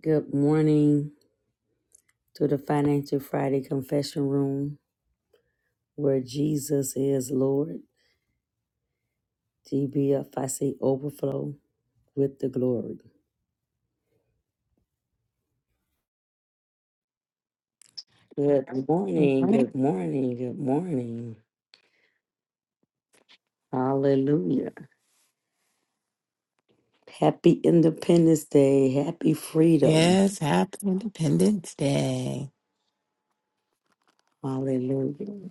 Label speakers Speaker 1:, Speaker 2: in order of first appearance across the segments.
Speaker 1: Good morning to the Financial Friday Confession Room where Jesus is Lord. GBF, I see overflow with the glory. Good morning,
Speaker 2: Morning.
Speaker 1: good morning, good morning. Hallelujah. Happy Independence Day. Happy freedom.
Speaker 2: Yes, happy Independence Day.
Speaker 1: Hallelujah.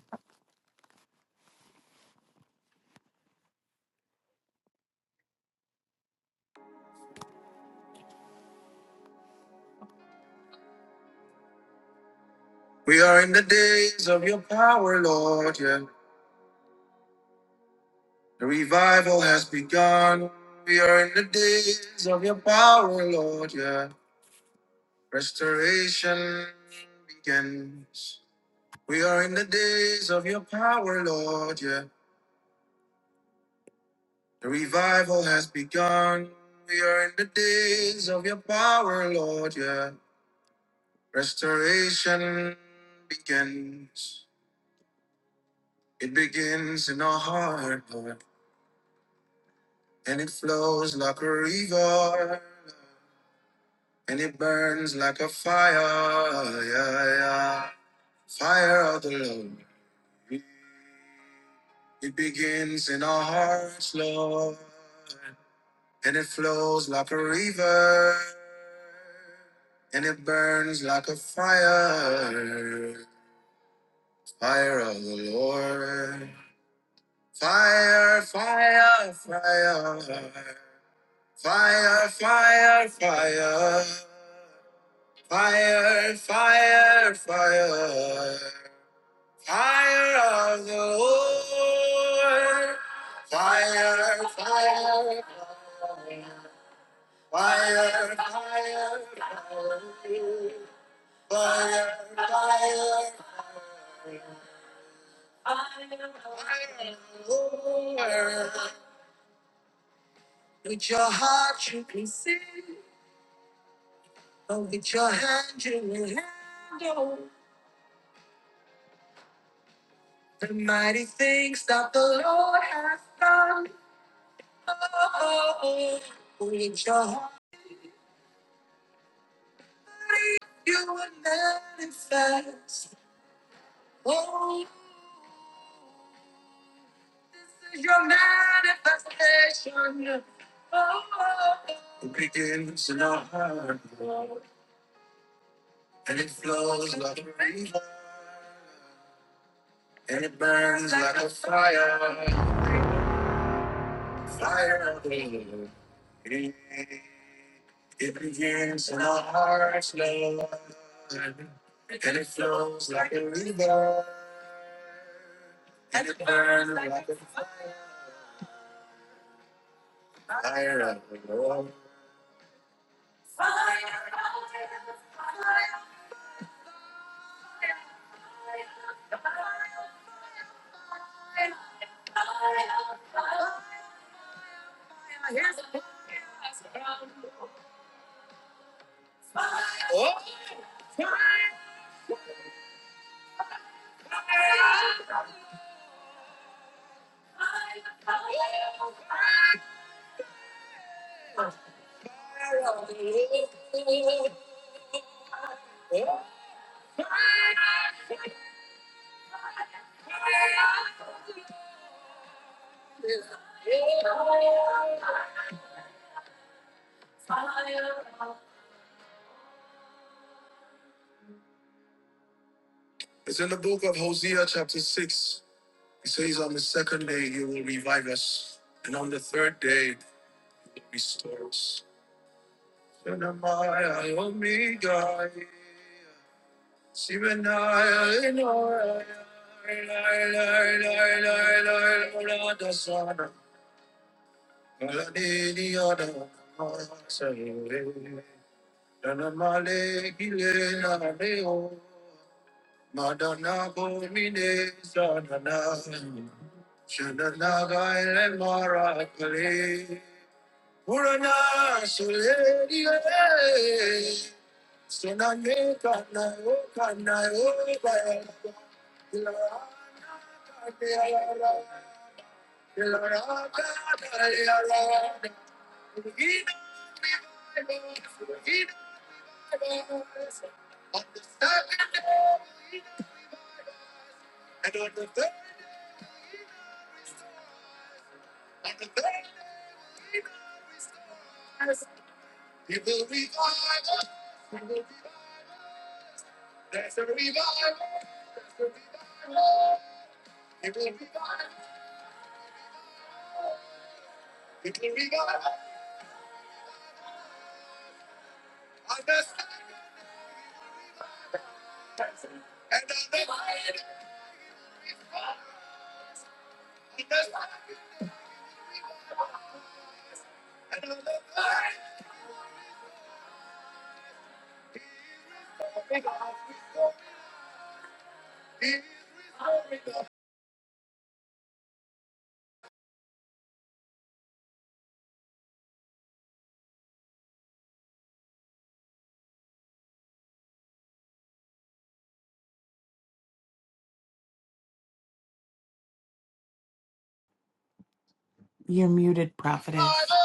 Speaker 2: You're muted, prophetess.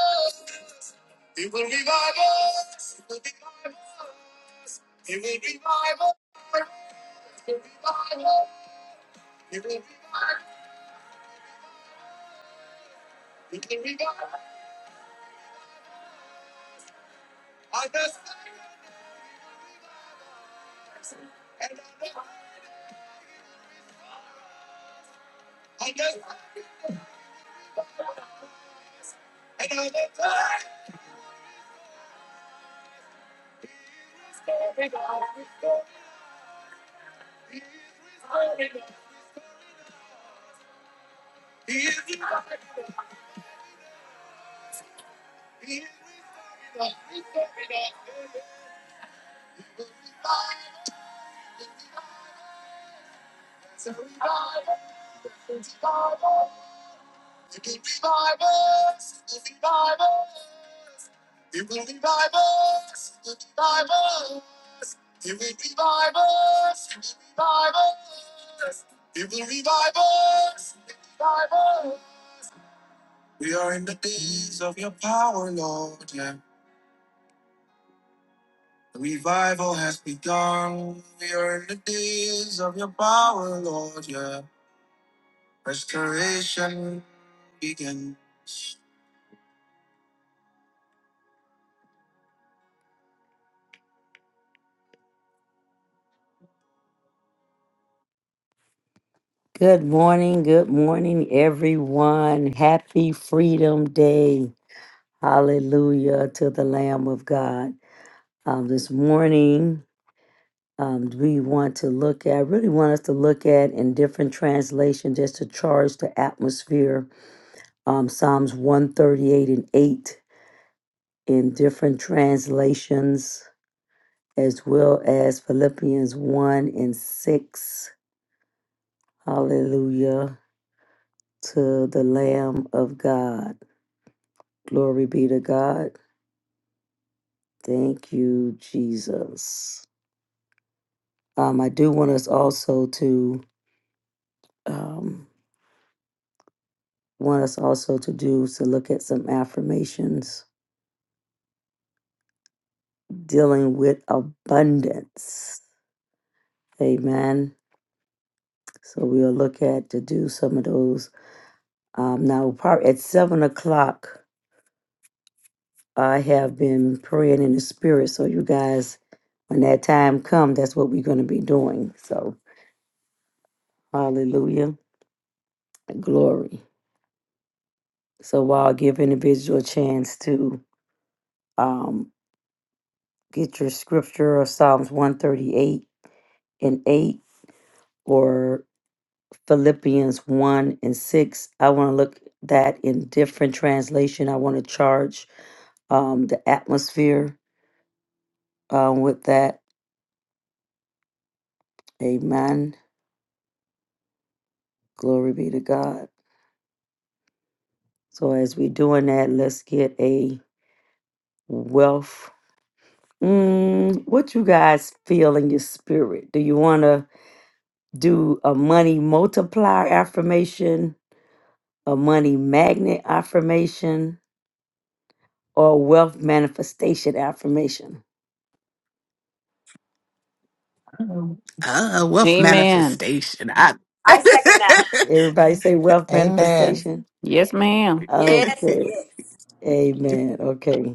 Speaker 1: Good morning, good morning, everyone. Happy Freedom Day. Hallelujah to the Lamb of God. Um, this morning, um, we want to look at, really want us to look at in different translations, just to charge the atmosphere. Um, Psalms 138 and 8 in different translations, as well as Philippians 1 and 6. Hallelujah to the Lamb of God. Glory be to God. Thank you, Jesus. Um, I do want us also to um, want us also to do to look at some affirmations dealing with abundance. Amen. So we'll look at to do some of those. Um, now, probably at seven o'clock, I have been praying in the spirit. So you guys, when that time comes, that's what we're going to be doing. So hallelujah, glory. So while I give individual a chance to um, get your scripture or Psalms 138 and 8 or Philippians 1 and 6. I want to look that in different translation. I want to charge um, the atmosphere um, with that. Amen. Glory be to God. So as we doing that, let's get a wealth. Mm, what you guys feel in your spirit? Do you want to do a money multiplier affirmation, a money magnet affirmation, or a wealth manifestation affirmation?
Speaker 2: Ah, wealth
Speaker 3: Amen.
Speaker 2: manifestation. I...
Speaker 4: I second that.
Speaker 1: Everybody say wealth
Speaker 5: Amen.
Speaker 1: manifestation.
Speaker 3: Yes, ma'am.
Speaker 4: Yes,
Speaker 1: Okay.
Speaker 4: yes.
Speaker 1: Amen. Okay.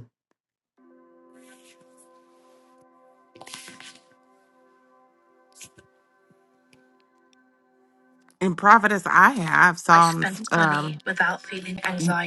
Speaker 2: In prophetess, I have Psalms. Um, Mm.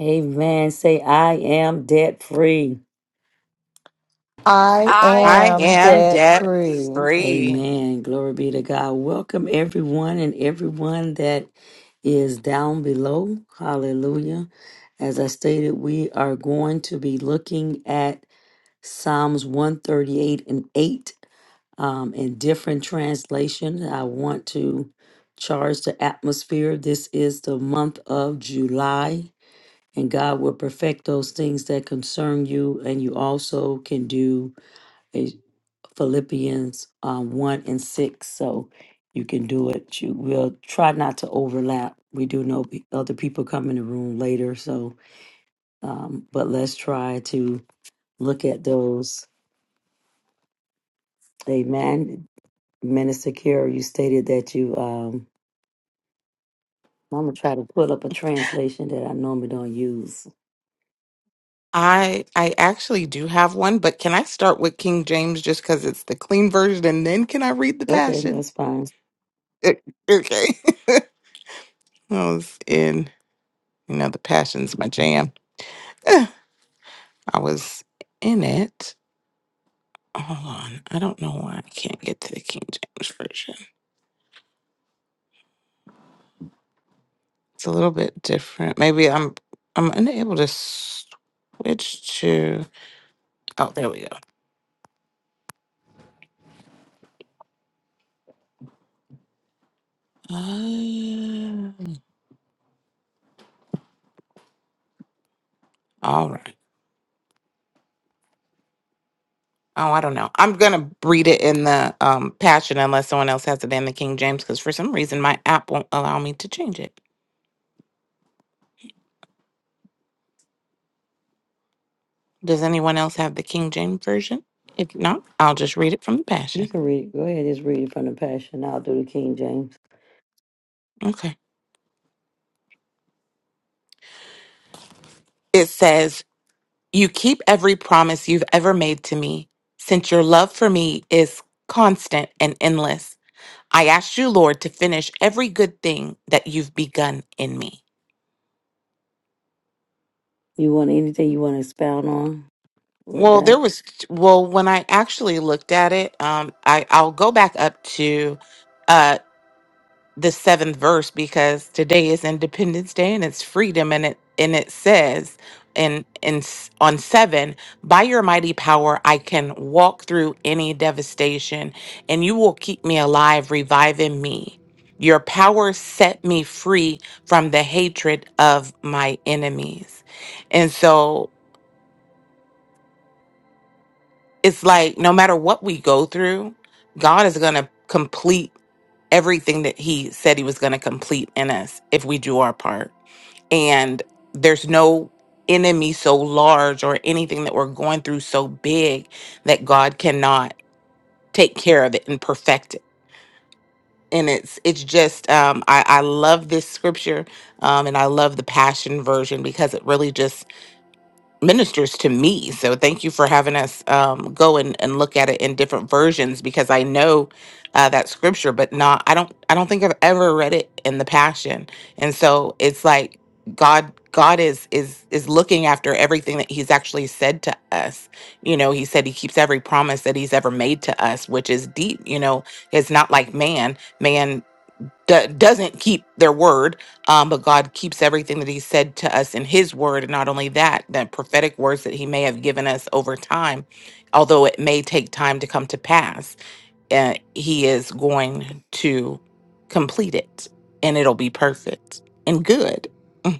Speaker 1: Amen. Say I am debt free.
Speaker 5: I
Speaker 4: I am
Speaker 2: I
Speaker 5: am
Speaker 4: set
Speaker 2: am
Speaker 5: debt
Speaker 2: debt
Speaker 4: free.
Speaker 5: free.
Speaker 2: free.
Speaker 1: Amen. Glory be to God. Welcome everyone and everyone that is down below. Hallelujah. As I stated, we are going to be looking at Psalms 138 and 8 um, in different translation. I want to charge the atmosphere. This is the month of July, and God will perfect those things that concern you. And you also can do a Philippians um, 1 and 6. So you can do it. You will try not to overlap. We do know pe- other people come in the room later. So, um, but let's try to look at those Amen. Minister Kira, you stated that you, um, I'm going to try to pull up a translation that I normally don't use.
Speaker 2: I I actually do have one, but can I start with King James just because it's the clean version, and then can I read the
Speaker 1: Okay,
Speaker 2: Passion?
Speaker 1: that's fine.
Speaker 2: Eh, Okay, I was in you know the Passion's my jam. I was in it. Hold on. I don't know why I can't get to the King James version. It's a little bit different. Maybe I'm I'm unable to switch to. Oh, there we go. Uh, all right. Oh, I don't know. I'm gonna read it in the um Passion unless someone else has it in the King James because for some reason my app won't allow me to change it. Does anyone else have the King James version? If not, I'll just read it from the
Speaker 1: You
Speaker 2: Passion.
Speaker 1: can read. Go ahead, just read it from the Passion. I'll do the King James.
Speaker 2: Okay. It says You keep every promise you've ever made to me, since your love for me is constant and endless. I ask you, Lord, to finish every good thing that you've begun in me.
Speaker 1: You want anything you want to expound on with
Speaker 2: Well,
Speaker 1: that?
Speaker 2: there was well when I actually looked at it, um, I I'll go back up to uh, the seventh verse because today is Independence Day and it's freedom and it and it says in in s- on seven by your mighty power I can walk through any devastation and you will keep me alive reviving me. Your power set me free from the hatred of my enemies. And so it's like no matter what we go through, God is going to complete everything that he said he was going to complete in us if we do our part. and there's no enemy so large or anything that we're going through so big that God cannot take care of it and perfect it. And it's it's just um, I I love this scripture um, and I love the Passion version because it really just ministers to me. So thank you for having us um, go and, and look at it in different versions because I know uh, that scripture, but not I don't I don't think I've ever read it in the Passion. And so it's like God God is is is looking after everything that He's actually said to us. You know, He said He keeps every promise that He's ever made to us, which is deep. You know, it's not like man. Man do- doesn't keep their word, um, but God keeps everything that He said to us in His word. And not only that, the prophetic words that He may have given us over time, although it may take time to come to pass, uh, He is going to complete it and it'll be perfect and good.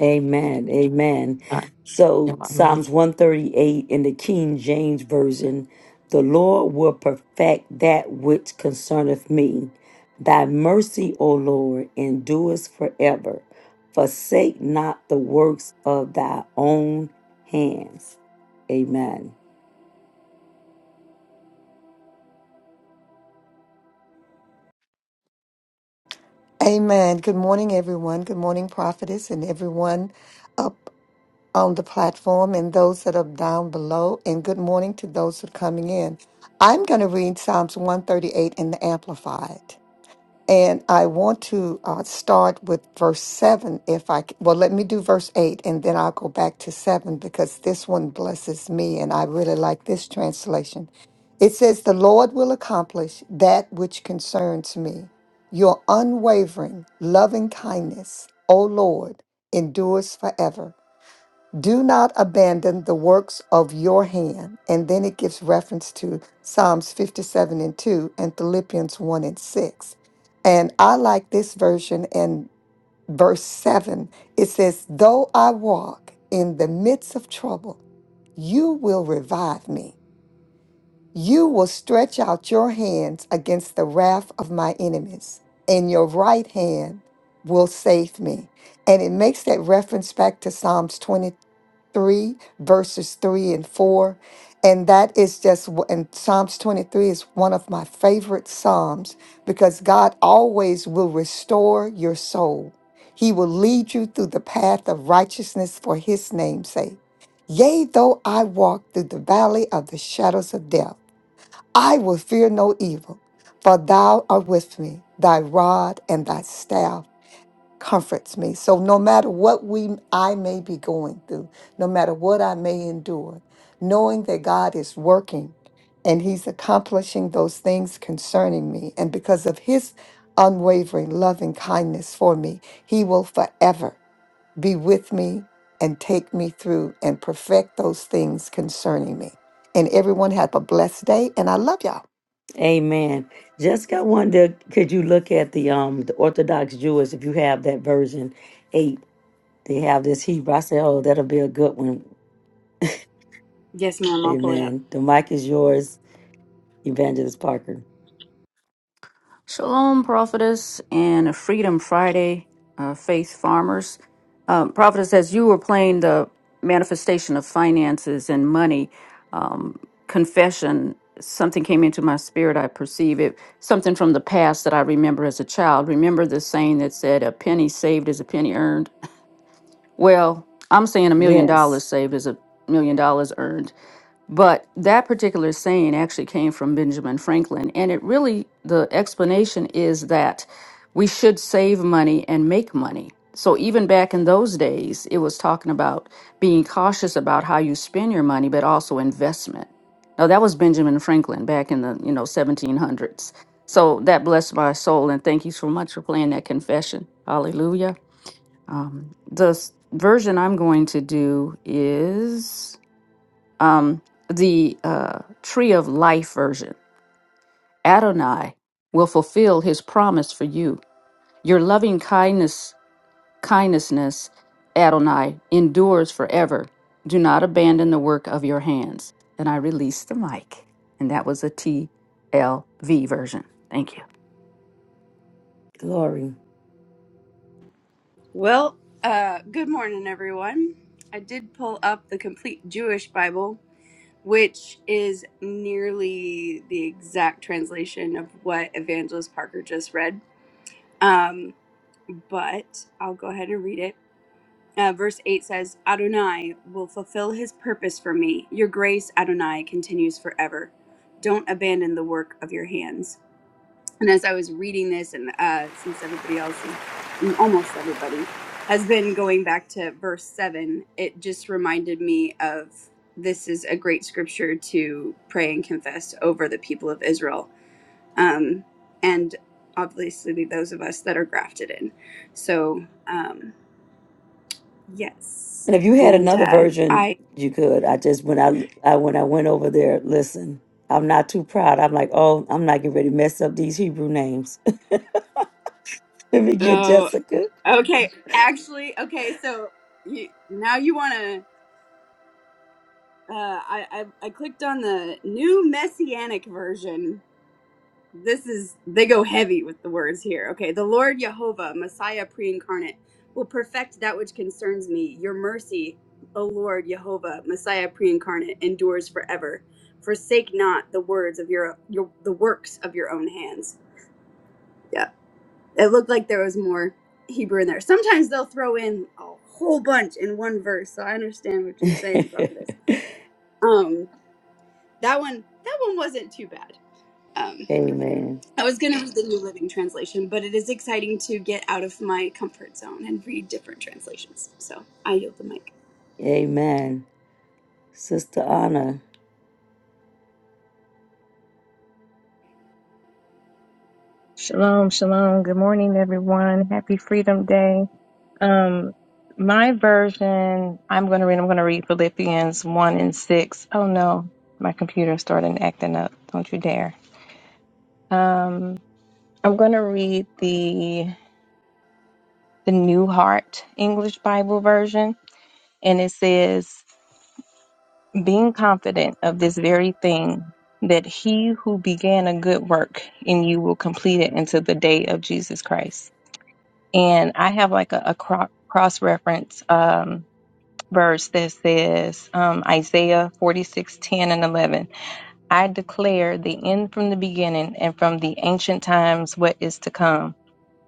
Speaker 1: Amen. Amen. So
Speaker 2: I
Speaker 1: Psalms 138 in the King James Version, the Lord will perfect that which concerneth me. Thy mercy, O Lord, endures forever. Forsake not the works of thy own hands. Amen.
Speaker 5: Amen. Good morning, everyone. Good morning, prophetess, and everyone up on the platform and those that are down below. And good morning to those who are coming in. I'm going to read Psalms 138 in the Amplified. And I want to uh, start with verse 7 if I c- well let me do verse 8 and then I'll go back to 7 because this one blesses me and I really like this translation. It says the Lord will accomplish that which concerns me. Your unwavering loving kindness, O Lord, endures forever. Do not abandon the works of your hand. And then it gives reference to Psalms 57 and 2 and Philippians 1 and 6. And I like this version and verse 7. It says, Though I walk in the midst of trouble, you will revive me. You will stretch out your hands against the wrath of my enemies, and your right hand will save me. And it makes that reference back to Psalms 23 3, verses 3 and 4. And that is just, w- and Psalms 23 is one of my favorite Psalms because God always will restore your soul. He will lead you through the path of righteousness for his name's sake. Yea, though I walk through the valley of the shadows of death, I will fear no evil, for thou art with me, thy rod and thy staff comforts me. So no matter what we I may be going through, no matter what I may endure, knowing that God is working and he's accomplishing those things concerning me and because of his unwavering loving kindness for me, he will forever be with me and take me through and perfect those things concerning me. And everyone have a blessed day and I love y'all.
Speaker 1: Amen. Jessica, I wonder, could you look at the um the Orthodox Jewish if you have that version eight? They have this Hebrew. I said, oh, that'll be a good one
Speaker 4: Yes, ma'am. I'll pull it up.
Speaker 1: Amen. The mic is yours, Evangelist Parker.
Speaker 3: Shalom, prophetess, and Freedom Friday, uh, faith farmers. Um, prophetess, as you were playing the manifestation of finances and money um, confession, something came into my spirit. I perceive it, something from the past that I remember as a child. Remember the saying that said, "A penny saved is a penny earned." Well, I'm saying a million dollars
Speaker 1: Yes,
Speaker 3: saved is a million dollars earned But that particular saying actually came from Benjamin Franklin. And it really, the explanation is that we should save money and make money. So even back in those days, it was talking about being cautious about how you spend your money, but also investment. Now, that was Benjamin Franklin back in the, you know, 1700s. So that blessed my soul. And thank you so much for playing that confession. Hallelujah. Um, the s- version I'm going to do is um, the uh, tree of life version. Adonai will fulfill his promise for you. Your loving kindness, kindnessness, Adonai, endures forever. Do not abandon the work of your hands. And I release the mic. And that was a T L V version. Thank you.
Speaker 1: glory.
Speaker 4: Well, uh, good morning, everyone. I did pull up the complete Jewish Bible, which is nearly the exact translation of what Evangelist Parker just read. Um, but I'll go ahead and read it. Uh, verse 8 says, Adonai will fulfill his purpose for me. Your grace, Adonai, continues forever. Don't abandon the work of your hands. and as I was reading this, and uh, since everybody else is mm, almost everybody has been going back to verse seven, it just reminded me of this is a great scripture to pray and confess over the people of Israel, um, and obviously those of us that are grafted in. So um, yes,
Speaker 1: And if you had
Speaker 4: and
Speaker 1: another
Speaker 4: uh,
Speaker 1: version,
Speaker 4: I
Speaker 1: you could. I just when I, I when I went over there, listen. I'm not too proud. I'm like, oh, I'm not getting ready to mess up these Hebrew names. Let me get
Speaker 4: oh
Speaker 1: Jessica.
Speaker 4: okay actually okay so you, now you want to. Uh, I, I I clicked on the new messianic version. This is they go heavy with the words here. Okay, the Lord Jehovah, Messiah pre-incarnate, will perfect that which concerns me. Your mercy, O Lord Jehovah, Messiah pre-incarnate, endures forever. Forsake not the words of your your the works of your own hands. Yeah, it looked like there was more Hebrew in there. Sometimes they'll throw in a whole bunch in one verse, so I understand what you're saying, prophetess. Um, That one, that one wasn't too bad. Um,
Speaker 1: Amen.
Speaker 4: I was gonna read the New Living Translation, but it is exciting to get out of my comfort zone and read different translations. So I yield the mic.
Speaker 1: Amen. Sister Anna.
Speaker 6: Shalom, shalom. Good morning, everyone. Happy Freedom Day. Um, my version, I'm going to read, I'm going to read Philippians 1 and 6. Oh no, my computer started acting up. Don't you dare. Um, I'm going to read the, the New Heart English Bible version, and it says, being confident of this very thing, that he who began a good work in you will complete it until the day of Jesus Christ. and I have like a, a cro- cross reference um, verse that says um, Isaiah forty six ten and 11. I declare the end from the beginning and from the ancient times what is to come.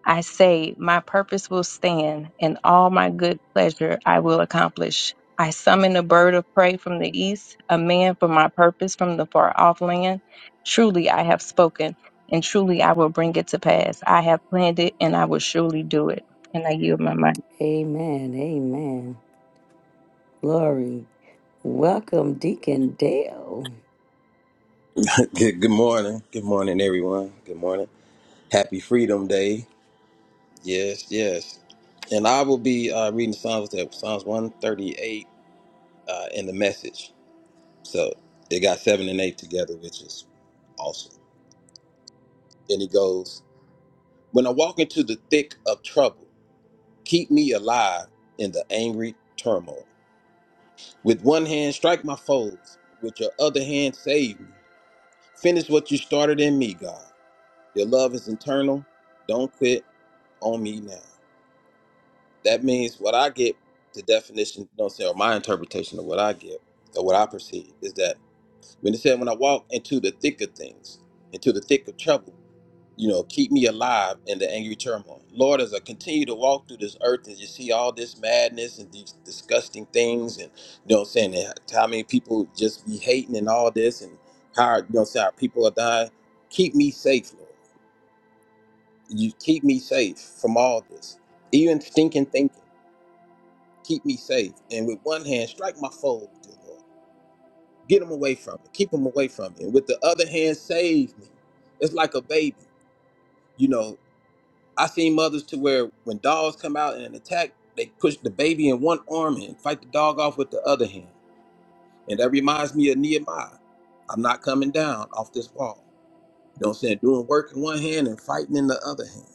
Speaker 6: I say, My purpose will stand, and all my good pleasure I will accomplish. I summon a bird of prey from the east, a man for my purpose from the far off land. Truly I have spoken, and truly I will bring it to pass. I have planned it, and I will surely do it. And I yield my mind.
Speaker 1: Amen. Amen. Glory. Welcome, Deacon Dale.
Speaker 7: Good, good morning. Good morning, everyone. Good morning. Happy Freedom Day. Yes, yes. And I will be uh, reading Psalms that Psalms 138 uh, in the message. So they got seven and eight together, which is awesome. And it goes, When I walk into the thick of trouble, keep me alive in the angry turmoil. With one hand, strike my foes. With your other hand, save me. Finish what you started in me, God. Your love is eternal. Don't quit on me now. That means what I get, the definition, don't say, or my interpretation of what I get, or what I perceive, is that when it said, when I walk into the thick of things, into the thick of trouble, you know, keep me alive in the angry turmoil. Lord, as I continue to walk through this earth and you see all this madness and these disgusting things, and you know what I'm saying, and how many people just be hating and all this, and how, our- you know, what I'm saying, our people are dying. Keep me safe, Lord. You keep me safe from all this, even stinking thinking keep me safe. And with one hand, strike my foes, dear Lord. Get them away from me. Keep them away from me. And with the other hand, save me. It's like a baby. You know, I seen mothers to where when dogs come out and attack, they push the baby in one arm and fight the dog off with the other hand. And that reminds me of Nehemiah. I'm not coming down off this wall. You know what I'm saying? Doing work in one hand and fighting in the other hand.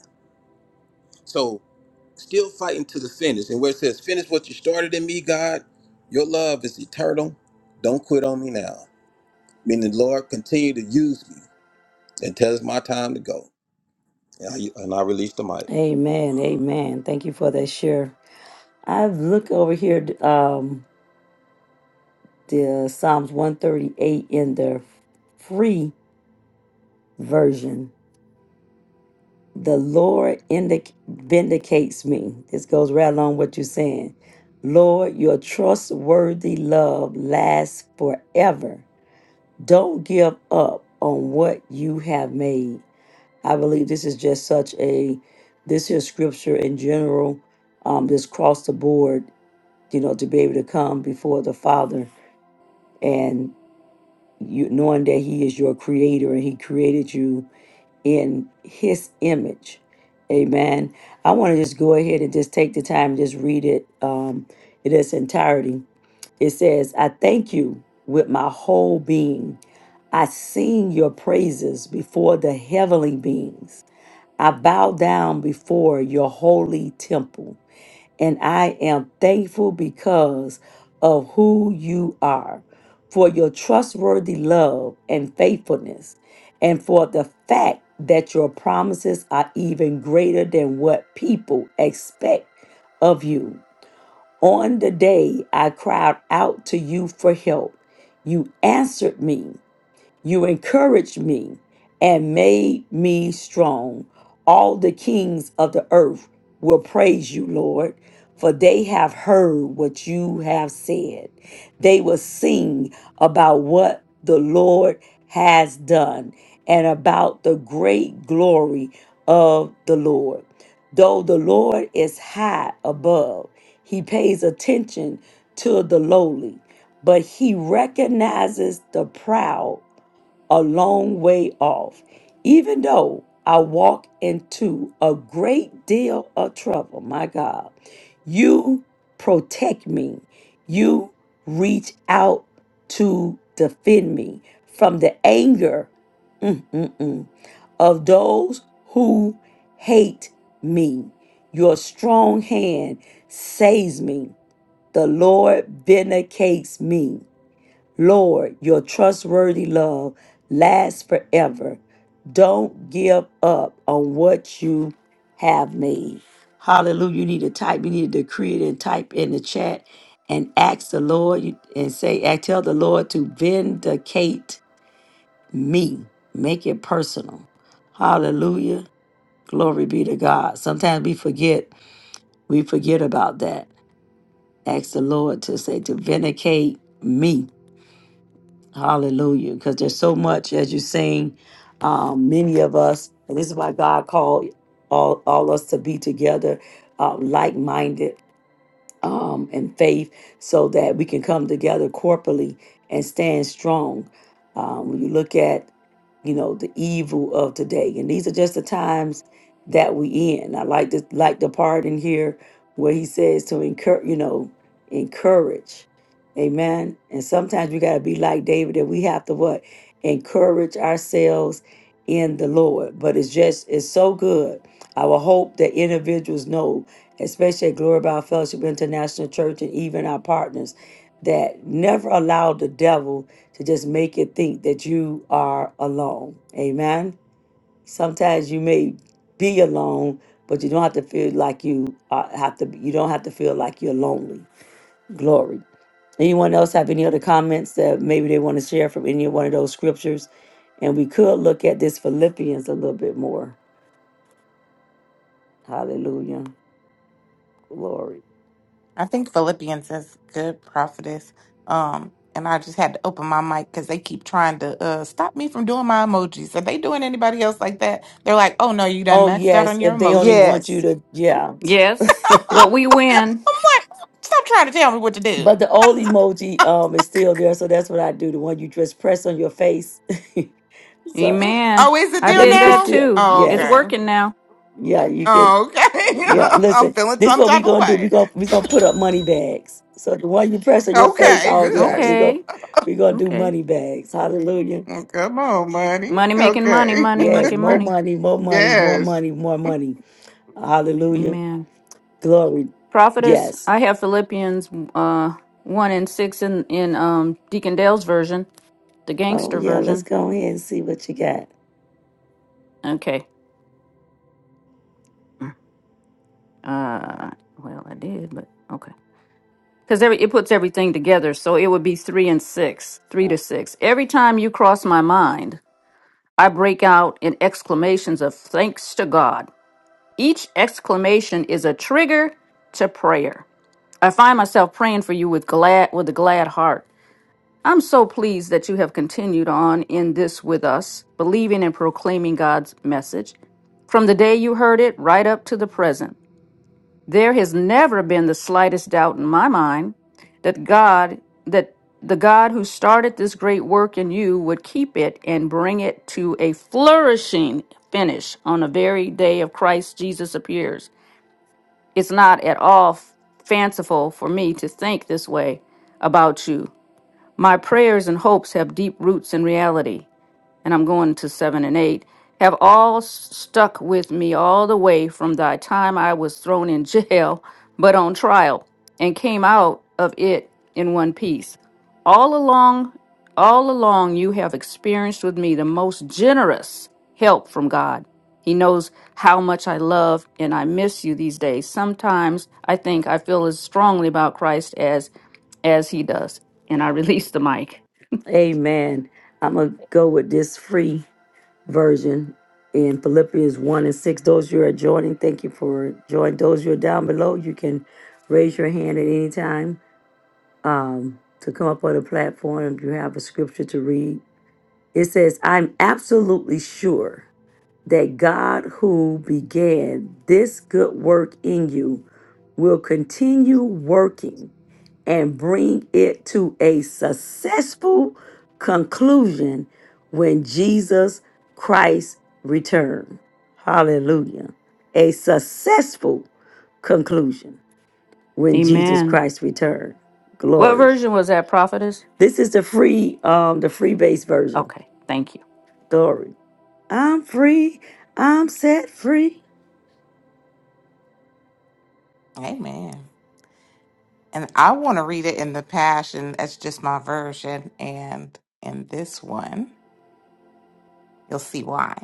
Speaker 7: So still fighting to the finish. And where it says, finish what you started in me, God, your love is eternal. Don't quit on me now. Meaning, Lord, continue to use me until it's my time to go. And I, and I release the mic.
Speaker 1: Amen. Amen. Thank you for that share. I've looked over here, um, the Psalms 138 in the free version. The Lord indic- vindicates me. This goes right along what you're saying. Lord, your trustworthy love lasts forever. Don't give up on what you have made. I believe this is just such a, this is scripture in general, um, just cross the board, you know, to be able to come before the Father you knowing that he is your creator and he created you in his image amen i want to just go ahead and just take the time and just read it um in its entirety it says i thank you with my whole being i sing your praises before the heavenly beings i bow down before your holy temple and I am thankful because of who you are, for your trustworthy love and faithfulness, and for the fact that your promises are even greater than what people expect of you. On the day I cried out to you for help, you answered me you encouraged me and made me strong. All the kings of the earth will praise you, Lord, for they have heard what you have said. They will sing about what the Lord has done and about the great glory of the Lord. Though the Lord is high above, he pays attention to the lowly, but he recognizes the proud a long way off, even though I walk into a great deal of trouble. My God, you protect me. You reach out to defend me from the anger mm, mm, mm, of those who hate me. Your strong hand saves me. The Lord vindicates me. Lord, your trustworthy love lasts forever. Don't give up on what you have made. Hallelujah. You need to type, you need to decree it and type in the chat and ask the Lord you- and say, and tell the Lord to vindicate me. Make it personal. Hallelujah. Glory be to God. Sometimes we forget, we forget about that. Ask the Lord to say, to vindicate me Hallelujah. Because there's so much, as you sing, um, many of us, and this is why God called all, all us to be together, uh, like minded um, and faith so that we can come together corporately and stand strong. Um, when you look at, you know, the evil of today, and these are just the times that we in. I like the like the part in here where he says to encourage, you know, encourage. Amen. And sometimes we gotta be like David that we have to what? Encourage ourselves in the Lord. But it's just it's so good. I will hope that individuals know especially at Glory Bound Fellowship International Church and even our partners, that never allow the devil to just make you think that you are alone. Amen. Sometimes you may be alone, but you don't have to feel like you uh, have to. You don't have to feel like you're lonely. Glory. Anyone else have any other comments that maybe they want to share from any one of those scriptures? And we could look at this Philippians a little bit more. Hallelujah. Glory.
Speaker 2: I think Philippians is good prophetess. Um, and I just had to open my mic because they keep trying to uh, stop me from doing my emojis. Are they doing anybody else like that? They're like, oh no, you done
Speaker 1: Oh
Speaker 2: maxed out
Speaker 1: yes,
Speaker 2: on your
Speaker 1: if they only
Speaker 2: emojis.
Speaker 1: want you
Speaker 5: Yes.
Speaker 1: to,
Speaker 2: I'm
Speaker 1: yeah.
Speaker 3: Yes, but we win.
Speaker 2: like, stop trying to tell me what to do.
Speaker 1: but the old emoji um is still there, so that's what I do. The one you just press on your face. so
Speaker 3: Amen.
Speaker 2: Oh, is it
Speaker 3: I
Speaker 1: yeah,
Speaker 2: there
Speaker 3: did
Speaker 1: you can
Speaker 3: that
Speaker 2: now?
Speaker 1: still
Speaker 3: too.
Speaker 2: Oh,
Speaker 3: It's
Speaker 1: yes,
Speaker 2: okay.
Speaker 3: working now.
Speaker 1: yeah, you can.
Speaker 2: Oh,
Speaker 1: Yeah,
Speaker 2: okay. I'm
Speaker 1: listen,
Speaker 2: feeling
Speaker 1: this
Speaker 2: some
Speaker 1: what we
Speaker 2: type of
Speaker 1: gonna do. We
Speaker 2: way.
Speaker 1: gonna we gonna put up money bags. So the one you press on your face,
Speaker 2: Okay,
Speaker 1: all yeah,
Speaker 2: good.
Speaker 1: we gonna
Speaker 3: Okay.
Speaker 1: we gonna do
Speaker 3: Okay.
Speaker 1: money bags. Hallelujah.
Speaker 2: Well, Come on, money.
Speaker 3: Money making money,
Speaker 2: Okay.
Speaker 3: money
Speaker 1: Yes,
Speaker 3: making
Speaker 1: more
Speaker 3: money.
Speaker 1: money, more money, more
Speaker 2: yes.
Speaker 1: money, more money. Hallelujah.
Speaker 3: Amen.
Speaker 1: Glory.
Speaker 3: Prophetess,
Speaker 1: Yes.
Speaker 3: I have Philippians uh, 1 and 6 in, in um, Deacon Dale's version, the
Speaker 1: Oh
Speaker 3: gangster
Speaker 1: yeah, let's
Speaker 3: version.
Speaker 1: go ahead and see what you got.
Speaker 3: Okay. Uh, well, I did, but okay. Because every it puts everything together. So it would be 3 and 6, 3 to 6. Every time you cross my mind, I break out in exclamations of thanks to God. Each exclamation is a trigger to prayer. I find myself praying for you with glad with a glad heart I'm so pleased that you have continued on in this with us, believing and proclaiming God's message. From the day you heard it right up to the present, there has never been the slightest doubt in my mind that God, that the God who started this great work in you would keep it and bring it to a flourishing finish on the very day of Christ Jesus appears. It's not at all fanciful for me to think this way about you my prayers and hopes have deep roots in reality, and I'm going to seven and eight, have all s- stuck with me all the way from the time I was thrown in jail, but on trial, and came out of it in one piece. All along, all along, you have experienced with me the most generous help from God. He knows how much I love and I miss you these days. Sometimes I think I feel as strongly about Christ as as he does. And I release the mic.
Speaker 1: Amen. I'm going to go with this free version in Philippians 1 and 6. Those you are joining, thank you for joining. Those you are down below, you can raise your hand at any time um, to come up on the platform if you have a scripture to read. It says, I'm absolutely sure that God who began this good work in you will continue working and bring it to a successful conclusion when Jesus Christ returns. Hallelujah. A successful conclusion when Jesus
Speaker 3: Amen.
Speaker 1: Christ returns.
Speaker 3: What
Speaker 1: Glory.
Speaker 3: version was that, prophetess?
Speaker 1: This is the free, um, the free base version.
Speaker 3: Okay, thank you.
Speaker 1: Glory. I'm free. I'm set free.
Speaker 2: Amen. And I want to read it in the Passion. That's just my version. And in this one. You'll see why.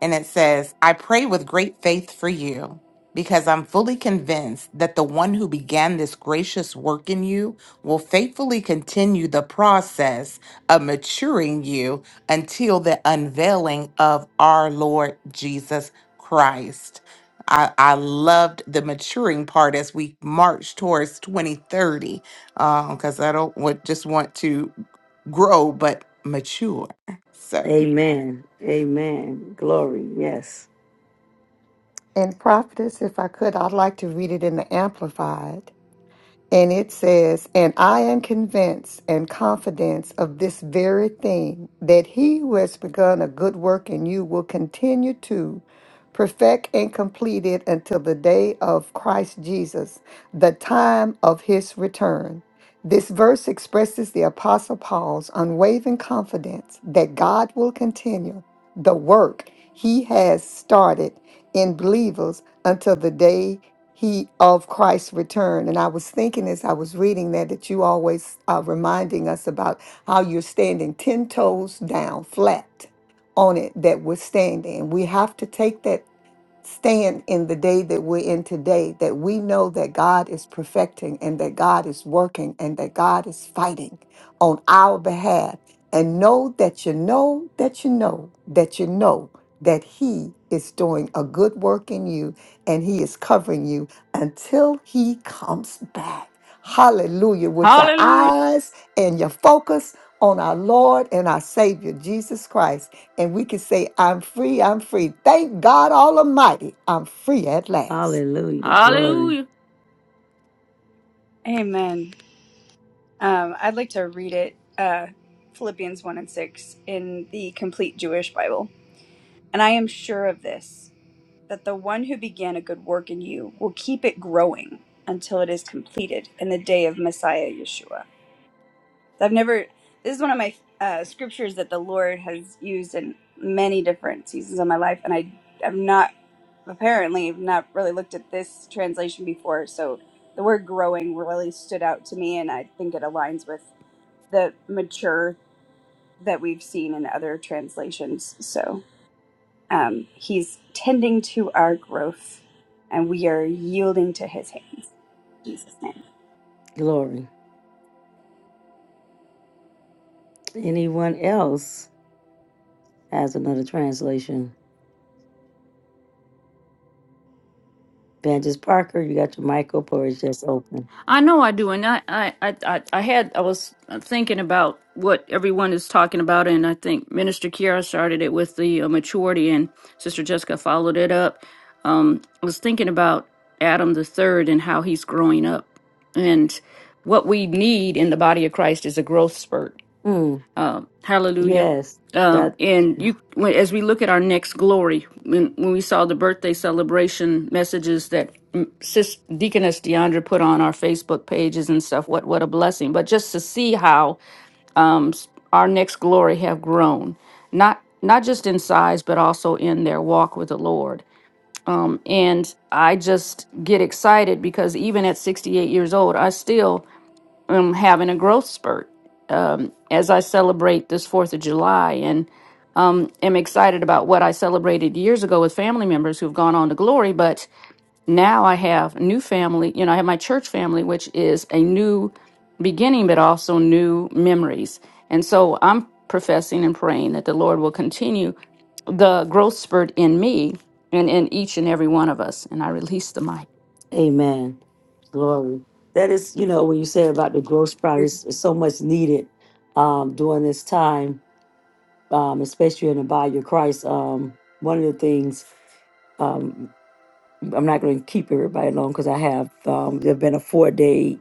Speaker 2: And it says, I pray with great faith for you because I'm fully convinced that the one who began this gracious work in you will faithfully continue the process of maturing you until the unveiling of our Lord Jesus Christ. I, I loved the maturing part as we march towards 2030 because I don't want, just want to grow but mature. So.
Speaker 1: Amen. Amen. Glory. Yes.
Speaker 5: And prophetess, if I could, I'd like to read it in the amplified. And it says, And I am convinced and confident of this very thing, that he who has begun a good work in you will continue to perfect and complete it until the day of Christ Jesus, the time of his return. This verse expresses the Apostle Paul's unwavering confidence that God will continue the work he has started in believers until the day he of Christ's return. And I was thinking as I was reading that that you always are reminding us about how you're standing ten toes down flat on it that we're standing. We have to take that stand in the day that we're in today that we know that God is perfecting and that God is working and that God is fighting on our behalf. And know that you know that you know that you know that He is doing a good work in you and He is covering you until He comes back. Hallelujah. With your
Speaker 3: Hallelujah.
Speaker 5: eyes and your focus on our Lord and our Savior, Jesus Christ and we can say, I'm free, I'm free. Thank God Almighty, I'm free at last.
Speaker 1: Hallelujah. Glory.
Speaker 3: Hallelujah.
Speaker 4: Amen. Um, I'd like to read it, uh, Philippians 1 and 6, in the Complete Jewish Bible. And I am sure of this, that the one who began a good work in you will keep it growing until it is completed in the day of Messiah Yeshua. I've never. This is one of my uh, scriptures that the Lord has used in many different seasons of my life, and I have not apparently I've not really looked at this translation before. So the word "growing" really stood out to me, and I think it aligns with the mature that we've seen in other translations. So um, He's tending to our growth, and we are yielding to His hands. In Jesus' name.
Speaker 1: Glory. Anyone else? As another translation. Banges Parker, you got your mic up or it's just open?
Speaker 3: I know I do. And I, I, I, I I had, I was thinking about what everyone is talking about. And I think Minister Kiara started it with the uh, maturity, and Sister Jessica followed it up. Um, I was thinking about Adam the third and how he's growing up. And what we need in the body of Christ is a growth spurt
Speaker 1: Mm,
Speaker 3: Um, hallelujah.
Speaker 1: yes.
Speaker 3: Um,
Speaker 1: That
Speaker 3: and you, when, as we look at our next glory, when, when we saw the birthday celebration messages that mm, Sis Deaconess Deandra put on our Facebook pages and stuff, what what a blessing! But just to see how um, s- our next glory have grown, not not just in size, but also in their walk with the Lord. Um, and I just get excited because even at 68 years old, I still I'm having a growth spurt um, as I celebrate this Fourth of July, and um, am excited about what I celebrated years ago with family members who've gone on to glory. But now I have new family. You know, I have my church family, which is a new beginning, but also new memories. And so I'm professing and praying that the Lord will continue the growth spurt in me and in each and every one of us. And I release the mic.
Speaker 1: amen. Glory. That is, you know, when you say about the gross profit, it's, it's so much needed um, during this time, um, especially in the body of Christ. Um, one of the things, um, I'm not going to keep everybody long because I have, um, there have been a four day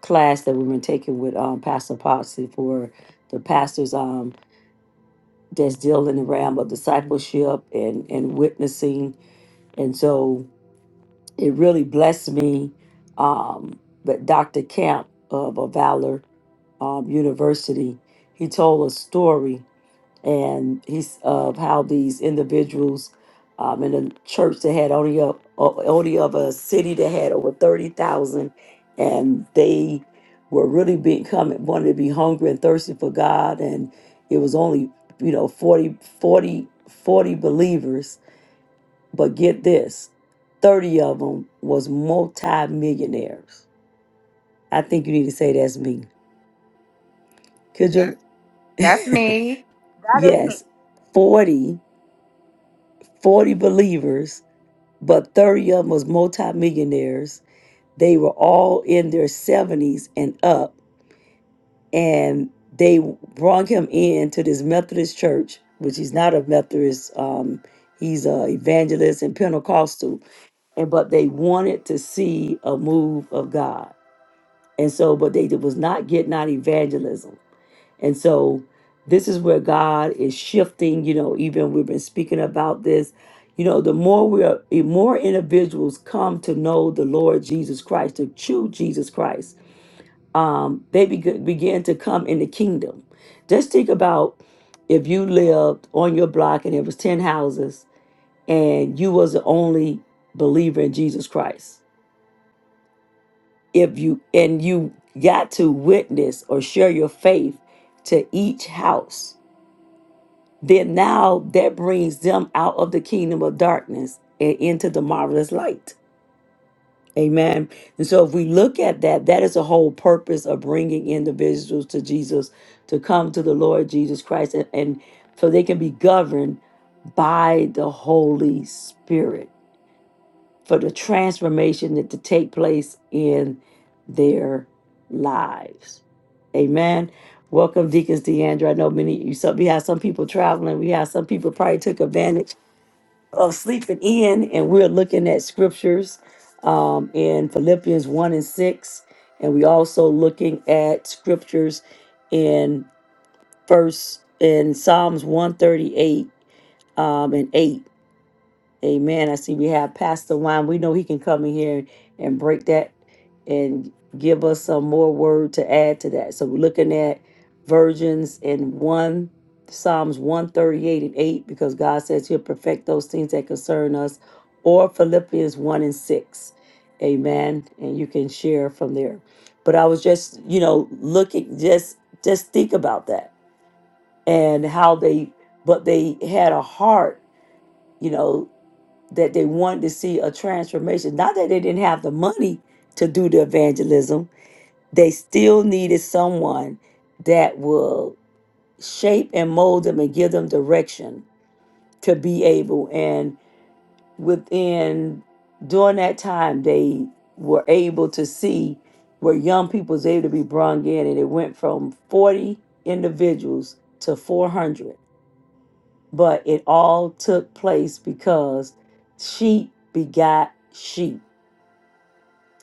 Speaker 1: class that we've been taking with um, Pastor Potsy for the pastors. Um, that's still in the realm of discipleship and, and witnessing. And so it really blessed me. Um, but Dr. Camp of a Valor um, University, he told a story and he's of how these individuals um, in a church that had only up only of a city that had over thirty thousand, and they were really becoming wanted to be hungry and thirsty for God, and it was only you know 40 40 40 believers, but get this, thirty of them was multi millionaires. I think you need to say that's me. Could you?
Speaker 2: That's me.
Speaker 4: That is me.
Speaker 1: Yes, 40 40 believers but 30 of them was multimillionaires. They were all in their 70s and up, and they brought him in to this Methodist church, which he's not a Methodist. Um, he's a evangelist and Pentecostal, and but they wanted to see a move of God, and so but they was not getting out evangelism. And so this is where God is shifting, you know, even we've been speaking about this. You know, the more we are the more individuals come to know the Lord Jesus Christ, to choose Jesus Christ, um, they beg- begin to come in the kingdom. Just think about if you lived on your block and there was 10 houses and you was the only believer in Jesus Christ. If you and you got to witness or share your faith to each house then now that brings them out of the kingdom of darkness and into the marvelous light. Amen. And so if we look at that, that is the whole purpose of bringing individuals to Jesus to come to the Lord Jesus Christ and, and so they can be governed by the Holy Spirit for the transformation that to take place in their lives. Amen. Welcome, Deacons DeAndre. I know many you some we have some people traveling. We have some people probably took advantage of sleeping in, and we're looking at scriptures um, in Philippians 1 and 6. And we also looking at scriptures in first in Psalms 138 um, and 8 Amen. I see we have Pastor Wine. We know he can come in here and break that and give us some more word to add to that. So we're looking at virgins in one Psalms 138 and 8, because God says he'll perfect those things that concern us, or Philippians 1 and 6. Amen. And you can share from there. But I was just, you know, looking, just just think about that and how they but they had a heart, you know that they wanted to see a transformation. Not that they didn't have the money to do the evangelism, they still needed someone that will shape and mold them and give them direction to be able. And within during that time, they were able to see where young people was able to be brung in, and it went from 40 individuals to 400. But it all took place because sheep begot sheep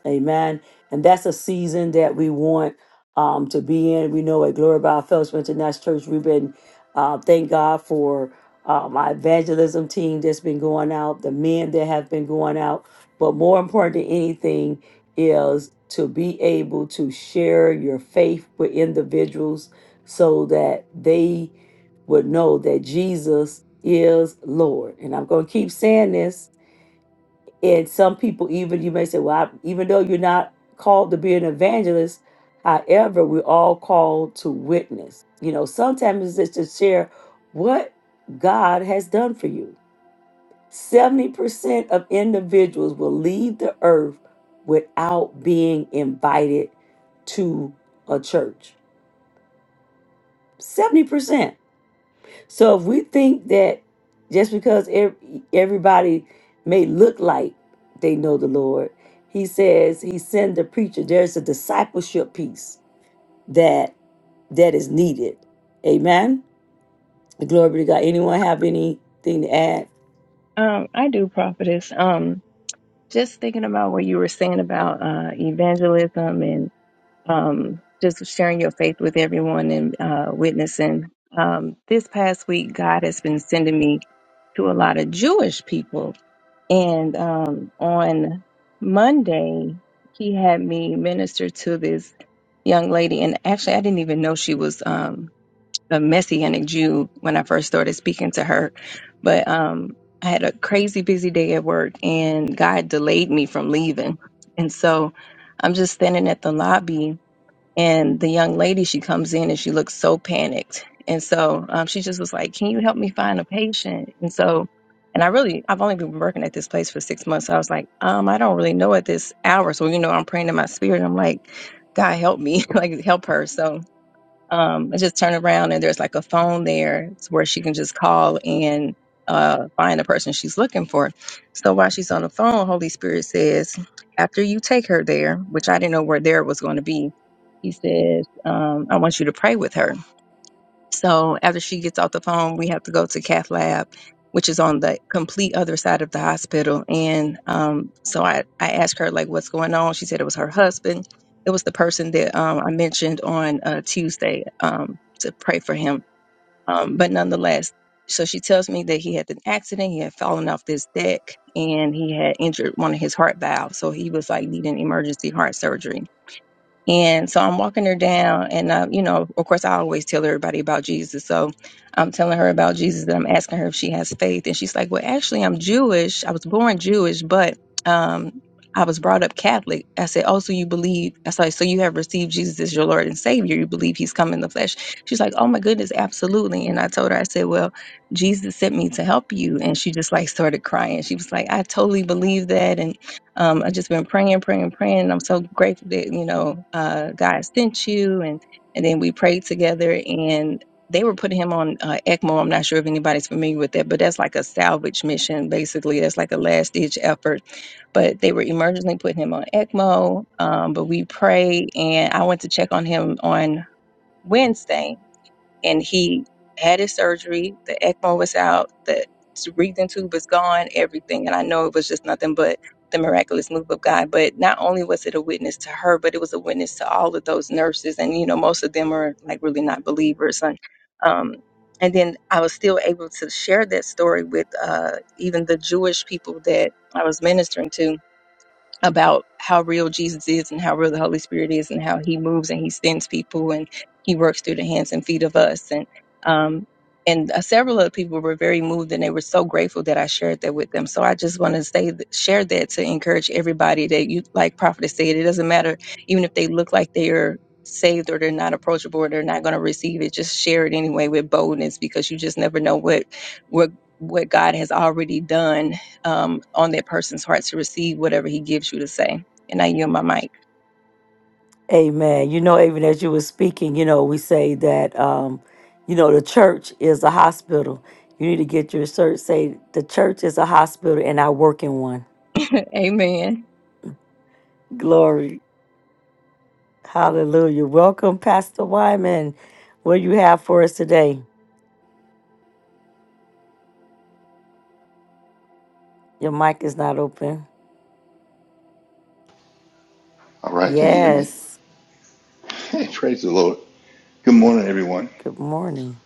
Speaker 1: Amen. And that's a season that we want um, to be in. We know at Glory by Fellowship International Church, we've been, uh, thank God for uh, my evangelism team that's been going out, the men that have been going out. But more important than anything is to be able to share your faith with individuals so that they would know that Jesus is Lord. And I'm going to keep saying this and some people, even you may say, well, I, even though you're not called to be an evangelist, however, we're all called to witness. You know, sometimes it's just to share what God has done for you. 70% of individuals will leave the earth without being invited to a church. 70%. So if we think that just because ev- everybody may look like they know the Lord, he says he send the preacher. There's a discipleship piece that that is needed. Amen. Glory be to God. Anyone have anything to add?
Speaker 6: Um, I do, prophetess. Um, just thinking about what you were saying about uh, evangelism um, just sharing your faith with everyone and uh, witnessing. Um, this past week, God has been sending me to a lot of Jewish people. And um, on Monday, he had me minister to this young lady. And actually, I didn't even know she was um, a Messianic Jew when I first started speaking to her. But um, I had a crazy busy day at work, and God delayed me from leaving. And so I'm just standing at the lobby and the young lady, she comes in and she looks so panicked. And so um, she just was like, Can you help me find a patient? And so, and I really, I've only been working at this place for six months. So I was like, um, I don't really know at this hour. So, you know, I'm praying to my spirit. I'm like, God, help me, like, help her. So um, I just turn around and there's like a phone there where she can just call and uh, find the person she's looking for. So while she's on the phone, Holy Spirit says, after you take her there, which I didn't know where there was going to be, he says, um, I want you to pray with her. So after she gets off the phone, we have to go to cath lab, which is on the complete other side of the hospital. And um, so I, I asked her like, what's going on? She said it was her husband. It was the person that um, I mentioned on uh, Tuesday um, to pray for him. Um, but nonetheless, so she tells me that he had an accident. He had fallen off this deck and he had injured one of his heart valves. So he was like needing emergency heart surgery and so I'm walking her down, and uh, you know, of course, I always tell everybody about Jesus. So I'm telling her about Jesus, and I'm asking her if she has faith, and she's like, "Well, actually, I'm Jewish. I was born Jewish, but um, I was brought up Catholic." I said, "Oh, so you believe?" I said, "So you have received Jesus as your Lord and Savior? You believe He's come in the flesh?" She's like, "Oh my goodness, absolutely!" And I told her, I said, "Well, Jesus sent me to help you," and she just like started crying. She was like, "I totally believe that," and um, I've just been praying, praying, praying. And I'm so grateful that, you know, uh, God sent you. And, and then we prayed together and they were putting him on uh, ECMO. I'm not sure if anybody's familiar with that, but that's like a salvage mission, basically. That's like a last ditch effort. But they were emergently putting him on ECMO. Um, but we prayed and I went to check on him on Wednesday and he had his surgery. The ECMO was out, the breathing tube was gone, everything. And I know it was just nothing but the miraculous move of God. But not only was it a witness to her, but it was a witness to all of those nurses. And, you know, most of them are like really not believers. And, um, and then I was still able to share that story with uh, even the Jewish people that I was ministering to about how real Jesus is and how real the Holy Spirit is and how he moves and he sends people and he works through the hands and feet of us. And, um, and uh, several other people were very moved and they were so grateful that I shared that with them. So I just want to say, th- share that to encourage everybody that you, like Prophet said, it doesn't matter even if they look like they are saved or they're not approachable or they're not going to receive it. Just share it anyway with boldness because you just never know what, what, what God has already done um, on that person's heart to receive whatever he gives you to say. And I yield my mic.
Speaker 1: Amen. You know, even as you were speaking, you know, we say that um, you know, the church is a hospital. You need to get your church say the church is a hospital and I work in one.
Speaker 6: Amen.
Speaker 1: Glory. Hallelujah. Welcome, Pastor Wyman. What do you have for us today? Your mic is not open.
Speaker 8: All right, can you hear me?
Speaker 1: Yes.
Speaker 8: Praise the Lord. Good morning, everyone.
Speaker 1: Good morning.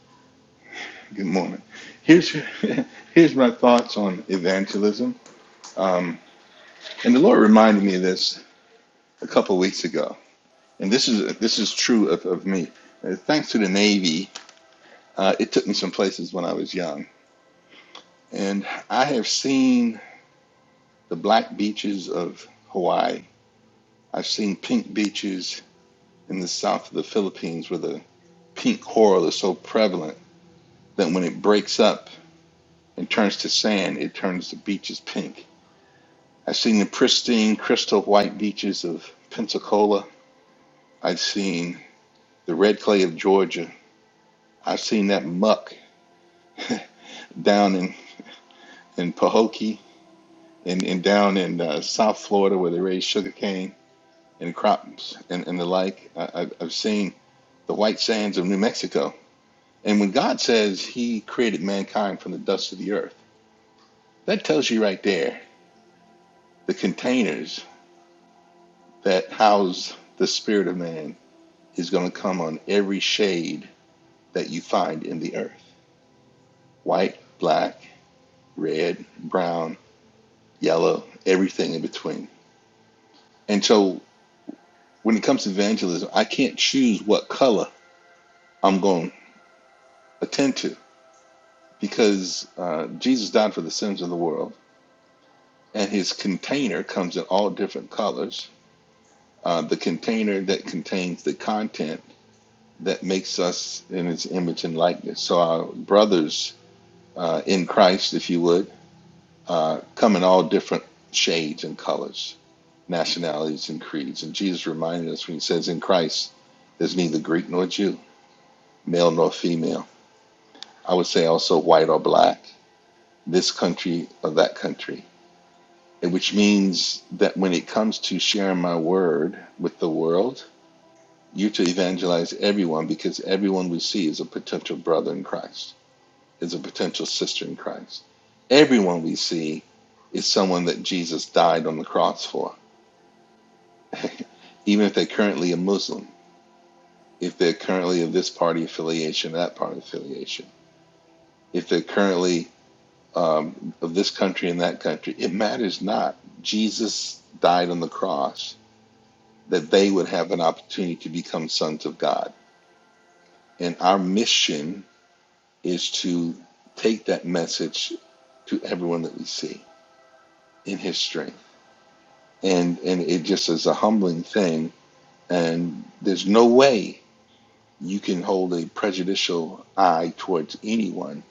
Speaker 8: Good morning. Here's here's my thoughts on evangelism. Um, and the Lord reminded me of this a couple weeks ago. And this is this is true of, of me. Uh, thanks to the Navy, uh, it took me some places when I was young. And I have seen the black beaches of Hawaii. I've seen pink beaches in the south of the Philippines where the pink coral is so prevalent that when it breaks up, and turns to sand, it turns the beaches pink. I've seen the pristine, crystal white beaches of Pensacola. I've seen the red clay of Georgia. I've seen that muck down in, in Pahokee and, and down in uh, South Florida where they raise sugarcane and crops and, and the like. I, I've I've seen the white sands of New Mexico. And when God says he created mankind from the dust of the earth, that tells you right there the containers that house the spirit of man is going to come on every shade that you find in the earth white, black, red, brown, yellow, everything in between. And so when it comes to evangelism, I can't choose what color I'm going to attend to because uh, Jesus died for the sins of the world, and his container comes in all different colors. Uh, the container that contains the content that makes us in his image and likeness. So, our brothers uh, in Christ, if you would. uh, come in all different shades and colors, nationalities and creeds. And Jesus reminded us when he says, In Christ, there's neither Greek nor Jew, male nor female. I would say also white or black, this country or that country, And which means that when it comes to sharing my word with the world, you to evangelize everyone because everyone we see is a potential brother in Christ, is a potential sister in Christ. Everyone we see is someone that Jesus died on the cross for even if they're currently a Muslim, if they're currently of this party affiliation, that party affiliation, if they're currently um, of this country and that country, it matters not. Jesus died on the cross that they would have an opportunity to become sons of God. And our mission is to take that message to everyone that we see in his strength. And, and it just is a humbling thing. And there's no way you can hold a prejudicial eye towards anyone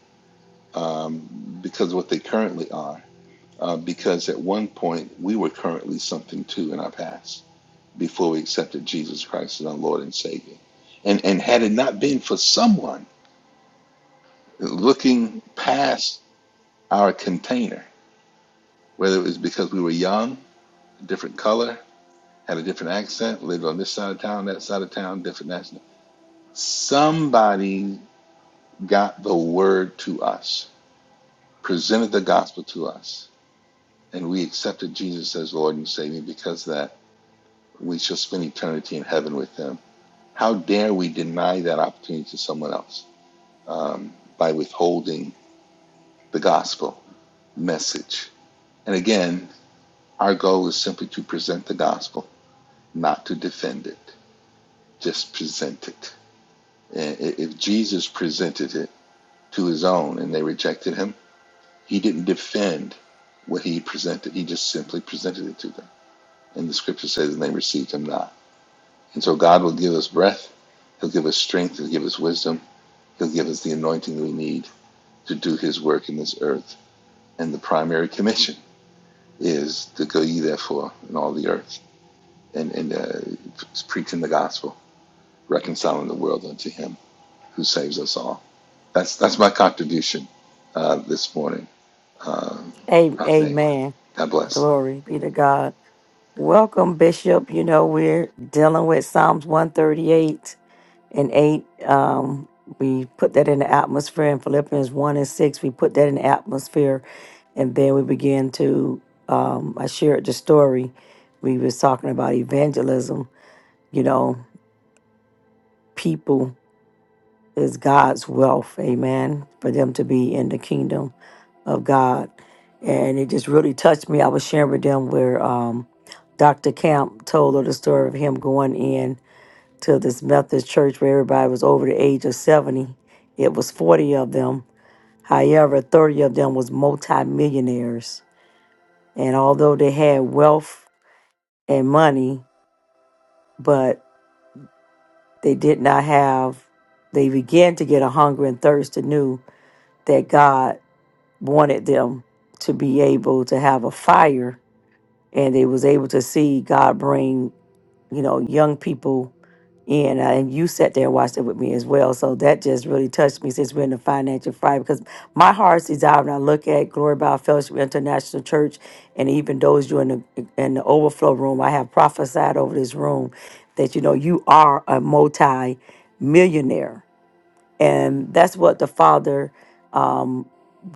Speaker 8: um, because of what they currently are. Uh, because at one point we were currently something too in our past before we accepted Jesus Christ as our Lord and Savior. And and had it not been for someone looking past our container, whether it was because we were young, a different color, had a different accent, lived on this side of town, that side of town, different national, somebody got the word to us presented the gospel to us and we accepted Jesus as Lord and Savior because that we shall spend eternity in heaven with Him. How dare we deny that opportunity to someone else um, by withholding the gospel message? And again, our goal is simply to present the gospel, not to defend it, just present it. And If Jesus presented it to His own and they rejected Him, He didn't defend what He presented, He just simply presented it to them. And the scripture says, and they received him not. And so God will give us breath. He'll give us strength. He'll give us wisdom. He'll give us the anointing we need to do his work in this earth. And the primary commission is to go ye therefore in all the earth and, and uh, preaching the gospel, reconciling the world unto him who saves us all. That's, that's my contribution uh, this morning. Uh,
Speaker 1: A- Amen.
Speaker 8: God bless.
Speaker 1: Glory be to God. Welcome, Bishop. You know, we're dealing with Psalms 138 and 8. Um, we put that in the atmosphere in Philippians 1 and 6. We put that in the atmosphere. And then we began to, um, I shared the story. We was talking about evangelism, you know. people is God's wealth, amen, for them to be in the kingdom of God. And it just really touched me. I was sharing with them where um, Dr. Camp told her the story of him going in to this Methodist church where everybody was over the age of 70. It was 40 of them. However, 30 of them was multimillionaires. And although they had wealth and money, but they did not have, they began to get a hunger and thirst to anew that God wanted them to be able to have a fire and they was able to see god bring you know young people in Uh, and you sat there and watched it with me as well so that just really touched me since we're in the financial fire because my heart's desire when i look at glory by fellowship international church and even those you in the in the overflow room i have prophesied over this room that you know you are a multi millionaire and that's what the father um,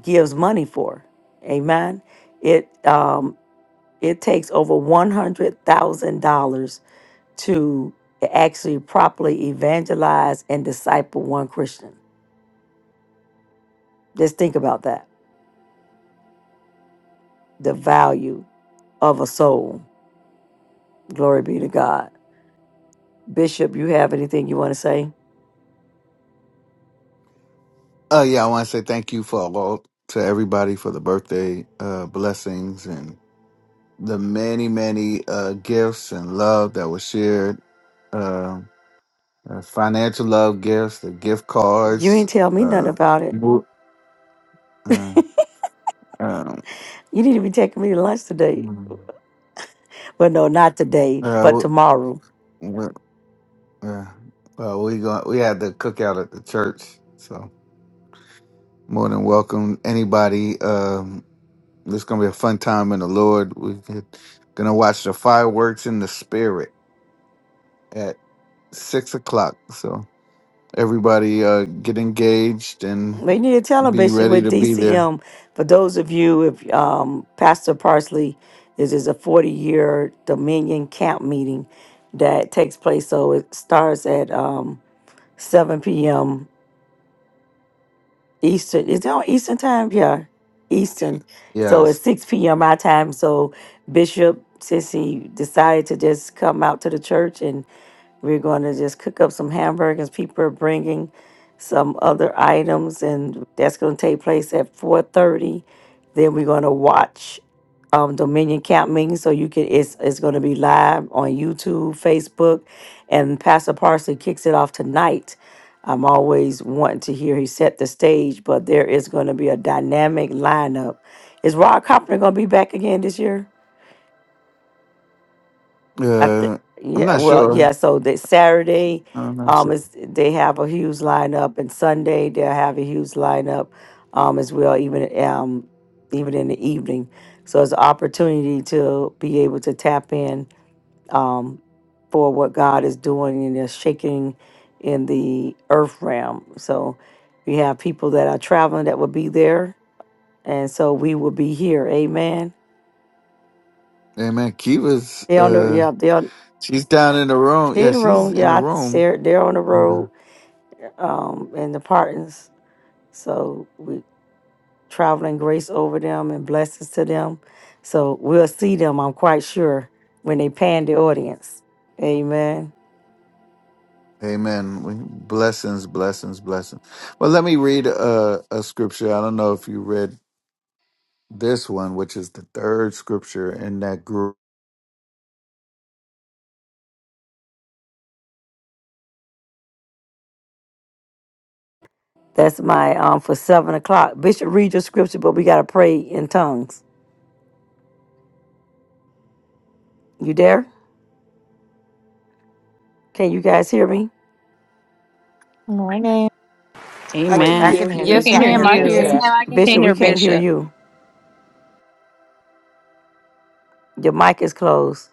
Speaker 1: gives money for amen it um, it takes over $100000 to actually properly evangelize and disciple one christian just think about that the value of a soul glory be to god bishop you have anything you want to say
Speaker 9: Oh yeah, I want to say thank you for all to everybody for the birthday uh, blessings and the many many uh, gifts and love that was shared. Uh, uh, financial love gifts, the gift
Speaker 1: you
Speaker 9: cards.
Speaker 1: ain't tell me nothing
Speaker 9: Uh,
Speaker 1: about it
Speaker 9: wo- uh, um,
Speaker 1: you need to be taking me to lunch today Well, no, not today,
Speaker 9: uh,
Speaker 1: but
Speaker 9: wo-
Speaker 1: tomorrow.
Speaker 9: wo- uh, uh, we go. we had the cookout at the church, so more than welcome anybody. Um, it's gonna be a fun time in the Lord. We're gonna watch the fireworks in the spirit. at six o'clock. So everybody uh, get engaged and
Speaker 1: We need to tell him,
Speaker 9: be
Speaker 1: Bishop,
Speaker 9: ready
Speaker 1: with
Speaker 9: to be there.
Speaker 1: DCM. For those of you, if um, Pastor Parsley, this is a 40 year Dominion camp meeting that takes place. So it starts at um, 7 p.m. Eastern. Is it on Eastern time? Yeah, Eastern. So it's
Speaker 9: Yes.
Speaker 1: 6 p.m. my time. So Bishop, since he decided to just come out to the church and we're going to just cook up some hamburgers. People are bringing some other items, and that's going to take place at 4.30. Then we're going to watch um, Dominion Camp Meeting. So you can, it's, it's going to be live on YouTube, Facebook, and Pastor Parsley kicks it off tonight I'm always wanting to hear he set the stage, but there is going to be a dynamic lineup. Is Rod Carpenter going to be back again this year? I think.
Speaker 9: Uh, I'm
Speaker 1: Yeah.
Speaker 9: not
Speaker 1: Well,
Speaker 9: sure.
Speaker 1: yeah. So that Saturday,
Speaker 9: I'm not
Speaker 1: um,
Speaker 9: sure.
Speaker 1: is they have a huge lineup, and Sunday they'll have a huge lineup, um, as well. Even um, even in the evening, so it's an opportunity to be able to tap in um, for what God is doing and is shaking in the earth realm. So we have people that are traveling that will be there, and so we will be here. Amen.
Speaker 9: Hey man, Kiva's
Speaker 1: They on the
Speaker 9: uh,
Speaker 1: yeah they on
Speaker 9: she's down in the room.
Speaker 1: she
Speaker 9: Yeah,
Speaker 1: in the
Speaker 9: she's
Speaker 1: room
Speaker 9: in the
Speaker 1: yeah I,
Speaker 9: room.
Speaker 1: they're they're on the
Speaker 9: Yeah.
Speaker 1: road um in the partners. So we traveling grace over them and blessings to them. So we'll see them. I'm quite sure when they pan the audience. Amen.
Speaker 9: Amen. We- Blessings, blessings, blessings. Well, let me read a, a scripture. I don't know if you read this one, which is the third scripture in that group.
Speaker 1: That's my um for seven o'clock. Bishop, read your scripture, but we gotta pray in tongues. You there? Can you guys hear me?
Speaker 2: Morning. Wait, I
Speaker 3: Amen.
Speaker 2: can hear you.
Speaker 6: We
Speaker 2: You
Speaker 3: Yes,
Speaker 6: can hear
Speaker 2: Can't
Speaker 3: ma'am.
Speaker 2: hear
Speaker 3: I hear
Speaker 6: you.
Speaker 4: Yes,
Speaker 2: Bishop.
Speaker 3: you.
Speaker 4: now I can hear
Speaker 6: Can
Speaker 1: Bishop, we
Speaker 4: you.
Speaker 6: hear
Speaker 1: can't hear
Speaker 6: Bishop.
Speaker 1: you. Your mic is closed.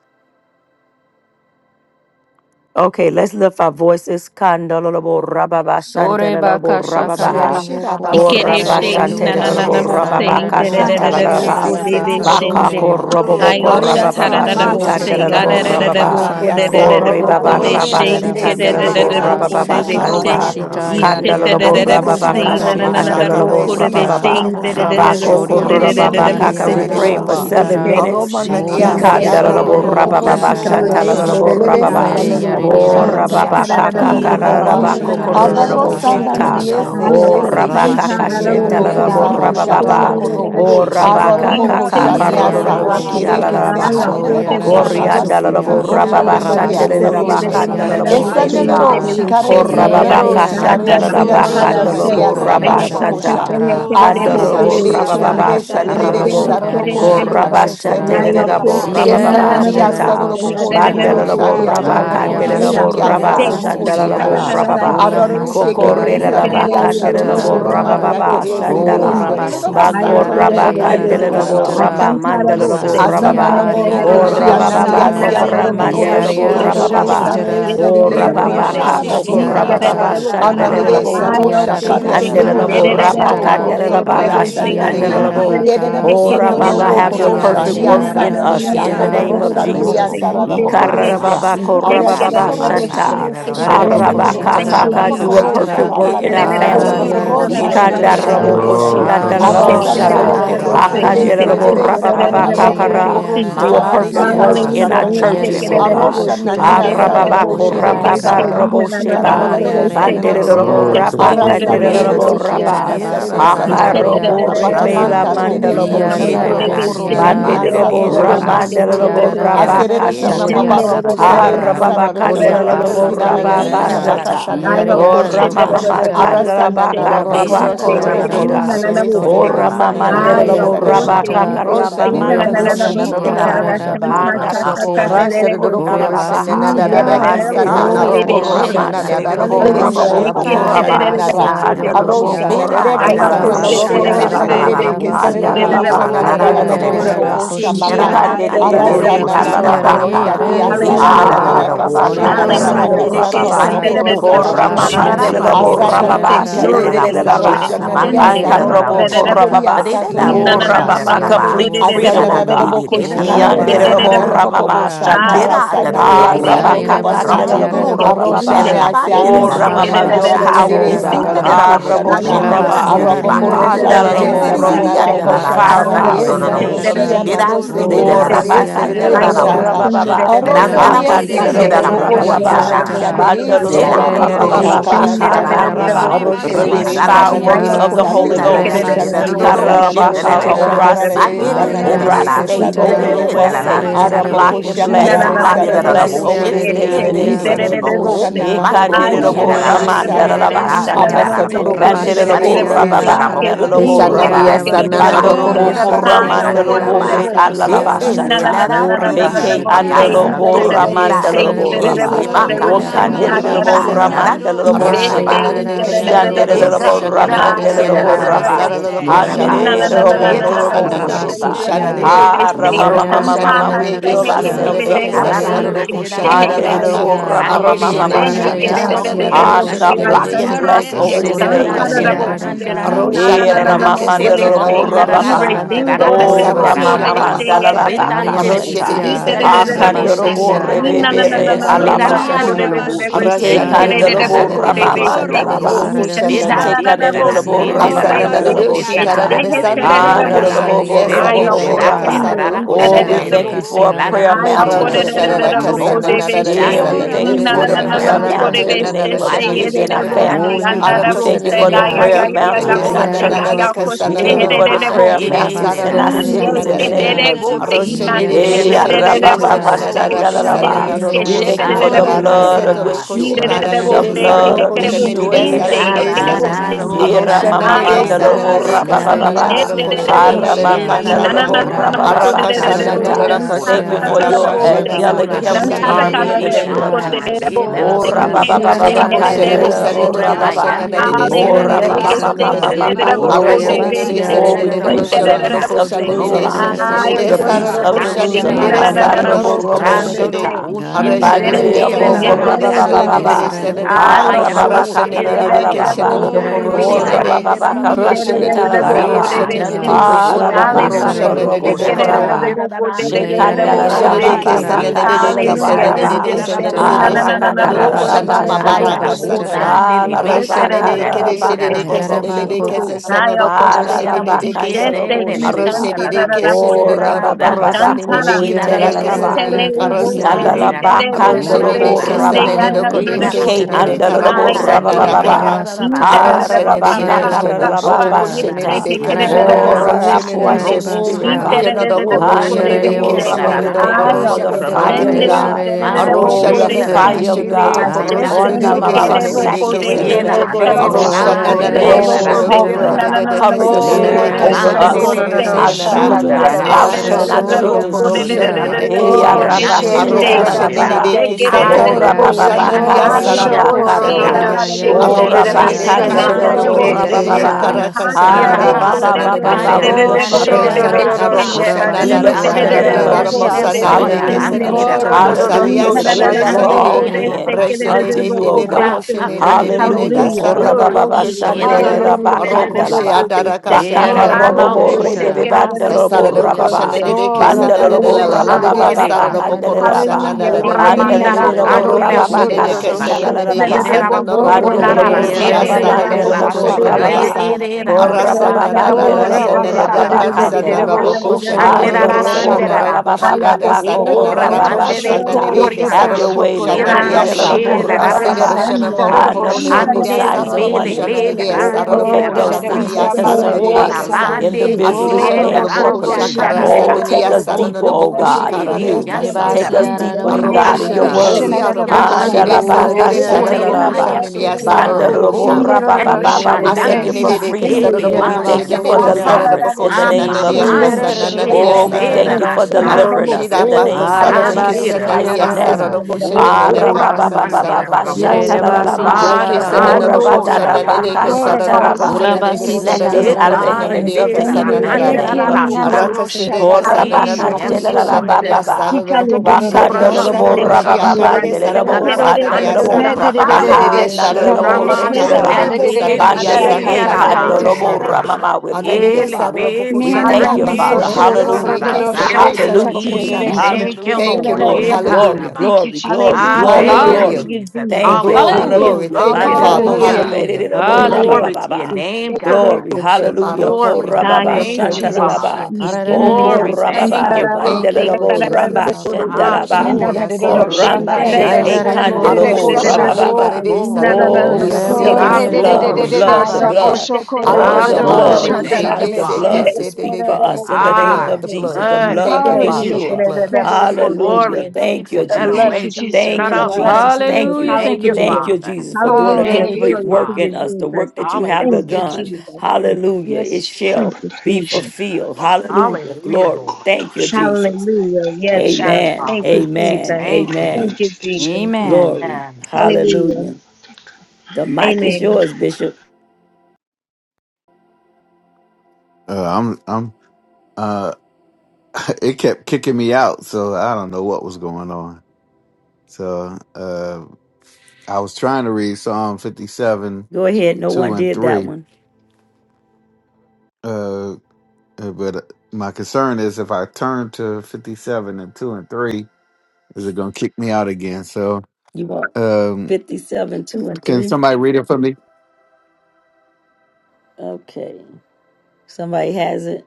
Speaker 1: Okay, let's lift our voices. Kandalabo rababa
Speaker 3: Dore
Speaker 1: shantelabo
Speaker 3: baka shakarere
Speaker 1: rababaha.
Speaker 5: Roroshi
Speaker 3: woko
Speaker 5: Nabasa
Speaker 1: Koramba
Speaker 6: Ikereshe
Speaker 3: shitarere
Speaker 5: Teroroshi
Speaker 3: woko
Speaker 5: Karade
Speaker 1: shantelabo
Speaker 6: inananamose
Speaker 1: rababaka
Speaker 3: shitararara
Speaker 5: Sarobokoro
Speaker 3: woko
Speaker 6: itererererebo
Speaker 1: shatalaba.
Speaker 5: Saninasi
Speaker 3: shitarara
Speaker 6: debe
Speaker 3: baka
Speaker 4: Mando.
Speaker 5: Setero
Speaker 1: Baka
Speaker 6: shende.
Speaker 3: shitarere
Speaker 5: Shaba.
Speaker 3: woko
Speaker 1: korobobo
Speaker 6: Ayosha
Speaker 3: shia.
Speaker 5: Ariasi
Speaker 1: korababa
Speaker 5: no no
Speaker 6: tarararabo
Speaker 3: Roba
Speaker 6: se
Speaker 5: sheka
Speaker 4: Orobasanda
Speaker 1: shitandelabo
Speaker 3: shitarara
Speaker 5: baroshi
Speaker 3: baka
Speaker 6: yarararabo
Speaker 1: rababa.
Speaker 4: yeka,
Speaker 5: karadia
Speaker 3: sakariare
Speaker 6: koderererebo
Speaker 1: Koribaba
Speaker 3: woko
Speaker 5: sarorokoroshi
Speaker 6: kodeshe
Speaker 4: orebe
Speaker 3: shitarara
Speaker 5: karede se
Speaker 3: baka
Speaker 4: ferina
Speaker 5: lede
Speaker 1: rabashitandelabo
Speaker 4: da
Speaker 6: ikererererebo
Speaker 3: saka.
Speaker 1: rababa
Speaker 6: kodebe
Speaker 4: digeno
Speaker 5: boshakara
Speaker 6: she.
Speaker 3: Roba
Speaker 1: shanta.
Speaker 3: shita
Speaker 4: gudoshosa.
Speaker 5: saroroshia.
Speaker 6: Ishe
Speaker 3: yare yara
Speaker 1: Kandalabo
Speaker 6: terererebo
Speaker 3: roko
Speaker 5: Ariasi
Speaker 6: se
Speaker 5: no no
Speaker 3: shiara
Speaker 1: Rababakashi
Speaker 3: de
Speaker 5: morosha
Speaker 3: rara
Speaker 6: inanananarabo
Speaker 3: roko
Speaker 1: Andalabo
Speaker 6: kodebe
Speaker 5: karesia
Speaker 3: shitara.
Speaker 6: se
Speaker 1: Rabababa
Speaker 5: totorobosha
Speaker 3: Raba
Speaker 5: karade
Speaker 6: itererererebo
Speaker 1: Bako
Speaker 3: shoria
Speaker 4: Kenene
Speaker 5: saroroshi
Speaker 1: Kororababa
Speaker 6: koderererebo
Speaker 5: karede
Speaker 3: masakari
Speaker 6: se
Speaker 5: se
Speaker 4: nisa
Speaker 1: We're
Speaker 3: yara
Speaker 5: lede
Speaker 1: praying
Speaker 3: roko
Speaker 1: for
Speaker 5: laba.
Speaker 6: derererebo
Speaker 1: seven
Speaker 6: se.
Speaker 4: dondondo
Speaker 3: shitara.
Speaker 4: go
Speaker 1: minutes.
Speaker 5: Aroma
Speaker 4: sheke
Speaker 1: Ki
Speaker 5: nania
Speaker 3: Ola
Speaker 4: te de
Speaker 5: siana
Speaker 6: Ishandarararabo
Speaker 5: no
Speaker 3: masoko
Speaker 1: Kandalabo
Speaker 6: se
Speaker 2: Easy,
Speaker 4: la
Speaker 3: iki
Speaker 1: Rabababa
Speaker 5: rokoroshi
Speaker 3: yara
Speaker 4: bosso
Speaker 3: da
Speaker 6: yachantararabo se
Speaker 5: karede
Speaker 3: baka.
Speaker 4: koshen
Speaker 5: se
Speaker 1: Shantalalabo
Speaker 6: hitarere
Speaker 4: de
Speaker 5: lele
Speaker 4: la
Speaker 1: Rababa.
Speaker 3: Olere
Speaker 6: ishende.
Speaker 3: yare
Speaker 1: O
Speaker 5: saralorobosha
Speaker 3: diera
Speaker 4: dosombro.
Speaker 6: Ishe
Speaker 5: nania
Speaker 3: rodoko
Speaker 1: Rababaka
Speaker 6: tararara
Speaker 3: shitarara
Speaker 4: Ia
Speaker 6: bose
Speaker 5: satorokoroba.
Speaker 3: baka
Speaker 2: Easy,
Speaker 6: ina na,
Speaker 2: da
Speaker 1: Kakarabako
Speaker 4: manamani
Speaker 2: da
Speaker 6: tarararabo se
Speaker 2: da,
Speaker 3: shitarara
Speaker 2: bo bo
Speaker 1: Kororabo
Speaker 3: baka
Speaker 2: she,
Speaker 5: Abarosanda
Speaker 2: da
Speaker 6: inananananarabo
Speaker 4: kishikare
Speaker 2: da
Speaker 3: sakarara
Speaker 1: Shita.
Speaker 2: da
Speaker 4: de
Speaker 2: da
Speaker 4: la
Speaker 2: da da,
Speaker 3: ko
Speaker 5: niese
Speaker 6: Haya
Speaker 1: O
Speaker 4: bossa
Speaker 6: ko
Speaker 2: go.
Speaker 4: di
Speaker 5: niese
Speaker 6: sanja
Speaker 5: sheshe
Speaker 4: deca.
Speaker 1: Rabakaka
Speaker 6: na
Speaker 3: ramashite
Speaker 5: lebede de
Speaker 6: rabo
Speaker 2: Eh, da
Speaker 6: se araroste,
Speaker 5: boko
Speaker 2: da
Speaker 3: yararara
Speaker 1: Shendalalabo
Speaker 2: da da,
Speaker 3: ko
Speaker 5: sara
Speaker 6: yipeste
Speaker 2: do,
Speaker 5: shara
Speaker 1: Rabababa.
Speaker 3: shitarara
Speaker 2: shante da
Speaker 5: bakoro.
Speaker 3: boko
Speaker 2: da,
Speaker 1: O
Speaker 2: bo
Speaker 6: rererereboste,
Speaker 3: shitarara
Speaker 5: Aroro
Speaker 1: Rabaka
Speaker 2: so.
Speaker 5: boko
Speaker 4: Ora
Speaker 6: imoste
Speaker 1: Kaka
Speaker 2: Easy,
Speaker 3: neyare
Speaker 5: shania
Speaker 2: da da
Speaker 3: yare
Speaker 4: basangide
Speaker 2: da
Speaker 1: Karolabo
Speaker 2: da,
Speaker 5: sara
Speaker 3: roko
Speaker 2: bo
Speaker 6: hetererereboste,
Speaker 2: bo
Speaker 4: desi
Speaker 5: kireke
Speaker 2: bo
Speaker 3: shitara
Speaker 2: bo da
Speaker 4: hadida
Speaker 5: seta
Speaker 6: haya
Speaker 2: da
Speaker 5: da
Speaker 1: Shialalabaha.
Speaker 2: da da
Speaker 5: da
Speaker 4: dira
Speaker 3: masori
Speaker 6: ko
Speaker 5: da
Speaker 2: da,
Speaker 6: de de
Speaker 2: bo
Speaker 3: yarara
Speaker 5: bosha
Speaker 6: de
Speaker 4: dosa ma
Speaker 2: she.
Speaker 6: rabo se
Speaker 4: kita
Speaker 5: kabasito
Speaker 1: Koriandalabo
Speaker 3: basokuria
Speaker 6: yute
Speaker 2: E
Speaker 6: de
Speaker 2: da
Speaker 5: rosha
Speaker 6: de
Speaker 2: da,
Speaker 1: Rababa
Speaker 5: na
Speaker 4: fari
Speaker 6: de de
Speaker 2: bo
Speaker 4: di
Speaker 6: rabo
Speaker 2: bo
Speaker 5: maria
Speaker 6: ko
Speaker 2: bo
Speaker 6: de
Speaker 4: disi
Speaker 6: de
Speaker 3: rabasoria
Speaker 2: bo
Speaker 6: de
Speaker 2: da da
Speaker 6: de
Speaker 5: saroshe.
Speaker 2: da da,
Speaker 6: na
Speaker 3: masiara de
Speaker 2: bo
Speaker 4: kitara
Speaker 1: Shandalalabakandalabo
Speaker 3: boko
Speaker 5: Esa
Speaker 2: she,
Speaker 6: derererereboste,
Speaker 2: da
Speaker 4: baye
Speaker 2: da da
Speaker 5: nero
Speaker 2: da
Speaker 1: Rebeba.
Speaker 3: shitara
Speaker 4: kesa
Speaker 2: da, bo
Speaker 6: yererereboste,
Speaker 5: shikare
Speaker 6: se de de
Speaker 5: sara
Speaker 2: bo.
Speaker 6: de
Speaker 3: yare
Speaker 5: lero
Speaker 6: rabo
Speaker 1: Korababaka
Speaker 6: se na na rabo se
Speaker 3: yare
Speaker 6: handa
Speaker 3: roko
Speaker 5: shikare
Speaker 2: Manto,
Speaker 5: asida
Speaker 6: haya
Speaker 1: Shandalaba
Speaker 3: shiara
Speaker 2: ro ro,
Speaker 5: rosha na
Speaker 2: bo
Speaker 6: karaste,
Speaker 2: bo
Speaker 1: Kandalobo
Speaker 5: nia
Speaker 2: bo,
Speaker 3: namasakari
Speaker 5: sara
Speaker 2: ro
Speaker 1: Rabba
Speaker 6: haya
Speaker 3: yare
Speaker 4: koko
Speaker 5: da
Speaker 2: bo
Speaker 3: roko
Speaker 2: she,
Speaker 4: koko
Speaker 6: kachete
Speaker 1: Shanta.
Speaker 5: bakosha.
Speaker 2: da da da
Speaker 3: shitara
Speaker 2: da da,
Speaker 4: kora
Speaker 2: bo.
Speaker 4: dere
Speaker 6: hetererereboste,
Speaker 5: Asisha
Speaker 1: Kandalobo
Speaker 5: lede
Speaker 2: Eh,
Speaker 4: desa
Speaker 3: rabashite
Speaker 2: da da
Speaker 4: ma
Speaker 5: sara
Speaker 2: da
Speaker 1: Rabababa
Speaker 6: destende,
Speaker 3: yara
Speaker 5: de
Speaker 2: da,
Speaker 5: sara
Speaker 2: bo
Speaker 4: kidera
Speaker 5: lede
Speaker 6: iste
Speaker 2: shante
Speaker 5: de
Speaker 2: da da
Speaker 4: boso
Speaker 1: Shandalabo.
Speaker 2: da
Speaker 5: sara
Speaker 6: se
Speaker 2: da,
Speaker 3: rabashikari
Speaker 6: de
Speaker 2: bo
Speaker 5: roko
Speaker 6: de de
Speaker 2: bo
Speaker 3: yare
Speaker 6: de
Speaker 4: kosha.
Speaker 6: rabo
Speaker 3: raka
Speaker 1: Koraba
Speaker 2: bo,
Speaker 5: shikara
Speaker 2: ro
Speaker 5: sena
Speaker 2: ro
Speaker 3: shitara
Speaker 2: ro ro,
Speaker 5: nede.
Speaker 2: bo
Speaker 6: ko
Speaker 1: Shandelabo
Speaker 4: Enina
Speaker 6: de
Speaker 2: she.
Speaker 6: se de
Speaker 5: Esa
Speaker 4: tafanana
Speaker 1: Rabababa
Speaker 3: Sier
Speaker 5: nania
Speaker 4: nando
Speaker 3: yarara
Speaker 5: sara
Speaker 1: Sheta.
Speaker 2: Ramondoro
Speaker 6: i
Speaker 3: bako
Speaker 4: bosho
Speaker 6: se de
Speaker 5: boko
Speaker 6: de de de
Speaker 5: roko
Speaker 4: kuya
Speaker 3: shitara
Speaker 6: rabo se haya koste,
Speaker 4: ke
Speaker 6: yanarerereboste,
Speaker 1: Bandelabo
Speaker 5: rosaria
Speaker 4: karre
Speaker 6: yarererereboste,
Speaker 1: Rabba
Speaker 5: da
Speaker 4: dera
Speaker 5: boko
Speaker 3: Aria
Speaker 5: shena
Speaker 4: basa
Speaker 6: haya
Speaker 3: baso
Speaker 1: Candelabo
Speaker 4: kiri
Speaker 5: nia
Speaker 3: koria
Speaker 6: koste,
Speaker 1: Rabba
Speaker 5: sara
Speaker 4: desa
Speaker 2: Bororo
Speaker 5: boko
Speaker 6: yikashta
Speaker 1: Shandalabo
Speaker 3: kasitia.
Speaker 5: shikara.
Speaker 2: Bojarara
Speaker 1: Rababa.
Speaker 3: Ola
Speaker 6: harararaste,
Speaker 2: Boso
Speaker 5: Ararore
Speaker 1: Koko
Speaker 2: Dororo
Speaker 5: şekerere
Speaker 3: masakaria rere
Speaker 1: Redalaba
Speaker 5: sanani
Speaker 2: Boso
Speaker 6: descending.
Speaker 5: astaroro
Speaker 3: koshitara
Speaker 1: Candelabo
Speaker 5: koro
Speaker 2: Iraro
Speaker 3: raka.
Speaker 5: marya
Speaker 1: Rabababa
Speaker 5: kere
Speaker 2: Gora
Speaker 4: Moko
Speaker 3: O
Speaker 2: Boko
Speaker 5: senere
Speaker 1: Shandala.
Speaker 4: korea
Speaker 5: stananoro
Speaker 2: Shotororo
Speaker 6: My
Speaker 5: basta
Speaker 4: tanta
Speaker 1: Bako
Speaker 3: rabasitia
Speaker 2: Go
Speaker 5: toro
Speaker 1: Rabba
Speaker 3: rare
Speaker 4: antikete dera
Speaker 3: yara
Speaker 2: Iraro
Speaker 1: Candelabo
Speaker 5: şikarere
Speaker 4: boso
Speaker 3: koshitara.
Speaker 1: Ramba
Speaker 2: Bosha
Speaker 4: koro
Speaker 2: Tororo Boso
Speaker 1: Rababa.
Speaker 5: Asanana
Speaker 3: Rabasitia
Speaker 5: boroko
Speaker 1: O
Speaker 3: yara
Speaker 5: shi
Speaker 4: Orobo
Speaker 2: Iraro
Speaker 1: Rabababa
Speaker 5: anania si
Speaker 3: koshitara.
Speaker 1: Kokora
Speaker 5: arorobo
Speaker 4: sanderebe
Speaker 2: Goro
Speaker 5: koroshi
Speaker 1: Mandelabo
Speaker 2: Goso
Speaker 4: sakuye
Speaker 3: Yariare
Speaker 5: karare
Speaker 4: shati
Speaker 2: Tororo
Speaker 1: Rabababa.
Speaker 5: sare
Speaker 2: Go
Speaker 3: koshitara.
Speaker 4: vederado
Speaker 1: O
Speaker 5: shariri
Speaker 3: Muria
Speaker 1: rababa
Speaker 2: Meraro
Speaker 5: moshara
Speaker 4: korrebete
Speaker 1: kako ko
Speaker 3: basitia
Speaker 2: Shangarara
Speaker 4: siki
Speaker 5: bosata
Speaker 1: rababa
Speaker 3: raka.
Speaker 2: Boko
Speaker 5: ananire
Speaker 4: kandararabaye
Speaker 1: shandelelabo.
Speaker 2: Gorabasa
Speaker 3: Rabasitia
Speaker 5: sarosha
Speaker 3: rara
Speaker 1: She
Speaker 5: karia
Speaker 4: orodo
Speaker 3: koshitara
Speaker 4: do
Speaker 3: ra
Speaker 1: andelelabo
Speaker 5: siroshi
Speaker 4: do
Speaker 2: Iraro
Speaker 5: pa
Speaker 4: de de
Speaker 1: rabba
Speaker 5: pa
Speaker 4: de
Speaker 2: Boko
Speaker 5: pa
Speaker 4: de
Speaker 3: koshitara.
Speaker 4: de
Speaker 5: rosati
Speaker 1: candelelaba
Speaker 4: ke
Speaker 2: Gorara
Speaker 4: ke
Speaker 1: kashi
Speaker 3: Rabasiare
Speaker 5: asanire
Speaker 4: adanani de
Speaker 1: andelelabo.
Speaker 4: de de
Speaker 5: edere
Speaker 3: rabaka.
Speaker 1: O
Speaker 5: bosano
Speaker 2: Iraro
Speaker 1: rababa
Speaker 3: Ola
Speaker 1: have
Speaker 5: noroko
Speaker 1: your
Speaker 4: shikia
Speaker 2: Mandara
Speaker 5: rosha
Speaker 3: basiare
Speaker 1: perfect
Speaker 4: ramane
Speaker 5: ria
Speaker 1: work
Speaker 2: Boso
Speaker 4: mereda
Speaker 1: in
Speaker 3: yara
Speaker 5: sara
Speaker 1: us
Speaker 5: shi
Speaker 1: in the
Speaker 4: siata
Speaker 3: koshitara.
Speaker 1: name of
Speaker 5: akabarosa
Speaker 3: Ori
Speaker 5: nania
Speaker 1: Jesus.
Speaker 5: sara bokorja
Speaker 4: ukuku
Speaker 5: sia
Speaker 2: Irarararabokokoko-rasa.
Speaker 1: Ikarababa ko
Speaker 4: shongo
Speaker 5: aria si
Speaker 1: rababa
Speaker 4: doso
Speaker 5: sororo
Speaker 6: Thank
Speaker 5: shi
Speaker 6: you.
Speaker 1: shanta.
Speaker 5: kiri sirire
Speaker 4: kushikante
Speaker 3: Ararebo
Speaker 4: de de
Speaker 9: Mm.
Speaker 5: basato
Speaker 4: de
Speaker 6: Hallelujah.
Speaker 1: Harabaka
Speaker 5: rosha
Speaker 3: koshitara
Speaker 6: Thank
Speaker 5: mana
Speaker 3: raba
Speaker 1: kaka
Speaker 6: you,
Speaker 4: sekia
Speaker 1: do a
Speaker 2: Irarabasa-derarado-shanderararabasa.
Speaker 5: bokorosha
Speaker 1: perfect
Speaker 4: kanda
Speaker 3: koshitara.
Speaker 6: Jesus.
Speaker 1: work in our
Speaker 5: rakare karara
Speaker 1: families.
Speaker 4: orobo
Speaker 3: Arariarara
Speaker 5: bokorosha rire
Speaker 3: koshitara.
Speaker 1: Ikandarabo
Speaker 4: sandanderebe
Speaker 1: ko
Speaker 5: kesarosha
Speaker 1: she
Speaker 9: Oh,
Speaker 2: Irarararakusiterarararabasa.
Speaker 9: cool, cool,
Speaker 1: andelelabo
Speaker 5: Arasa
Speaker 3: Ariarara
Speaker 4: sokushanda
Speaker 9: cool,
Speaker 4: di
Speaker 9: cool.
Speaker 1: shala.
Speaker 5: nororo
Speaker 4: de
Speaker 5: koroshe
Speaker 4: rabas
Speaker 5: derese
Speaker 1: Hakandelelabo
Speaker 3: ariariaria.
Speaker 5: derese
Speaker 1: rababa
Speaker 5: nana raro
Speaker 2: Mirararararaboshetarabakarakoso.
Speaker 5: boko
Speaker 1: kakara.
Speaker 5: roshi
Speaker 3: Yeyarearara
Speaker 1: Do a
Speaker 2: Mamari
Speaker 1: perfect
Speaker 5: karasa
Speaker 1: work
Speaker 3: bakasia.
Speaker 5: tarosha
Speaker 1: in our
Speaker 2: erakasande
Speaker 5: nania.
Speaker 3: Yare
Speaker 1: churches, oh
Speaker 3: yarada
Speaker 1: God.
Speaker 2: eleboko.
Speaker 5: Arosha nanira
Speaker 3: koshitara
Speaker 2: Mandelebo
Speaker 3: ya
Speaker 5: sarala
Speaker 1: Arababa
Speaker 5: lelere
Speaker 3: koriarada
Speaker 1: korambaba
Speaker 5: kasara
Speaker 3: ka.
Speaker 5: la
Speaker 2: oshanderararaba.
Speaker 1: robo
Speaker 5: koshi karala
Speaker 1: sheba.
Speaker 5: lelere
Speaker 2: Borokoso
Speaker 3: Ariarede
Speaker 5: sanana
Speaker 1: Bandere
Speaker 5: roroko.
Speaker 1: robo
Speaker 9: Oh,
Speaker 3: kasia.
Speaker 9: cool,
Speaker 1: raba
Speaker 2: torororokosi.
Speaker 9: cool,
Speaker 5: Arasa
Speaker 9: cool.
Speaker 1: kandere
Speaker 3: Buria
Speaker 5: nanere
Speaker 1: robo
Speaker 3: masiki
Speaker 6: Hallelujah.
Speaker 5: roshira
Speaker 1: raba.
Speaker 3: arara basa
Speaker 5: kasarere sanana
Speaker 1: Haka
Speaker 6: Thank
Speaker 2: Irararararabo.
Speaker 3: kariaria
Speaker 5: rorosha.
Speaker 1: robo Rebe
Speaker 5: Rabarasi
Speaker 3: koshitara.
Speaker 2: Ramanduro
Speaker 5: talere
Speaker 2: si de
Speaker 5: sanana
Speaker 3: Iariare
Speaker 1: Arababakorambabarobosheba.
Speaker 3: de
Speaker 5: rabo
Speaker 1: Bandereroroborabakandereroroboraba.
Speaker 5: korosha
Speaker 2: rarandile
Speaker 3: siara.
Speaker 5: niasa
Speaker 2: bandale
Speaker 3: Ola
Speaker 5: torosha.
Speaker 3: masiti
Speaker 2: rararasa.
Speaker 1: Hakaroboreberamandalobosheba.
Speaker 3: arara.
Speaker 5: Aserere
Speaker 2: Erarare
Speaker 5: shamna
Speaker 3: Kodia
Speaker 1: Bandereroroboramandaloborabakashata.
Speaker 5: mabaro
Speaker 2: shetararaka
Speaker 5: kosere
Speaker 3: sitia.
Speaker 5: kasara
Speaker 2: yarararabo
Speaker 3: Kodia
Speaker 5: shokara
Speaker 2: suraba.
Speaker 3: pasa
Speaker 5: kasira lelero
Speaker 3: kariarara.
Speaker 5: shabaka
Speaker 1: Harababakandeloloborababashata.
Speaker 2: Irarararabo
Speaker 5: sana naroro
Speaker 2: popo
Speaker 3: Iariare
Speaker 1: Ora
Speaker 5: koshaka
Speaker 1: mama
Speaker 3: rokoshita.
Speaker 2: shetarararabo.
Speaker 1: makara
Speaker 5: arasa na
Speaker 1: baka
Speaker 5: naroro
Speaker 3: Urabasiti
Speaker 1: rabako
Speaker 5: koroshoro
Speaker 2: Merarararabo
Speaker 3: yararada
Speaker 1: rebera.
Speaker 5: korosere serere
Speaker 1: Kora
Speaker 3: sotoria
Speaker 5: sana
Speaker 2: yarabo
Speaker 1: mamandela
Speaker 5: narere
Speaker 3: yarera
Speaker 1: lobo
Speaker 5: kasana nana
Speaker 1: rabaka
Speaker 3: koshita
Speaker 2: sotorororabo.
Speaker 5: rosha
Speaker 1: karama
Speaker 5: ni de
Speaker 3: Goria
Speaker 1: mandela
Speaker 2: Rabo
Speaker 5: sana
Speaker 1: lobo
Speaker 3: masiti
Speaker 2: shite
Speaker 1: koraba.
Speaker 3: yararada
Speaker 5: naroro
Speaker 2: rararabo
Speaker 1: Handarabo
Speaker 3: bakashitia
Speaker 1: koko
Speaker 3: Goria
Speaker 5: Arasharorokorosa na na
Speaker 1: nalalabaha.
Speaker 5: da da da
Speaker 2: yeah,
Speaker 3: basitia
Speaker 2: yeah,
Speaker 5: kasa na
Speaker 2: God,
Speaker 3: O
Speaker 5: na
Speaker 2: I
Speaker 1: Kanderebo
Speaker 2: will go
Speaker 6: you.
Speaker 2: there,
Speaker 5: rokorosha
Speaker 3: yariarada
Speaker 2: yeah,
Speaker 5: na
Speaker 1: koraman,
Speaker 5: na
Speaker 2: da, da,
Speaker 5: da
Speaker 2: da,
Speaker 5: da le
Speaker 1: derebo
Speaker 2: bo-
Speaker 5: le le
Speaker 2: bo-
Speaker 3: sotoria
Speaker 5: sa
Speaker 6: Hallelujah.
Speaker 5: da
Speaker 1: rababo
Speaker 5: da
Speaker 2: shit, ah,
Speaker 5: bokosha
Speaker 3: yarare
Speaker 2: yeah,
Speaker 5: na
Speaker 1: kokoraba.
Speaker 2: da,
Speaker 5: na
Speaker 3: basi
Speaker 5: ra.
Speaker 2: sa, yeah,
Speaker 3: yararo
Speaker 2: da, bo-
Speaker 1: Kandelabo
Speaker 2: bo-
Speaker 6: Eketerererebokotesinde.
Speaker 5: Arosha
Speaker 3: koshia
Speaker 5: na
Speaker 2: be,
Speaker 5: le
Speaker 2: da,
Speaker 5: le
Speaker 1: korama
Speaker 2: de, da, da,
Speaker 5: kasa
Speaker 3: Ola
Speaker 2: da,
Speaker 5: na
Speaker 2: da,
Speaker 5: na
Speaker 2: bo-
Speaker 3: basi
Speaker 1: mandelebe
Speaker 2: shit,
Speaker 3: yarara
Speaker 4: Dati
Speaker 2: da,
Speaker 5: rokorosha
Speaker 2: da,
Speaker 4: ve
Speaker 5: ni
Speaker 2: da,
Speaker 1: galaba.
Speaker 5: le
Speaker 2: da,
Speaker 6: Ayakoseterererebose.
Speaker 5: le
Speaker 2: da,
Speaker 3: boria
Speaker 2: bo-
Speaker 5: kesa
Speaker 2: bo-
Speaker 5: le le
Speaker 2: bo-
Speaker 3: basia
Speaker 2: bo- bo,
Speaker 5: rokosha
Speaker 1: Handalaba
Speaker 2: da,
Speaker 4: moko
Speaker 5: na
Speaker 2: da, da,
Speaker 5: na
Speaker 4: ko
Speaker 5: da
Speaker 2: da,
Speaker 5: da le
Speaker 2: de,
Speaker 5: le
Speaker 2: le,
Speaker 1: kandelabo
Speaker 5: le
Speaker 2: bo-
Speaker 6: Niterererebokotesinde.
Speaker 3: Gariarararara
Speaker 2: bo.
Speaker 1: sheba.
Speaker 4: kurabasi
Speaker 5: rokosha
Speaker 2: Yeah, da,
Speaker 4: kia
Speaker 5: baba.
Speaker 2: da,
Speaker 3: koshitara
Speaker 2: da,
Speaker 4: dati
Speaker 2: ka, de, da, da,
Speaker 5: Arasa
Speaker 3: Oria
Speaker 1: Ikandeleberi
Speaker 2: ko,
Speaker 5: na
Speaker 4: vandeta
Speaker 2: si,
Speaker 5: na
Speaker 3: basi
Speaker 2: da, da, da, da,
Speaker 6: Niterererebokotesinde.
Speaker 3: yarere
Speaker 5: rokorosha
Speaker 2: ba.
Speaker 1: alalabakaka.
Speaker 3: yarare
Speaker 2: Be,
Speaker 5: tiasa
Speaker 4: Oro
Speaker 5: ra
Speaker 4: ko
Speaker 5: la
Speaker 2: da,
Speaker 6: Hallelujah.
Speaker 5: la
Speaker 2: da, da,
Speaker 5: la
Speaker 3: koshitara
Speaker 2: da,
Speaker 5: la
Speaker 2: da, bo-
Speaker 5: kasa na
Speaker 4: oro
Speaker 2: shit,
Speaker 3: Oria
Speaker 5: na
Speaker 2: da, da,
Speaker 5: da
Speaker 2: da,
Speaker 5: da
Speaker 4: bossa
Speaker 2: da,
Speaker 5: da
Speaker 1: Aralabakandelabo
Speaker 6: Hallelujah.
Speaker 3: yararo
Speaker 4: de
Speaker 2: bo.
Speaker 4: de
Speaker 6: It's
Speaker 5: kasa
Speaker 4: de
Speaker 6: just
Speaker 5: toro
Speaker 6: that-
Speaker 3: koshitara
Speaker 1: rababa.
Speaker 4: si
Speaker 2: Man, de,
Speaker 6: that-
Speaker 2: da,
Speaker 6: that-
Speaker 4: vedo
Speaker 2: bo-
Speaker 6: that-
Speaker 5: bokorosa
Speaker 6: that-
Speaker 4: troro
Speaker 5: ra
Speaker 6: that-
Speaker 5: da
Speaker 2: shit,
Speaker 6: that- that-
Speaker 1: Korama
Speaker 2: da, da, da,
Speaker 5: kasa.
Speaker 6: that-
Speaker 2: da,
Speaker 6: that-
Speaker 3: Asiareria
Speaker 2: man,
Speaker 6: that-
Speaker 1: mandelabo
Speaker 2: de,
Speaker 6: that- that-
Speaker 2: de,
Speaker 5: Asa
Speaker 6: that-
Speaker 2: de.
Speaker 5: toro
Speaker 1: rababa.
Speaker 5: shika
Speaker 2: Ee,
Speaker 3: oriarara.
Speaker 2: da,
Speaker 5: le
Speaker 6: Glory
Speaker 2: da,
Speaker 5: le
Speaker 2: da,
Speaker 6: to
Speaker 5: le
Speaker 2: bo-
Speaker 6: you,
Speaker 5: sa
Speaker 6: Lord.
Speaker 2: shit, da,
Speaker 3: Yes,
Speaker 6: It's
Speaker 5: rosha
Speaker 1: Shetelelelaba.
Speaker 2: da,
Speaker 5: na
Speaker 2: ba,
Speaker 3: Lord,
Speaker 2: ka,
Speaker 6: Shende.
Speaker 5: diasa
Speaker 2: de, da,
Speaker 6: We-
Speaker 2: da, da,
Speaker 6: that-
Speaker 1: Bankarobo
Speaker 6: that- that-
Speaker 2: bo.
Speaker 5: robokosha
Speaker 6: that- that-
Speaker 3: Yerebakashia,
Speaker 2: Ba,
Speaker 6: that-
Speaker 1: korababa.
Speaker 2: de,
Speaker 5: tiasa
Speaker 2: da,
Speaker 6: we-
Speaker 5: toro
Speaker 6: na-
Speaker 1: Oh,
Speaker 4: mani
Speaker 6: na- na-
Speaker 2: shit,
Speaker 5: bosha.
Speaker 6: na-
Speaker 2: da,
Speaker 6: na-
Speaker 2: da,
Speaker 1: rababa,
Speaker 2: da,
Speaker 6: na- ko-
Speaker 2: ba.
Speaker 3: Yerebasiara
Speaker 6: da-
Speaker 1: complete
Speaker 6: da- da-
Speaker 2: Be,
Speaker 6: da- da-
Speaker 2: da,
Speaker 1: freedom,
Speaker 6: da-
Speaker 2: da,
Speaker 1: oh
Speaker 3: Vokosi,
Speaker 2: de,
Speaker 6: da-
Speaker 5: Asananarabo
Speaker 1: God.
Speaker 2: de, de, da, da,
Speaker 5: Shikara
Speaker 3: O
Speaker 6: Shende.
Speaker 2: de,
Speaker 5: de
Speaker 6: Yeah, da- da-
Speaker 1: Iyanderelabo
Speaker 6: da- da-
Speaker 3: Baradara
Speaker 6: da.
Speaker 1: rababa
Speaker 5: Sananabobo
Speaker 3: Korea,
Speaker 6: I
Speaker 1: shanta.
Speaker 5: Sakara
Speaker 6: of
Speaker 4: de
Speaker 2: Dera da da da
Speaker 4: la
Speaker 2: da
Speaker 6: course
Speaker 3: O
Speaker 1: Ha
Speaker 5: Sanania
Speaker 6: say
Speaker 4: bossa
Speaker 6: yeah,
Speaker 2: boshi,
Speaker 4: de
Speaker 5: Saroko
Speaker 6: da-
Speaker 3: Larina
Speaker 6: da- da- da- da.
Speaker 5: Basara
Speaker 1: rabakakandelelabo
Speaker 2: Ramonduro
Speaker 3: Masitiara
Speaker 2: roko, da
Speaker 5: Arosha
Speaker 1: rababa.
Speaker 6: Shende.
Speaker 2: da
Speaker 3: Vokosia,
Speaker 5: Nase
Speaker 4: shiki
Speaker 2: bandi
Speaker 6: We
Speaker 2: da
Speaker 1: Oh,
Speaker 2: da da
Speaker 5: Araboko
Speaker 6: check it, da-
Speaker 1: rababa,
Speaker 6: da-
Speaker 1: your
Speaker 4: hanan
Speaker 6: da-
Speaker 5: Shikara
Speaker 2: bokosha,
Speaker 6: da-
Speaker 4: de
Speaker 6: da-
Speaker 4: la
Speaker 6: da-
Speaker 1: power, oh
Speaker 6: da-
Speaker 4: bossa
Speaker 5: Ledesa
Speaker 4: de
Speaker 6: da-
Speaker 1: God.
Speaker 2: Isita
Speaker 6: da.
Speaker 2: da
Speaker 3: Arevasitiaraka,
Speaker 4: de
Speaker 2: da
Speaker 5: Raboko
Speaker 1: Ha
Speaker 2: da
Speaker 4: ge
Speaker 2: bokoshi
Speaker 4: shavita
Speaker 5: Shanana
Speaker 3: Ola
Speaker 6: Hallelujah.
Speaker 4: rava
Speaker 1: rabokoraba.
Speaker 2: tanandi
Speaker 6: It's Shende.
Speaker 5: Araboko
Speaker 6: Da-
Speaker 3: Basiaria
Speaker 6: da-
Speaker 2: baka,
Speaker 6: da-
Speaker 5: Rosha
Speaker 6: da- da- da-
Speaker 4: corra
Speaker 1: Andalabo
Speaker 5: Nedesa
Speaker 2: Renderi
Speaker 6: da-
Speaker 2: di
Speaker 4: bassa
Speaker 3: Kushiteraba,
Speaker 6: da-
Speaker 2: di
Speaker 4: chi
Speaker 6: da.
Speaker 5: Nanara
Speaker 4: da
Speaker 2: anda
Speaker 4: te
Speaker 2: da
Speaker 1: rabobobobo,
Speaker 2: da
Speaker 4: da
Speaker 2: da
Speaker 4: ti
Speaker 6: I
Speaker 5: Koshatara
Speaker 4: da
Speaker 6: of
Speaker 5: de
Speaker 1: firepower
Speaker 2: sanduro
Speaker 1: in
Speaker 4: de
Speaker 6: course
Speaker 1: the
Speaker 2: da
Speaker 4: da
Speaker 2: da
Speaker 6: check,
Speaker 1: name
Speaker 6: da-
Speaker 2: bo,
Speaker 1: of
Speaker 4: bosho
Speaker 6: da- da-
Speaker 5: Saroshia
Speaker 3: Aravakasiaraka,
Speaker 6: da-
Speaker 1: Jesus.
Speaker 6: da- da-
Speaker 5: Madose
Speaker 2: Derandi
Speaker 4: corra
Speaker 2: da
Speaker 6: da- da-
Speaker 2: da
Speaker 1: Oh,
Speaker 3: Oria
Speaker 5: Nedes
Speaker 2: da
Speaker 4: bossa da
Speaker 5: de
Speaker 4: de
Speaker 2: kasita
Speaker 4: la
Speaker 2: da
Speaker 6: I
Speaker 2: da
Speaker 5: Lebo
Speaker 6: was
Speaker 2: da
Speaker 1: rabakandelelabo
Speaker 4: bossa
Speaker 3: Vasiara
Speaker 5: Shapa
Speaker 6: posting the
Speaker 2: bokoshi,
Speaker 1: rababa.
Speaker 3: Ola
Speaker 5: Arosa
Speaker 2: Randa
Speaker 1: Ha
Speaker 6: readable
Speaker 2: da
Speaker 4: orre de
Speaker 6: code
Speaker 3: basi
Speaker 4: de
Speaker 6: they
Speaker 5: Niasi
Speaker 4: de
Speaker 2: basandi
Speaker 6: say,
Speaker 3: karara
Speaker 2: da
Speaker 1: kandelelabo
Speaker 4: bessa
Speaker 6: eat the
Speaker 5: Sheraboko
Speaker 3: yara
Speaker 4: kai
Speaker 3: ra
Speaker 2: bokori
Speaker 4: de
Speaker 2: anda
Speaker 1: rababa.
Speaker 4: de
Speaker 5: Shikara
Speaker 6: readable
Speaker 4: bosha
Speaker 3: koshitara.
Speaker 2: ma,
Speaker 6: code
Speaker 4: ni
Speaker 5: Shaniri
Speaker 6: they
Speaker 4: bassa
Speaker 6: say,
Speaker 1: Bandalabo
Speaker 4: ke
Speaker 2: Dera
Speaker 3: Iya
Speaker 4: de
Speaker 5: Siraboko
Speaker 2: anduro
Speaker 3: yare
Speaker 2: da
Speaker 6: is
Speaker 3: revo
Speaker 4: bosho
Speaker 1: rabababa
Speaker 2: boshi
Speaker 6: sing
Speaker 2: da
Speaker 6: the
Speaker 2: da da
Speaker 3: koshitara
Speaker 5: Shakara
Speaker 3: raba.
Speaker 2: boko
Speaker 6: readable
Speaker 1: kakaraba.
Speaker 4: Evare
Speaker 6: code
Speaker 2: koko
Speaker 6: they
Speaker 4: basson
Speaker 2: ko da
Speaker 1: Release
Speaker 5: Arosherere
Speaker 2: da
Speaker 6: say.
Speaker 2: da
Speaker 6: I
Speaker 2: si,
Speaker 1: fireworks
Speaker 4: to
Speaker 6: of
Speaker 5: sananadere
Speaker 1: of
Speaker 3: Rabashitiya.
Speaker 1: the
Speaker 4: to
Speaker 6: course
Speaker 2: I
Speaker 6: take
Speaker 1: Holy
Speaker 4: to
Speaker 2: da da
Speaker 4: de
Speaker 2: da
Speaker 3: Garara
Speaker 5: salaloroboko
Speaker 6: the
Speaker 1: Ghost.
Speaker 4: de
Speaker 2: da
Speaker 3: basi
Speaker 2: da
Speaker 4: bessa
Speaker 2: da da
Speaker 6: readable
Speaker 2: da
Speaker 5: shananire
Speaker 3: tiara
Speaker 6: code
Speaker 2: da
Speaker 6: they
Speaker 3: rabo
Speaker 2: shi
Speaker 6: say,
Speaker 2: da da
Speaker 4: di
Speaker 5: sananaroroko
Speaker 1: Ikarabakara
Speaker 6: the
Speaker 3: koshitara
Speaker 1: Over
Speaker 2: ba,
Speaker 1: our
Speaker 3: ra.
Speaker 6: readable
Speaker 5: shakararere
Speaker 1: city,
Speaker 6: code
Speaker 2: de
Speaker 6: they
Speaker 2: de
Speaker 3: Ari
Speaker 6: say,
Speaker 2: de
Speaker 3: yara
Speaker 1: over
Speaker 2: da da
Speaker 3: ra
Speaker 1: our
Speaker 5: sananadere
Speaker 2: da
Speaker 5: ke
Speaker 4: Coravosoco
Speaker 6: eat
Speaker 1: state,
Speaker 2: si
Speaker 6: the
Speaker 2: da
Speaker 1: over
Speaker 2: da
Speaker 1: the
Speaker 4: toto
Speaker 3: koshitara.
Speaker 2: le da
Speaker 5: sananaroroko
Speaker 2: da
Speaker 6: readable
Speaker 2: da
Speaker 6: code
Speaker 3: Ari
Speaker 1: USA.
Speaker 6: they
Speaker 2: de da
Speaker 3: yara
Speaker 2: da
Speaker 4: titirabasaya
Speaker 6: say.
Speaker 2: bo.
Speaker 3: rabo
Speaker 5: araboko
Speaker 1: Block and
Speaker 6: Na na
Speaker 1: bless,
Speaker 4: kekiranana
Speaker 2: Dida
Speaker 5: shakarare
Speaker 3: koshitara.
Speaker 6: na
Speaker 1: block
Speaker 4: mani
Speaker 2: dida
Speaker 1: and
Speaker 5: sarare
Speaker 2: da da
Speaker 5: ke
Speaker 1: bless
Speaker 4: merse
Speaker 6: say,
Speaker 1: over
Speaker 3: Asiya
Speaker 2: bullshit.
Speaker 1: this
Speaker 4: kede
Speaker 5: serere
Speaker 6: yes,
Speaker 3: rere
Speaker 5: ke
Speaker 1: day
Speaker 3: ya
Speaker 1: in
Speaker 2: Dite
Speaker 1: the
Speaker 2: e
Speaker 5: serere
Speaker 3: ya
Speaker 1: name
Speaker 2: e
Speaker 1: of
Speaker 4: deravosa.
Speaker 6: the
Speaker 2: le
Speaker 5: sararoboko
Speaker 1: Jesus.
Speaker 6: readable
Speaker 2: boko.
Speaker 6: say.
Speaker 3: kokoshiya.
Speaker 2: Mandili
Speaker 6: I
Speaker 5: shanamabaroko
Speaker 4: Oco
Speaker 6: of
Speaker 2: le na
Speaker 1: Ikandelelabo
Speaker 6: course
Speaker 3: Yere
Speaker 2: da
Speaker 3: re
Speaker 6: the
Speaker 2: da
Speaker 5: shananire
Speaker 6: readable
Speaker 3: asiya
Speaker 5: sa
Speaker 4: coscengere
Speaker 2: dike da
Speaker 3: rara
Speaker 6: say,
Speaker 2: da da
Speaker 6: na na na
Speaker 2: dida
Speaker 3: kasya.
Speaker 6: na
Speaker 1: ramandalalabashanta.
Speaker 2: da
Speaker 4: sanane
Speaker 2: da
Speaker 4: beta
Speaker 5: abasatoroko
Speaker 2: bo.
Speaker 4: de
Speaker 6: the
Speaker 1: Bandelelabo
Speaker 5: shinanire
Speaker 3: Rabashitiya
Speaker 6: readable
Speaker 2: Barete dida
Speaker 3: rara
Speaker 6: say,
Speaker 2: da
Speaker 1: rababa,
Speaker 4: sambucushambe
Speaker 3: ka.
Speaker 6: yes,
Speaker 2: boko
Speaker 1: dalalabo
Speaker 4: adi.
Speaker 2: koko
Speaker 6: the
Speaker 2: da
Speaker 6: yes,
Speaker 2: da
Speaker 3: Diara
Speaker 5: Eshanania
Speaker 2: da
Speaker 1: raba.
Speaker 3: raba
Speaker 2: dili
Speaker 5: sanana
Speaker 2: ba.
Speaker 6: say.
Speaker 5: rokoro
Speaker 1: Bandorobo
Speaker 3: koshitara.
Speaker 2: Dida da da
Speaker 6: I
Speaker 5: shanania
Speaker 6: of
Speaker 2: ocean
Speaker 4: Oravasangere
Speaker 3: Ori
Speaker 4: da
Speaker 6: course
Speaker 2: dida
Speaker 6: the
Speaker 3: yara
Speaker 5: sarabako
Speaker 3: re
Speaker 2: ba.
Speaker 4: bosha
Speaker 1: koramandalobore
Speaker 6: readable
Speaker 5: sarabeka
Speaker 2: De
Speaker 3: kasya.
Speaker 2: e
Speaker 6: Na na
Speaker 2: le
Speaker 6: na
Speaker 5: sanana
Speaker 2: la
Speaker 1: alalabashata.
Speaker 6: na
Speaker 4: kikarabasaki
Speaker 6: na
Speaker 4: da
Speaker 2: da
Speaker 6: na
Speaker 3: Gora
Speaker 2: di
Speaker 6: na na
Speaker 2: e
Speaker 6: na
Speaker 1: Beke
Speaker 5: arosana
Speaker 2: le
Speaker 6: vou
Speaker 4: vanai da
Speaker 6: ser
Speaker 5: nereke
Speaker 2: bakaya na
Speaker 3: Pashitiara,
Speaker 1: andalobo
Speaker 5: sanana
Speaker 4: sande
Speaker 2: dori
Speaker 5: nereke
Speaker 6: intererebo,
Speaker 4: gide.
Speaker 3: yes,
Speaker 2: dai.
Speaker 6: ser
Speaker 5: sanana
Speaker 1: ramandalobo
Speaker 5: nereke
Speaker 2: E
Speaker 3: Arabo,
Speaker 1: raba.
Speaker 6: intererebo,
Speaker 2: le
Speaker 5: sanana
Speaker 6: poderebo,
Speaker 4: Ora
Speaker 5: boko
Speaker 2: bakaya
Speaker 6: ser tacarabo, ser
Speaker 3: Ikiara
Speaker 2: na
Speaker 4: mama
Speaker 5: shanana
Speaker 2: boshi
Speaker 6: encaixar
Speaker 5: rara
Speaker 6: a
Speaker 1: Wakandelebo
Speaker 4: nini
Speaker 2: dai da
Speaker 6: bolsa
Speaker 3: Rabakoshia,
Speaker 5: sarara
Speaker 2: da
Speaker 4: nando
Speaker 2: dike
Speaker 1: ramandalobo
Speaker 2: da da
Speaker 4: gogo
Speaker 6: inteste
Speaker 5: aroshana
Speaker 2: ba.
Speaker 1: shiva.
Speaker 3: Ariara
Speaker 5: nereke
Speaker 3: Ariara
Speaker 4: de
Speaker 5: sanana
Speaker 6: intererebo,
Speaker 4: de
Speaker 3: Roko,
Speaker 5: roko
Speaker 2: Eka,
Speaker 6: ser
Speaker 1: Shiandelebo
Speaker 4: seke
Speaker 5: shanana
Speaker 2: dera,
Speaker 5: nereke
Speaker 6: ai
Speaker 3: Ariara
Speaker 5: sanana
Speaker 1: ramandalobo
Speaker 2: dera,
Speaker 5: nereke
Speaker 4: bosa.
Speaker 2: man,
Speaker 3: ria,
Speaker 2: dera,
Speaker 1: raba.
Speaker 6: orarebo,
Speaker 2: bu,
Speaker 5: sarara
Speaker 6: ser
Speaker 5: boko
Speaker 2: ora, pa.
Speaker 6: na na
Speaker 5: shanana
Speaker 6: na
Speaker 1: Handelebo
Speaker 5: rara
Speaker 6: na na na
Speaker 3: Yarabakoshita,
Speaker 5: nereke
Speaker 6: na
Speaker 4: Ora
Speaker 2: Dera,
Speaker 6: na
Speaker 2: ru,
Speaker 1: monorobo
Speaker 2: ru,
Speaker 6: vou
Speaker 5: sanana
Speaker 2: ru, ru,
Speaker 5: roko
Speaker 4: makinde
Speaker 2: bu,
Speaker 1: kosheba.
Speaker 2: bu,
Speaker 6: poderebo,
Speaker 3: Rabasitia,
Speaker 5: sharare
Speaker 2: ora,
Speaker 6: poderebo,
Speaker 1: Ha
Speaker 2: dan,
Speaker 6: ser
Speaker 1: rama
Speaker 2: dera,
Speaker 6: a
Speaker 2: da,
Speaker 1: mama
Speaker 5: aroko
Speaker 3: Oriara
Speaker 2: da,
Speaker 1: mama
Speaker 4: shokoro
Speaker 2: da.
Speaker 6: santa
Speaker 1: mama,
Speaker 4: do
Speaker 5: shanana
Speaker 1: we
Speaker 3: Ariara
Speaker 6: hasta
Speaker 5: nereke
Speaker 2: Ik,
Speaker 1: build
Speaker 2: ik,
Speaker 4: do
Speaker 5: sanana
Speaker 3: Koshia,
Speaker 2: ik,
Speaker 1: ourselves
Speaker 2: ik,
Speaker 5: nereke
Speaker 1: up
Speaker 4: doya
Speaker 1: in
Speaker 2: ha,
Speaker 4: de
Speaker 1: the
Speaker 6: requererebo,
Speaker 2: ba,
Speaker 5: sanana
Speaker 2: ba,
Speaker 1: spirit.
Speaker 3: Ariara
Speaker 6: correte,
Speaker 2: san,
Speaker 5: roko
Speaker 2: dera, la,
Speaker 6: ser
Speaker 3: Koshita
Speaker 1: Ha
Speaker 2: bo,
Speaker 5: shanana
Speaker 4: gede de
Speaker 2: bu.
Speaker 5: raka
Speaker 6: requererebo,
Speaker 1: nderebo
Speaker 6: ser
Speaker 3: Rabasia,
Speaker 4: gede
Speaker 1: rama
Speaker 2: Ran,
Speaker 1: mama
Speaker 2: dere,
Speaker 5: aroshene
Speaker 1: mama
Speaker 6: ser
Speaker 2: ba,
Speaker 3: Koriara
Speaker 2: dan,
Speaker 5: nereke
Speaker 2: dera,
Speaker 1: shanta.
Speaker 3: ria,
Speaker 2: bo, bu,
Speaker 5: sanana
Speaker 3: Siara
Speaker 5: rara
Speaker 2: bu,
Speaker 6: requererebo,
Speaker 1: Ha
Speaker 2: chan,
Speaker 1: na
Speaker 6: ser
Speaker 5: shanana
Speaker 2: dere,
Speaker 6: a
Speaker 2: di,
Speaker 3: Koshia,
Speaker 1: block
Speaker 2: di,
Speaker 1: and
Speaker 2: ya.
Speaker 6: santa,
Speaker 1: bless
Speaker 4: Orabe
Speaker 5: nereke
Speaker 2: I,
Speaker 6: é
Speaker 1: over
Speaker 2: de,
Speaker 1: this
Speaker 5: sanana
Speaker 4: fadida
Speaker 2: dera,
Speaker 3: Asoria
Speaker 1: day
Speaker 6: santa
Speaker 1: in
Speaker 2: dan,
Speaker 5: raka
Speaker 1: the
Speaker 4: dogo
Speaker 2: dera,
Speaker 1: name
Speaker 6: rabo,
Speaker 5: shanana
Speaker 2: da,
Speaker 1: of
Speaker 3: Basiara
Speaker 2: nan,
Speaker 4: orabe
Speaker 1: Jesus.
Speaker 6: ser
Speaker 2: dera, la,
Speaker 3: Raka,
Speaker 2: bu,
Speaker 6: na
Speaker 4: sapo
Speaker 5: Arosha
Speaker 6: na
Speaker 2: si,
Speaker 1: Eh,
Speaker 6: na
Speaker 1: da,
Speaker 6: na
Speaker 5: nana
Speaker 1: da,
Speaker 6: na
Speaker 5: de
Speaker 4: orabo
Speaker 2: dera.
Speaker 1: ma,
Speaker 6: vou
Speaker 1: ma,
Speaker 5: kesa
Speaker 3: Rabasia
Speaker 4: su
Speaker 1: da,
Speaker 6: poder
Speaker 1: da,
Speaker 2: Dele, bo,
Speaker 5: nana
Speaker 3: Tiara
Speaker 1: bo,
Speaker 2: ko,
Speaker 6: ser
Speaker 5: roko
Speaker 1: ra,
Speaker 2: la, da,
Speaker 1: ba,
Speaker 4: ori
Speaker 2: da,
Speaker 5: rosha
Speaker 6: Ire
Speaker 1: ba.
Speaker 2: si,
Speaker 3: Rakasha,
Speaker 5: nana
Speaker 4: saba.
Speaker 5: de
Speaker 2: dera,
Speaker 5: de
Speaker 2: da,
Speaker 6: bingo de
Speaker 2: dan,
Speaker 3: Oria
Speaker 5: kasa
Speaker 1: Oh
Speaker 2: di,
Speaker 6: revo
Speaker 2: dera,
Speaker 4: Qui
Speaker 2: da,
Speaker 1: ramama
Speaker 6: code
Speaker 5: roshia
Speaker 2: da,
Speaker 3: Basiara.
Speaker 2: bu.
Speaker 5: papa
Speaker 6: stay
Speaker 1: mandala
Speaker 6: at
Speaker 1: la
Speaker 5: pada.
Speaker 6: the
Speaker 4: fete
Speaker 6: revo
Speaker 2: Pritan, dele,
Speaker 6: stay.
Speaker 2: bu,
Speaker 5: Arosha
Speaker 2: bu,
Speaker 5: de
Speaker 1: bakasheta
Speaker 5: de
Speaker 2: si,
Speaker 5: sa
Speaker 6: Ida
Speaker 3: Ariamasitia,
Speaker 5: de
Speaker 6: de
Speaker 2: dera,
Speaker 5: de
Speaker 1: ha
Speaker 4: la
Speaker 5: sa
Speaker 6: revo
Speaker 2: dele,
Speaker 5: nana
Speaker 1: kandoro
Speaker 5: de
Speaker 2: ka,
Speaker 6: stay.
Speaker 2: la,
Speaker 5: sa
Speaker 2: da,
Speaker 4: sandige
Speaker 1: borre
Speaker 3: Rabashitia,
Speaker 5: nana
Speaker 4: de
Speaker 2: dan,
Speaker 5: de
Speaker 6: Ina na
Speaker 5: de
Speaker 6: na
Speaker 4: dando.
Speaker 5: sa
Speaker 2: dele.
Speaker 6: na
Speaker 1: bebere
Speaker 6: na
Speaker 5: nana
Speaker 6: na
Speaker 2: Le, da,
Speaker 5: roko
Speaker 6: na
Speaker 3: Yesarebo
Speaker 1: alaba
Speaker 6: na
Speaker 2: la,
Speaker 4: Kia
Speaker 2: do,
Speaker 6: code
Speaker 5: shana.
Speaker 2: do, lo,
Speaker 6: de
Speaker 4: raba
Speaker 3: Koshia,
Speaker 2: bu,
Speaker 4: se
Speaker 6: revo
Speaker 2: si,
Speaker 4: che
Speaker 6: stay.
Speaker 5: Arasha
Speaker 1: Ite
Speaker 2: dele,
Speaker 5: nana
Speaker 4: ke
Speaker 2: bi,
Speaker 6: Kere
Speaker 4: te
Speaker 5: de
Speaker 2: ke,
Speaker 6: de
Speaker 4: de
Speaker 5: de
Speaker 2: la,
Speaker 6: revo
Speaker 5: sa
Speaker 1: kandalobo
Speaker 4: la
Speaker 2: dan,
Speaker 6: code
Speaker 5: nana
Speaker 4: bo
Speaker 5: de
Speaker 2: dele,
Speaker 1: rama
Speaker 3: Ariaka,
Speaker 6: de
Speaker 2: bon,
Speaker 5: kesa
Speaker 2: do,
Speaker 6: stay.
Speaker 2: do,
Speaker 4: sorde
Speaker 5: nana de
Speaker 2: do.
Speaker 4: de
Speaker 1: mandalaba.
Speaker 6: E
Speaker 5: roko
Speaker 4: se
Speaker 2: Dida
Speaker 3: Yesareko,
Speaker 5: shana.
Speaker 1: Shite
Speaker 6: shanchara da
Speaker 4: kidanti.
Speaker 2: dida da
Speaker 6: revo
Speaker 2: da
Speaker 6: stay.
Speaker 1: kandalobo
Speaker 6: E
Speaker 2: dida
Speaker 1: rama
Speaker 2: da
Speaker 5: Asa
Speaker 3: Asiaredia,
Speaker 4: Ora
Speaker 2: da
Speaker 6: stay
Speaker 2: da
Speaker 5: nana de
Speaker 6: stay.
Speaker 2: bo
Speaker 3: Riaro
Speaker 4: se
Speaker 1: mandalabo
Speaker 5: roshi
Speaker 2: dida
Speaker 4: caia
Speaker 2: da
Speaker 5: kara
Speaker 6: Este
Speaker 4: da
Speaker 5: de
Speaker 1: sheta.
Speaker 6: he
Speaker 3: Koshita,
Speaker 5: de
Speaker 4: na
Speaker 2: mandele
Speaker 5: sa
Speaker 4: ma
Speaker 6: kere de
Speaker 5: nana
Speaker 2: lebe
Speaker 1: Ha
Speaker 2: da
Speaker 4: neve
Speaker 2: da
Speaker 5: roko
Speaker 6: revo
Speaker 4: de
Speaker 2: da
Speaker 6: stay.
Speaker 4: de
Speaker 5: shana
Speaker 1: nalolobo
Speaker 5: ni
Speaker 4: de
Speaker 3: Ariaredo
Speaker 5: esa
Speaker 1: robo
Speaker 6: Ay o
Speaker 2: dida da
Speaker 5: nana
Speaker 4: goro
Speaker 2: de
Speaker 1: bobo
Speaker 5: de de
Speaker 2: da
Speaker 4: do
Speaker 3: Koshitara,
Speaker 5: kasa
Speaker 1: ramba.
Speaker 2: dida
Speaker 6: cosendo.
Speaker 4: go
Speaker 2: da da
Speaker 5: roko
Speaker 4: do
Speaker 1: Oh,
Speaker 6: Ida de
Speaker 4: go
Speaker 1: we
Speaker 5: shana.
Speaker 2: candele
Speaker 3: Yarere
Speaker 1: thank
Speaker 4: do
Speaker 6: revo
Speaker 1: you
Speaker 2: ne
Speaker 1: for
Speaker 4: go
Speaker 6: stay.
Speaker 1: a
Speaker 2: la
Speaker 4: do
Speaker 3: Kasiare
Speaker 2: da
Speaker 4: go
Speaker 1: prayer
Speaker 5: Arakasana
Speaker 6: Ay
Speaker 2: do
Speaker 4: de
Speaker 6: o
Speaker 2: do
Speaker 1: mantle
Speaker 4: de
Speaker 6: code
Speaker 1: in
Speaker 2: do
Speaker 3: Koshia,
Speaker 1: the
Speaker 6: de
Speaker 1: name
Speaker 2: chi
Speaker 1: of
Speaker 4: shiada.
Speaker 6: revo
Speaker 3: Nuria
Speaker 1: Jesus.
Speaker 2: boko
Speaker 6: code de stay.
Speaker 2: shita
Speaker 1: Yeah,
Speaker 3: Basitia,
Speaker 1: we
Speaker 2: dele
Speaker 1: thank
Speaker 4: Koraba
Speaker 1: you
Speaker 6: Na
Speaker 2: ko
Speaker 4: sa
Speaker 1: for
Speaker 6: na
Speaker 1: the
Speaker 3: Ore
Speaker 6: na
Speaker 2: la da
Speaker 6: na
Speaker 4: kita
Speaker 6: na
Speaker 1: prayer
Speaker 6: mo
Speaker 4: de
Speaker 2: mandele
Speaker 6: kore
Speaker 3: Basita,
Speaker 1: mantle in the
Speaker 2: bo
Speaker 6: beste
Speaker 1: name
Speaker 6: ste
Speaker 1: of
Speaker 2: ba
Speaker 1: Jesus
Speaker 4: shati
Speaker 6: yere
Speaker 2: dida
Speaker 1: in
Speaker 2: da
Speaker 6: re
Speaker 1: our
Speaker 2: da da
Speaker 6: boste
Speaker 1: families.
Speaker 2: dida
Speaker 3: Ola
Speaker 4: tabarabaye.
Speaker 2: do
Speaker 6: andara
Speaker 1: We
Speaker 2: chi
Speaker 1: thank you
Speaker 6: boste
Speaker 1: for the
Speaker 2: tele
Speaker 6: ya
Speaker 2: bo
Speaker 6: ya
Speaker 3: Basitia,
Speaker 6: ya
Speaker 1: prayer
Speaker 2: ko
Speaker 4: O
Speaker 6: ya
Speaker 2: ko
Speaker 6: ya ya
Speaker 2: ko
Speaker 1: mantle in
Speaker 2: ko
Speaker 4: core
Speaker 1: our
Speaker 2: da
Speaker 4: de
Speaker 6: boste
Speaker 2: da
Speaker 4: de
Speaker 6: ya
Speaker 2: da
Speaker 3: Ariareba
Speaker 6: ya
Speaker 1: churches. We
Speaker 6: koste
Speaker 1: thank
Speaker 6: here
Speaker 1: you
Speaker 2: bo
Speaker 3: Koshitala,
Speaker 1: for
Speaker 6: re
Speaker 4: simanandande.
Speaker 1: the
Speaker 6: re
Speaker 2: ba
Speaker 1: prayer
Speaker 2: ge
Speaker 6: boste
Speaker 2: ge
Speaker 1: mantles
Speaker 2: da
Speaker 1: in
Speaker 2: da
Speaker 3: Arabasia
Speaker 1: our
Speaker 2: da
Speaker 6: i
Speaker 2: do
Speaker 3: rebo
Speaker 1: cities
Speaker 2: do
Speaker 1: in
Speaker 2: do
Speaker 1: the
Speaker 6: este te
Speaker 4: Yare
Speaker 1: name
Speaker 2: chi
Speaker 6: re
Speaker 3: kosia.
Speaker 1: of
Speaker 6: boste
Speaker 1: Jesus.
Speaker 6: i na
Speaker 2: ichi
Speaker 3: Nia
Speaker 6: ste
Speaker 1: Hey,
Speaker 2: tele
Speaker 6: te
Speaker 3: rebo
Speaker 6: re re re
Speaker 2: boko
Speaker 6: bo
Speaker 2: la da
Speaker 3: koshitara.
Speaker 2: da
Speaker 6: kore ste
Speaker 2: si
Speaker 6: de
Speaker 3: Gea
Speaker 1: yarabababashandalalaba.
Speaker 3: rere
Speaker 6: ke
Speaker 1: we
Speaker 2: ichi
Speaker 6: she
Speaker 3: aru
Speaker 1: thank
Speaker 6: te
Speaker 1: you
Speaker 6: re
Speaker 2: ta
Speaker 4: go
Speaker 1: for
Speaker 6: re re
Speaker 2: do
Speaker 1: the
Speaker 2: do
Speaker 3: koshitara
Speaker 6: boste
Speaker 2: ko
Speaker 1: blood
Speaker 2: ra
Speaker 1: of
Speaker 3: raba.
Speaker 2: ba
Speaker 6: i re
Speaker 1: Yeshua.
Speaker 6: re re
Speaker 3: Karia
Speaker 1: The
Speaker 6: boste
Speaker 3: rere
Speaker 6: re
Speaker 4: na
Speaker 1: blood
Speaker 6: ne
Speaker 3: arara
Speaker 4: na
Speaker 1: of
Speaker 4: bo
Speaker 6: kere bo
Speaker 2: Ee,
Speaker 1: Yeshua in
Speaker 4: ko
Speaker 1: the
Speaker 2: she,
Speaker 3: koshita.
Speaker 6: sinde
Speaker 1: name
Speaker 2: da,
Speaker 6: e
Speaker 1: of
Speaker 4: shandi
Speaker 6: kere
Speaker 2: da,
Speaker 4: de
Speaker 6: bo
Speaker 4: de
Speaker 1: Jesus.
Speaker 2: da,
Speaker 3: Olam
Speaker 6: sinde
Speaker 2: do,
Speaker 4: besa
Speaker 3: nyerara
Speaker 2: san, de,
Speaker 6: ay o
Speaker 2: de,
Speaker 3: baka.
Speaker 2: da, da,
Speaker 1: Iramamamandalobo
Speaker 6: koste
Speaker 4: koro
Speaker 2: da,
Speaker 4: do
Speaker 3: Sia
Speaker 2: da, da, da,
Speaker 4: do
Speaker 6: i
Speaker 2: da,
Speaker 4: do
Speaker 3: rere
Speaker 6: ste
Speaker 1: rabababa.
Speaker 2: do.
Speaker 6: te
Speaker 3: asia
Speaker 6: re
Speaker 4: do
Speaker 6: re
Speaker 3: rara
Speaker 4: de
Speaker 2: Ee,
Speaker 6: boste
Speaker 4: de
Speaker 2: she,
Speaker 3: koshia.
Speaker 2: da,
Speaker 4: de
Speaker 6: i
Speaker 2: da,
Speaker 6: na
Speaker 2: da,
Speaker 4: de
Speaker 6: na
Speaker 2: de,
Speaker 6: na
Speaker 1: Haramamandalobo
Speaker 2: da, da,
Speaker 6: na na
Speaker 4: gerai
Speaker 2: da,
Speaker 6: mo
Speaker 3: Arabaka
Speaker 4: na
Speaker 2: da,
Speaker 6: kore
Speaker 4: na na
Speaker 2: de,
Speaker 6: re
Speaker 2: da,
Speaker 6: re
Speaker 4: na
Speaker 2: da,
Speaker 6: re
Speaker 5: Arakasana
Speaker 2: da,
Speaker 3: sakaria
Speaker 4: de
Speaker 3: rere
Speaker 1: rabababakasheta.
Speaker 6: boste
Speaker 4: gera
Speaker 2: do, ho,
Speaker 4: so
Speaker 6: sa
Speaker 2: ra,
Speaker 1: Thank
Speaker 5: narakashana
Speaker 1: you
Speaker 2: ma.
Speaker 4: koro
Speaker 1: for
Speaker 3: kasia.
Speaker 4: do
Speaker 6: sa re
Speaker 1: your
Speaker 4: sha
Speaker 3: Ore
Speaker 2: Mo,
Speaker 6: boste
Speaker 5: narakashana
Speaker 2: ko,
Speaker 1: angelic
Speaker 3: babaka
Speaker 2: la, ra,
Speaker 6: San
Speaker 1: heavenly
Speaker 5: narekasana
Speaker 2: de,
Speaker 3: shitara
Speaker 6: Tata
Speaker 5: na
Speaker 4: igande
Speaker 1: army
Speaker 3: rebo
Speaker 2: le,
Speaker 1: in
Speaker 4: da
Speaker 1: the
Speaker 2: be,
Speaker 4: da
Speaker 1: name
Speaker 6: Carabebo,
Speaker 2: ga,
Speaker 4: di
Speaker 1: of
Speaker 2: la,
Speaker 4: da
Speaker 3: koshia.
Speaker 2: ra,
Speaker 4: vo
Speaker 1: Jesus.
Speaker 2: de,
Speaker 6: Cotelebo,
Speaker 4: so
Speaker 2: la, da,
Speaker 1: Oh,
Speaker 4: ko
Speaker 2: da,
Speaker 6: Stay,
Speaker 3: Asia
Speaker 4: do
Speaker 2: do,
Speaker 3: rere
Speaker 2: sha.
Speaker 4: shange
Speaker 6: Stay,
Speaker 1: rababababa,
Speaker 5: Sadoko
Speaker 4: de se
Speaker 3: arara
Speaker 2: Ro,
Speaker 5: serere
Speaker 6: Hedelebo,
Speaker 2: so,
Speaker 1: kandelelelebo
Speaker 5: sanana
Speaker 4: ni
Speaker 2: ra,
Speaker 5: de
Speaker 3: koshitara.
Speaker 4: na
Speaker 2: ba,
Speaker 4: na
Speaker 1: rababa.
Speaker 2: yan,
Speaker 5: sanana
Speaker 2: den,
Speaker 5: de
Speaker 2: di, di,
Speaker 1: Oh,
Speaker 2: da, da,
Speaker 5: sanana
Speaker 3: Yerere
Speaker 6: Hallelujah. I
Speaker 5: de
Speaker 2: da,
Speaker 6: of
Speaker 2: da.
Speaker 6: course Hallelujah.
Speaker 5: kesana
Speaker 4: rebu
Speaker 6: Este
Speaker 5: de
Speaker 3: basaka.
Speaker 5: do
Speaker 2: Dele, bo,
Speaker 4: de
Speaker 2: shan,
Speaker 3: Oria
Speaker 2: di,
Speaker 4: ni
Speaker 1: ramamamamamamamandrobobo.
Speaker 2: di,
Speaker 5: Arasene
Speaker 2: di,
Speaker 5: de
Speaker 3: basia
Speaker 2: yan,
Speaker 4: da
Speaker 2: da,
Speaker 5: sene
Speaker 1: Oh,
Speaker 2: da,
Speaker 5: de
Speaker 1: we
Speaker 4: di
Speaker 2: da,
Speaker 5: de
Speaker 3: rerebo
Speaker 2: da,
Speaker 4: ke
Speaker 5: do
Speaker 1: pray
Speaker 2: bo,
Speaker 4: da
Speaker 1: for the
Speaker 2: ko,
Speaker 4: de
Speaker 3: koshia.
Speaker 5: shalolo
Speaker 1: peace
Speaker 6: tererebo
Speaker 4: so
Speaker 2: sha.
Speaker 1: of
Speaker 5: kosana
Speaker 2: Ro,
Speaker 5: de
Speaker 2: ko,
Speaker 5: sene
Speaker 3: Yerere
Speaker 1: Jerusalem
Speaker 5: de
Speaker 2: so,
Speaker 5: de
Speaker 4: kira
Speaker 2: re,
Speaker 1: the
Speaker 2: de,
Speaker 1: peace
Speaker 4: besa
Speaker 3: kashitara.
Speaker 5: saralo
Speaker 2: te,
Speaker 1: of
Speaker 4: ko
Speaker 2: ran, de,
Speaker 5: boshana
Speaker 2: da, da,
Speaker 1: Jerusalem.
Speaker 5: de
Speaker 2: da,
Speaker 4: shavati
Speaker 3: Gerere
Speaker 4: vede
Speaker 5: sanana
Speaker 2: se.
Speaker 1: Bambarobo
Speaker 4: da
Speaker 5: ro
Speaker 4: do
Speaker 1: robo
Speaker 5: kosana
Speaker 2: Ran,
Speaker 3: koshita.
Speaker 5: de
Speaker 2: do, do,
Speaker 5: de
Speaker 1: sheta.
Speaker 4: shimani
Speaker 2: ko, she, te,
Speaker 3: Garia
Speaker 5: Arasene
Speaker 2: ran,
Speaker 5: de de
Speaker 1: Bandere
Speaker 2: de, da, da,
Speaker 1: boko
Speaker 2: da,
Speaker 4: ora
Speaker 3: reretia.
Speaker 5: karesele
Speaker 2: da,
Speaker 1: raba
Speaker 5: de
Speaker 2: gan,
Speaker 4: besa
Speaker 2: do,
Speaker 5: sele
Speaker 4: ba
Speaker 2: do,
Speaker 5: de
Speaker 2: do,
Speaker 5: de
Speaker 2: do,
Speaker 4: da
Speaker 2: ko.
Speaker 5: sene
Speaker 4: di
Speaker 3: Yeserebo
Speaker 5: de
Speaker 4: da da
Speaker 5: do
Speaker 1: Ha
Speaker 4: vo
Speaker 2: Ayara
Speaker 1: raba
Speaker 3: koshita.
Speaker 1: ba
Speaker 5: Arasene
Speaker 2: Ira
Speaker 1: kakara
Speaker 5: de
Speaker 1: la la
Speaker 5: de kesene do
Speaker 4: O
Speaker 3: Gerere
Speaker 2: da
Speaker 5: koroshane
Speaker 3: baka.
Speaker 4: Ramandi
Speaker 5: de
Speaker 2: rande da da da
Speaker 4: Vesaki
Speaker 2: do,
Speaker 5: Roshane de
Speaker 2: ko
Speaker 5: do
Speaker 2: de
Speaker 4: Karabaseka
Speaker 2: da
Speaker 5: koroshane
Speaker 2: da
Speaker 5: de
Speaker 2: do,
Speaker 5: te
Speaker 3: Arabasitela.
Speaker 2: do,
Speaker 6: kodegeste.
Speaker 1: Ha
Speaker 2: ko
Speaker 1: la
Speaker 2: da
Speaker 4: Rederasia
Speaker 1: la
Speaker 5: koshoro
Speaker 2: da de da do,
Speaker 4: Torre
Speaker 5: koroshane
Speaker 2: ko
Speaker 3: Yeserebo
Speaker 5: de
Speaker 2: ko,
Speaker 5: de
Speaker 2: da da da
Speaker 5: koro
Speaker 4: Vesaka.
Speaker 2: de
Speaker 3: koshitara.
Speaker 1: raba.
Speaker 2: da da da si,
Speaker 1: Shekanda la
Speaker 4: O
Speaker 1: la
Speaker 3: Yerebo
Speaker 1: la
Speaker 2: pa,
Speaker 5: Shanade
Speaker 2: de
Speaker 4: Ramani
Speaker 2: de
Speaker 5: kesana
Speaker 2: de,
Speaker 3: koshitara.
Speaker 5: nade
Speaker 2: ka, de da.
Speaker 4: Menemosheki
Speaker 2: da
Speaker 5: kesana
Speaker 6: Hallelujah.
Speaker 2: dan,
Speaker 3: Yeserebo
Speaker 6: Este
Speaker 2: de
Speaker 5: nade
Speaker 2: da da
Speaker 6: este
Speaker 5: shana
Speaker 2: da, bo,
Speaker 4: Kanderabos.
Speaker 1: Ha
Speaker 5: nade
Speaker 2: ko,
Speaker 3: koshitara.
Speaker 1: ra
Speaker 2: da
Speaker 5: shana
Speaker 2: da da
Speaker 5: nado
Speaker 6: inarararabo
Speaker 2: da, si,
Speaker 5: shana
Speaker 3: Rabashitiara
Speaker 5: mabaraka
Speaker 1: sheta.
Speaker 2: ayaramo,
Speaker 6: kodegeste.
Speaker 5: sanana
Speaker 3: koshitara.
Speaker 2: tandi,
Speaker 1: Ha
Speaker 2: le,
Speaker 1: la la
Speaker 2: be,
Speaker 1: ba
Speaker 5: arashane
Speaker 2: karan,
Speaker 5: de
Speaker 2: dan,
Speaker 5: kede
Speaker 2: de,
Speaker 5: shine de
Speaker 2: karan,
Speaker 6: Itekererezebokudeste,
Speaker 2: shan,
Speaker 3: Yerere
Speaker 2: de
Speaker 5: kesana
Speaker 2: da
Speaker 5: de
Speaker 2: do,
Speaker 3: bako.
Speaker 1: sheta.
Speaker 2: do, sha,
Speaker 5: kesana roko
Speaker 1: Ha ra
Speaker 6: ayakoshe,
Speaker 1: la
Speaker 5: roshine
Speaker 2: ayarabo,
Speaker 5: de
Speaker 2: shit,
Speaker 5: kesana
Speaker 6: icheste,
Speaker 2: de, le, le, de, da
Speaker 1: sheva.
Speaker 5: arashane
Speaker 2: da
Speaker 5: de
Speaker 2: dan, dan,
Speaker 5: kesana
Speaker 2: de da
Speaker 1: Oh,
Speaker 5: de
Speaker 6: inchantharararaboste,
Speaker 2: da da,
Speaker 1: ramba ba
Speaker 5: roko
Speaker 2: da
Speaker 1: ba
Speaker 2: da da,
Speaker 1: ba ko
Speaker 5: roshine
Speaker 6: inchantara,
Speaker 5: de
Speaker 2: i
Speaker 1: she
Speaker 2: da
Speaker 3: Oya
Speaker 5: kida
Speaker 2: da
Speaker 1: la
Speaker 5: da
Speaker 2: da
Speaker 1: la
Speaker 2: da
Speaker 1: la
Speaker 2: do,
Speaker 5: kesana
Speaker 1: ba.
Speaker 2: ko,
Speaker 5: de
Speaker 3: rerere
Speaker 2: ko, ko,
Speaker 1: Bi
Speaker 5: karosane
Speaker 6: estetereboste,
Speaker 2: pa,
Speaker 3: kasia.
Speaker 1: ala
Speaker 2: de
Speaker 1: la
Speaker 5: de
Speaker 2: da
Speaker 1: ba
Speaker 2: dan, de da da
Speaker 1: kandolo
Speaker 2: da,
Speaker 5: arashane
Speaker 6: iterebokote,
Speaker 3: Mureba
Speaker 5: de
Speaker 1: bo
Speaker 2: da.
Speaker 6: sende
Speaker 5: kesana
Speaker 1: raba.
Speaker 5: de roko
Speaker 3: sakarera
Speaker 5: de
Speaker 1: Bi ke
Speaker 6: yayaroreboste,
Speaker 5: kesana de
Speaker 3: koshitara.
Speaker 1: andolo lo bo
Speaker 5: karako
Speaker 1: raba
Speaker 5: sana
Speaker 1: ba
Speaker 5: da
Speaker 1: ba
Speaker 6: ayakoste,
Speaker 1: ba.
Speaker 5: kara
Speaker 3: Ararama sitara.
Speaker 1: Ha ra
Speaker 6: itererebo,
Speaker 1: ra
Speaker 5: arashane
Speaker 1: ba
Speaker 6: pa,
Speaker 5: de
Speaker 1: ka
Speaker 6: pa,
Speaker 1: ka
Speaker 3: Sarerabo
Speaker 1: ra ra
Speaker 6: pa,
Speaker 5: kesana
Speaker 1: ra ba
Speaker 6: pa,
Speaker 1: ba
Speaker 5: aroko
Speaker 3: koshitara.
Speaker 6: este,
Speaker 5: shine
Speaker 1: sheta.
Speaker 5: de kesana
Speaker 1: Oh,
Speaker 5: roko
Speaker 3: Arararara
Speaker 1: ra
Speaker 6: hekererebokote,
Speaker 1: ra
Speaker 3: rosh
Speaker 1: pour out
Speaker 6: sende,
Speaker 1: your
Speaker 5: roshine
Speaker 2: Roko
Speaker 1: spirit,
Speaker 5: Arokoshenene
Speaker 3: yarerebasya.
Speaker 1: Father.
Speaker 2: mandele bo
Speaker 3: O
Speaker 5: Aroko
Speaker 1: Handele
Speaker 2: candele
Speaker 1: lo
Speaker 5: shenene
Speaker 2: di
Speaker 1: bo
Speaker 3: yarerebo
Speaker 6: itererebokodeste,
Speaker 2: da
Speaker 1: raba. We
Speaker 2: da
Speaker 1: thank you
Speaker 3: shiarereka.
Speaker 1: for the fire
Speaker 3: Are
Speaker 1: of
Speaker 6: ayakostende,
Speaker 1: God.
Speaker 3: yare yararo
Speaker 1: Oh, the
Speaker 2: mandele la
Speaker 3: koshitara.
Speaker 1: fire
Speaker 6: yodererebokodeste,
Speaker 1: of
Speaker 2: randele
Speaker 1: God. Oh,
Speaker 6: Ashete
Speaker 2: setande
Speaker 1: na
Speaker 3: Arabakasi
Speaker 1: ma ma ma.
Speaker 6: hekere
Speaker 3: yarera
Speaker 2: rodoko
Speaker 6: boko de
Speaker 1: saturate us
Speaker 3: koshita.
Speaker 1: with
Speaker 4: Tiene
Speaker 1: your
Speaker 2: dera
Speaker 4: de
Speaker 6: shantakara
Speaker 4: rebo
Speaker 1: presence,
Speaker 2: dera
Speaker 3: O
Speaker 6: boko
Speaker 1: Father.
Speaker 3: yare
Speaker 4: shoko
Speaker 6: terere
Speaker 2: randele
Speaker 3: yaredo
Speaker 6: boko
Speaker 1: Oh,
Speaker 4: tosho.
Speaker 6: de
Speaker 2: rande
Speaker 1: hover,
Speaker 3: koshitara.
Speaker 6: inanana
Speaker 2: rarara
Speaker 1: hover your
Speaker 6: boko
Speaker 4: Go
Speaker 6: de
Speaker 2: o
Speaker 6: de
Speaker 1: spirit
Speaker 6: de
Speaker 4: roda
Speaker 6: de
Speaker 1: over
Speaker 6: de
Speaker 3: Yaredo
Speaker 6: de
Speaker 4: soko
Speaker 6: boko
Speaker 1: us
Speaker 2: ramandele
Speaker 6: de
Speaker 4: rodo
Speaker 1: our
Speaker 3: koshitara.
Speaker 4: shanda
Speaker 1: children,
Speaker 4: de
Speaker 1: our
Speaker 6: iya
Speaker 4: rebo
Speaker 3: Yes,
Speaker 6: terere
Speaker 2: seka
Speaker 1: spouses,
Speaker 4: sho.
Speaker 1: and
Speaker 6: de de
Speaker 1: our
Speaker 6: de
Speaker 3: rebo
Speaker 1: children's
Speaker 6: boko de de de
Speaker 1: children.
Speaker 2: Ida
Speaker 6: de
Speaker 2: da
Speaker 6: de
Speaker 3: yamasya.
Speaker 2: da
Speaker 6: de
Speaker 1: Eh, ya
Speaker 6: boko
Speaker 2: dori
Speaker 4: Go
Speaker 6: de
Speaker 3: Ore
Speaker 1: rabba
Speaker 2: anande
Speaker 1: she
Speaker 2: da
Speaker 4: shake
Speaker 6: shinde
Speaker 2: da
Speaker 4: de
Speaker 1: la
Speaker 3: koshita.
Speaker 1: la
Speaker 4: da
Speaker 2: Yidarandori
Speaker 1: ba
Speaker 2: da
Speaker 1: ba.
Speaker 4: sada
Speaker 6: iseke de de
Speaker 4: dire.
Speaker 6: de
Speaker 1: Bo
Speaker 3: Yar
Speaker 2: Aya
Speaker 6: de
Speaker 2: do
Speaker 1: ra
Speaker 3: yar
Speaker 1: ba
Speaker 6: boko
Speaker 1: ba
Speaker 2: do
Speaker 3: yar
Speaker 6: de
Speaker 1: ba
Speaker 3: da
Speaker 1: ka ra
Speaker 4: Go
Speaker 1: la
Speaker 6: ayo
Speaker 1: la
Speaker 2: shandidi
Speaker 3: kasa.
Speaker 1: ba ka
Speaker 6: koste
Speaker 4: shoko
Speaker 1: ra
Speaker 4: do
Speaker 2: andaraka.
Speaker 1: bo.
Speaker 4: do
Speaker 6: yala
Speaker 3: Ar
Speaker 6: de
Speaker 2: O
Speaker 6: boko
Speaker 3: yar
Speaker 4: shake
Speaker 1: O
Speaker 6: de
Speaker 3: de
Speaker 4: de
Speaker 1: ra
Speaker 3: kar
Speaker 4: reba
Speaker 1: ba
Speaker 2: shete de
Speaker 6: yeske
Speaker 4: se
Speaker 3: yaka.
Speaker 4: ha
Speaker 1: la
Speaker 5: keshe
Speaker 4: da
Speaker 6: hedere
Speaker 5: roro
Speaker 1: bo
Speaker 5: kere
Speaker 2: rarandoro
Speaker 1: ra
Speaker 4: dire
Speaker 6: boko
Speaker 5: de
Speaker 3: Yar
Speaker 6: de
Speaker 1: ba
Speaker 5: de
Speaker 2: ko
Speaker 5: de
Speaker 1: ba
Speaker 5: she
Speaker 4: se.
Speaker 3: yar
Speaker 2: shandela.
Speaker 3: yar
Speaker 5: karaka
Speaker 1: Ha
Speaker 6: isentakara
Speaker 5: senene
Speaker 1: ra
Speaker 5: de
Speaker 3: sakaria.
Speaker 5: ke
Speaker 6: boko
Speaker 1: ba
Speaker 6: de
Speaker 1: ba
Speaker 6: de
Speaker 1: ba
Speaker 6: de
Speaker 2: Irararaka
Speaker 3: Ora
Speaker 6: de
Speaker 1: ba.
Speaker 6: de
Speaker 5: senene
Speaker 3: ro
Speaker 1: We
Speaker 6: de
Speaker 4: Go
Speaker 6: de
Speaker 1: lift up the
Speaker 6: boko
Speaker 4: sho
Speaker 2: yarandandela rarasa. Ihararandandela da ga ya randande da
Speaker 6: de
Speaker 4: do
Speaker 1: name
Speaker 3: koshitara.
Speaker 6: de
Speaker 4: do
Speaker 2: da
Speaker 1: of
Speaker 5: Areshane
Speaker 4: do
Speaker 2: da
Speaker 4: do
Speaker 6: shinde
Speaker 4: she
Speaker 1: Jesus.
Speaker 2: sa.
Speaker 3: Ora
Speaker 4: ha de
Speaker 5: arokoshana
Speaker 1: We
Speaker 4: reba
Speaker 5: nare
Speaker 3: basite
Speaker 1: lift
Speaker 6: de
Speaker 2: Ika
Speaker 1: up
Speaker 6: de
Speaker 4: si
Speaker 1: the
Speaker 2: da
Speaker 6: de
Speaker 5: kara
Speaker 2: da
Speaker 6: de
Speaker 1: name of
Speaker 3: araraba.
Speaker 2: randande
Speaker 4: ke
Speaker 2: le
Speaker 5: erarabosa
Speaker 1: Jesus.
Speaker 2: bo
Speaker 5: nare
Speaker 3: Sare
Speaker 2: ko
Speaker 5: de
Speaker 2: la
Speaker 3: araro
Speaker 5: kesene
Speaker 1: Hallelujah.
Speaker 6: shinde
Speaker 2: randi
Speaker 5: nare
Speaker 2: da da da
Speaker 6: Hallelujah.
Speaker 3: koshitara.
Speaker 2: da.
Speaker 1: Hallelujah.
Speaker 5: rokosaria
Speaker 2: O
Speaker 1: That you
Speaker 2: ko
Speaker 1: will
Speaker 5: sanere
Speaker 4: Gorodododosha.
Speaker 1: draw
Speaker 2: shandi di
Speaker 1: all
Speaker 5: sharere
Speaker 2: di
Speaker 3: Charare
Speaker 6: Glory
Speaker 2: anda
Speaker 3: bo
Speaker 1: men
Speaker 2: da da
Speaker 5: areshene
Speaker 1: unto
Speaker 3: koshitara.
Speaker 5: de
Speaker 1: you,
Speaker 5: de
Speaker 1: O
Speaker 5: de
Speaker 2: O
Speaker 1: God.
Speaker 2: rasa
Speaker 5: dokoshene de de
Speaker 3: Irere
Speaker 5: de de
Speaker 2: tandero
Speaker 5: da
Speaker 1: Hallelujah.
Speaker 3: rashitara.
Speaker 2: koshi.
Speaker 5: no
Speaker 1: Korababa
Speaker 6: to you, Lord.
Speaker 2: da
Speaker 1: shandere
Speaker 2: da
Speaker 1: la
Speaker 6: Hallelujah.
Speaker 4: Hallelujah.
Speaker 3: Ururu.
Speaker 2: shandela da
Speaker 1: bakandalaba.
Speaker 5: adara
Speaker 2: do. Ira
Speaker 1: Bakaka
Speaker 3: Yare
Speaker 2: da
Speaker 5: kashana
Speaker 3: de bo
Speaker 1: robobo
Speaker 4: Gorodododese.
Speaker 1: rebebe
Speaker 3: koshitara.
Speaker 2: da
Speaker 1: bandalobo
Speaker 5: Asara do
Speaker 3: Oria
Speaker 2: rarabo.
Speaker 1: rababa.
Speaker 5: koshana de
Speaker 3: basa
Speaker 5: de
Speaker 2: O
Speaker 3: karia
Speaker 5: kesana na de
Speaker 1: Bandalobo
Speaker 5: la la la
Speaker 3: koshitara.
Speaker 5: li
Speaker 1: rababa baba
Speaker 4: Gorodododesandada.
Speaker 2: mandere
Speaker 5: asara
Speaker 2: ba,
Speaker 5: do
Speaker 3: Ayare de
Speaker 5: bokoro
Speaker 3: bo
Speaker 5: shana
Speaker 1: bakandelelaba.
Speaker 5: na da
Speaker 2: o
Speaker 3: koshia.
Speaker 5: la la la la
Speaker 4: Menina
Speaker 2: mandara
Speaker 3: Sare de
Speaker 4: do
Speaker 1: Handelelelabo
Speaker 3: bo
Speaker 4: do
Speaker 5: aroko
Speaker 2: candela
Speaker 4: do
Speaker 1: rababa
Speaker 4: do
Speaker 5: shana
Speaker 4: do
Speaker 5: de
Speaker 4: do
Speaker 3: kashitea.
Speaker 4: do
Speaker 2: bocorasa.
Speaker 3: Rero
Speaker 5: kesana
Speaker 4: sho.
Speaker 5: na de
Speaker 3: koria.
Speaker 1: kashetalalaba.
Speaker 2: Idera
Speaker 5: kesana na roko roko
Speaker 2: bocolara
Speaker 1: Bandelelabo
Speaker 5: rasi
Speaker 4: Gorodododosha
Speaker 2: mandele
Speaker 1: rababa
Speaker 5: asara do boko
Speaker 2: borasa.
Speaker 1: bandelelabo
Speaker 4: nadadebesata
Speaker 5: shana ni
Speaker 3: Yerererererererokosha.
Speaker 2: Re
Speaker 4: dadye.
Speaker 5: asa
Speaker 2: de
Speaker 1: rababa.
Speaker 2: de da da da da
Speaker 1: Korababa
Speaker 5: arasana na
Speaker 2: yara
Speaker 5: la la
Speaker 1: bandela
Speaker 5: shana na
Speaker 2: boshite da
Speaker 5: da
Speaker 2: da da
Speaker 1: borababa
Speaker 4: Korabasata
Speaker 2: da ba.
Speaker 5: kansana na
Speaker 2: O
Speaker 1: candelaba.
Speaker 5: roko
Speaker 4: dedideboso
Speaker 5: shana de de
Speaker 2: goshandera
Speaker 1: Ando
Speaker 2: da
Speaker 1: robo
Speaker 4: kodododobosha.
Speaker 5: kesana
Speaker 2: da da
Speaker 5: na
Speaker 2: da da
Speaker 5: roko
Speaker 1: rababa
Speaker 2: da.
Speaker 5: shira
Speaker 6: Hallelujah.
Speaker 5: da
Speaker 1: baba
Speaker 2: O
Speaker 5: sana
Speaker 6: Thank
Speaker 5: na ra
Speaker 2: cora
Speaker 5: ra
Speaker 1: kokorababa
Speaker 5: boko
Speaker 4: Godosho
Speaker 2: mandele
Speaker 5: sana ne
Speaker 1: sheta.
Speaker 5: de
Speaker 1: Have
Speaker 5: kesara
Speaker 2: bucoriana.
Speaker 5: do
Speaker 1: your
Speaker 4: korododoso
Speaker 5: boko
Speaker 1: way,
Speaker 5: shana
Speaker 1: Lord.
Speaker 5: ni
Speaker 4: kodododoshi
Speaker 1: Idelala
Speaker 5: asa
Speaker 2: Irandele la da
Speaker 5: asira
Speaker 2: da
Speaker 5: do
Speaker 2: da
Speaker 4: handadebesa
Speaker 1: borababa.
Speaker 2: da
Speaker 5: shana
Speaker 2: da
Speaker 5: mo
Speaker 2: da.
Speaker 5: roko
Speaker 1: Ando
Speaker 5: ro
Speaker 4: kitadodobosho.
Speaker 5: shana
Speaker 1: miracle
Speaker 5: ni
Speaker 1: signs
Speaker 2: Andele
Speaker 5: asara
Speaker 1: and
Speaker 5: do boko
Speaker 2: bele
Speaker 5: shana
Speaker 1: wonders.
Speaker 5: ni
Speaker 2: le la
Speaker 5: de
Speaker 1: Oh,
Speaker 5: asara do
Speaker 2: rande da
Speaker 1: perfect
Speaker 5: boko
Speaker 2: da
Speaker 1: those
Speaker 2: da
Speaker 5: shana
Speaker 2: da.
Speaker 1: things
Speaker 5: ni
Speaker 1: that
Speaker 4: Godadedebesa
Speaker 2: O
Speaker 5: asara de
Speaker 1: concern
Speaker 5: de
Speaker 2: cola
Speaker 1: us
Speaker 4: madadidesa.
Speaker 5: kesa
Speaker 2: mande que
Speaker 1: individually
Speaker 5: Asisha
Speaker 2: le
Speaker 5: no
Speaker 2: la
Speaker 1: and
Speaker 5: no boko
Speaker 4: Gorobosoko
Speaker 2: randa
Speaker 1: corporately.
Speaker 5: shakara
Speaker 2: da
Speaker 4: shadide.
Speaker 1: Oh,
Speaker 2: da.
Speaker 5: sanani
Speaker 1: take us
Speaker 5: yasa no no
Speaker 1: deeper, oh
Speaker 5: boko
Speaker 2: Robusti
Speaker 1: God, in
Speaker 5: shikara re
Speaker 2: dele
Speaker 1: you.
Speaker 4: Name of
Speaker 2: yande da
Speaker 1: Take
Speaker 5: akasata.
Speaker 4: Jesus.
Speaker 1: us
Speaker 2: rabo
Speaker 1: deeper in
Speaker 5: Aroko
Speaker 2: koraba.
Speaker 1: God, in your
Speaker 5: shire
Speaker 3: Nebasiararokoshitara.
Speaker 1: word.
Speaker 5: kasia no boko shire
Speaker 2: Rokurianandete.
Speaker 5: sara
Speaker 3: Oh,
Speaker 5: de de
Speaker 4: Kushinadadabosondandidesa.
Speaker 5: sara no boko
Speaker 2: Uritaya
Speaker 1: Handalabakashetelalaba.
Speaker 5: shanani yasa
Speaker 2: Osha.
Speaker 5: no
Speaker 3: yerererabasokia.
Speaker 5: boko sha.
Speaker 2: Robustendi
Speaker 4: Ngorororosha
Speaker 1: Bandaraborabababa. We thank
Speaker 5: Asana
Speaker 1: you
Speaker 3: Yeah.
Speaker 2: kandandi
Speaker 5: ne
Speaker 1: for
Speaker 4: dededesa.
Speaker 5: de de
Speaker 1: freedom.
Speaker 5: kesara no
Speaker 2: shitele
Speaker 1: We
Speaker 5: boko
Speaker 1: thank
Speaker 2: baya
Speaker 1: you
Speaker 5: shinane
Speaker 1: for
Speaker 5: de sara
Speaker 3: Yerabasokoria.
Speaker 2: toria.
Speaker 5: no
Speaker 1: deliverance
Speaker 5: boko
Speaker 1: in the name
Speaker 5: shanane de
Speaker 1: of Jesus.
Speaker 2: Amamandi
Speaker 5: akasana
Speaker 4: Masendosh.
Speaker 5: na de
Speaker 2: bele
Speaker 1: Oh,
Speaker 5: yasa
Speaker 1: we thank
Speaker 2: lera
Speaker 5: na.
Speaker 1: you for
Speaker 3: Yerererokoshiarabasia.
Speaker 2: rasa.
Speaker 5: Aroro
Speaker 1: delivering
Speaker 6: you.
Speaker 1: us
Speaker 5: shira
Speaker 1: in the
Speaker 5: baka
Speaker 2: O
Speaker 1: name
Speaker 6: I
Speaker 1: of
Speaker 6: know
Speaker 5: sara de
Speaker 6: de the
Speaker 1: Jesus
Speaker 6: de
Speaker 2: rande
Speaker 6: de
Speaker 5: kesana
Speaker 6: de
Speaker 2: da
Speaker 5: ni
Speaker 1: Christ of
Speaker 2: raba.
Speaker 6: de de
Speaker 5: yasa no
Speaker 1: Nazareth.
Speaker 6: de
Speaker 3: Ariabasikiarara.
Speaker 5: boko
Speaker 6: de
Speaker 5: shinane
Speaker 6: the
Speaker 5: de
Speaker 2: Bokora
Speaker 6: de
Speaker 5: karakan
Speaker 6: de
Speaker 2: sande
Speaker 5: sara
Speaker 1: Arabababababa.
Speaker 2: da
Speaker 5: no
Speaker 6: Glory,
Speaker 4: Yes,
Speaker 2: rabo.
Speaker 5: Thank
Speaker 1: Shantalalaba.
Speaker 4: Amadorosha.
Speaker 5: you,
Speaker 1: Oh,
Speaker 2: Adarando
Speaker 3: Yererebasitalalabakoshitara.
Speaker 2: shandararabasa.
Speaker 1: rabadadabakashetaraba.
Speaker 6: Hallelujah. Thank you,
Speaker 1: Snatch us out
Speaker 6: Jesus.
Speaker 1: of the
Speaker 3: Olabasitiararaba.
Speaker 2: Bekare
Speaker 6: Yes,
Speaker 1: hands of
Speaker 2: de
Speaker 1: the
Speaker 6: thank you,
Speaker 1: enemy
Speaker 6: de
Speaker 1: in
Speaker 6: de
Speaker 1: the
Speaker 2: rananda
Speaker 4: Keke
Speaker 1: name
Speaker 6: de de de
Speaker 1: of
Speaker 6: de de
Speaker 1: Jesus.
Speaker 2: rarasa.
Speaker 4: ninandorosha
Speaker 2: E
Speaker 6: Hallelujah.
Speaker 4: dadadabosa.
Speaker 6: Thank
Speaker 2: Yes,
Speaker 6: you,
Speaker 2: Lord.
Speaker 6: Jesus.
Speaker 2: Eka.
Speaker 1: Korabakashelalabababa.
Speaker 4: Kika
Speaker 6: Hallelujah, it's
Speaker 4: dododododosha
Speaker 6: just
Speaker 1: Bakandololobo
Speaker 2: Oramanda
Speaker 6: him. He
Speaker 2: naka.
Speaker 4: dadadaboso.
Speaker 6: runs. He's
Speaker 1: rabababandelelebo.
Speaker 6: here, here, here, here,
Speaker 2: Ikararaganda
Speaker 1: Andelelebo
Speaker 6: here. He's part of
Speaker 2: daraka.
Speaker 1: rababaha.
Speaker 4: Mededededede
Speaker 6: us. He's
Speaker 1: Nandelelebo
Speaker 6: here, here,
Speaker 2: Oramanda
Speaker 3: Sererebarererokosha.
Speaker 6: here,
Speaker 4: shikandadadabosa
Speaker 6: here,
Speaker 1: rebebela.
Speaker 6: here.
Speaker 2: lande
Speaker 6: He's
Speaker 4: dadadededekesha
Speaker 6: here,
Speaker 2: lebe
Speaker 1: Bandele
Speaker 2: arala
Speaker 4: katataita.
Speaker 2: de
Speaker 1: ekandolobo
Speaker 6: here,
Speaker 2: derara.
Speaker 1: ramama. We thank you,
Speaker 6: here, here,
Speaker 2: Ele
Speaker 1: Father.
Speaker 6: here.
Speaker 3: Yererererokosha.
Speaker 2: le
Speaker 1: We thank you,
Speaker 2: sedande
Speaker 1: Father.
Speaker 6: Hallelujah,
Speaker 4: Menenanotosho
Speaker 6: he's here,
Speaker 1: Hallelujah.
Speaker 6: here, here,
Speaker 4: korododosha
Speaker 6: here,
Speaker 2: shidarararasa.
Speaker 1: Hallelujah.
Speaker 6: here.
Speaker 2: E
Speaker 3: Thank you.
Speaker 4: tatatidededeso.
Speaker 6: He's
Speaker 3: Lord.
Speaker 2: thank
Speaker 1: Hallelujah.
Speaker 2: you,
Speaker 6: here, here,
Speaker 2: Lord.
Speaker 6: here,
Speaker 5: Lord.
Speaker 1: Glory,
Speaker 6: here,
Speaker 3: Yerabakoshita.
Speaker 6: here.
Speaker 1: glory,
Speaker 5: Hallelujah.
Speaker 4: Thank
Speaker 2: Ikaraba.
Speaker 4: you,
Speaker 1: glory,
Speaker 4: Jesus.
Speaker 1: glory,
Speaker 2: Ah,
Speaker 6: Hallelujah,
Speaker 1: glory,
Speaker 6: Lord,
Speaker 2: thank
Speaker 4: Hallelujah.
Speaker 2: you,
Speaker 6: it's
Speaker 5: Hallelujah.
Speaker 3: Hallelujah.
Speaker 1: glory.
Speaker 6: His
Speaker 2: Jesus.
Speaker 6: vision.
Speaker 1: Thank you.
Speaker 5: Glory,
Speaker 6: He's
Speaker 2: Hallelujah.
Speaker 6: here,
Speaker 3: Hallelujah.
Speaker 5: glory.
Speaker 1: Hallelujah.
Speaker 6: here,
Speaker 5: Thank you,
Speaker 6: here, here,
Speaker 5: Father.
Speaker 1: Mandelabo
Speaker 2: Hallelujah.
Speaker 4: Hallelujah.
Speaker 6: here.
Speaker 5: Hallelujah.
Speaker 1: shibedebo
Speaker 6: He's here,
Speaker 3: Hallelujah.
Speaker 2: Glory to your
Speaker 1: rabababa.
Speaker 6: he's
Speaker 2: name,
Speaker 6: here, here,
Speaker 2: God.
Speaker 1: Glory.
Speaker 6: here,
Speaker 5: Thank
Speaker 6: here.
Speaker 1: Hallelujah.
Speaker 2: Glory.
Speaker 6: Ay,
Speaker 1: Korababa
Speaker 6: of
Speaker 4: Thank you,
Speaker 2: Thank
Speaker 6: course,
Speaker 2: you,
Speaker 6: good.
Speaker 4: Jesus.
Speaker 2: Father.
Speaker 1: shantalalaba.
Speaker 5: you,
Speaker 1: O
Speaker 6: Ishende
Speaker 5: Lord
Speaker 6: ya
Speaker 2: Glory.
Speaker 3: Ararararararo.
Speaker 5: Jesus.
Speaker 2: Thank
Speaker 1: korababa.
Speaker 2: you,
Speaker 6: santararabo
Speaker 5: Thank you,
Speaker 2: Father.
Speaker 6: sega
Speaker 5: Lord
Speaker 1: Bandelabo
Speaker 5: Jesus.
Speaker 1: ramba
Speaker 6: tarararabo
Speaker 5: The
Speaker 6: korere
Speaker 2: Ah,
Speaker 1: shandaraba.
Speaker 6: ishende.
Speaker 2: glory.
Speaker 4: sha,
Speaker 6: Iste
Speaker 4: sha,
Speaker 1: Koramba
Speaker 2: Thank
Speaker 1: de
Speaker 2: you,
Speaker 1: e
Speaker 4: sa, di
Speaker 6: tererererebo
Speaker 4: da da
Speaker 2: Jesus.
Speaker 4: da go
Speaker 1: candelabo
Speaker 4: sha.
Speaker 3: Shayarerebokositala.
Speaker 6: koterererebo
Speaker 2: Oh,
Speaker 6: se.
Speaker 1: rabababa.
Speaker 2: glory.
Speaker 1: Oh, we
Speaker 6: Inananarabo
Speaker 1: seal it
Speaker 6: korere
Speaker 2: Ah,
Speaker 1: with
Speaker 4: Corre
Speaker 1: the
Speaker 6: se.
Speaker 4: da da da
Speaker 1: blood, the
Speaker 4: da
Speaker 2: glory.
Speaker 4: da
Speaker 3: Ilalebolelelerosha.
Speaker 4: da
Speaker 1: blood,
Speaker 6: Ay,
Speaker 1: the
Speaker 4: sa,
Speaker 6: of
Speaker 4: bo
Speaker 6: course,
Speaker 1: blood.
Speaker 4: Mendadadadodoshandadadadesa,
Speaker 6: sir,
Speaker 4: didididekosha,
Speaker 1: Oh,
Speaker 2: Ah,
Speaker 1: the
Speaker 6: tererererebo
Speaker 3: Blood.
Speaker 6: korere
Speaker 1: blood.
Speaker 2: glory.
Speaker 1: We
Speaker 6: se.
Speaker 2: Thank you,
Speaker 1: charge the
Speaker 4: koredededededesa, boshokorodododoshandadadabese.
Speaker 2: Father.
Speaker 1: blood to speak for
Speaker 6: Itererererebo
Speaker 1: us in the
Speaker 6: korere
Speaker 1: name
Speaker 5: blood,
Speaker 2: Ah,
Speaker 1: of
Speaker 5: the
Speaker 6: se.
Speaker 1: Jesus,
Speaker 5: blood.
Speaker 1: the
Speaker 5: We
Speaker 2: blood.
Speaker 1: blood
Speaker 5: thank
Speaker 6: Iste
Speaker 1: of
Speaker 5: you,
Speaker 2: Thank you,
Speaker 5: Father, of the
Speaker 4: Hallelujah.
Speaker 1: Yeshua.
Speaker 2: Jesus.
Speaker 5: blood.
Speaker 6: tererererebo
Speaker 4: Yes, Lord.
Speaker 6: korere se.
Speaker 2: Glory.
Speaker 1: Hallelujah.
Speaker 2: It
Speaker 1: Thank
Speaker 2: speaks a
Speaker 1: you,
Speaker 6: The
Speaker 2: better
Speaker 6: blood
Speaker 1: Jesus.
Speaker 4: Thank
Speaker 6: of
Speaker 2: way,
Speaker 4: you,
Speaker 2: God.
Speaker 4: Jesus, for
Speaker 6: Jesus,
Speaker 2: da
Speaker 1: Thank
Speaker 4: your
Speaker 1: you,
Speaker 6: the
Speaker 2: da
Speaker 4: blood.
Speaker 6: blood of
Speaker 2: bosa
Speaker 1: Jesus.
Speaker 6: Jesus.
Speaker 1: Thank
Speaker 3: Hallelujah.
Speaker 1: you.
Speaker 2: Thank
Speaker 3: Thank you,
Speaker 2: you,
Speaker 3: Jesus.
Speaker 1: Thank
Speaker 6: Hallelujah.
Speaker 1: you,
Speaker 2: Father.
Speaker 1: Jesus, for doing a
Speaker 6: Hallelujah.
Speaker 2: Thank
Speaker 4: Hallelujah.
Speaker 2: you,
Speaker 1: complete
Speaker 6: Glory to
Speaker 1: work
Speaker 2: Father.
Speaker 6: you,
Speaker 1: in us, the
Speaker 6: Jesus.
Speaker 1: work that you have
Speaker 6: Thank you,
Speaker 5: Thank
Speaker 2: Hallelujah.
Speaker 5: you,
Speaker 1: begun.
Speaker 6: Jesus.
Speaker 5: Jesus.
Speaker 1: Hallelujah.
Speaker 4: Yes,
Speaker 1: It
Speaker 4: Jesus.
Speaker 6: Thank
Speaker 1: shall
Speaker 6: you,
Speaker 1: be
Speaker 6: Jesus.
Speaker 1: fulfilled. Hallelujah.
Speaker 2: Hallelujah,
Speaker 1: Glory.
Speaker 2: Lord.
Speaker 1: Thank you, Jesus.
Speaker 6: Hallelujah. Yes,
Speaker 2: Thank you,
Speaker 6: God.
Speaker 1: Amen.
Speaker 6: Thank you,
Speaker 2: Father.
Speaker 1: Amen.
Speaker 6: Jesus.
Speaker 2: Thank you.
Speaker 1: Amen.
Speaker 6: Thank you, Jesus.
Speaker 3: Amen.
Speaker 1: Glory.
Speaker 2: Amen.
Speaker 6: Hallelujah.
Speaker 1: Hallelujah. The mic is
Speaker 6: Amen.
Speaker 1: yours, Bishop.
Speaker 9: Uh, I'm I'm uh it kept kicking me out, so I don't know what was going on. So uh I was trying to read Psalm 57,
Speaker 1: Go ahead. No
Speaker 9: 2
Speaker 1: one
Speaker 9: and
Speaker 1: did that
Speaker 9: 3.
Speaker 1: one.
Speaker 9: Uh uh, but uh, my concern is if I turn to 57 and 2 and 3, is it going to kick me out again? So
Speaker 1: You want
Speaker 9: um
Speaker 1: 57, 2, and
Speaker 9: can
Speaker 1: 3?
Speaker 9: somebody read it for me?
Speaker 1: Okay. Somebody has it.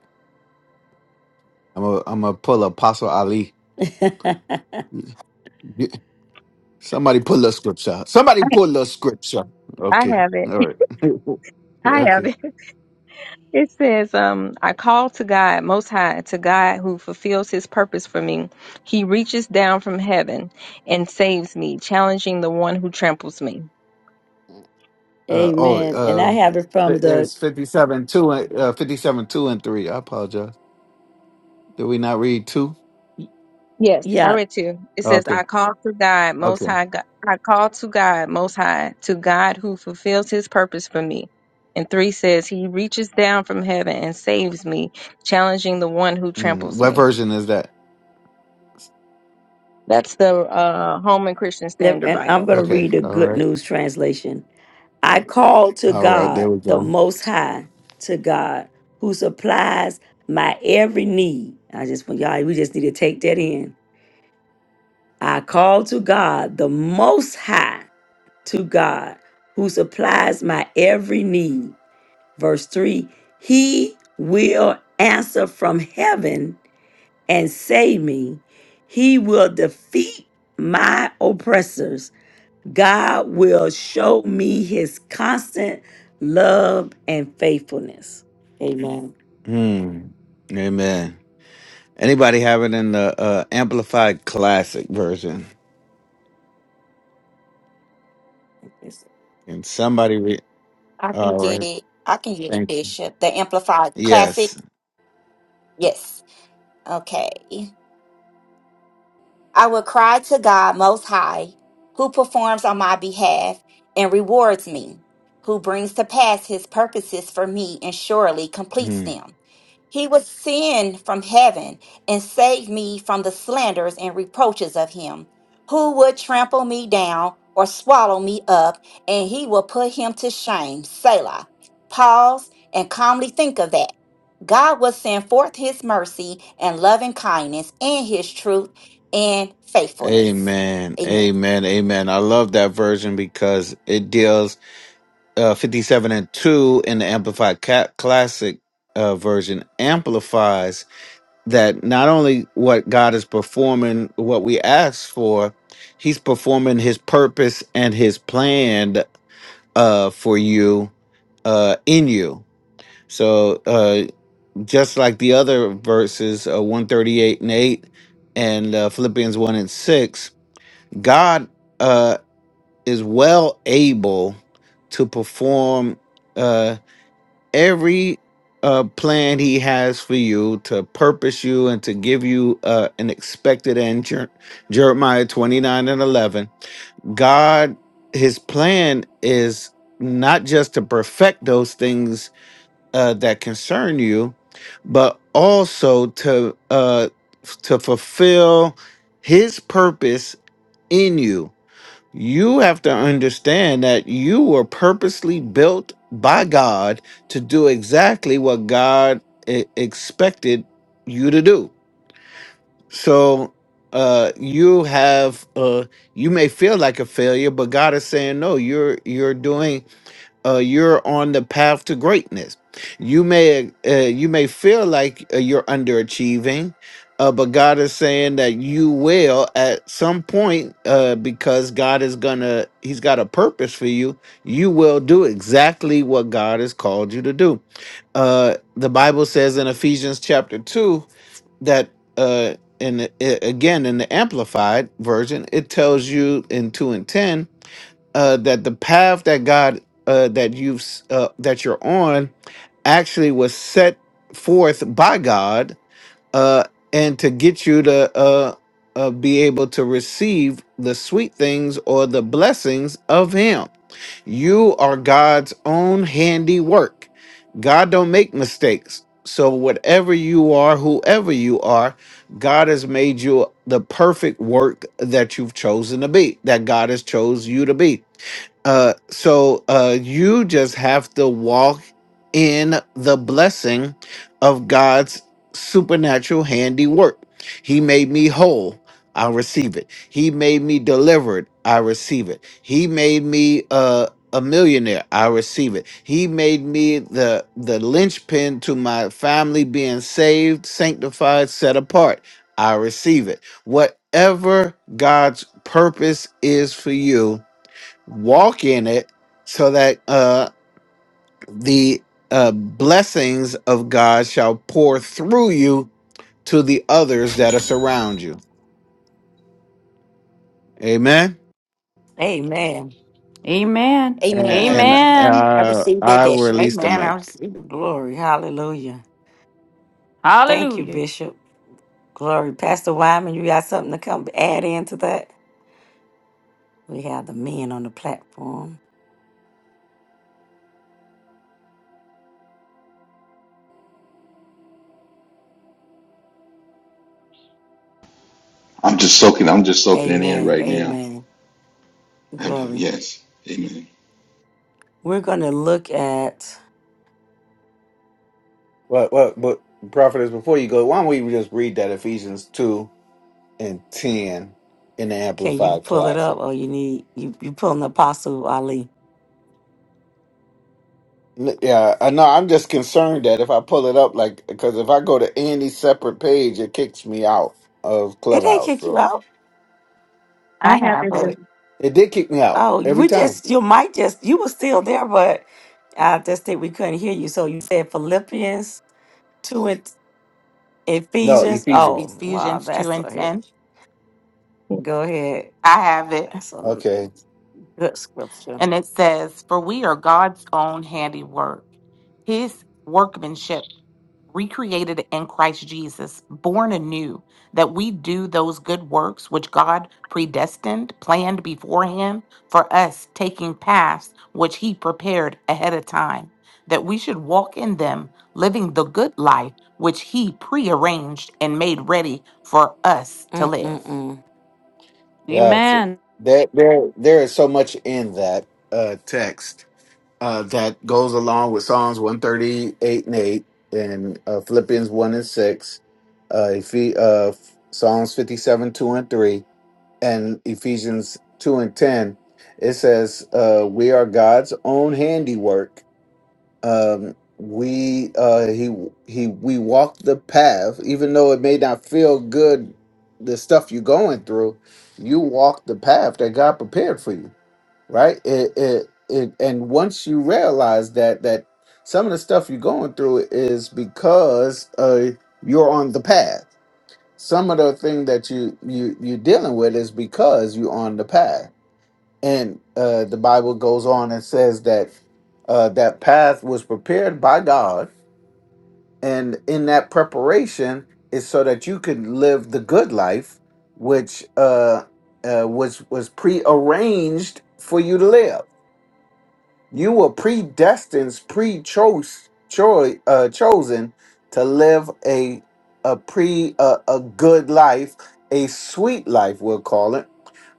Speaker 9: I'm a, I'm gonna pull Apostle Ali. Somebody pull the scripture. Somebody
Speaker 6: I,
Speaker 9: pull the scripture.
Speaker 6: I
Speaker 9: Okay.
Speaker 6: have it.
Speaker 9: All right.
Speaker 6: I have
Speaker 9: okay.
Speaker 6: it. It says, um, I call to God most high, to God who fulfills his purpose for me. He reaches down from heaven and saves me, challenging the one who tramples me.
Speaker 9: Uh, oh,
Speaker 1: Amen. And I
Speaker 9: uh,
Speaker 1: have it from
Speaker 9: th-
Speaker 1: the,
Speaker 9: there's 57, 2, and- uh, 57, 2 and 3. I apologize. Did we not read 2?
Speaker 6: Yes,
Speaker 1: yeah,
Speaker 6: I read to you. It says,
Speaker 9: Okay.
Speaker 6: I call to God, most
Speaker 9: Okay.
Speaker 6: high God. I call to God, most high, to God who fulfills his purpose for me. And three says, He reaches down from heaven and saves me, challenging the one who
Speaker 9: Mm,
Speaker 6: tramples
Speaker 9: what
Speaker 6: me.
Speaker 9: version is that?
Speaker 6: That's the uh, Holman Christian
Speaker 1: Let-
Speaker 6: Standard
Speaker 1: and I'm
Speaker 6: Bible.
Speaker 1: going to
Speaker 9: Okay.
Speaker 1: read the
Speaker 9: All
Speaker 1: good
Speaker 9: right.
Speaker 1: news translation. I call to
Speaker 9: All right. There
Speaker 1: God,
Speaker 9: we
Speaker 1: the
Speaker 9: go.
Speaker 1: Most High, to God, who supplies my every need. I just want y'all, we just need to take that in. I call to God, the Most High, to God, who supplies my every need. Verse 3 He will answer from heaven and save me, He will defeat my oppressors. God will show me his constant love and faithfulness. Amen.
Speaker 9: Mm, amen. Anybody have it in the uh, Amplified Classic version? Can somebody read?
Speaker 10: I can
Speaker 9: All
Speaker 10: get
Speaker 9: right.
Speaker 10: it. I can get it,
Speaker 9: Thank you.
Speaker 10: Bishop. The Amplified Classic.
Speaker 9: Yes.
Speaker 10: Yes. Okay. I will cry to God Most High, who performs on my behalf and rewards me, who brings to pass his purposes for me and surely completes
Speaker 9: Mm.
Speaker 10: them. He will send from heaven and save me from the slanders and reproaches of him, who would trample me down or swallow me up, and he will put him to shame. Selah. Pause and calmly think of that. God will send forth his mercy and loving kindness and his truth and faithfulness.
Speaker 9: Amen.
Speaker 10: Amen.
Speaker 9: Amen. Amen. I love that version because it deals uh, 57 and 2 in the Amplified Ca- Classic uh, version amplifies that not only what God is performing, what we ask for, He's performing His purpose and His plan uh, for you uh, in you. So uh, just like the other verses, uh, 138 and 8 and uh, Philippians 1 and 6, God uh, is well able to perform. Uh, every uh, plan he has for you to purpose you and to give you uh, an expected end Jer- jeremiah 29 and 11 god his plan is not just to perfect those things uh, that concern you but also to uh, f- to fulfill his purpose in you you have to understand that you were purposely built by God to do exactly what God e- expected you to do. So uh you have uh you may feel like a failure but God is saying no you're you're doing uh, you're on the path to greatness. You may uh, you may feel like uh, you're underachieving, uh, but God is saying that you will at some point uh, because God is gonna He's got a purpose for you. You will do exactly what God has called you to do. Uh, the Bible says in Ephesians chapter two that. Uh, and again in the amplified version it tells you in 2 and 10 uh, that the path that God uh, that you've s- uh, that you're on actually was set forth by God uh, and to get you to uh, uh, be able to receive the sweet things or the blessings of Him. You are God's own handiwork. God don't make mistakes. So whatever you are, whoever you are, God has made you the perfect work that you've chosen to be, that God has chose you to be. Uh, so uh, you just have to walk in the blessing of God's supernatural handiwork. He made me whole. I receive it. He made me delivered. I receive it. He made me uh, a millionaire. I receive it. He made me the the linchpin to my family being saved, sanctified, set apart. I receive it. Whatever God's purpose is for you, walk in it so that uh the uh blessings of God shall pour through you to the others that are surround you. Amen.
Speaker 1: Amen.
Speaker 3: Amen.
Speaker 9: And,
Speaker 10: Amen.
Speaker 9: and
Speaker 3: Amen.
Speaker 10: I
Speaker 9: uh,
Speaker 10: received it,
Speaker 9: I will
Speaker 10: Bishop.
Speaker 9: release the
Speaker 2: Amen. I
Speaker 9: mic.
Speaker 2: receive it.
Speaker 1: Glory. Hallelujah. Thank you,
Speaker 3: Hallelujah.
Speaker 1: Bishop. Glory. Pastor Wyman, you got something to come add into that? We have the men on the platform.
Speaker 8: I'm just soaking. I'm just soaking it in
Speaker 1: Amen.
Speaker 8: right now.
Speaker 1: Amen. Glory.
Speaker 8: Yes. Amen.
Speaker 1: We're gonna look at
Speaker 9: But but but prophetess, before you go, why don't we just read that Ephesians two and ten in the
Speaker 1: can you
Speaker 9: Amplified
Speaker 1: pull it up
Speaker 9: Classic?
Speaker 1: or you need you you pulling the apostle Ali.
Speaker 9: N- Yeah, I know. I'm just concerned that if I pull it up, like, because if I go to any separate page, it kicks me out of
Speaker 1: It ain't
Speaker 9: Clubhouse.
Speaker 1: kick you
Speaker 9: so.
Speaker 1: out.
Speaker 6: I
Speaker 2: I
Speaker 6: have
Speaker 2: have
Speaker 1: Oh,
Speaker 6: it.
Speaker 2: it.
Speaker 9: It did kick me out
Speaker 1: Oh,
Speaker 9: every
Speaker 1: we
Speaker 9: time.
Speaker 1: just you might just you were still there, but I just think we couldn't hear you. So you said Philippians two and
Speaker 9: No,
Speaker 1: Ephesians.
Speaker 2: Uh,
Speaker 9: Ephesians.
Speaker 1: Oh, wow,
Speaker 2: Ephesians 2
Speaker 1: that's
Speaker 2: and
Speaker 1: a hit.
Speaker 2: 10.
Speaker 1: Go ahead.
Speaker 2: I have it.
Speaker 1: That's a
Speaker 9: Okay.
Speaker 1: good scripture.
Speaker 2: And it says, For we are God's own handiwork, his workmanship recreated in Christ Jesus, born anew, that we do those good works which God predestined, planned beforehand for us, taking paths which He prepared ahead of time, that we should walk in them, living the good life which He prearranged and made ready for us to
Speaker 1: Mm mm
Speaker 2: live.
Speaker 1: mm.
Speaker 9: Yeah. So
Speaker 3: Amen,
Speaker 9: there, there, there is so much in that uh, text uh, that goes along with Psalms 138 and 8 and uh, Philippians 1 and 6, uh, Ephe- uh, Psalms 57, 2 and 3, and Ephesians 2 and 10. It says, uh, We are God's own handiwork um we uh he he we walked the path even though it may not feel good the stuff you're going through you walk the path that god prepared for you right it it, it and once you realize that that some of the stuff you're going through is because uh you're on the path some of the thing that you you you're dealing with is because you're on the path and uh, the Bible goes on and says that uh, that path was prepared by God, and in that preparation is so that you could live the good life, which uh, uh, was was prearranged for you to live. You were predestined, pre-chose, choi- uh, chosen to live a a pre a, a good life, a sweet life, we'll call it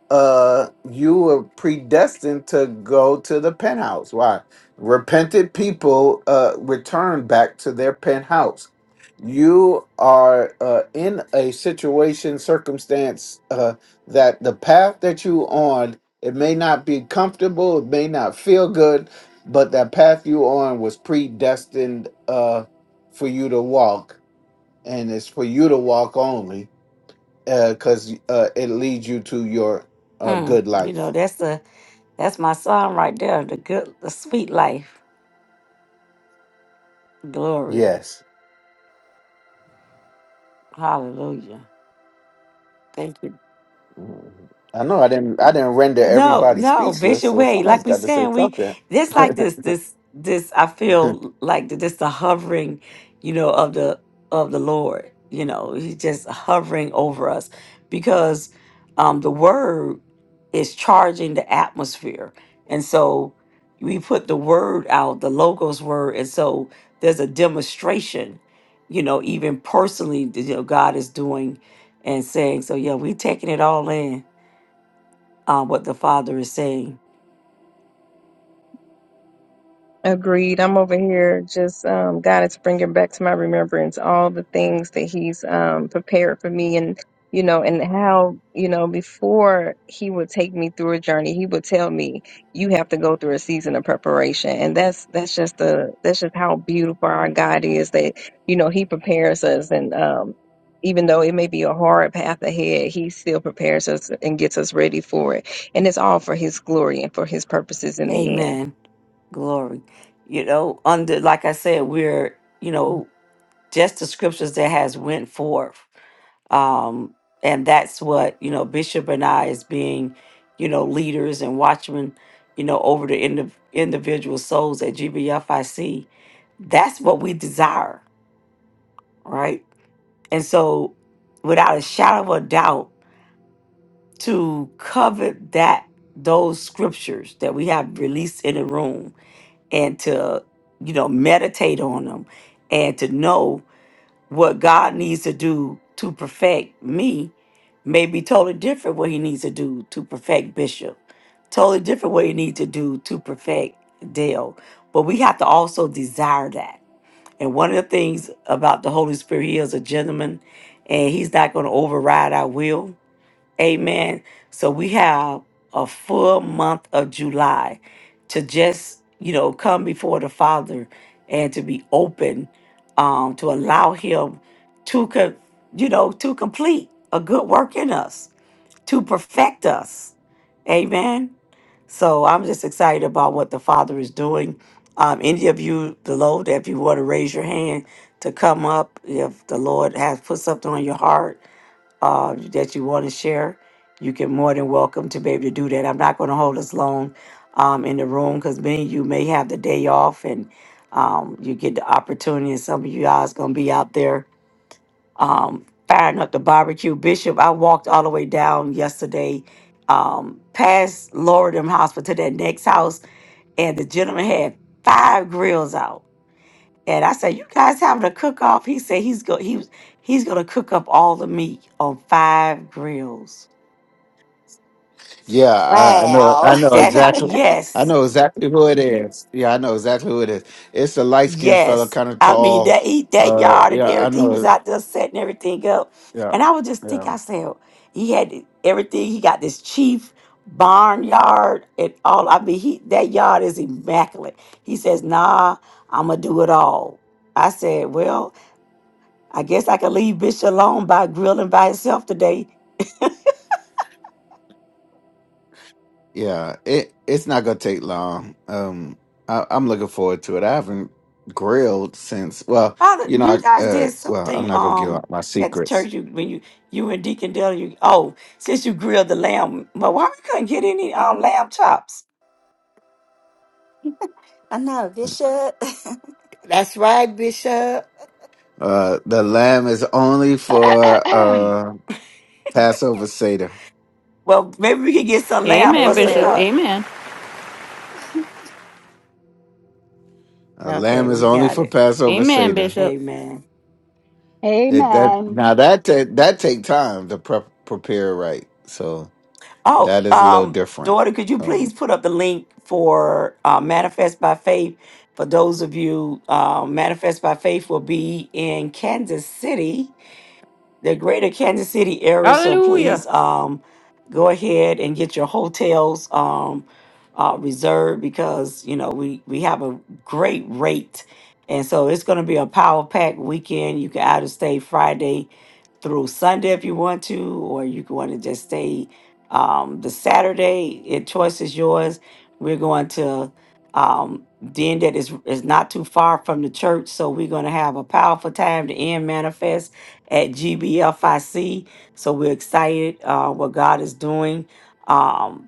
Speaker 9: uh you were predestined to go to the penthouse why repented people uh return back to their penthouse you are uh in a situation circumstance uh that the path that you on it may not be comfortable it may not feel good but that path you on was predestined uh for you to walk and it's for you to walk only because uh, it leads you to your uh,
Speaker 1: Mm.
Speaker 9: good
Speaker 1: You
Speaker 9: life.
Speaker 1: know that's the that's my song right there. The good, the sweet life. Glory.
Speaker 9: Yes,
Speaker 1: Hallelujah. Thank you.
Speaker 9: Mhm. I know. I didn't. I didn't render
Speaker 1: No,
Speaker 9: everybody
Speaker 1: no,
Speaker 9: speechless,
Speaker 1: Bishop
Speaker 9: so
Speaker 1: Wade.
Speaker 9: somebody's
Speaker 1: Like we
Speaker 9: got to say
Speaker 1: saying, we
Speaker 9: something.
Speaker 1: this like this this this. I feel like th- this the hovering, you know, of the of the Lord. You know, He's just hovering over us because um the Word is charging the atmosphere, and so we put the Word out, the Logos Word, and so there's a demonstration. You know, even personally, that, you know, God is doing and saying. So yeah, we taking it all in uh, what the Father is saying.
Speaker 6: Agreed. I'm over here just um, God is bringing back to my remembrance all the things that He's um, prepared for me, and you know, and how you know before He would take me through a journey, He would tell me you have to go through a season of preparation, and that's that's just the that's just how beautiful our God is that you know He prepares us, and um, even though it may be a hard path ahead, He still prepares us and gets us ready for it, and it's all for His glory and for His purposes in the end.
Speaker 1: Amen. Glory. You know, under, like I said, we're, you know, just the scriptures that has went forth um, and that's what you know bishop and i as being you know leaders and watchmen you know over the indiv- individual souls at gbfic that's what we desire right and so without a shadow of a doubt to covet that those scriptures that we have released in the room and to you know meditate on them and to know what God needs to do to perfect me may be totally different what he needs to do to perfect Bishop. Totally different what he needs to do to perfect Dale. But we have to also desire that. And one of the things about the Holy Spirit, he is a gentleman and he's not going to override our will. Amen. So we have a full month of July to just, you know, come before the Father and to be open um, to allow Him to, co- you know, to complete a good work in us, to perfect us. Amen. So I'm just excited about what the Father is doing. Um, any of you, the Lord, if you want to raise your hand to come up, if the Lord has put something on your heart, uh, that you want to share, you can more than welcome to be able to do that. I'm not going to hold us long um, in the room because many of you may have the day off and um, you get the opportunity, and some of you guys going to be out there um, firing up the barbecue. Bishop, I walked all the way down yesterday um, past Loredham Hospital to that next house, and the gentleman had five grills out and I said, "You guys having a cook off?" He said, "He's go he was he's gonna cook up all the meat on five grills."
Speaker 9: yeah, I, I know. I
Speaker 10: Wow.
Speaker 9: know
Speaker 1: That how?
Speaker 9: exactly. I
Speaker 1: Yes,
Speaker 9: know exactly who it is. Yeah, I know exactly who it is. It's a light skinned fella,
Speaker 1: yes.
Speaker 9: kind of
Speaker 1: I mean
Speaker 9: tall.
Speaker 1: that he that
Speaker 9: Uh,
Speaker 1: yard and
Speaker 9: yeah, I
Speaker 1: everything. He
Speaker 9: know.
Speaker 1: was out there setting everything up,
Speaker 9: Yeah.
Speaker 1: and I was just thinking,
Speaker 9: Yeah.
Speaker 1: I said, "He had everything. He got this chief barnyard and all. I mean, he that yard is immaculate." He says, "Nah, I'm gonna do it all." I said, "Well, I guess I can leave Bishop alone by grilling by himself today."
Speaker 9: Yeah. It it's not gonna take long. Um I, I'm looking forward to it. I haven't grilled since well,
Speaker 1: Father,
Speaker 9: you know,
Speaker 1: you
Speaker 9: I
Speaker 1: guys
Speaker 9: uh
Speaker 1: did
Speaker 9: well, I'm
Speaker 1: something
Speaker 9: not gonna give
Speaker 1: um
Speaker 9: out my
Speaker 1: at the
Speaker 9: secrets.
Speaker 1: church you when you you and Deacon Dale, you oh, since you grilled the lamb, but why we couldn't get any um lamb chops?
Speaker 10: I know, Bishop. I
Speaker 5: That's right, Bishop.
Speaker 9: Uh the lamb is only for uh Passover Seder.
Speaker 1: Well, maybe we could get some lamb for
Speaker 3: Amen,
Speaker 1: us to
Speaker 3: Bishop.
Speaker 2: Amen.
Speaker 1: cut.
Speaker 3: Amen.
Speaker 9: Uh,
Speaker 1: Okay,
Speaker 9: lamb is
Speaker 1: we
Speaker 9: only
Speaker 1: got
Speaker 9: for
Speaker 1: it.
Speaker 9: Passover
Speaker 3: Amen,
Speaker 9: Seder.
Speaker 3: Bishop.
Speaker 1: Amen.
Speaker 9: It, that now
Speaker 4: Amen.
Speaker 9: that ta- that take time to prep prepare right. So
Speaker 1: Oh,
Speaker 9: that is a little
Speaker 1: um,
Speaker 9: different.
Speaker 1: daughter, could you please
Speaker 9: Um,
Speaker 1: put up the link for uh, Manifest by Faith? For those of you, uh, Manifest by Faith will be in Kansas City the greater Kansas City area. So
Speaker 3: Hallelujah.
Speaker 1: please um, go ahead and get your hotels um, uh, reserved because you know we we have a great rate, and so it's going to be a power pack weekend. You can either stay Friday through Sunday if you want to, or you can want to just stay um, the Saturday. It choice is yours. We're going to um den that is is not too far from the church so we're going to have a powerful time to end manifest at GBFIC. So we're excited uh, what God is doing. Um,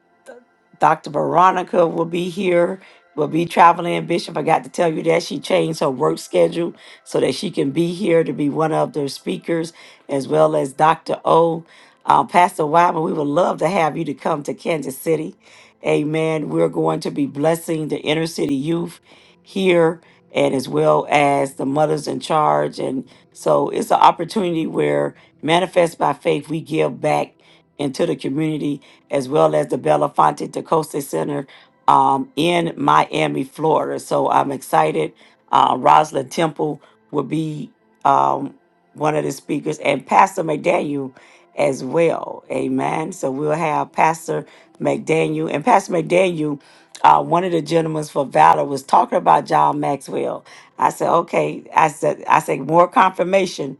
Speaker 1: Dr. Veronica will be here, will be traveling. Bishop, I got to tell you that she changed her work schedule so that she can be here to be one of the speakers, as well as Dr. O. Uh, Pastor Wyman, we would love to have you to come to Kansas City. Amen. We're going to be blessing the inner city youth here and as well as the mothers in charge. And so it's an opportunity where manifest by faith, we give back into the community as well as the Belafonte DaCosta Center um, in Miami, Florida. So I'm excited. Uh, Rosalind Temple will be um, one of the speakers, and Pastor McDaniel as well. Amen. So we'll have Pastor McDaniel. And Pastor McDaniel, uh, one of the gentlemen for Valor was talking about John Maxwell. I said, okay. I said, I said, more confirmation.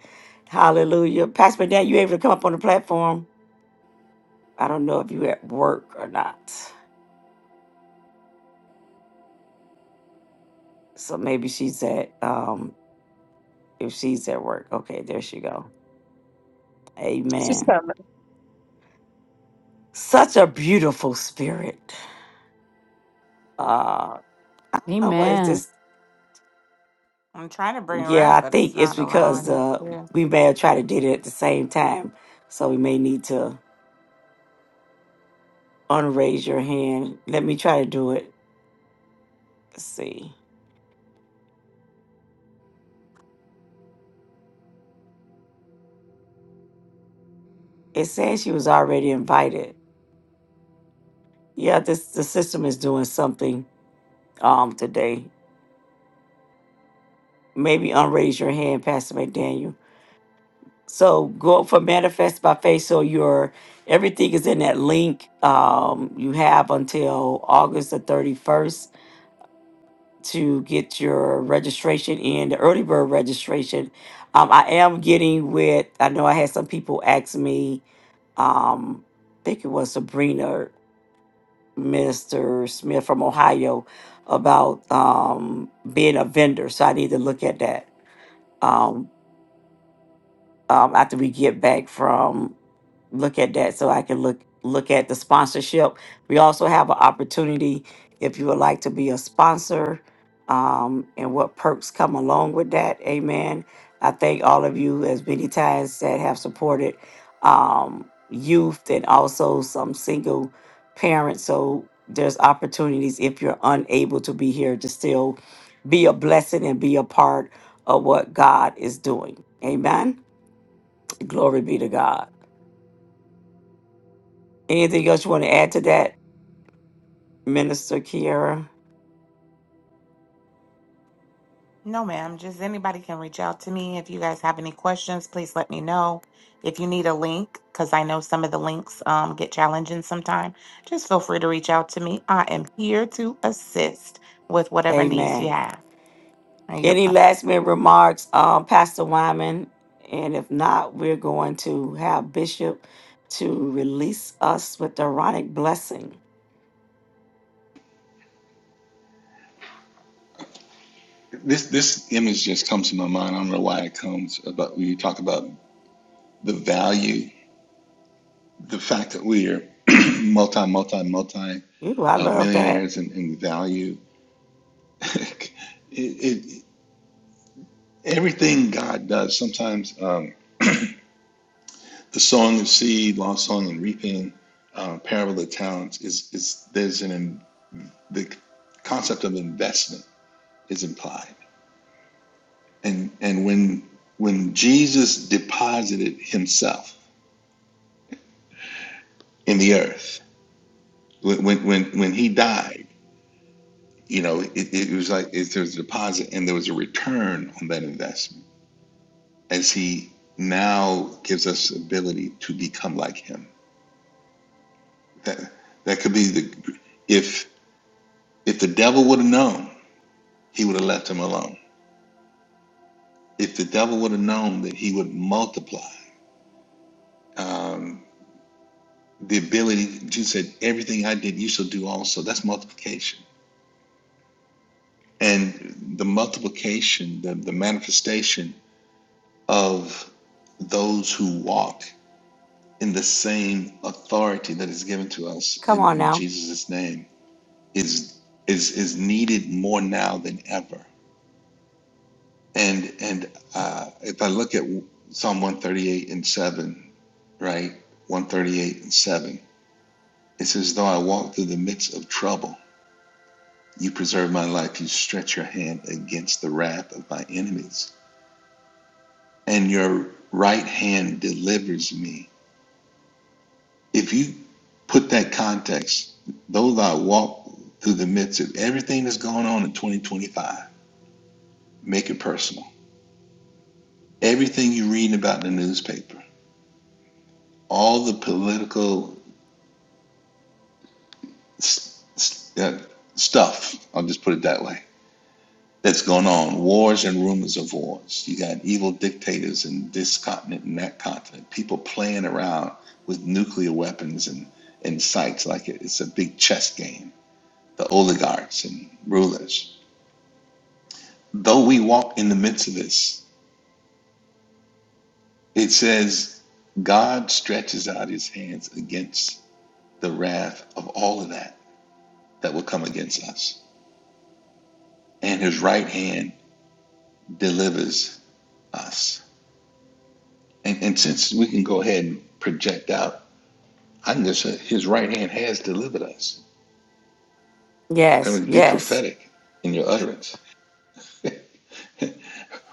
Speaker 1: Hallelujah. Pastor McDaniel, you able to come up on the platform? I don't know if you at work or not. So maybe she's at um if she's at work. Okay, there she go.
Speaker 6: She's
Speaker 1: Amen.
Speaker 6: coming.
Speaker 1: Such a beautiful spirit. Uh oh, what is
Speaker 3: Amen.
Speaker 1: this?
Speaker 2: I'm trying to bring her
Speaker 1: Yeah,
Speaker 2: up,
Speaker 1: I
Speaker 2: but it's
Speaker 1: think it's
Speaker 2: not
Speaker 1: because
Speaker 2: allowing
Speaker 1: uh
Speaker 2: it.
Speaker 1: we may have tried to did it at the same time. So we may need to unraise your hand. Let me try to do it. Let's see. It says she was already invited. Yeah, this the system is doing something um today. Maybe unraise your hand, Pastor McDaniel. So go for manifest by faith. So your everything is in that link. Um, you have until August the thirty first to get your registration in the early bird registration. Um, I am getting with. I know I had some people ask me. Um, I think it was Sabrina Minister Smith from Ohio about um, being a vendor. So I need to look at that Um, um, after we get back from look at that so I can look look at the sponsorship. We also have an opportunity if you would like to be a sponsor um, and what perks come along with that. Amen. I thank all of you as many times that have supported um, youth and also some single parents. So there's opportunities if you're unable to be here to still be a blessing and be a part of what God is doing. Amen. Glory be to God. Anything else you want to add to that, Minister Kiera?
Speaker 2: No, ma'am. Just anybody can reach out to me. If you guys have any questions, please let me know. If you need a link, because I know some of the links um, get challenging sometime, just feel free to reach out to me. I am here to assist with whatever needs you
Speaker 1: Amen.
Speaker 2: have. And you-
Speaker 1: Any
Speaker 2: um,
Speaker 1: last minute remarks, um, Pastor Wyman? And if not, we're going to have Bishop to release us with the Aaronic blessing.
Speaker 8: This this image just comes to my mind. I don't know why it comes, but when you talk about the value, the fact that we are multi, multi, multi
Speaker 1: Ooh, I
Speaker 8: uh,
Speaker 1: love that.
Speaker 8: millionaires in, in value. it, it, everything God does. Sometimes um, the sowing of seed, lost sowing and reaping, uh, parable of the talents is is there's an in, the concept of investment is implied, and and when when Jesus deposited Himself in the earth when when when, when he died, you know, it, it was like it, there was a deposit and there was a return on that investment as he now gives us ability to become like him. That that could be the if if the devil would have known, he would have left him alone. If the devil would have known that he would multiply um, the ability, Jesus said, "Everything I did, you shall do also." That's multiplication, and the multiplication, the the manifestation of those who walk in the same authority that is given to us
Speaker 1: Come
Speaker 8: in,
Speaker 1: on
Speaker 8: in
Speaker 1: now.
Speaker 8: Jesus' name is is is needed more now than ever. And and uh, if I look at Psalm 138 and 7, right? 138 and 7, it says, Though I walk through the midst of trouble, you preserve my life, you stretch your hand against the wrath of my enemies, and your right hand delivers me if you put that context, those that walk through the midst of everything that's going on in 2025, make it personal. Everything you're reading about in the newspaper, all the political s- s- uh, stuff, I'll just put it that way, that's going on, wars and rumors of wars. You got evil dictators in this continent and that continent, people playing around with nuclear weapons and, and sites like it, it's a big chess game, the oligarchs and rulers Though we walk in the midst of this, it says God stretches out his hands against the wrath of all of that that will come against us, and his right hand delivers us. And, and since we can go ahead and project out, I can just say his right hand has delivered us. I
Speaker 1: Yes,
Speaker 8: mean, be
Speaker 1: yes.
Speaker 8: prophetic in your utterance.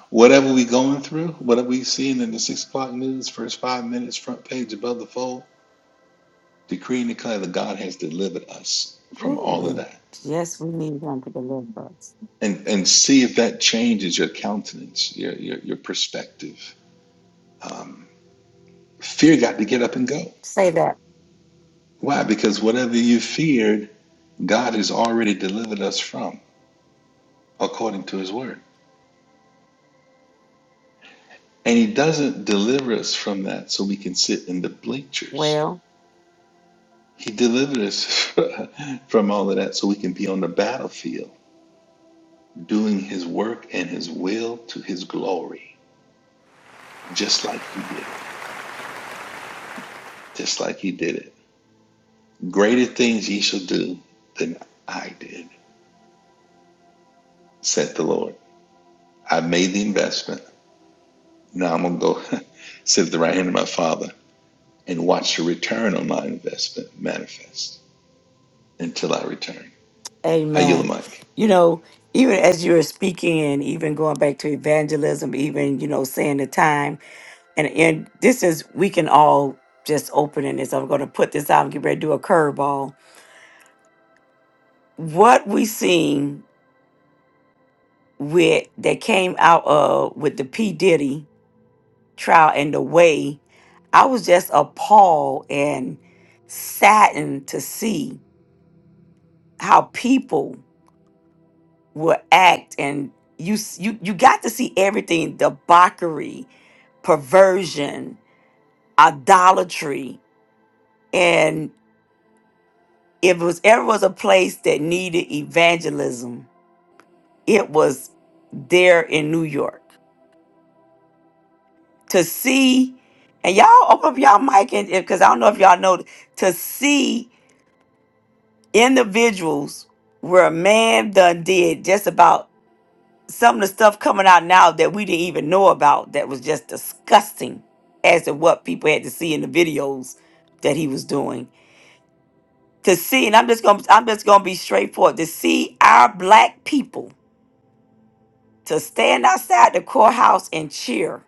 Speaker 8: Whatever we going through, whatever we seeing in the six o'clock news, first five minutes, front page above the fold, Decree and declare that God has delivered us from
Speaker 1: Ooh,
Speaker 8: all of
Speaker 1: and
Speaker 8: that.
Speaker 1: yes, we need him to deliver us.
Speaker 8: And and see if that changes your countenance, your your, your perspective. Um, fear got to get up and go.
Speaker 1: Say that
Speaker 8: Why? Because whatever you feared, God has already delivered us from, according to his word. And he doesn't deliver us from that so we can sit in the bleachers.
Speaker 1: well.
Speaker 8: He delivered us from all of that so we can be on the battlefield doing his work and his will to his glory, just like he did it. just like he did it. Greater things ye shall do than I did, said the Lord. I made the investment. Now I'm going to go sit at the right hand of my Father and watch the return on my investment manifest until I return. I yield the
Speaker 1: Amen.
Speaker 8: mic.
Speaker 1: You know, even as you were speaking and even going back to evangelism, even, you know, saying the time, and and this is we can all just open in this. I'm going to put this out and get ready to do a curveball. What we seen with that came out of with the P Diddy trial and the way I was just appalled and saddened to see how people. will act and you s- you you got to see everything debauchery perversion idolatry and if it was ever was a place that needed evangelism it was there in new york to see and y'all open up y'all mic and because i don't know if y'all know to see individuals where a man done did just about some of the stuff coming out now that we didn't even know about that was just disgusting as to what people had to see in the videos that he was doing to see and i'm just gonna i'm just gonna be straightforward to see our black people to stand outside the courthouse and cheer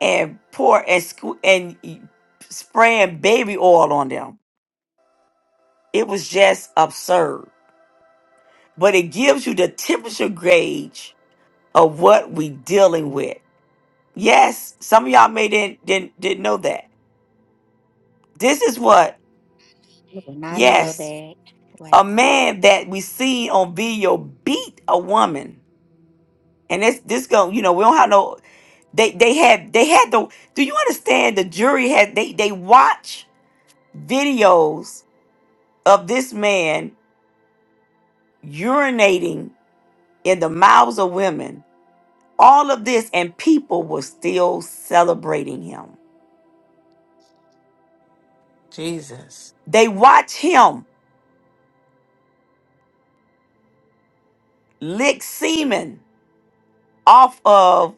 Speaker 1: and pour and sque- and y- spraying baby oil on them it was just absurd but it gives you the temperature gauge of what we dealing with Yes, some of y'all may didn't didn't didn't know that. This is what
Speaker 10: did not know
Speaker 1: yes,
Speaker 10: that.
Speaker 1: a
Speaker 10: Wow.
Speaker 1: man that we seen on video beat a woman, and this this go you know we don't have no they they had they had the do you understand the jury had they they watch videos of this man urinating in the mouths of women all of this and people were still celebrating him
Speaker 2: Jesus.
Speaker 1: they watch him lick semen off of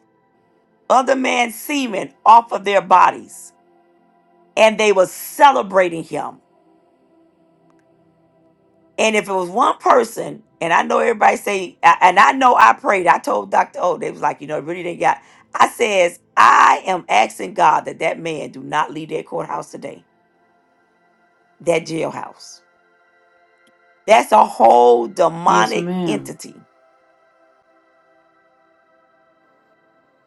Speaker 1: other man's semen off of their bodies and they were celebrating him and if it was one person and i know everybody say a- and i know i prayed i told dr o they was like you know really they got i says i am asking god that that man do not leave that courthouse today that jailhouse that's a whole
Speaker 3: Yes,
Speaker 1: demonic
Speaker 3: ma'am.
Speaker 1: entity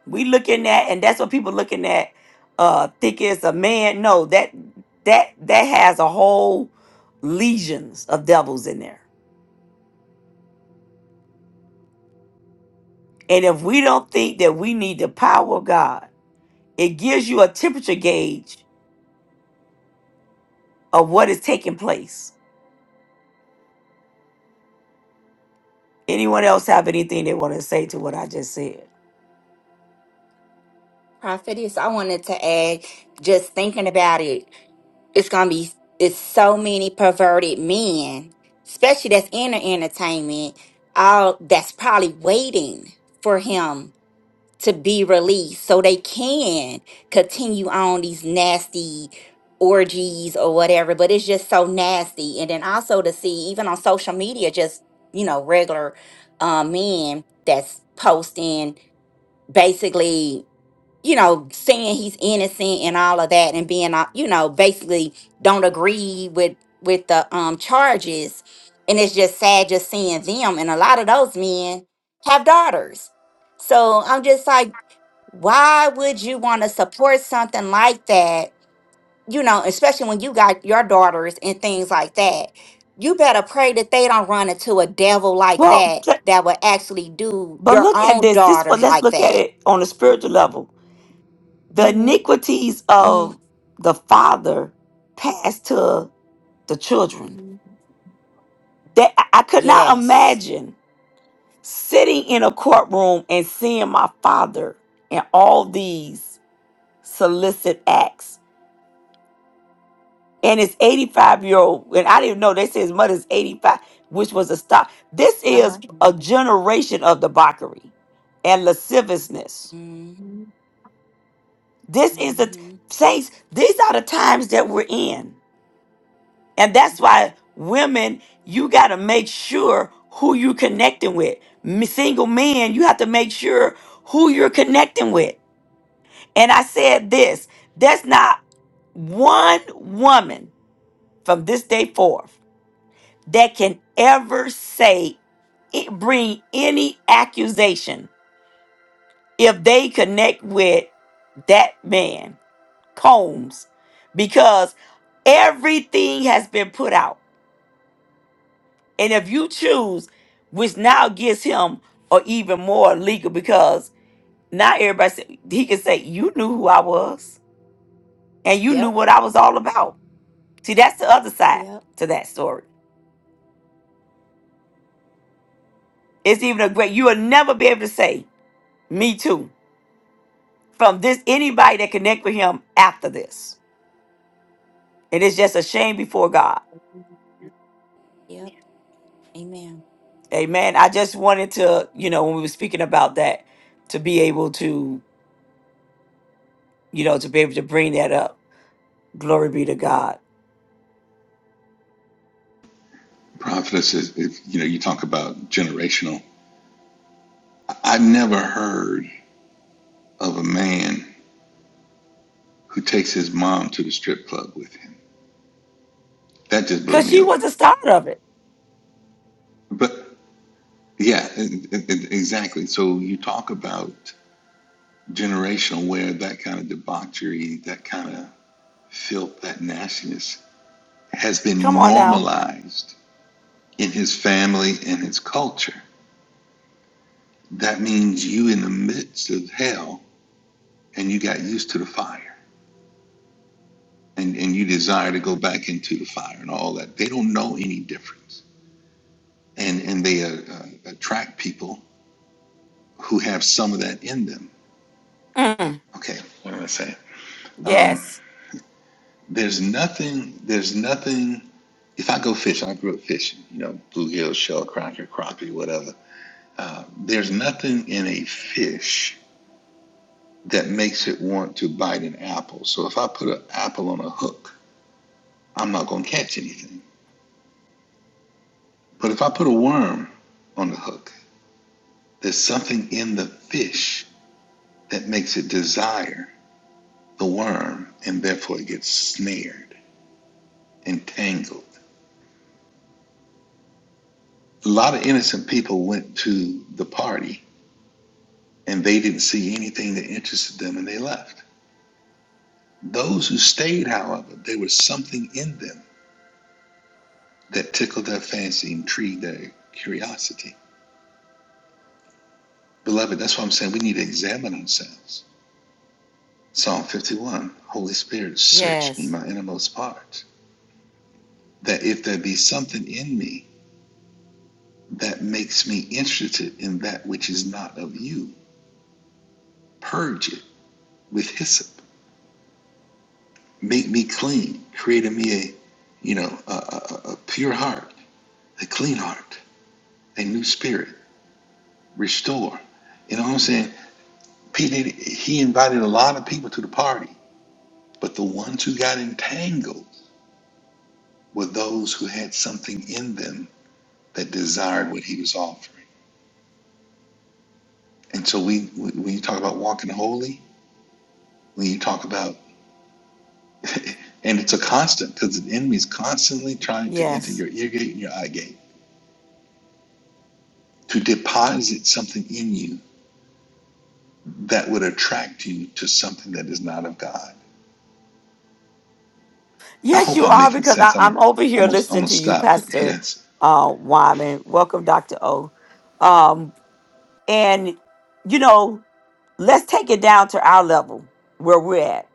Speaker 1: we looking at and that's what people looking at uh think it's a man no that that that has a whole legions of devils in there And if we don't think that we need the power of God, it gives you a temperature gauge of what is taking place. Anyone else have anything they want to say to what I just said?
Speaker 10: Prophetess, I wanted to add, just thinking about it, it's going to be, it's so many perverted men, especially that's in the entertainment, all that's probably waiting for him to be released so they can continue on these nasty orgies or whatever but it's just so nasty and then also to see even on social media just you know regular uh, men that's posting basically you know, saying he's innocent and all of that, and being, uh, you know, basically don't agree with with the um charges, and it's just sad just seeing them. And a lot of those men have daughters, so I'm just like, why would you want to support something like that? You know, especially when you got your daughters and things like that. You better pray that they don't run into a devil like
Speaker 1: Well,
Speaker 10: that
Speaker 1: t-
Speaker 10: that would actually do
Speaker 1: but
Speaker 10: your
Speaker 1: look at
Speaker 10: own
Speaker 1: this. This one,
Speaker 10: daughters
Speaker 1: let's
Speaker 10: like
Speaker 1: look at
Speaker 10: that.
Speaker 1: it on a spiritual level. The
Speaker 10: hmm
Speaker 1: iniquities of
Speaker 10: hmm
Speaker 1: the father passed to the children. That I I could not
Speaker 10: Yes.
Speaker 1: imagine sitting in a courtroom and seeing my father and all these solicit acts and his 85 year old and i didn't know they said his mother's 85 which was a stop this
Speaker 10: Uh-huh.
Speaker 1: is a generation of debauchery and lasciviousness
Speaker 10: Mm-hmm.
Speaker 1: this is the
Speaker 10: Mm-hmm.
Speaker 1: saints these are the times that we're in and that's why women you got to make sure who you connecting with M- single men you have to make sure who you're connecting with and i said this that's not one woman from this day forth that can ever say, it, bring any accusation if they connect with that man, Combs, because everything has been put out. And if you choose, which now gives him or even more legal because now everybody say, he can say, You knew who I was and you knew
Speaker 10: Yep.
Speaker 1: what I was all about. See, that's the other side
Speaker 10: Yep.
Speaker 1: to that story. It's even a great, you will never be able to say, Me too from this anybody that connect with him after this. It is just a shame before God.
Speaker 10: Yep. Amen.
Speaker 1: Amen. I just wanted to, you know, when we were speaking about that, to be able to, you know, to be able to bring that up. Glory be to God.
Speaker 8: Prophetess, if, if you know, you talk about generational. I have never heard of a man who takes his mom to the strip club with him. That just blew
Speaker 1: Cause
Speaker 8: me
Speaker 1: she was
Speaker 8: away.
Speaker 1: the start of it.
Speaker 8: But yeah, e- e- e- exactly. So you talk about generational where that kind of debauchery, that kind of filth, that nastiness has
Speaker 1: Come
Speaker 8: been
Speaker 1: on now.
Speaker 8: normalized in his family and his culture. That means you in the midst of hell and you got used to the fire and, and you desire to go back into the fire and all that. They don't know any difference. And, and they uh, uh, attract people who have some of that in them.
Speaker 1: Mm.
Speaker 8: Okay, what am I saying? Um,
Speaker 1: Yes.
Speaker 8: there's nothing, there's nothing if I go fishing, I grew up fishing, you know, bluegill, shell, cracker, crappie, whatever. Uh, there's nothing in a fish that makes it want to bite an apple. So if I put an apple on a hook, I'm not going to catch anything. But if I put a worm on the hook, there's something in the fish that makes it desire the worm and therefore it gets snared and tangled. A lot of innocent people went to the party and they didn't see anything that interested them and they left Those who stayed, however, there was something in them that tickled their fancy, and intrigued their curiosity. Beloved, that's why I'm saying we need to examine ourselves. Psalm 51 Holy Spirit, search me,
Speaker 1: Yes.
Speaker 8: my innermost parts, that if there be something in me that makes me interested in that which is not of you, purge it with hyssop, make me clean, create in me a, you know, a, a, a a pure heart, a clean heart, a new spirit, restore. You know what I'm saying? P. Diddy, he invited a lot of people to the party, but the ones who got entangled were those who had something in them that desired what he was offering. And so we, when you talk about walking holy, when you talk about, and it's a constant because the enemy is constantly trying to enter
Speaker 1: Yes.
Speaker 8: your ear gate and your eye gate to deposit something in you that would attract you to something that is not of God. I
Speaker 1: Yes,
Speaker 8: hope
Speaker 1: you
Speaker 8: I'm
Speaker 1: are,
Speaker 8: making
Speaker 1: because
Speaker 8: sense.
Speaker 1: I,
Speaker 8: I'm gonna,
Speaker 1: I'm over
Speaker 8: I'm
Speaker 1: here
Speaker 8: gonna, I'm
Speaker 1: listening
Speaker 8: gonna
Speaker 1: to you,
Speaker 8: stop.
Speaker 1: Pastor
Speaker 8: Yes.
Speaker 1: uh Wyman. Welcome, Dr. O. Um, and you know, let's take it down to our level where we're at,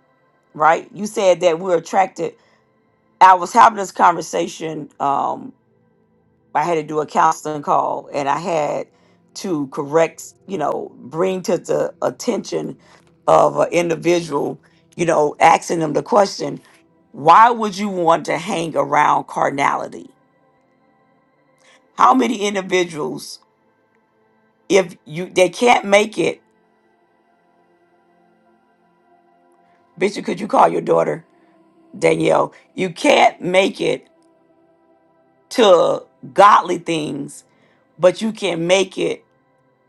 Speaker 1: right? You said that we're attracted. I was having this conversation. Um, I had to do a counseling call, and I had to correct, you know, bring to the attention of an individual, you know, asking them the question, why would you want to hang around carnality? How many individuals, if you they can't make it, Bishop, could you call your daughter Danielle? You can't make it to godly things, but you can make it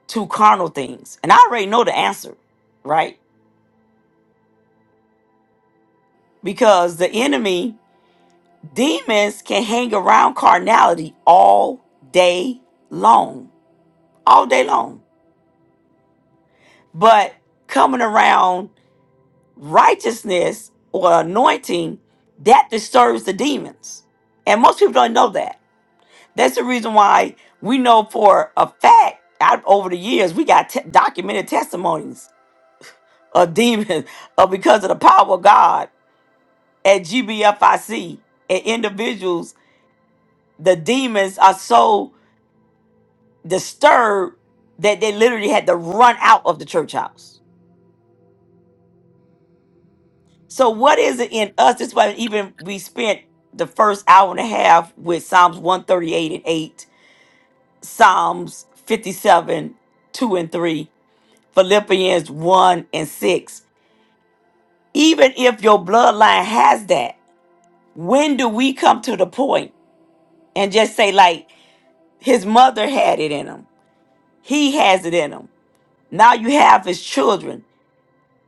Speaker 1: to carnal things. And I already know the answer, right? Because the enemy, demons can hang around carnality all day long, all day long. But coming around righteousness or anointing, that disturbs the demons. And most people don't know that. That's the reason why we know for a fact, out over the years, we got te- documented testimonies or demons or because of the power of God at GBFIC and individuals, the demons are so disturbed that they literally had to run out of the church house. So what is it in us? That's why even we spent the first hour and a half with Psalms 138 and 8, Psalms 57, 2 and 3, Philippians 1 and 6. Even if your bloodline has that, when do we come to the point and just say, like, His mother had it in him. He has it in him. Now you have his children.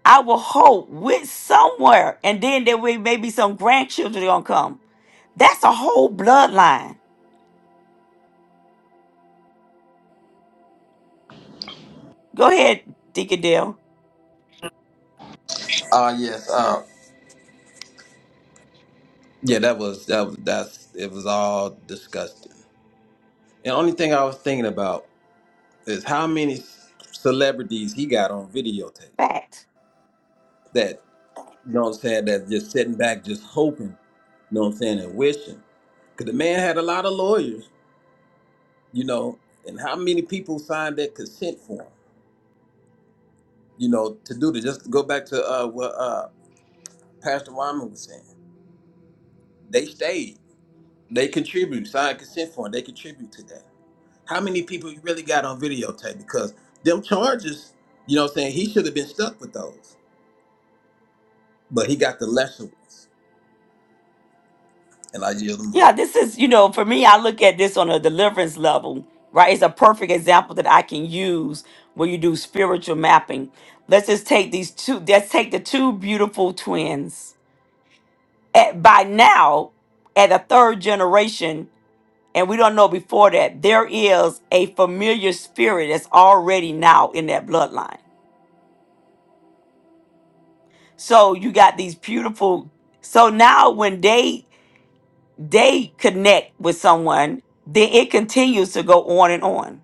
Speaker 1: I will hope with somewhere, and then there will maybe some grandchildren gonna come. That's a whole bloodline. Go ahead, Deacon Dale.
Speaker 7: Uh, yes. Uh, yeah, that was, that was, that's, it was all disgusting. And only thing I was thinking about is how many celebrities he got on videotape
Speaker 1: Fact.
Speaker 7: that, you know what I'm saying, that just sitting back, just hoping, you know what I'm saying, and wishing. Because the man had a lot of lawyers you know, and how many people signed that consent form, you know, to do this? Just to go back to uh, what uh, Pastor Wyman was saying. They stayed. They contribute. Signed consent form. They contribute to that. How many people you really got on videotape? Because them charges, you know what I'm saying, he should have been stuck with those. But he got the lesser ones. And I yield the
Speaker 1: Yeah,
Speaker 7: mic.
Speaker 1: this is, you know, for me, I look at this on a deliverance level, right? It's a perfect example that I can use when you do spiritual mapping. Let's just take these two, let's take the two beautiful twins. At, by now, at the third generation, and we don't know before that there is a familiar spirit that's already now in that bloodline so you got these beautiful so now when they they connect with someone then it continues to go on and on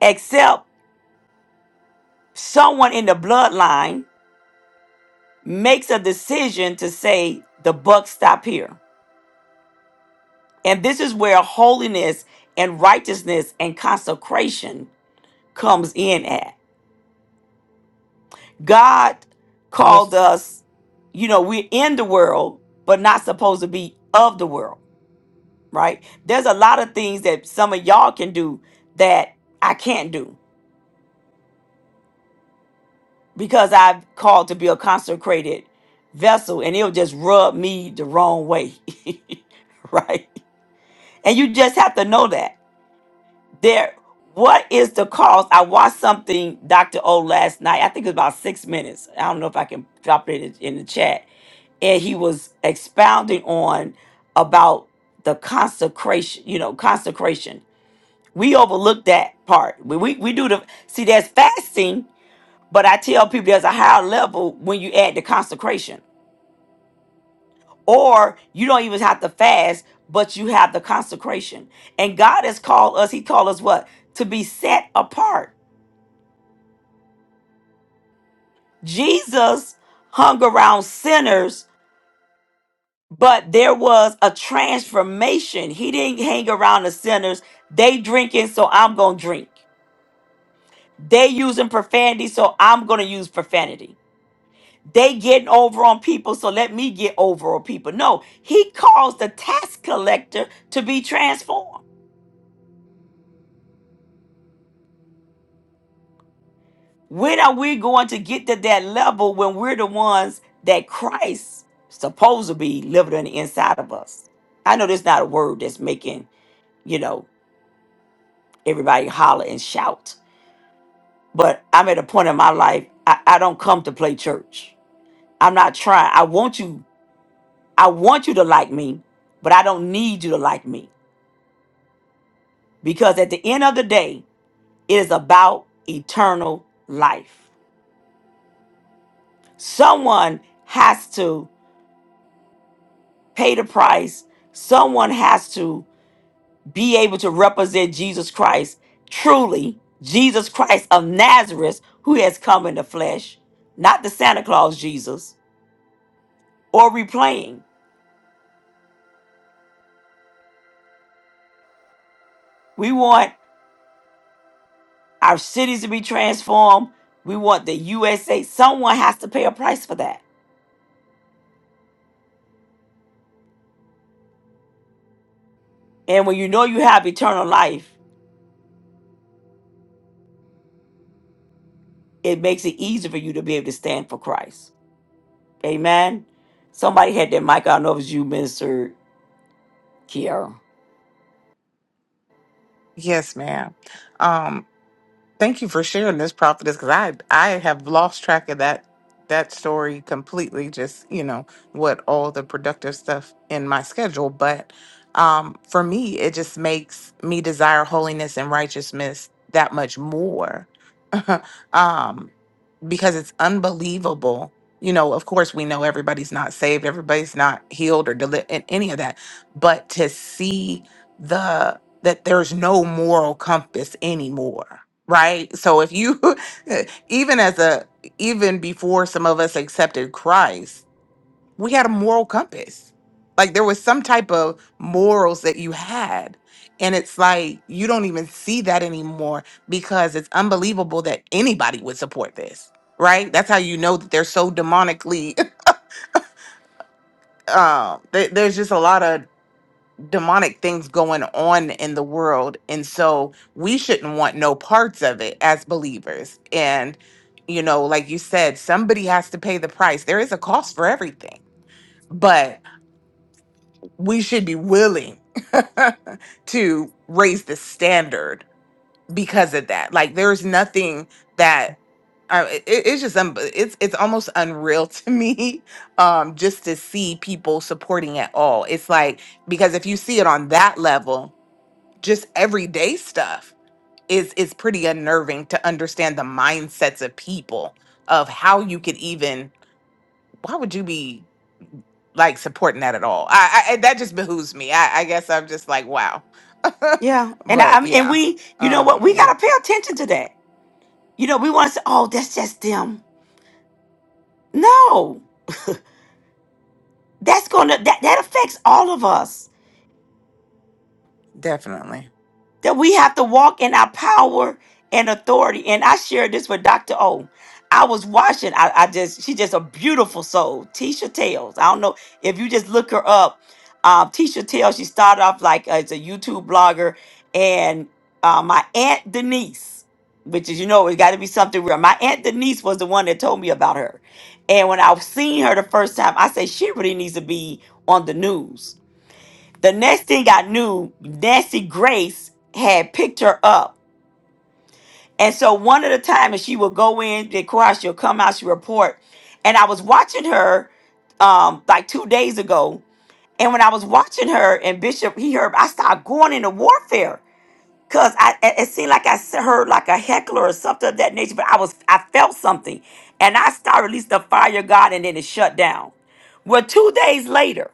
Speaker 1: except someone in the bloodline makes a decision to say the buck stop here and this is where holiness and righteousness and consecration comes in at God called
Speaker 2: Yes.
Speaker 1: us, you know, we're in the world, but not supposed to be of the world, right? There's a lot of things that some of y'all can do that I can't do because I've called to be a consecrated vessel and it'll just rub me the wrong way, right? And you just have to know that. there what is the cause i watched something dr o last night i think it was about six minutes i don't know if i can drop it in, in the chat and he was expounding on about the consecration you know consecration we overlook that part we, we, we do the see there's fasting but i tell people there's a higher level when you add the consecration or you don't even have to fast but you have the consecration and god has called us he called us what to be set apart Jesus hung around sinners, but there was a transformation. He didn't hang around the sinners. They drinking, so I'm gonna drink. They using profanity, so I'm gonna use profanity. They getting over on people, so let me get over on people. No, he caused the tax collector to be transformed. When are we going to get to that level when we're the ones that Christ supposed to be living on the inside of us? I know there's not a word that's making you know, everybody holler and shout. But I'm at a point in my life, I, I don't come to play church. I'm not trying. I want you, I want you to like me, but I don't need you to like me. Because at the end of the day, it is about eternal life. Someone has to pay the price. Someone has to be able to represent Jesus Christ truly, Jesus Christ of Nazareth, who has come in the flesh, not the Santa Claus Jesus or replaying. We want our cities to be transformed. We want the USA. Someone has to pay a price for that. And when you know you have eternal life, it makes it easier for you to be able to stand for Christ. Amen. Somebody had their mic. I don't know if it was you, Minister Kiara.
Speaker 2: Yes, ma'am. Thank you for sharing this prophetess because I I have lost track of that that story completely. Just you know what all the productive stuff in my schedule, but um, for me, it just makes me desire holiness and righteousness that much more. um, because it's unbelievable. You know, of course, we know everybody's not saved, everybody's not healed or deli- and any of that, but to see the that there's no moral compass anymore, right? So if you even as a even before some of us accepted Christ we had a moral compass. Like there was some type of morals that you had. And it's like you don't even see that anymore because it's unbelievable that anybody would support this, right? That's how you know that they're so demonically. Um, th- there's just a lot of demonic things going on in the world, and so we shouldn't want no parts of it as believers. And you know, like you said, somebody has to pay the price. There is a cost for everything, but we should be willing to raise the standard because of that. Like there's nothing that I, it, it's just um, it's it's almost unreal to me um just to see people supporting at all. It's like because if you see it on that level, just everyday stuff is is pretty unnerving to understand the mindsets of people of how you could even why would you be like supporting that at all. I, I that just behooves me. I, I guess I'm just like wow,
Speaker 1: Yeah. And I, I
Speaker 2: but
Speaker 1: mean, and
Speaker 2: yeah,
Speaker 1: we, you know what?
Speaker 2: um,
Speaker 1: We
Speaker 2: yeah,
Speaker 1: got to pay attention to that. You know, we want to say, oh, that's just them. No, that's going to, that, that affects all of us
Speaker 2: definitely.
Speaker 1: that we have to walk in our power and authority. And I shared this with Dr. O. I was watching, I, I just, she's just a beautiful soul. Tisha Tales. I don't know if you just look her up. Um, Tisha Tales, she started off like as a YouTube blogger. And uh, my Aunt Denise, which is, you know, it got to be something real. My Aunt Denise was the one that told me about her. And when I've seen her the first time, I said, she really needs to be on the news the next thing I knew, Nancy Grace had picked her up. And so one of the times she would go in, the course she'll come out, she report. And I was watching her um like two days ago. And when I was watching her and Bishop, he heard, I started going into warfare. Cause I it it seemed like I s- heard like a heckler or something of that nature, but I was I felt something. And I started released the fire of God and then it shut down. Well, two days later.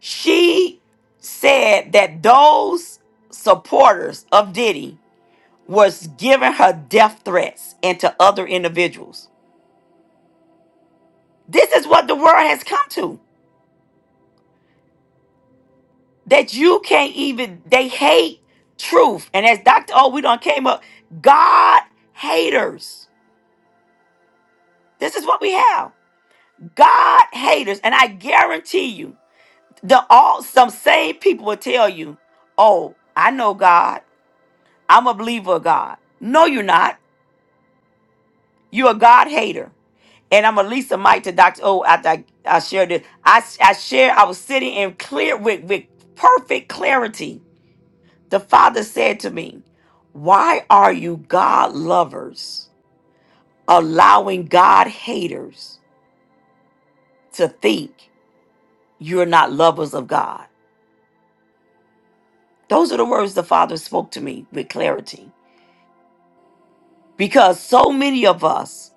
Speaker 1: She said that those supporters of Diddy was giving her death threats and to other individuals. This is what the world has come to. That you can't even they hate truth. And as Dr. O, we done came up, God haters. This is what we have. God haters. And I guarantee you, the all some same people will tell you, oh, I know God. I'm a believer of God. No, you're not. You're a God hater. And I'm gonna lease the mic to Dr. O after I, I shared this. I, I shared, I was sitting in clear with, with perfect clarity. The Father said to me, Why are you God lovers allowing God haters to think you're not lovers of God? Those are the words the Father spoke to me with clarity. because so many of us,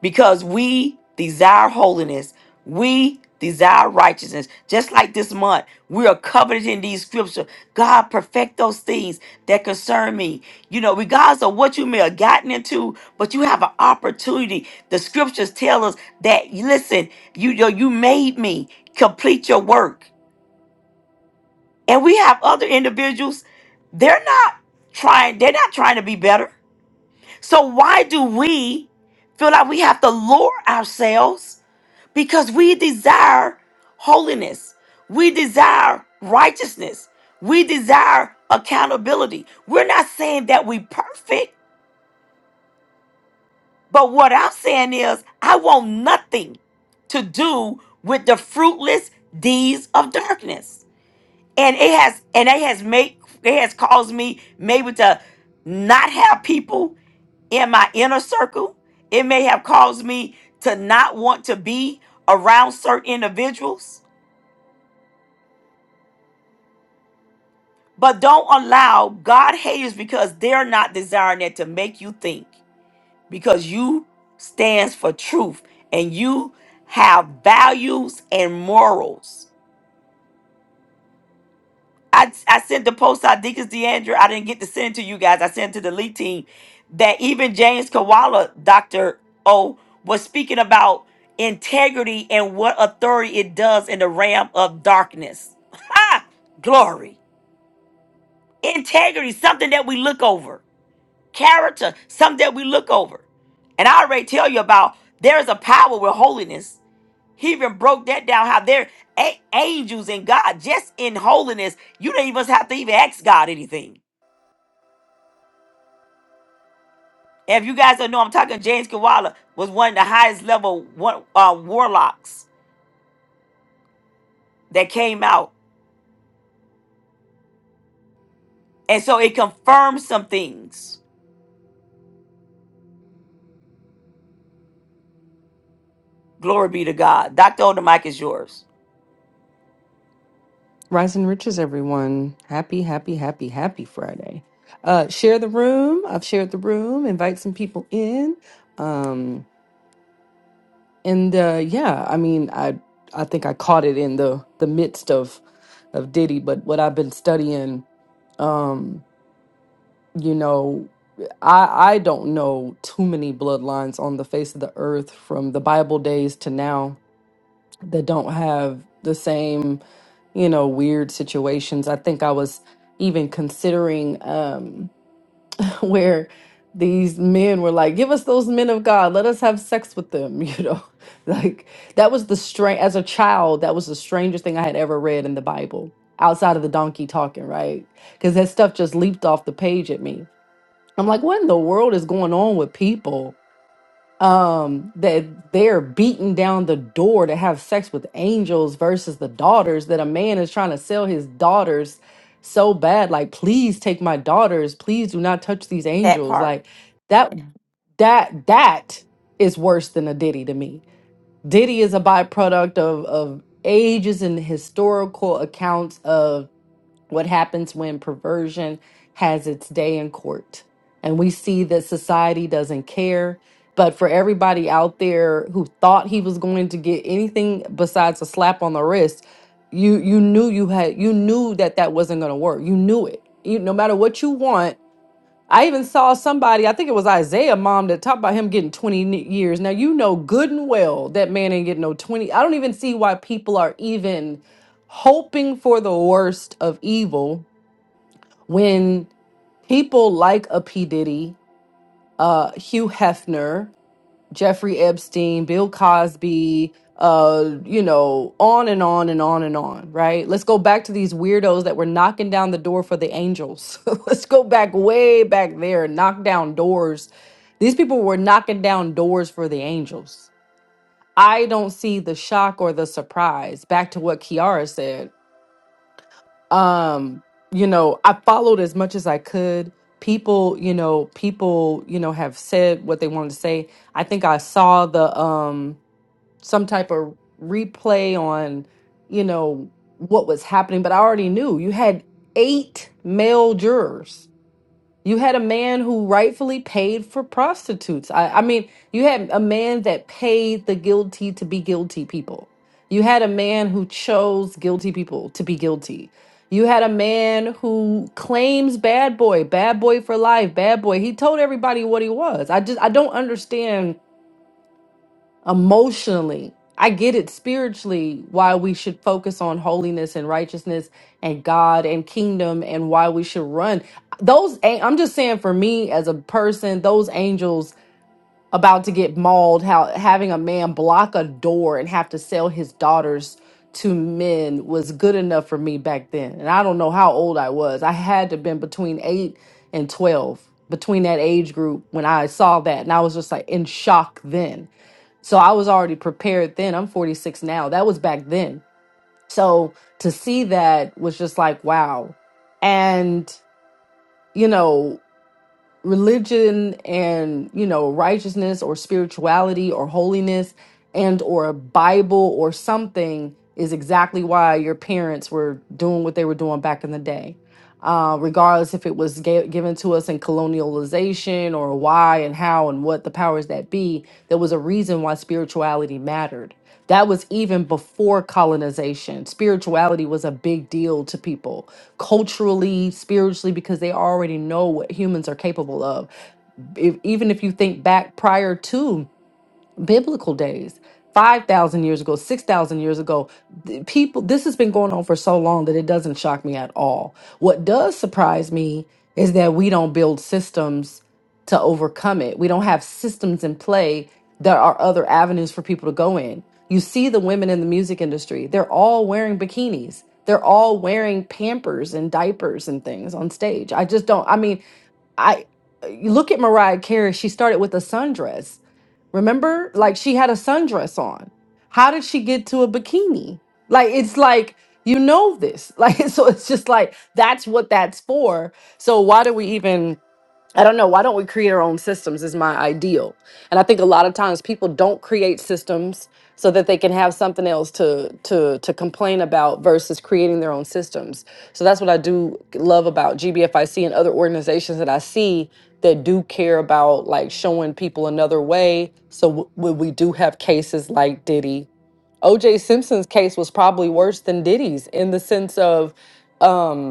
Speaker 1: because we desire holiness, we desire righteousness. Just like this month, we are covered in these scriptures. God, perfect those things that concern me. You know, regardless of what you may have gotten into, but you have an opportunity. The scriptures tell us that, listen, you, you, you made me complete your work. And we have other individuals, they're not trying, they're not trying to be better so why do we feel like we have to lure ourselves? Because we desire holiness. We desire righteousness. We desire accountability. We're not saying that we perfect, but what I'm saying is I want nothing to do with the fruitless deeds of darkness. and it has and it has made it has caused me maybe to not have people in my inner circle it may have caused me to not want to be around certain individuals but don't allow god haters because they're not desiring that to make you think because you stands for truth and you have values and morals I, I sent the post out, Deacons DeAndre. I didn't get to send it to you guys. I sent it to the lead team that even James Kawala, Dr. O, was speaking about integrity and what authority it does in the realm of darkness. Ha! Glory. Integrity, something that we look over. Character, something that we look over. And I already tell you about there is a power with holiness he even broke that down how they're a- angels and God just in holiness. You don't even have to even ask God anything. If you guys don't know, I'm talking James Kawala was one of the highest level one, uh, warlocks that came out. And so it confirms some things. Glory be to God. Dr. Oldemic is yours.
Speaker 11: Rise and riches, everyone. Happy, happy, happy, happy Friday. Uh, share the room. I've shared the room. Invite some people in. Um, and uh, yeah, I mean, I I think I caught it in the the midst of of Diddy, but what I've been studying, um, you know, I I don't know too many bloodlines on the face of the earth from the Bible days to now that don't have the same, you know, weird situations. I think I was even considering um where these men were like, give us those men of God, let us have sex with them, you know. Like that was the strange as a child, that was the strangest thing I had ever read in the Bible, outside of the donkey talking, right? Because that stuff just leaped off the page at me. I'm like, what in the world is going on with people? um that they're beating down the door to have sex with angels versus the daughters that a man is trying to sell his daughters so bad like please take my daughters please do not touch these
Speaker 1: That
Speaker 11: angels
Speaker 1: part.
Speaker 11: like that Yeah. that that is worse than a diddy to me Diddy is a byproduct of of ages and historical accounts of what happens when perversion has its day in court. And we see that society doesn't care. But for everybody out there who thought he was going to get anything besides a slap on the wrist, you you knew you had you knew that that wasn't going to work. You knew it. You no matter what you want, I even saw somebody, I think it was Isaiah mom that talked about him getting 20 n- years. Now you know good and well that man ain't getting no 20. I don't even see why people are even hoping for the worst of evil when people like a P. Diddy, uh, Hugh Hefner, Jeffrey Epstein, Bill Cosby, uh, you know, on and on and on and on, right? Let's go back to these weirdos that were knocking down the door for the angels. Let's go back way back there and knock down doors. These people were knocking down doors for the angels. I don't see the shock or the surprise. Back to what Kiara said. Um, you know, I followed as much as I could. People, you know, people, you know, have said what they wanted to say. I think I saw the um some type of replay on, you know, what was happening, but I already knew you had eight male jurors. You had a man who rightfully paid for prostitutes. I, I mean, you had a man that paid the guilty to be guilty people. You had a man who chose guilty people to be guilty. You had a man who claims bad boy, bad boy for life, bad boy. He told everybody what he was. I just I don't understand emotionally. I get it spiritually why we should focus on holiness and righteousness and God and kingdom and why we should run. Those a- I'm just saying for me as a person, those angels about to get mauled, how having a man block a door and have to sell his daughters to men was good enough for me back then. And I don't know how old I was. I had to been between 8 and 12, between that age group when I saw that and I was just like in shock then so I was already prepared then. I'm 46 now. That was back then. So to see that was just like, wow. And, you know, religion and you know righteousness or spirituality or holiness and or a bible or something is exactly why your parents were doing what they were doing back in the day uh, regardless if it was ga- given to us in colonialization or why and how and what the powers that be there was a reason why spirituality mattered that was even before colonization spirituality was a big deal to people culturally, spiritually, because they already know what humans are capable of. If, even if you think back prior to biblical days 5000 years ago 6000 years ago th- people this has been going on for so long that it doesn't shock me at all what does surprise me is that we don't build systems to overcome it we don't have systems in play there are other avenues for people to go in you see the women in the music industry they're all wearing bikinis they're all wearing pampers and diapers and things on stage i just don't i mean i you look at mariah carey she started with a sundress Remember? Like she had a sundress on. How did she get to a bikini? Like it's like you know this. Like so it's just like that's what that's for. So why do we even I don't know. Why don't we create our own systems? Is my ideal. And I think a lot of times people don't create systems so that they can have something else to to to complain about versus creating their own systems. So that's what I do love about GBFIC and other organizations that I see that do care about like showing people another way. So w- when we do have cases like Diddy, OJ Simpson's case was probably worse than Diddy's in the sense of. Um,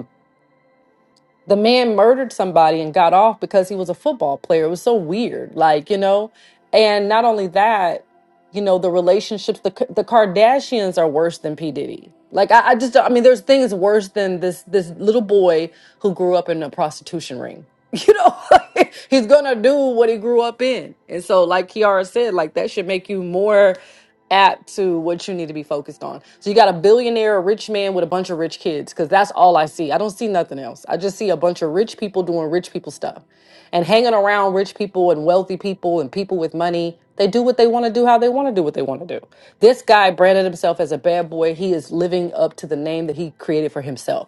Speaker 11: the man murdered somebody and got off because he was a football player. It was so weird, like you know. And not only that, you know, the relationships. The K- the Kardashians are worse than P Diddy. Like I, I just, don't- I mean, there's things worse than this this little boy who grew up in a prostitution ring. You know, he's gonna do what he grew up in, and so, like Kiara said, like that should make you more app to what you need to be focused on. So you got a billionaire, a rich man with a bunch of rich kids, because that's all I see. I don't see nothing else. I just see a bunch of rich people doing rich people stuff and hanging around rich people and wealthy people and people with money. They do what they want to do, how they want to do what they want to do. This guy branded himself as a bad boy. He is living up to the name that he created for himself.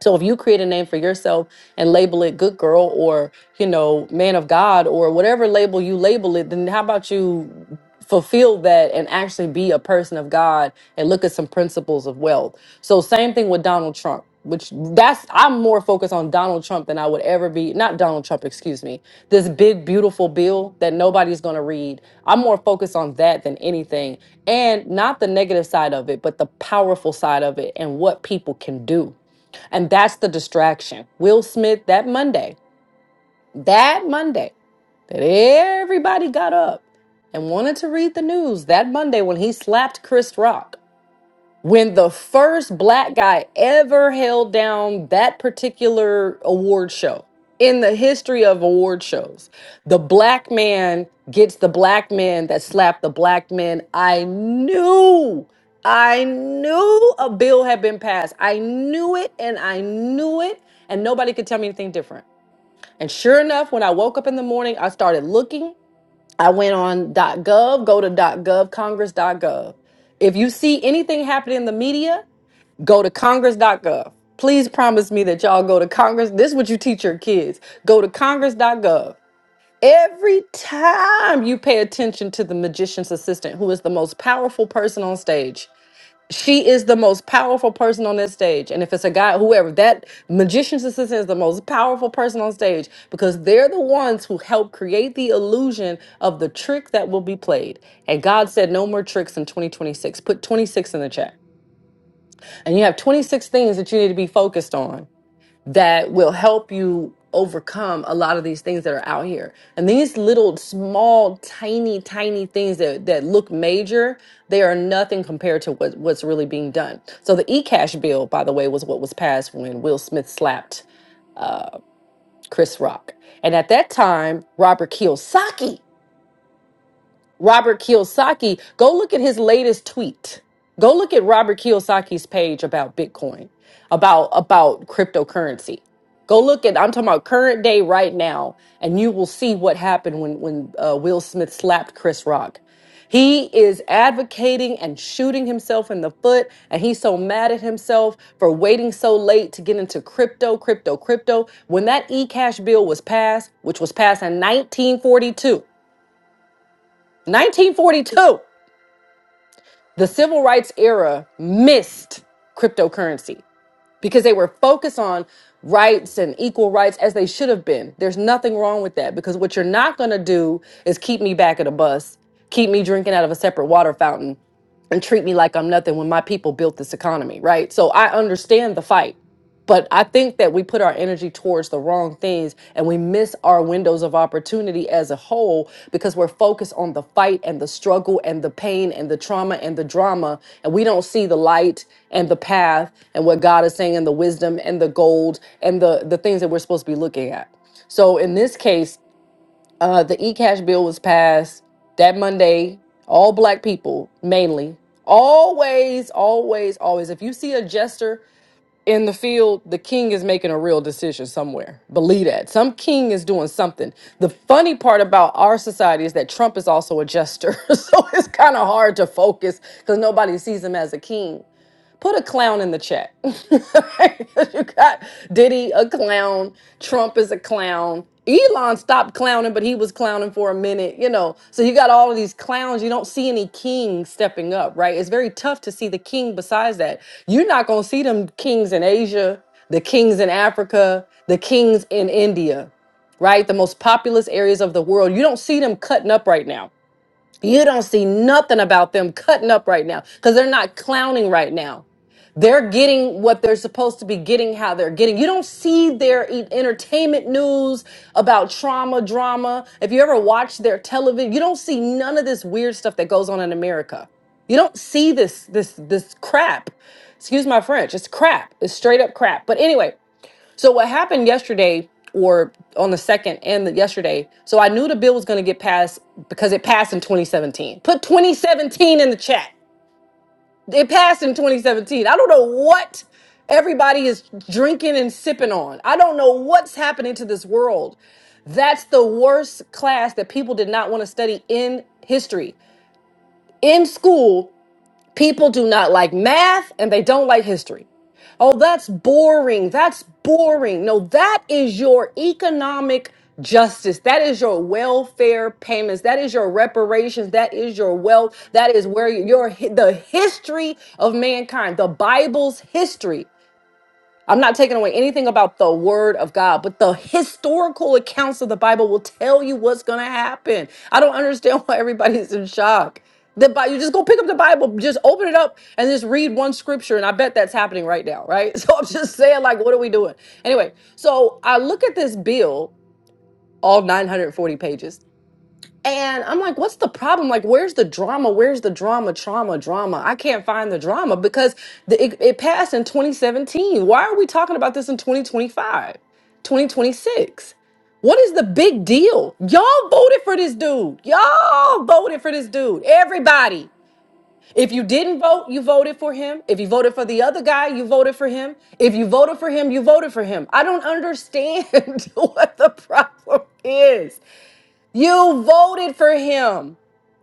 Speaker 11: So if you create a name for yourself and label it good girl or, you know, man of God or whatever label you label it, then how about you fulfill that and actually be a person of God and look at some principles of wealth. So same thing with Donald Trump, which that's I'm more focused on Donald Trump than I would ever be, not Donald Trump, excuse me. This big beautiful bill that nobody's going to read. I'm more focused on that than anything and not the negative side of it, but the powerful side of it and what people can do and that's the distraction. Will Smith that Monday, that Monday that everybody got up and wanted to read the news, that Monday when he slapped Chris Rock when the first black guy ever held down that particular award show in the history of award shows the black man gets the black man that slapped the black man i knew i knew a bill had been passed i knew it and i knew it and nobody could tell me anything different and sure enough when i woke up in the morning i started looking i went on gov go to gov Congress dot .gov. if you see anything happening in the media Go to congress.gov. Please promise me that y'all go to Congress. This is what you teach your kids. Go to congress.gov. Every time you pay attention to the magician's assistant, who is the most powerful person on stage, she is the most powerful person on this stage. And if it's a guy, whoever, that magician's assistant is the most powerful person on stage because they're the ones who help create the illusion of the trick that will be played. And God said, no more tricks in 2026. Put 26 in the chat. And you have 26 things that you need to be focused on that will help you overcome a lot of these things that are out here. And these little small tiny tiny things that that look major, they are nothing compared to what what's really being done. So the e-cash bill by the way was what was passed when Will Smith slapped uh Chris Rock. And at that time, Robert Kiyosaki Robert Kiyosaki, go look at his latest tweet. Go look at Robert Kiyosaki's page about Bitcoin, about about cryptocurrency. Go look at I'm talking about current day right now, and you will see what happened when when uh, Will Smith slapped Chris Rock. He is advocating and shooting himself in the foot, and he's so mad at himself for waiting so late to get into crypto, crypto, crypto. When that e-cash bill was passed, which was passed in 1942, 1942 the civil rights era missed cryptocurrency because they were focused on rights and equal rights as they should have been. There's nothing wrong with that because what you're not going to do is keep me back at a bus, keep me drinking out of a separate water fountain and treat me like I'm nothing when my people built this economy, right? So I understand the fight, but I think that we put our energy towards the wrong things and we miss our windows of opportunity as a whole because we're focused on the fight and the struggle and the pain and the trauma and the drama. And we don't see the light and the path and what God is saying and the wisdom and the gold and the, the things that we're supposed to be looking at. So in this case, uh, the e-cash bill was passed that Monday. All black people, mainly. Always, always, always. If you see a jester in the field, the king is making a real decision somewhere. Believe that. Some king is doing something. The funny part about our society is that Trump is also a jester. so it's kind of hard to focus because nobody sees him as a king put a clown in the chat. you got Diddy a clown, Trump is a clown. Elon stopped clowning, but he was clowning for a minute, you know. So you got all of these clowns. You don't see any kings stepping up, right? It's very tough to see the king besides that. You're not going to see them kings in Asia, the kings in Africa, the kings in India, right? The most populous areas of the world. You don't see them cutting up right now. You don't see nothing about them cutting up right now because they're not clowning right now they're getting what they're supposed to be getting how they're getting you don't see their e- entertainment news about trauma drama if you ever watch their television you don't see none of this weird stuff that goes on in america you don't see this this this crap excuse my french it's crap it's straight up crap but anyway so what happened yesterday or on the second and the yesterday so i knew the bill was going to get passed because it passed in 2017 put 2017 in the chat it passed in 2017. I don't know what everybody is drinking and sipping on. I don't know what's happening to this world. That's the worst class that people did not want to study in history. In school, people do not like math and they don't like history. Oh, that's boring. That's boring. No, that is your economic justice. That is your welfare payments. That is your reparations. That is your wealth. That is where your the history of mankind, the Bible's history I'm not taking away anything about the word of God, but the historical accounts of the Bible will tell you what's going to happen. I don't understand why everybody's in shock. The Bi- you just go pick up the Bible, just open it up and just read one scripture. And I bet that's happening right now, right? So I'm just saying, like, what are we doing? Anyway, so I look at this bill, all 940 pages. And I'm like, what's the problem? Like, where's the drama? Where's the drama, trauma, drama? I can't find the drama because the, it, it passed in 2017. Why are we talking about this in 2025, 2026? What is the big deal? Y'all voted for this dude. Y'all voted for this dude. Everybody. If you didn't vote, you voted for him. If you voted for the other guy, you voted for him. If you voted for him, you voted for him. I don't understand what the problem is. You voted for him.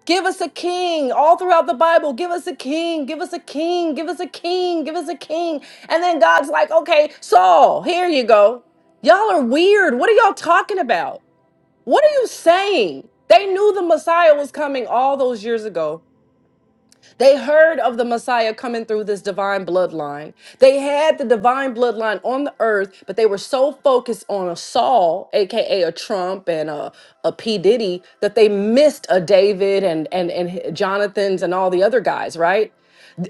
Speaker 11: Give us a king. All throughout the Bible, give us a king, give us a king, give us a king, give us a king. And then God's like, okay, Saul, here you go. Y'all are weird. What are y'all talking about? What are you saying? They knew the Messiah was coming all those years ago. They heard of the Messiah coming through this divine bloodline. They had the divine bloodline on the earth, but they were so focused on a Saul, aka a Trump and a, a P. Diddy, that they missed a David and and and Jonathan's and all the other guys, right?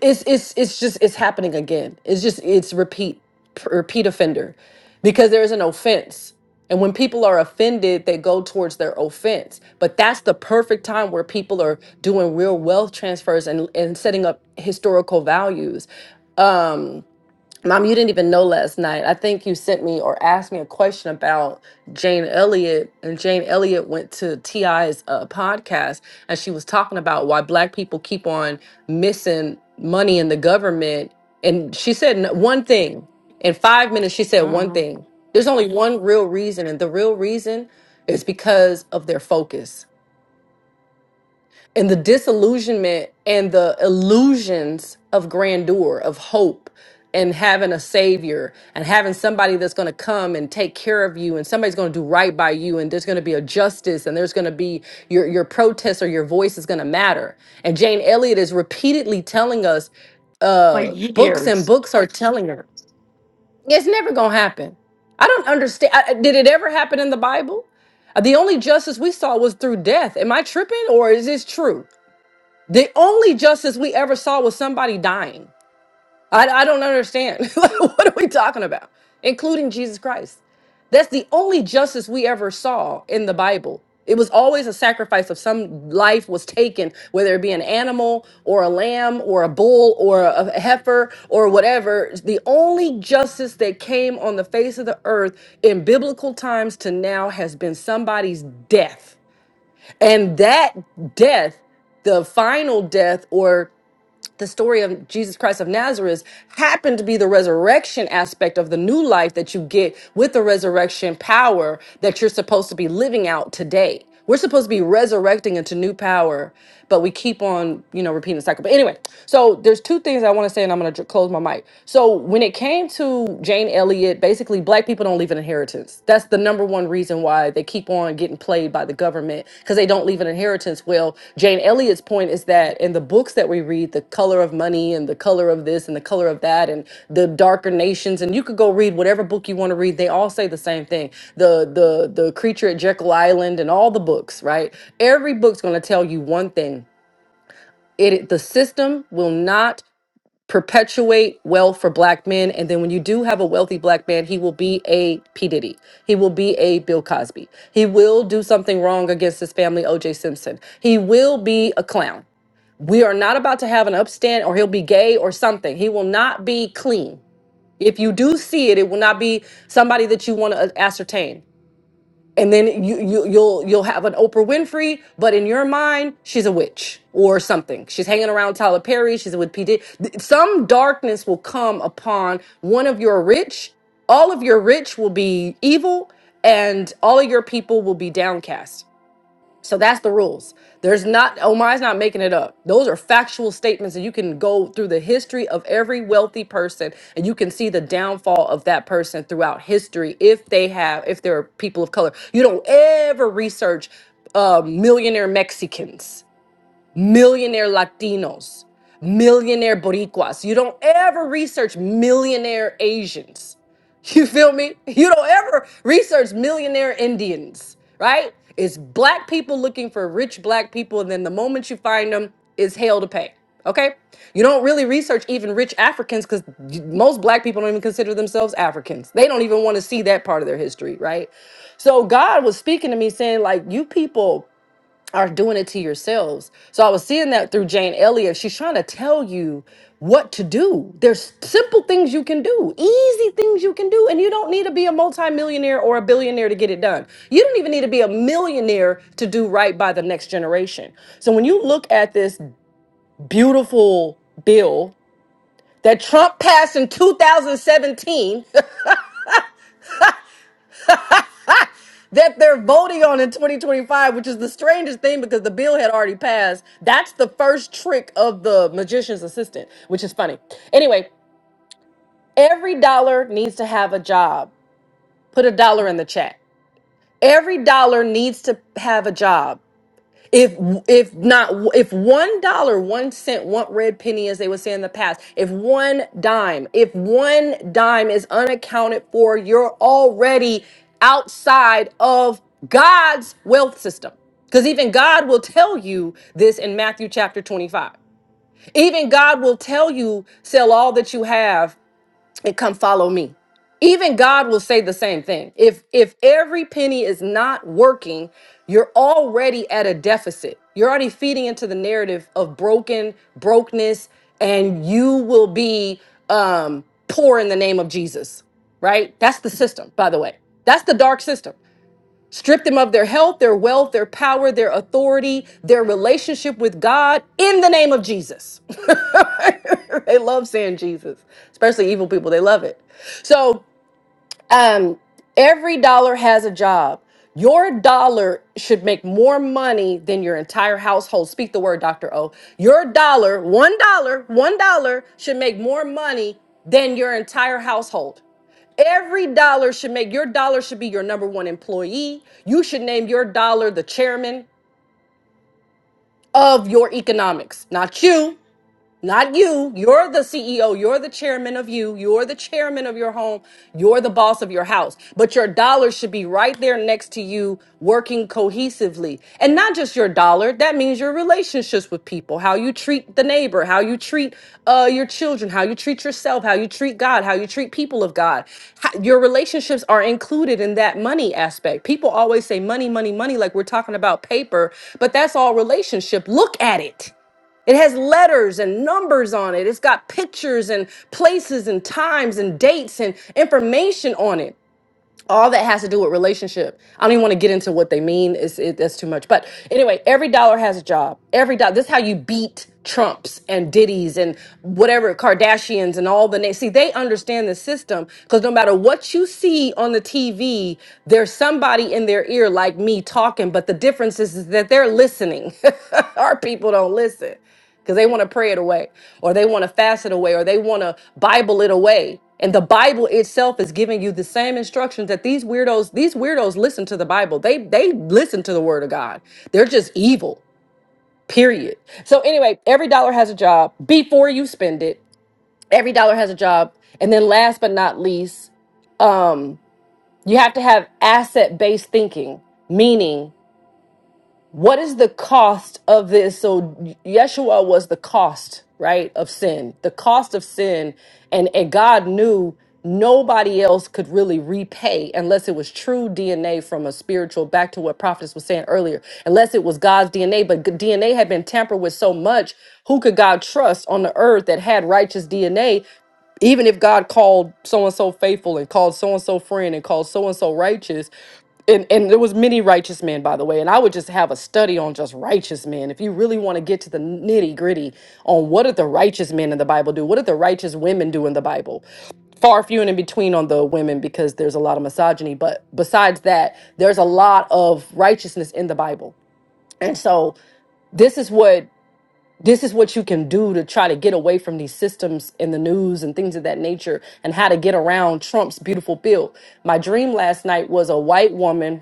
Speaker 11: it's it's it's just it's happening again. It's just it's repeat p- repeat offender because there is an offense. And when people are offended, they go towards their offense. But that's the perfect time where people are doing real wealth transfers and, and setting up historical values. Um, Mom, you didn't even know last night. I think you sent me or asked me a question about Jane Elliott, and Jane Elliott went to TI's uh, podcast, and she was talking about why Black people keep on missing money in the government. And she said n- one thing in five minutes. She said one
Speaker 1: hmm
Speaker 11: thing. There's only one real reason, and the real reason is because of their focus and the disillusionment and the illusions of grandeur, of hope, and having a savior and having somebody that's going to come and take care of you and somebody's going to do right by you and there's going to be a justice and there's going to be your your protest or your voice is going to matter. And Jane Elliott is repeatedly telling us
Speaker 1: For
Speaker 11: uh books and
Speaker 1: years.
Speaker 11: books are telling her it's never going to happen. I don't understand I, I- did it ever happen in the Bible? Uh, The only justice we saw was through death. Am I tripping or is this true? The only justice we ever saw was somebody dying. I, I don't understand. Like, what are we talking about? Including Jesus Christ. That's the only justice we ever saw in the Bible. It was always a sacrifice of some life was taken, whether it be an animal or a lamb or a bull or a a heifer or whatever. The only justice that came on the face of the earth in biblical times to now has been somebody's death and that death, the final death or the story of Jesus Christ of Nazareth happened to be the resurrection aspect of the new life that you get with the resurrection power that you're supposed to be living out today. We're supposed to be resurrecting into new power, but we keep on, you know, repeating the cycle. But anyway, so there's two things I want to say, and I'm going to close my mic. So when it came to Jane Elliott, basically black people don't leave an inheritance that's the number one reason why they keep on getting played by the government because they don't leave an inheritance well jane elliott's point is that in the books that we read the color of money and the color of this and the color of that and the darker nations and you could go read whatever book you want to read they all say the same thing the the the creature at jekyll island and all the books right every book's going to tell you one thing it the system will not perpetuate wealth for black men. And then when you do have a wealthy black man, he will be a P. Diddy. He will be a Bill Cosby. He will do something wrong against his family, OJ Simpson. He will be a clown. We are not about to have an upstand or he'll be gay or something. He will not be clean. If you do see it, it will not be somebody that you want to ascertain and then you, you you'll you'll have an Oprah Winfrey, but in your mind, she's a witch or something. She's hanging around Tyler Perry. She's with PD. Some darkness will come upon one of your rich. All of your rich will be evil, and all of your people will be downcast. So that's the rules. There's not Omar's not making it up. Those are factual statements and you can go through the history of every wealthy person and you can see the downfall of that person throughout history if they have if they're people of color. You don't ever research uh, millionaire Mexicans millionaire Latinos, millionaire Boricuas. You don't ever research millionaire Asians. You feel me? You don't ever research millionaire Indians, right? It's black people looking for rich black people, and then the moment you find them, it's hell to pay. Okay? You don't really research even rich Africans because most black people don't even consider themselves Africans. They don't even want to see that part of their history, right? So God was speaking to me saying, like, you people are doing it to yourselves. So I was seeing that through Jane Elliott. She's trying to tell you what to do. There's simple things you can do, easy things you can do, and you don't need to be a multimillionaire or a billionaire to get it done. You don't even need to be a millionaire to do right by the next generation. So when you look at this beautiful bill that Trump passed in 2017, that they're voting on in 2025, which is the strangest thing because the bill had already passed. That's the first trick of the magician's assistant, which is funny. Anyway, every dollar needs to have a job. Put a dollar in the chat. Every dollar needs to have a job if if not if one dollar one cent one red penny as they would say in the past if one dime if one dime is unaccounted for you're already outside of god's wealth system because even god will tell you this in matthew chapter 25 even god will tell you sell all that you have and come follow me even god will say the same thing if if every penny is not working you're already at a deficit you're already feeding into the narrative of broken brokenness and you will be um poor in the name of jesus right that's the system by the way that's the dark system Strip them of their health, their wealth, their power, their authority, their relationship with God in the name of Jesus. they love saying Jesus, especially evil people. They love it. So um, every dollar has a job. Your dollar should make more money than your entire household. Speak the word, Dr. O. Your dollar, one dollar, one dollar should make more money than your entire household. Every dollar should make your dollar should be your number one employee. You should name your dollar the chairman of your economics, not you. Not you. You're the CEO. You're the chairman of you. You're the chairman of your home. You're the boss of your house. But your dollar should be right there next to you, working cohesively. And not just your dollar. That means your relationships with people, how you treat the neighbor, how you treat uh, your children, how you treat yourself, how you treat God, how you treat people of God. How- your relationships are included in that money aspect. People always say money, money, money, like we're talking about paper, but that's all relationship. Look at it. It has letters and numbers on it. It's got pictures and places and times and dates and information on it all that has to do with relationship. I don't even want to get into what they mean. It's it, that's too much. But anyway, every dollar has a job. Every dollar. This is how you beat Trumps and Diddy's and whatever Kardashians and all the names. See, they understand the system because no matter what you see on the TV, there's somebody in their ear like me talking. But the difference is, is that they're listening. Our people don't listen because they want to pray it away or they want to fast it away, or they want to Bible it away. And the Bible itself is giving you the same instructions that these weirdos, these weirdos listen to the Bible. They they listen to the word of God. They're just evil. Period. So anyway, every dollar has a job before you spend it. Every dollar has a job. And then last but not least, um, you have to have asset-based thinking, meaning what is the cost of this? So Yeshua was the cost, right, of sin, the cost of sin, and and God knew nobody else could really repay unless it was true DNA from a spiritual. Back to what prophetess was saying earlier, unless it was God's DNA, but DNA had been tampered with so much. Who could God trust on the earth that had righteous DNA? Even if God called so and so faithful and called so and so friend and called so and so righteous, and and there was many righteous men by the way and i would just have a study on just righteous men if you really want to get to the nitty gritty on what did the righteous men in the bible do what did the righteous women do in the bible far few and in between on the women because there's a lot of misogyny but besides that there's a lot of righteousness in the bible and so this is what this is what you can do to try to get away from these systems in the news and things of that nature and how to get around Trump's beautiful bill. My dream last night was a white woman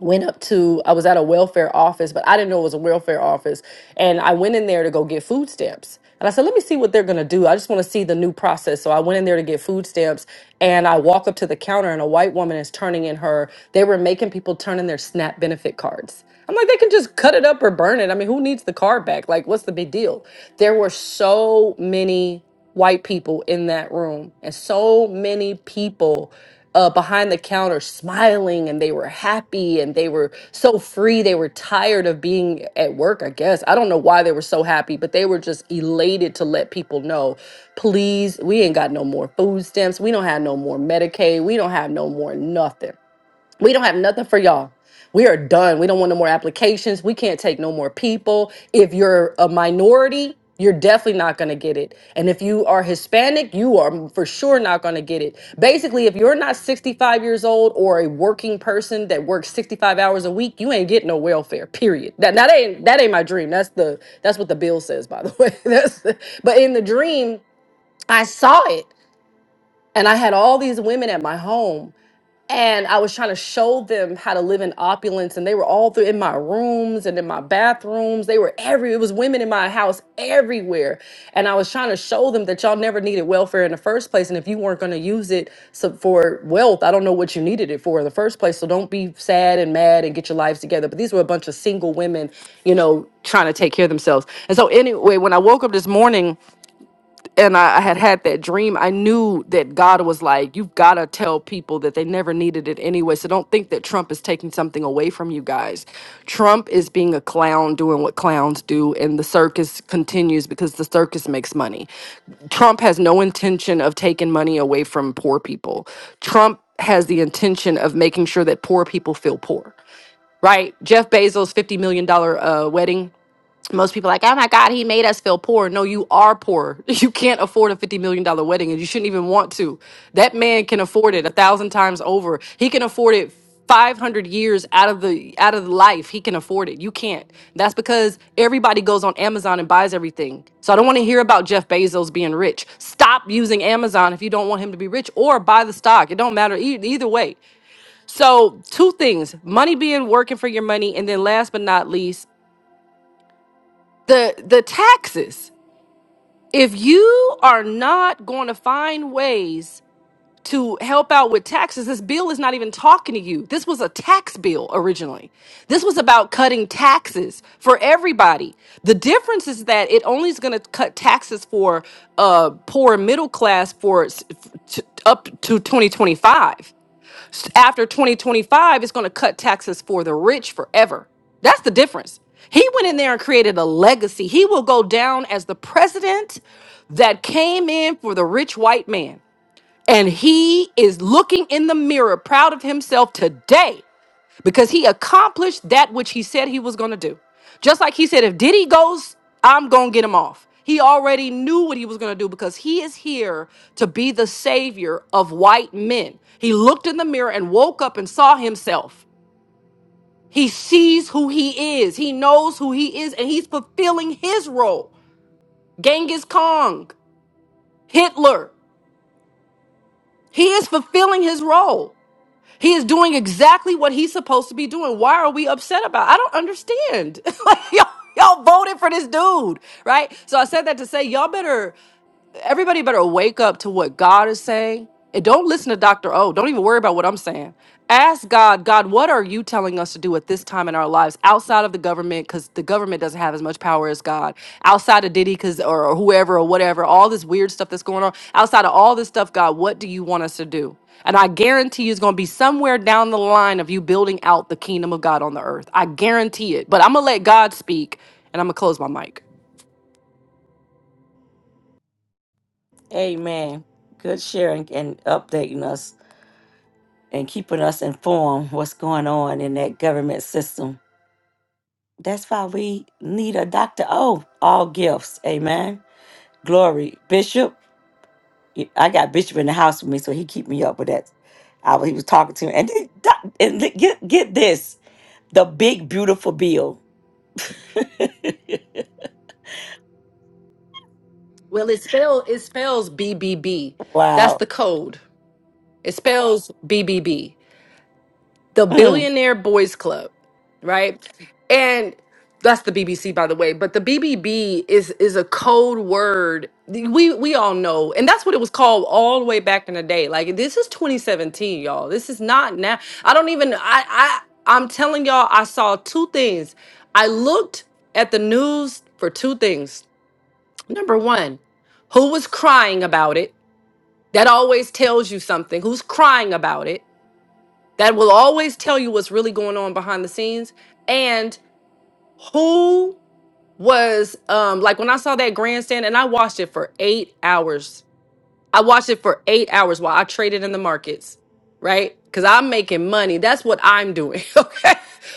Speaker 11: went up to I was at a welfare office, but I didn't know it was a welfare office. And I went in there to go get food stamps. And I said, let me see what they're gonna do. I just wanna see the new process. So I went in there to get food stamps and I walk up to the counter and a white woman is turning in her, they were making people turn in their SNAP benefit cards. I'm like, they can just cut it up or burn it. I mean, who needs the card back? Like, what's the big deal? There were so many white people in that room and so many people uh, behind the counter smiling and they were happy and they were so free. They were tired of being at work, I guess. I don't know why they were so happy, but they were just elated to let people know please, we ain't got no more food stamps. We don't have no more Medicaid. We don't have no more nothing. We don't have nothing for y'all. We are done. We don't want no more applications. We can't take no more people. If you're a minority, you're definitely not going to get it. And if you are Hispanic, you are for sure not going to get it. Basically, if you're not 65 years old or a working person that works 65 hours a week, you ain't getting no welfare. Period. That that ain't that ain't my dream. That's the that's what the bill says, by the way. That's but in the dream, I saw it and I had all these women at my home and I was trying to show them how to live in opulence, and they were all through in my rooms and in my bathrooms. They were every it was women in my house everywhere, and I was trying to show them that y'all never needed welfare in the first place, and if you weren't going to use it so for wealth, I don't know what you needed it for in the first place. So don't be sad and mad and get your lives together. But these were a bunch of single women, you know, trying to take care of themselves. And so anyway, when I woke up this morning and I, I had had that dream, I knew that God was like, you've got to tell people that they never needed it anyway. So don't think that Trump is taking something away from you guys. Trump is being a clown doing what clowns do, and the circus continues because the circus makes money. Trump has no intention of taking money away from poor people. Trump has the intention of making sure that poor people feel poor, right? Jeff Bezos' $50 million dollars uh, wedding most people are like, oh my God, he made us feel poor. No, you are poor. You can't afford a $50 million dollars wedding and you shouldn't even want to. That man can afford it a thousand times over. He can afford it 500 years out of the out of life he can afford it you can't that's because everybody goes on amazon and buys everything so i don't want to hear about jeff bezos being rich stop using amazon if you don't want him to be rich or buy the stock it don't matter e- either way so two things money being working for your money and then last but not least the the taxes if you are not going to find ways to help out with taxes, this bill is not even talking to you. This was a tax bill originally. This was about cutting taxes for everybody. The difference is that it only is going to cut taxes for uh, poor and middle class for s- f- t- up to 2025 after 2025 it's going to cut taxes for the rich forever that's the difference he went in there and created a legacy he will go down as the president that came in for the rich white man and he is looking in the mirror proud of himself today because he accomplished that which he said he was going to do. Just like he said, if Diddy goes, I'm going to get him off. He already knew what he was going to do because he is here to be the savior of white men. He looked in the mirror and woke up and saw himself. He sees who he is, he knows who he is, and he's fulfilling his role. Genghis Khan, Hitler, he is fulfilling his role. He is doing exactly what he's supposed to be doing. Why are we upset about? it? I don't understand. like y'all, y'all voted for this dude, right? So I said that to say y'all better everybody better wake up to what God is saying and don't listen to Dr. O. Don't even worry about what I'm saying. Ask God, God, what are you telling us to do at this time in our lives outside of the government? Because the government doesn't have as much power as God. Outside of Diddy, because or, or whoever or whatever, all this weird stuff that's going on. Outside of all this stuff, God, what do you want us to do? And I guarantee you it's going to be somewhere down the line of you building out the kingdom of God on the earth. I guarantee it. But I'm going to let God speak and I'm going to close my mic.
Speaker 1: Amen. Good sharing and updating us and keeping us informed what's going on in that government system. That's why we need a Dr. O, all gifts. Amen. Glory. Bishop, I got Bishop in the house with me, so he keep me up with that. I was, he was talking to me. And, then doc- and li- get, get this the big, beautiful bill.
Speaker 11: Well, it spell it spells BBB. That's
Speaker 1: wow.
Speaker 11: the code. It spells BBB. The
Speaker 1: Mm.
Speaker 11: Billionaire Boys Club, right? And that's the BBC, by the way. But the BBB is is a code word. We we all know, and that's what it was called all the way back in the day. Like this is 2017, y'all. This is not now. I don't even. I I I'm telling y'all, I saw two things. I looked at the news for two things. Number one, who was crying about it? That always tells you something. Who's crying about it? That will always tell you what's really going on behind the scenes. And who was um like when I saw that grandstand and I watched it for eight hours. I watched it for eight hours while I traded in the markets, right? Because I'm making money. That's what I'm doing. Okay.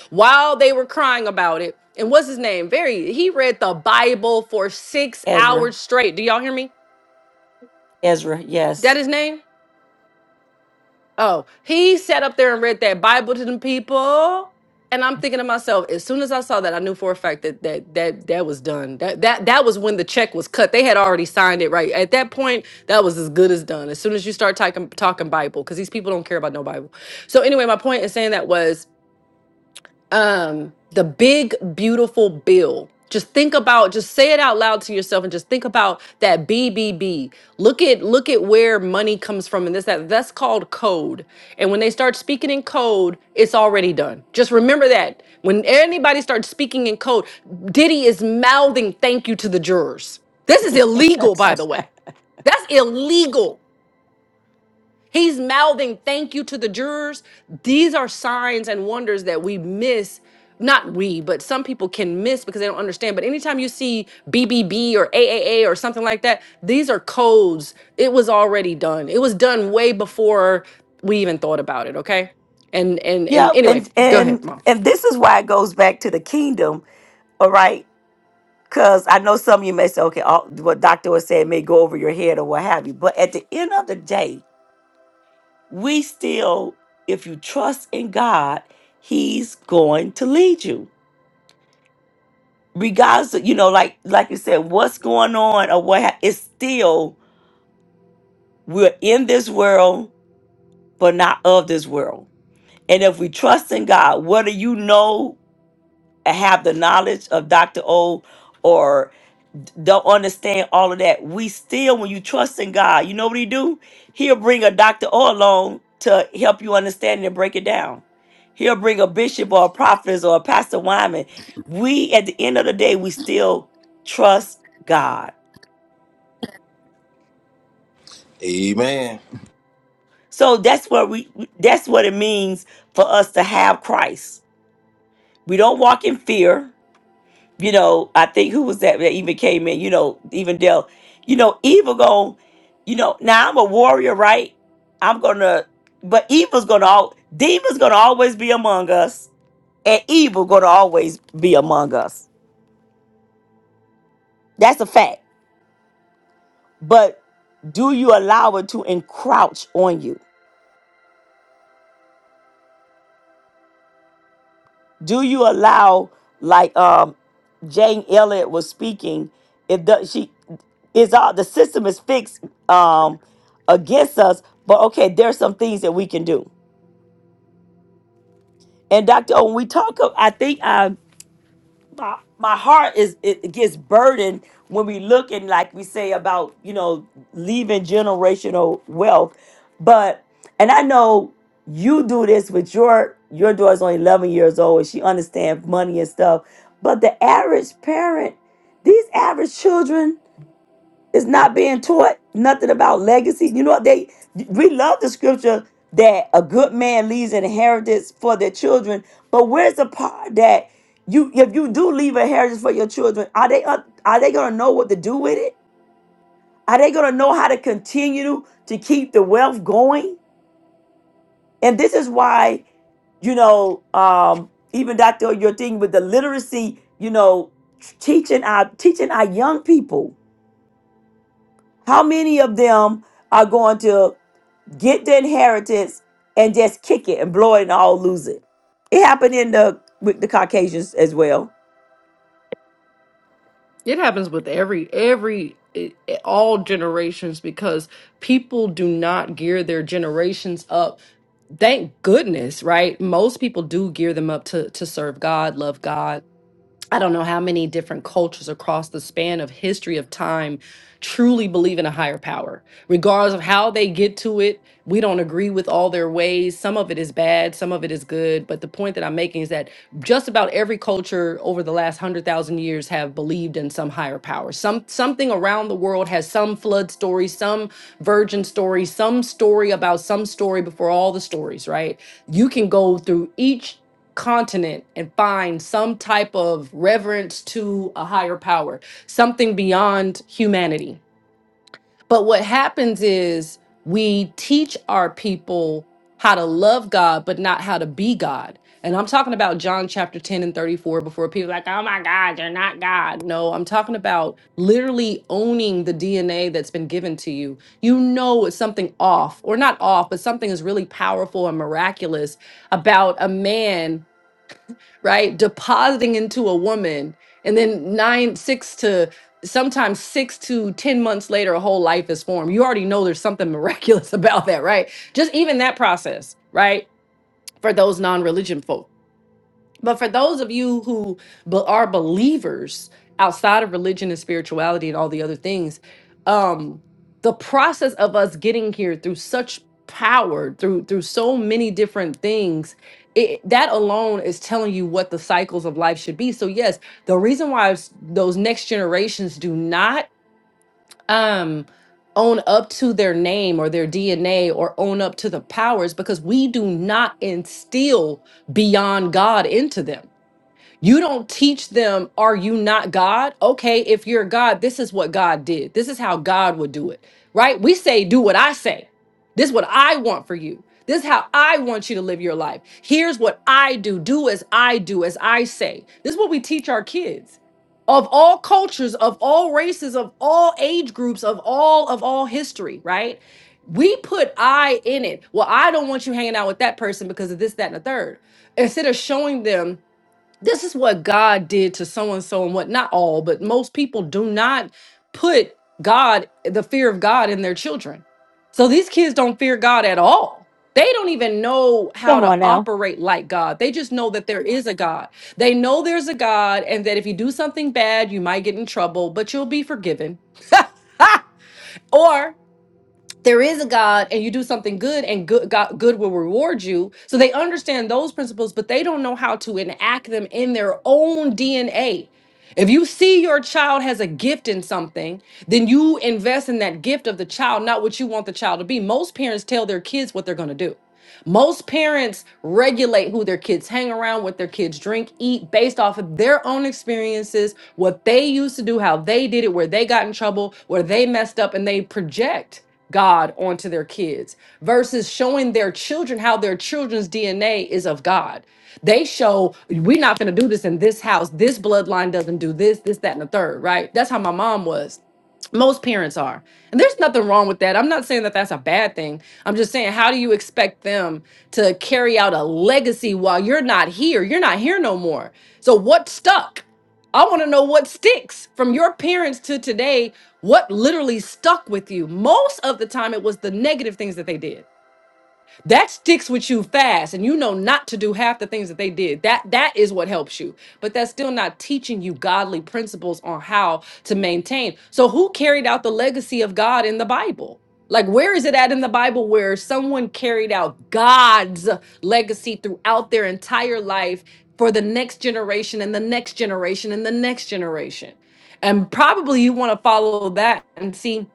Speaker 11: While they were crying about it. And what's his name? Very he read the Bible for six
Speaker 1: Ezra.
Speaker 11: hours straight. Do y'all hear me?
Speaker 1: Ezra,
Speaker 11: That
Speaker 1: yes.
Speaker 11: his name? Oh, he sat up there and read that Bible to them people. And I'm thinking to myself, as soon as I saw that, I knew for a fact that that that that was done. That that that was when the check was cut. They had already signed it, right? At that point, that was as good as done. As soon as you start talking talking Bible, because these people don't care about no Bible. So anyway, my point in saying that was um the big beautiful bill just think about just say it out loud to yourself and just think about that bbb look at look at where money comes from and this that that's called code and when they start speaking in code it's already done just remember that when anybody starts speaking in code diddy is mouthing thank you to the jurors this is illegal by the way that's illegal He's mouthing thank you to the jurors. These are signs and wonders that we miss. Not we, but some people can miss because they don't understand. But anytime you see BBB or AAA or something like that, these are codes. It was already done. It was done way before we even thought about it. Okay. And and and
Speaker 1: yeah,
Speaker 11: anyway,
Speaker 1: and,
Speaker 11: go ahead,
Speaker 1: and
Speaker 11: mom.
Speaker 1: and this is why it goes back to the kingdom all right? Because I know some of you may say, okay, all, what Dr. was saying may go over your head or what have you. But at the end of the day, we still, if you trust in God, He's going to lead you. Regardless of, you know, like like you said, what's going on or what ha- it's still we're in this world, but not of this world. And if we trust in God, whether you know and have the knowledge of Dr. O or. don't understand all of that. We still, when you trust in God, you know what He do? He'll bring a doctor or along to help you understand it and break it down. He'll bring a bishop or a prophet or a pastor Wyman. We, at the end of the day, we still trust God.
Speaker 7: Amen.
Speaker 1: So that's what we. That's what it means for us to have Christ. We don't walk in fear. you know, I think who was that that even came in, you know, even Dell, you know, Eva going, you know, now I'm a warrior, right? I'm gonna, but Eva's gonna, al- Diva's gonna always be among us, and evil gonna always be among us. That's a fact. But do you allow it to encroach on you? do you allow like um jane elliott was speaking it does she is all the system is fixed um against us but okay there's some things that we can do and dr owen we talk of i think i my my heart is it it gets burdened when we look and like we say about you know leaving generational wealth but and i know you do this with your your daughter's only 11 years old and she understands money and stuff but the average parent these average children it's not being taught nothing about legacy. You know what they we love the scripture that a good man leaves an inheritance for their children, but where's the part that you if you do leave a heritage for your children, are they up- are they gonna know what to do with it? Are they gonna know how to continue to keep the wealth going? And this is why you know, um, even Dr. Your thing with the literacy, you know, teaching our teaching our young people. How many of them are going to? get the inheritance and just kick it and blow it and all lose it. It happened in the with the Caucasians as well.
Speaker 11: It happens with every every it- it- all generations because people do not gear their generations up. Thank goodness, right? Most people do gear them up to to serve God, love God, I don't know how many different cultures across the span of history of time truly believe in a higher power. Regardless of how they get to it, we don't agree with all their ways. Some of it is bad, some of it is good. But the point that I'm making is that just about every culture over the last 100,000 years have believed in some higher power. Some something around the world has some flood story, some virgin story, some story about some story before all the stories, right? You can go through each continent and find some type of reverence to a higher power, something beyond humanity. But what happens is we teach our people how to love God, but not how to be God. And I'm talking about John chapter 10 and 34 before people are like, oh my God, you're not God. No, I'm talking about literally owning the DNA that's been given to you. You know, it's something off, or not off, but something is really powerful and miraculous about a man right? Depositing into a woman, and then nine, six to sometimes six to 10 months later, a whole life is formed. You already know there's something miraculous about that, right? Just even that process, right? For those non religion folk. But for those of you who be- are believers outside of religion and spirituality and all the other things, um, the process of us getting here through such power, through through so many different things, it, that alone is telling you what the cycles of life should be. So yes, the reason why s- those next generations do not um, own up to their name or their DNA or own up to the powers because we do not instill beyond God into them you don't teach them, are you not God? Okay, if you're God, this is what God did. This is how God would do it, right? We say, do what I say. This is what I want for you. This is how I want you to live your life. Here's what I do. Do as I do, as I say. This is what we teach our kids of all cultures, of all races, of all age groups, of all of all history, right? We put I in it. Well, I don't want you hanging out with that person because of this, that, and the third. Instead of showing them this is what God did to so and so and what not all, but most people do not put God, the fear of God in their children. So these kids don't fear God at all. They don't even know how
Speaker 1: Come
Speaker 11: to
Speaker 1: on now.
Speaker 11: operate like God. They just know that there is a God. They know there's a God and that if you do something bad, you might get in trouble, but you'll be forgiven. there is a God and you do something good and good God, good will reward you. So they understand those principles, but they don't know how to enact them in their own DNA. If you see your child has a gift in something, then you invest in that gift of the child, not what you want the child to be. Most parents tell their kids what they're going to do. Most parents regulate who their kids hang around, what their kids drink, eat based off of their own experiences, what they used to do, how they did it, where they got in trouble, where they messed up, and they project. God onto their kids versus showing their children how their children's DNA is of God. They show we're not going to do this in this house. This bloodline doesn't do this, this, that, and the third, right? That's how my mom was most parents are and there's nothing wrong with that i'm not saying that that's a bad thing i'm just saying how do you expect them to carry out a legacy while you're not here you're not here no more so what stuck i want to know what sticks from your parents to today what literally stuck with you most of the time it was the negative things that they did that sticks with you fast and you know not to do half the things that they did that that is what helps you but that's still not teaching you godly principles on how to maintain so who carried out the legacy of god in the bible like where is it at in the bible where someone carried out god's legacy throughout their entire life for the next generation and the next generation and the next generation and probably you want to follow that and see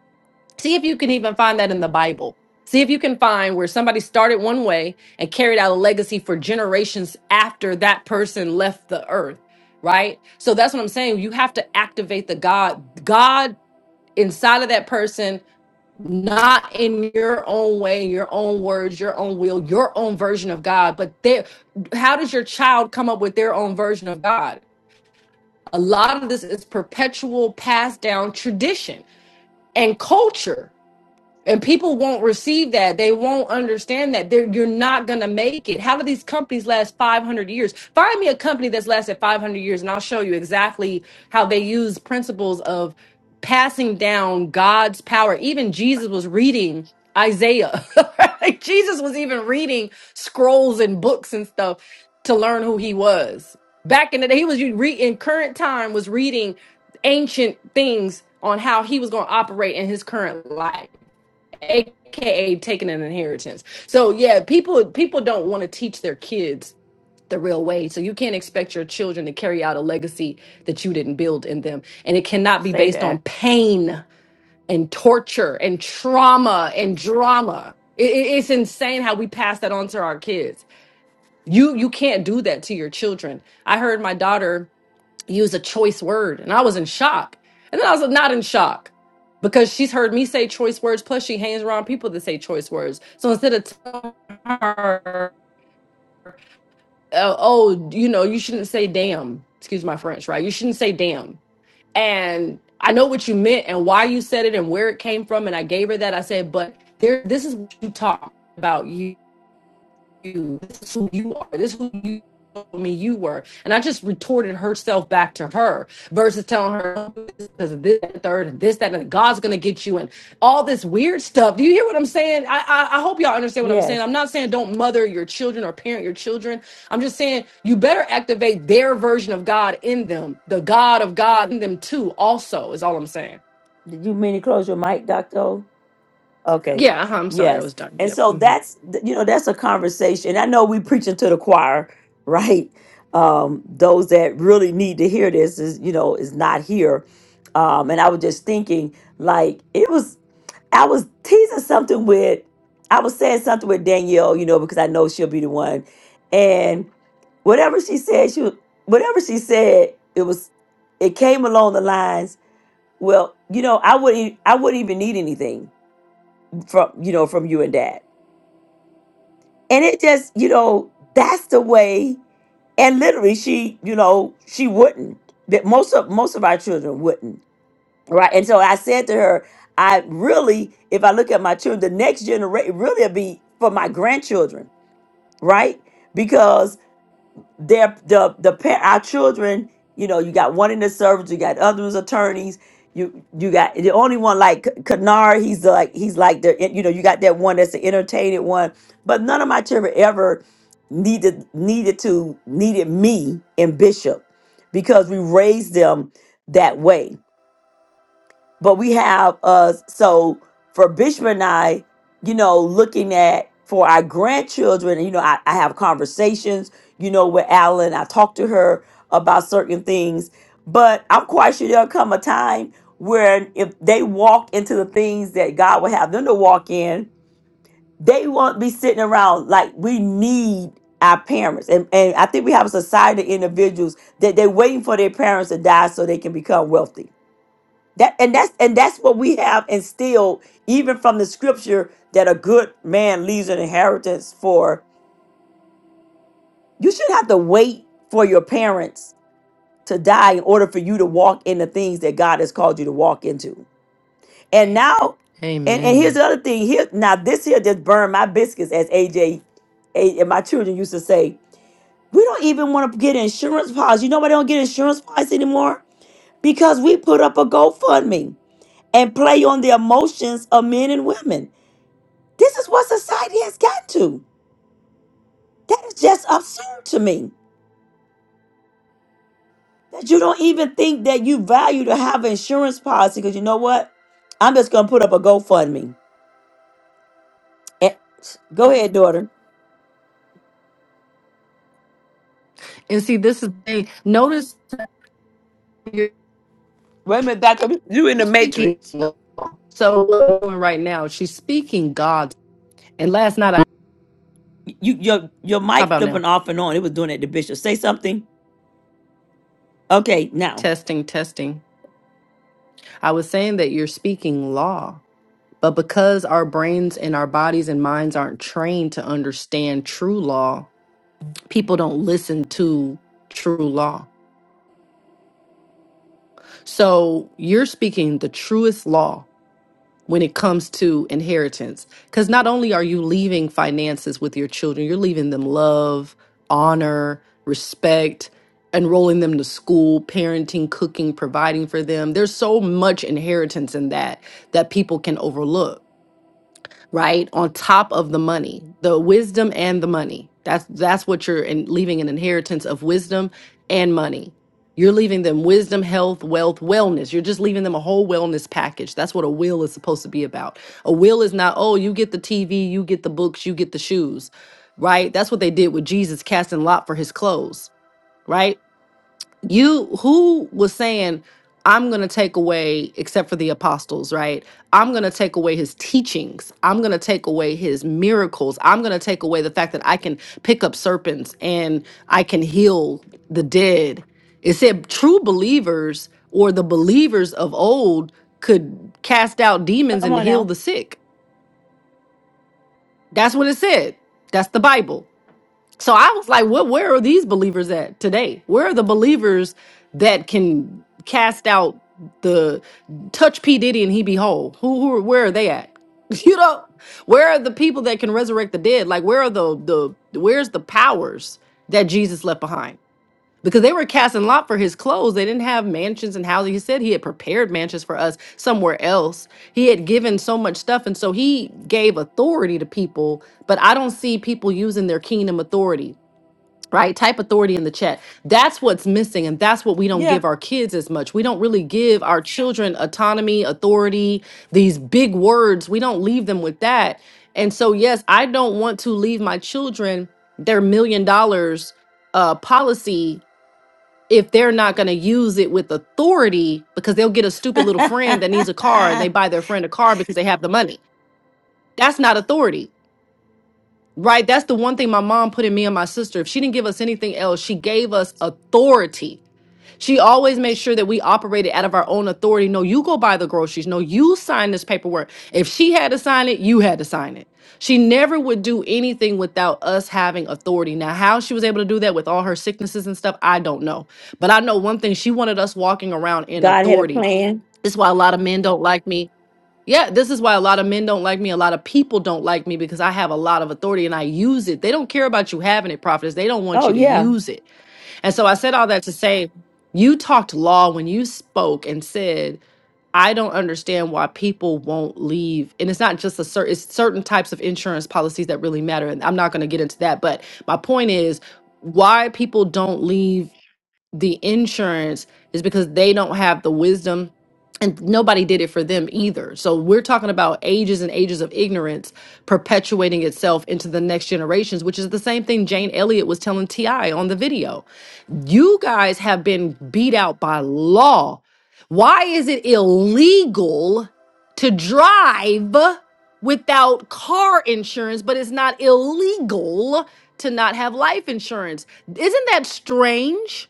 Speaker 11: See if you can even find that in the Bible. See if you can find where somebody started one way and carried out a legacy for generations after that person left the earth, right? So that's what I'm saying. You have to activate the God, God inside of that person, not in your own way, your own words, your own will, your own version of God. But there, how does your child come up with their own version of God? A lot of this is perpetual passed down tradition and culture and people won't receive that. They won't understand that. They're, you're not going to make it. How do these companies last 500 years? Find me a company that's lasted 500 years, and I'll show you exactly how they use principles of passing down God's power. Even Jesus was reading Isaiah. Like, Jesus was even reading scrolls and books and stuff to learn who he was. Back in the day, he was you re- in current time was reading ancient things on how he was going to operate in his current life aka taking an inheritance so yeah people people don't want to teach their kids the real way so you can't expect your children to carry out a legacy that you didn't build in them and it cannot be
Speaker 1: Say
Speaker 11: based on
Speaker 1: that.
Speaker 11: pain and torture and trauma and drama it, it- it's insane how we pass that on to our kids you you can't do that to your children i heard my daughter use a choice word and i was in shock and then i was not in shock because she's heard me say choice words plus she hangs around people that say choice words so instead of telling her uh, oh you know you shouldn't say damn excuse my french right you shouldn't say damn and i know what you meant and why you said it and where it came from and i gave her that i said but there this is what you talk about you. you. This is who you are. This is who you told me you were. And I just retorted herself back to her versus telling her because of this, that, third, and this, that, and God's gonna get you and all this weird stuff. Do you hear what I'm saying? I, I I hope y'all understand what I'm saying.
Speaker 1: Yes.
Speaker 11: I'm not saying don't mother your children or parent your children. I'm just saying you better activate their version of God in them, the God of God in them too. Also, is all I'm saying.
Speaker 1: Did you mean to close your mic, Doctor? O? Okay.
Speaker 11: Yeah, uh-huh, I'm sorry, I
Speaker 1: Yes.
Speaker 11: was done.
Speaker 1: And
Speaker 11: Yep.
Speaker 1: so
Speaker 11: hmm
Speaker 1: that's th- you know that's a conversation. I know we preaching to the choir, right? Um those that really need to hear this is you know is not here. Um and I was just thinking like it was I was teasing something with I was saying something with Danielle, you know, because I know she'll be the one. And whatever she said, she was- whatever she said, it was it came along the lines, well, you know, I wouldn't I wouldn't even need anything from you know from you and dad and it just you know that's the way and literally she you know she wouldn't that most of most of our children wouldn't right and so i said to her i really if i look at my children the next generation really will be for my grandchildren right Because. their the the pa- our children you know you got one in the service you got other ones attorneys you you got the only one like Kanar he's the, like he's like the you know you got that one that's the entertaining one but none of my children ever needed needed to needed me and Bishop because we raised them that way but we have us so for bishop and i you know looking at for our grandchildren you know i, I have conversations you know with alan i talk to her about certain things but i'm quite sure there'll come a time where if they walk into the things that god would have them to walk in they won't be sitting around like we need our parents and, and i think we have a society of individuals that they're waiting for their parents to die so they can become wealthy that and that's and that's what we have instilled even from the scripture that a good man leaves an inheritance for. You should have to wait for your parents to die in order for you to walk in the things that God has called you to walk into. And now, and, and here's
Speaker 11: Amen.
Speaker 1: the other thing. Here now, this here just burned my biscuits, as AJ and my children used to say. We don't even want to get insurance policy. You know why they don't get insurance policy anymore? Because we put up a GoFundMe and play on the emotions of men and women. This is what society has gotten to. That is just absurd to me. That you don't even think that you value to have an insurance policy because you know what? I'm just gonna put up a GoFundMe. Eh, Go ahead, daughter.
Speaker 11: And see, this is a notice.
Speaker 1: Wait a minute, Doctor. You in the
Speaker 11: speaking
Speaker 1: Matrix?
Speaker 11: so what we're doing right now she's speaking god's and last night i
Speaker 1: You your your
Speaker 11: how
Speaker 1: mic
Speaker 11: about now
Speaker 1: flipping off and on. It was doing that to Bishop. Say something. Okay, now.
Speaker 11: testing testing i was saying that you're speaking law but because our brains and our bodies and minds aren't trained to understand true law people don't listen to true law so you're speaking the truest law when it comes to inheritance. Because not only are you leaving finances with your children, you're leaving them love, honor, respect, enrolling them to school, parenting, cooking, providing for them. There's so much inheritance in that that people can overlook right on top of the money the wisdom and the money that's that's what you're in, leaving an inheritance of wisdom and money you're leaving them wisdom health wealth wellness you're just leaving them a whole wellness package that's what a will is supposed to be about a will is not oh you get the tv you get the books you get the shoes right that's what they did with jesus casting lot for his clothes right you who was saying i'm going to take away except for the apostles right i'm going to take away his teachings i'm going to take away his miracles i'm going to take away the fact that i can pick up serpents and i can heal the dead it said true believers or the believers of old could cast out demons
Speaker 1: Come
Speaker 11: and
Speaker 1: on
Speaker 11: heal
Speaker 1: now.
Speaker 11: the sick that's what it said that's the bible so I was like, what where are these believers at today? Where are the believers that can cast out the touch P. Diddy and he be whole? Who who where are they at? You know, where are the people that can resurrect the dead? Like where are the the where's the powers that Jesus left behind? Because they were casting lot for his clothes. They didn't have mansions and houses. He said he had prepared mansions for us somewhere else. He had given so much stuff. And so he gave authority to people but I don't see people using their kingdom authority right type authority in the chat that's what's missing and that's what we don't
Speaker 1: Yeah.
Speaker 11: give our kids as much we don't really give our children autonomy authority these big words we don't leave them with that and so yes i don't want to leave my children their million dollars uh policy if they're not going to use it with authority because they'll get a stupid
Speaker 1: God
Speaker 11: little friend that needs a car and they buy their friend a car because they have the money that's not authority Right? That's the one thing my mom put in me and my sister. If she didn't give us anything else, she gave us authority. She always made sure that we operated out of our own authority. No, you go buy the groceries. No, you sign this paperwork. If she had to sign it, you had to sign it. She never would do anything without us having authority. Now, how she was able to do that with all her sicknesses and stuff, I don't know. But I know one thing she wanted us walking around in
Speaker 1: had a
Speaker 11: authority.
Speaker 1: plan.
Speaker 11: This is why a lot of men don't like me. Yeah, this is why a lot of men don't like me. A lot of people don't like me because I have a lot of authority and I use it. They don't care about you having it, prophetess. They don't want
Speaker 1: Oh
Speaker 11: you to
Speaker 1: yeah.
Speaker 11: use it. And so I said all that to say, you talked law when you spoke and said, I don't understand why people won't leave. And it's not just a certain it's certain types of insurance policies that really matter. And I'm not going to get into that. But my point is why people don't leave the insurance is because they don't have the wisdom and nobody did it for them either. So we're talking about ages and ages of ignorance perpetuating itself into the next generations, which is the same thing Jane Elliott was telling TI on the video. You guys have been beat out by law. Why is it illegal to drive without car insurance, but it's not illegal to not have life insurance? Isn't that strange?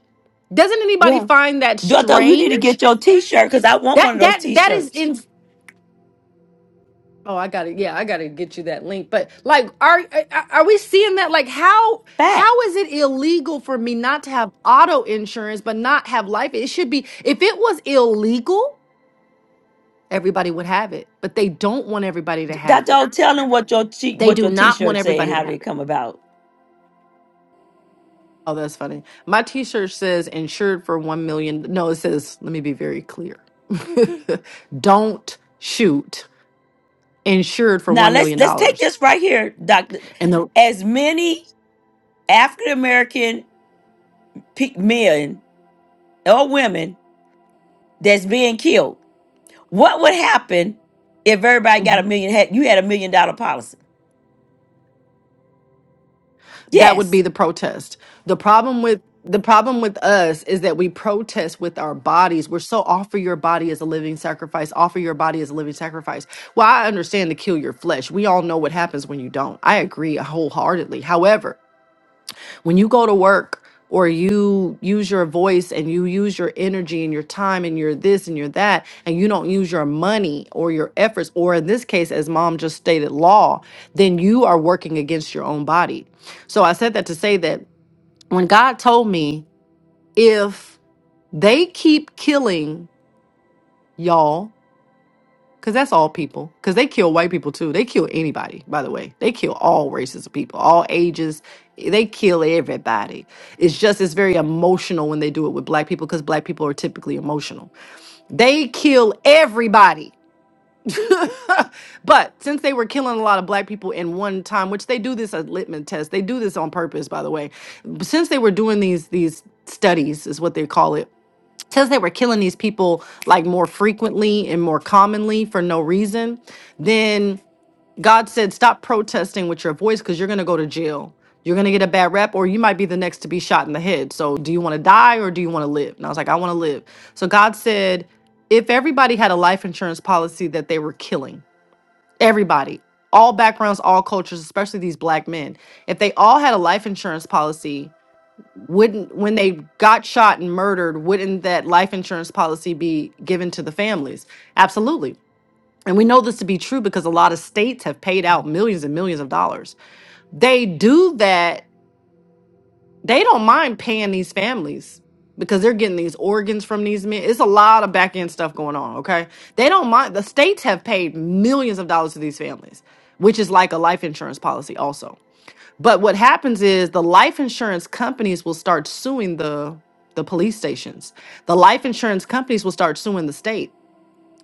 Speaker 11: Doesn't anybody
Speaker 1: Yeah.
Speaker 11: find that
Speaker 1: Doctor, you need to
Speaker 11: strange?
Speaker 1: get your T-shirt because I want
Speaker 11: That
Speaker 1: one of those
Speaker 11: that that is
Speaker 1: T-shirts.
Speaker 11: in. Oh, I got to Yeah, I got to get you that link. But like, are are we seeing that? Like, how
Speaker 1: back.
Speaker 11: how is it illegal for me not to have auto insurance but not have life? It should be. If it was illegal, everybody would have it. But they don't want everybody to have it.
Speaker 1: Doctor, tell them what your t-
Speaker 11: They
Speaker 1: what
Speaker 11: do
Speaker 1: your
Speaker 11: not want
Speaker 1: T-shirt say and
Speaker 11: everybody to
Speaker 1: how did
Speaker 11: have
Speaker 1: it
Speaker 11: it.
Speaker 1: come about.
Speaker 11: Oh, that's funny. My T-shirt says "insured for one million." No, it says. Let me be very clear. don't shoot insured for
Speaker 1: Now
Speaker 11: $1
Speaker 1: let's
Speaker 11: million.
Speaker 1: let's take
Speaker 11: dollars.
Speaker 1: this right here, Doctor.
Speaker 11: And the,
Speaker 1: As many African American pe- men or women that's being killed, what would happen if everybody got a
Speaker 11: Mhm.
Speaker 1: million? Had you had a million dollar policy?
Speaker 11: that would be
Speaker 1: Yes.
Speaker 11: the protest. The problem with the problem with us is that we protest with our bodies. We're so offer your body as a living sacrifice, offer your body as a living sacrifice. Well, I understand to kill your flesh. We all know what happens when you don't. I agree wholeheartedly. However, when you go to work or you use your voice and you use your energy and your time and your this and your that and you don't use your money or your efforts or in this case as mom just stated law then you are working against your own body so i said that to say that when god told me if they keep killing y'all Cause that's all people. Cause they kill white people too. They kill anybody, by the way. They kill all races of people, all ages. They kill everybody. It's just it's very emotional when they do it with black people because black people are typically emotional. They kill everybody. but since they were killing a lot of black people in one time, which they do this as litmus test, they do this on purpose, by the way. Since they were doing these these studies, is what they call it since they were killing these people like more frequently and more commonly for no reason, then God said, stop protesting with your voice because you're going to go to jail. You're going to get a bad rep, or you might be the next to be shot in the head. So, do you want to die or do you want to live? And I was like, I want to live. So, God said, if everybody had a life insurance policy that they were killing, everybody, all backgrounds, all cultures, especially these black men, if they all had a life insurance policy wouldn't when they got shot and murdered wouldn't that life insurance policy be given to the families absolutely and we know this to be true because a lot of states have paid out millions and millions of dollars they do that they don't mind paying these families because they're getting these organs from these men it's a lot of back end stuff going on okay they don't mind the states have paid millions of dollars to these families which is like a life insurance policy also but what happens is the life insurance companies will start suing the the police stations. The life insurance companies will start suing the state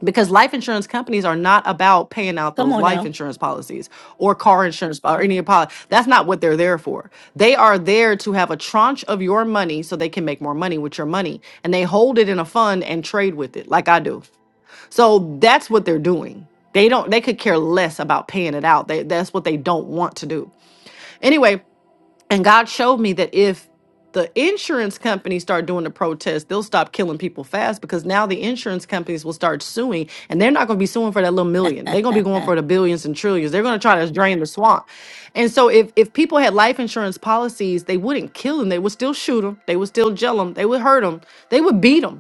Speaker 11: because life insurance companies are not about paying out
Speaker 1: Come
Speaker 11: those
Speaker 1: on now.
Speaker 11: life insurance policies or car insurance or any policy. That's not what they're there for. They are there to have a tranche of your money so they can make more money with your money and they hold it in a fund and trade with it like I do. So that's what they're doing. They don't they could care less about paying it out. They, that's what they don't want to do. Anyway, and God showed me that if the insurance companies start doing the protest, they'll stop killing people fast because now the insurance companies will start suing and they're not going to be suing for that little million. They're going to be going for the billions and trillions. They're going to try to drain the swamp. And so if if people had life insurance policies, they wouldn't kill them. They would still shoot them. They would still jail them. They would hurt them. They would beat them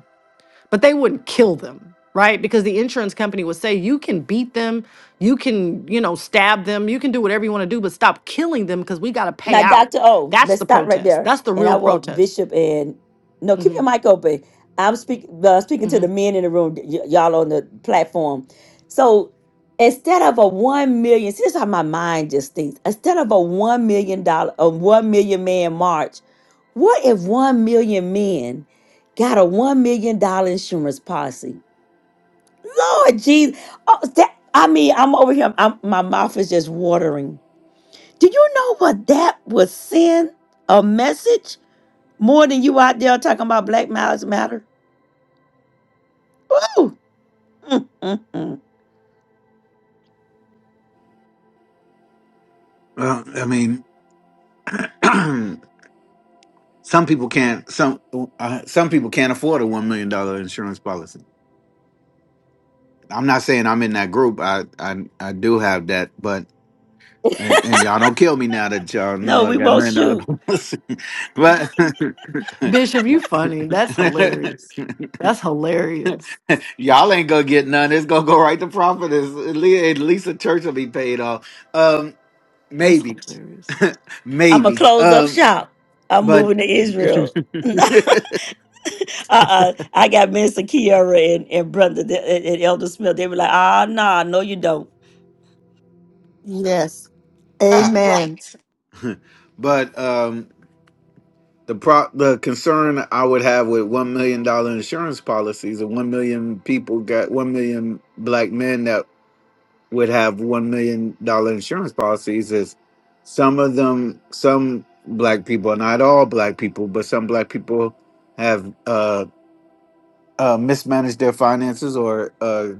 Speaker 11: but they wouldn't kill them right because the insurance company would say you can beat them you can you know stab them you can do whatever you want to do but stop killing them because we got to pay
Speaker 1: Now,
Speaker 11: out
Speaker 1: Dr. O,
Speaker 11: that's
Speaker 1: let's
Speaker 11: the
Speaker 1: stop right
Speaker 11: protest
Speaker 1: there.
Speaker 11: that's the
Speaker 1: And I
Speaker 11: real
Speaker 1: want
Speaker 11: protest
Speaker 1: Bishop and no, keep
Speaker 11: hmm
Speaker 1: your mic open. I'm speak, uh, speaking to
Speaker 11: hmm
Speaker 1: the men in the room, y- y'all on the platform. So instead of a one million, see, this is how my mind just thinks. Instead of a one million dollar, a one million man march, what if one million men got a one million dollar insurance policy? Lord Jesus, oh, that, I mean, I'm over here. I'm, my mouth is just watering do you know what that would send a message more than you out there talking about Black Lives Matter? Woo! Mm, mm, mm.
Speaker 9: Well, I mean, some people can't. Some uh, some people can't afford a one million dollar insurance policy. I'm not saying I'm in that group. I I, I do have that, but and, and y'all don't kill me now that y'all
Speaker 1: No,
Speaker 9: know I
Speaker 1: we
Speaker 9: got a
Speaker 1: won't
Speaker 9: million dollar
Speaker 1: shoot.
Speaker 9: policy. but
Speaker 11: bishop you funny that's hilarious that's hilarious
Speaker 9: y'all ain't gonna get none. It's gonna go right to profit. It's, at least at least the church will be paid off. Um,
Speaker 11: that's
Speaker 9: Maybe,
Speaker 11: hilarious
Speaker 1: I'm going to
Speaker 9: maybe.
Speaker 1: close up
Speaker 9: Um,
Speaker 1: shop. I'm
Speaker 9: but
Speaker 1: moving to Israel. uh-uh. I got Mister Kiara and, and Brother and, and Elder Smith. They were like, ah, nah, no, you don't.
Speaker 5: Yes.
Speaker 2: Uh,
Speaker 5: Amen.
Speaker 2: right.
Speaker 9: but um, the pro the concern I would have with one million dollar insurance policies and one million people got one million black men that would have one million dollar insurance policies is some of them some black people not all black people but some black people have uh, uh mismanaged their finances or uh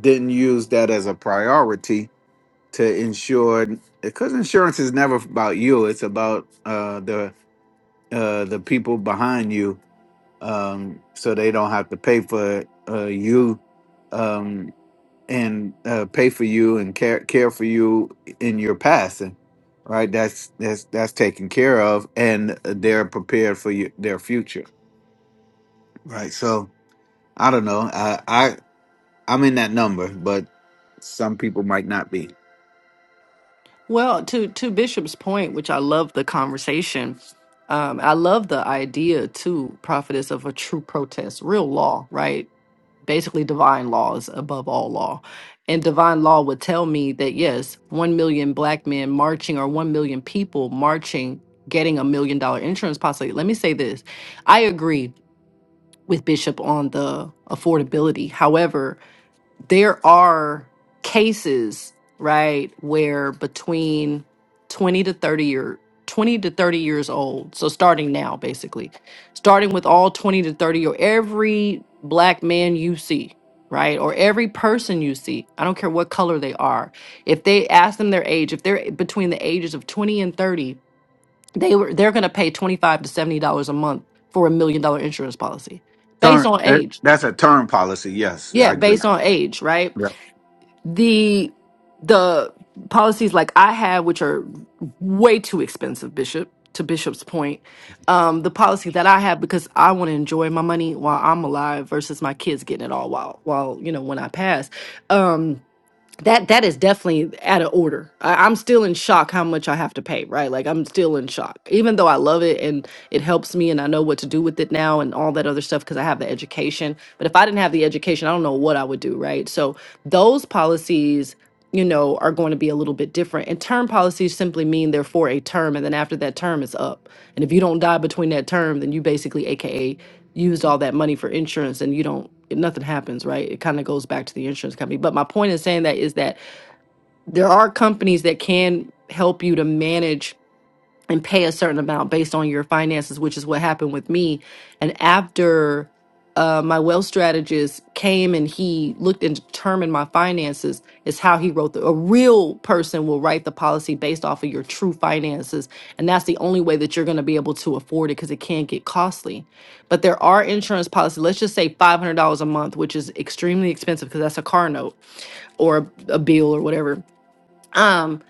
Speaker 9: didn't use that as a priority to ensure, because insurance is never about you it's about uh the uh the people behind you um so they don't have to pay for uh you um and uh pay for you and care care for you in your passing right that's that's that's taken care of and they're prepared for you, their future right so i don't know i i i'm in that number but some people might not be
Speaker 11: well to to bishop's point which i love the conversation um, I love the idea too, prophetess, of a true protest, real law, right? basically divine law is above all law and divine law would tell me that yes 1 million black men marching or 1 million people marching getting a million dollar insurance policy let me say this i agree with bishop on the affordability however there are cases, right, where between 20 to 30 year 20 to 30 years old. So starting now basically. Starting with all 20 to 30 or every black man you see, right? Or every person you see. I don't care what color they are. If they ask them their age, if they're between the ages of 20 and 30, they were they're going to pay 25 to 70 dollars a month for a million dollar insurance policy based
Speaker 9: Turn
Speaker 11: on
Speaker 9: eh,
Speaker 11: age.
Speaker 9: that's a term policy yes i
Speaker 11: Yeah,
Speaker 9: agree
Speaker 11: based on age, right?
Speaker 9: Yeah.
Speaker 11: the the policies like I have, which are way too expensive, Bishop, to Bishop's point, um, the policy that I have because I want to enjoy my money while I'm alive versus my kids getting it all while while, you know, when I pass. Um that that is definitely out of order. I, I'm still in shock how much I have to pay, right? Like I'm still in shock, even though I love it and it helps me and I know what to do with it now and all that other stuff because I have the education. But if I didn't have the education, I don't know what I would do, right? So those policies, you know, are going to be a little bit different. And term policies simply mean they're for a term, and then after that term is up. And if you don't die between that term, then you basically AKA used all that money for insurance and you don't it- nothing happens right it kind of goes back to the insurance company but my point in saying that is that there are companies that can help you to manage and pay a certain amount based on your finances, which is what happened with me. And after uh, my wealth strategist came and he looked and determined my finances, is how he wrote the. A real person will write the policy based off of your true finances. And that's the only way that you're going to be able to afford it because it can get costly. But there are insurance policies, let's just say $500 a month, which is extremely expensive because that's a car note or a, a bill or whatever um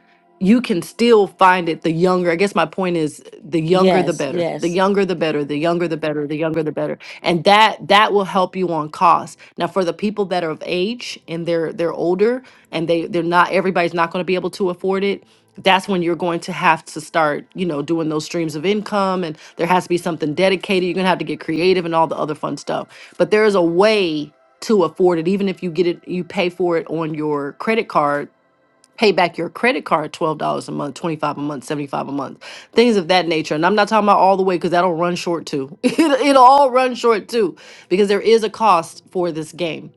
Speaker 11: you can still find it the younger i guess my point is the younger the
Speaker 1: Yes,
Speaker 11: better the
Speaker 1: yes.
Speaker 11: younger the better the younger the better the younger the better and that that will help you on cost now for the people that are of age and they're they're older and they they're not everybody's not going to be able to afford it that's when you're going to have to start you know doing those streams of income and there has to be something dedicated you're going to have to get creative and all the other fun stuff but there is a way to afford it even if you get it you pay for it on your credit card pay back your credit card $12 a month, 25 a month, 75 a month, things of that nature. And I'm not talking about all the way because that'll run short too. It, it'll all run short too because there is a cost for this game.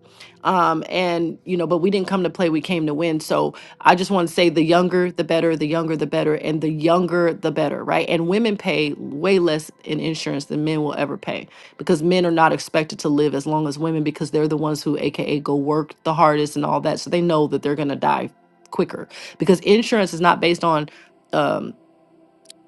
Speaker 11: Um, and, you know, but we didn't come to play, we came to win. So I just want to say the younger, the better, the younger, the better, and the younger, the better, right? And women pay way less in insurance than men will ever pay because men are not expected to live as long as women because they're the ones who, AKA, go work the hardest and all that. So they know that they're going to die quicker because insurance is not based on um,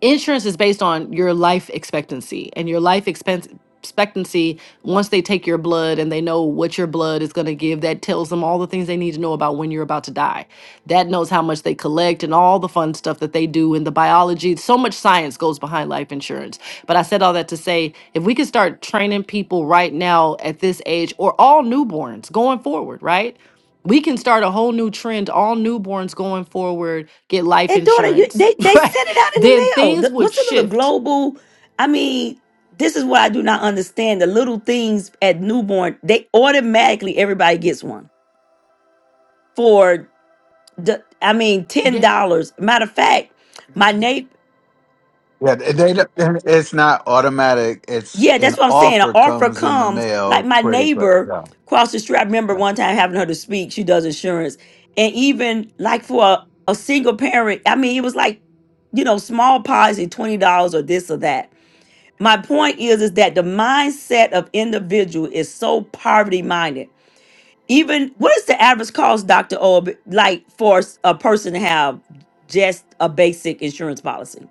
Speaker 11: insurance is based on your life expectancy and your life expense expectancy once they take your blood and they know what your blood is going to give that tells them all the things they need to know about when you're about to die that knows how much they collect and all the fun stuff that they do in the biology so much science goes behind life insurance but i said all that to say if we could start training people right now at this age or all newborns going forward right we can start a whole new trend all newborns going forward get life
Speaker 1: And daughter, you,
Speaker 11: insurance
Speaker 1: they they
Speaker 11: right
Speaker 1: sent it out in
Speaker 11: then
Speaker 1: the mail.
Speaker 11: things
Speaker 1: The-
Speaker 11: would
Speaker 1: what's a little
Speaker 11: shift.
Speaker 1: global? I mean, this is what I do not understand. The little things at newborn, they automatically everybody gets one for the. I mean, ten
Speaker 11: Yeah,
Speaker 1: dollars. Matter of fact, my neighbor.
Speaker 9: Yeah. They, they, don't- it's not automatic. It's
Speaker 1: Yeah, that's
Speaker 9: an
Speaker 1: what I'm saying. An
Speaker 9: offer
Speaker 1: offer
Speaker 9: comes in the
Speaker 1: comes like
Speaker 9: mail
Speaker 1: my
Speaker 9: pretty quick.
Speaker 1: neighbor
Speaker 9: Yeah.
Speaker 1: across the street. I remember
Speaker 9: Yeah.
Speaker 1: one time having her to speak. She does insurance, and even like for a, a single parent. I mean, it was like you know small policy, twenty dollars or this or that My point is, is that the mindset of individual is so poverty minded. Even what is the average cost, Doctor Orb, like for s- a person to have just a basic insurance policy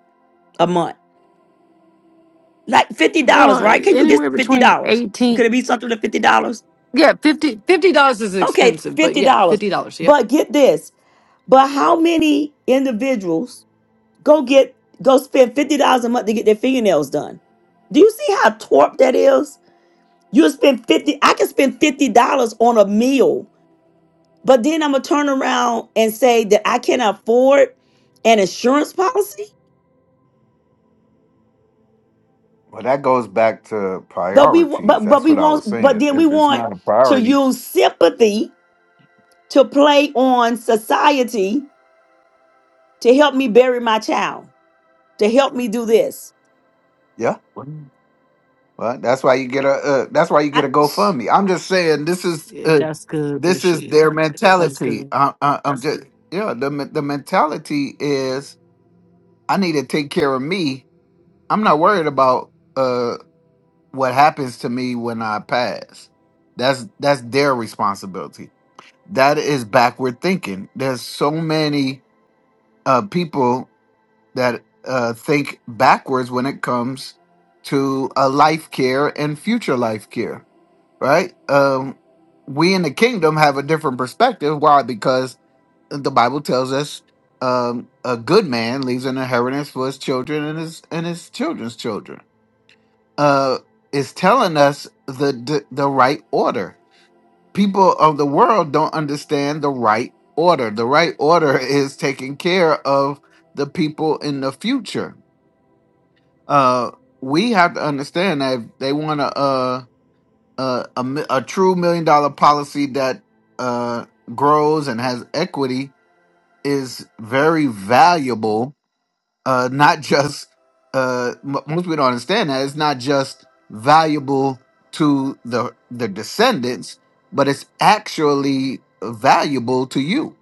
Speaker 1: a month? Like fifty dollars,
Speaker 11: uh,
Speaker 1: right? Can you
Speaker 11: anywhere
Speaker 1: get fifty
Speaker 11: between
Speaker 1: dollars? Could
Speaker 11: eighteen.
Speaker 1: it be something to fifty dollars?
Speaker 11: Yeah, 50 fifty dollars is
Speaker 1: Okay,
Speaker 11: expensive, but
Speaker 1: fifty
Speaker 11: yeah,
Speaker 1: dollars.
Speaker 11: fifty dollars. Yep,
Speaker 1: But get this. But how many individuals go get go spend fifty dollars a month to get their fingernails done? Do you see how torped that is? You spend 50, I can spend $50 on a meal, but then I'm gonna turn around and say that I can afford an insurance policy.
Speaker 9: Well, that goes back to
Speaker 1: But we wa-
Speaker 9: priorities.
Speaker 1: but but
Speaker 9: That's
Speaker 1: we
Speaker 9: what I was
Speaker 1: want but
Speaker 9: saying.
Speaker 1: then we
Speaker 9: If it's
Speaker 1: want
Speaker 9: not a
Speaker 1: to
Speaker 9: priority,
Speaker 1: use sympathy to play on society to help me bury my child, to help me do this.
Speaker 9: yeah. Well, that's why you get a. Uh, that's why you get
Speaker 1: I,
Speaker 9: a GoFundMe. I'm just saying this is
Speaker 11: Yeah,
Speaker 9: uh,
Speaker 11: that's good,
Speaker 9: this is
Speaker 11: Bishop.
Speaker 9: Yeah. their
Speaker 11: That's
Speaker 9: mentality.
Speaker 11: good.
Speaker 9: I, I, I'm just yeah. The men- the mentality is I need to take care of me. I'm not worried about. uh, what happens to me when I pass. That's that's their responsibility. That is backward thinking. There's so many uh, people that uh, think backwards when it comes to a life care and future life care. Right? Um, we in the kingdom have a different perspective. Why? Because the Bible tells us um, a good man leaves an inheritance for his children and his and his children's children uh, is telling us the, the the right order. People of the world don't understand the right order. The right order is taking care of the people in the future. Uh, we have to understand that if they want a a, a, a mi- a true million dollar policy that uh, grows and has equity is very valuable uh, not just uh, m- most people don't understand that it's not just valuable to the the descendants, but it's actually valuable to you,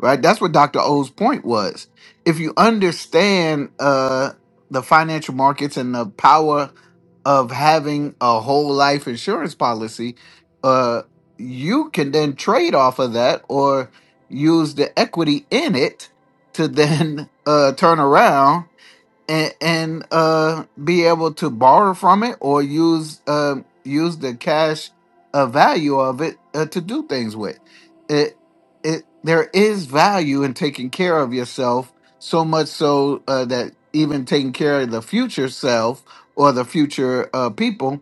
Speaker 9: right? That's what Dr. O's point was. If you understand uh, the financial markets and the power of having a whole life insurance policy, uh, you can then trade off of that or use the equity in it to then uh, turn around and and uh be able to borrow from it or use uh use the cash uh, value of it uh, to do things with it it there is value in taking care of yourself so much so uh, that even taking care of the future self or the future uh, people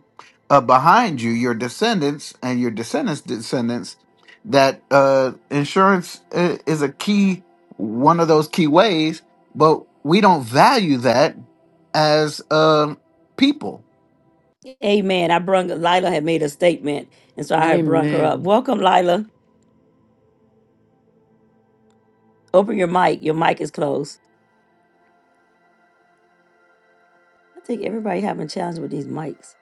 Speaker 9: uh, behind you your descendants and your descendants descendants that uh insurance i- is a key one of those key ways but we don't value that as um, people.
Speaker 1: Amen. I brung Lila had made a statement, and so I had brung her up.
Speaker 11: Amen.
Speaker 1: Welcome, Lila. Open your mic. Your mic is closed. I think everybody having a challenge with these mics.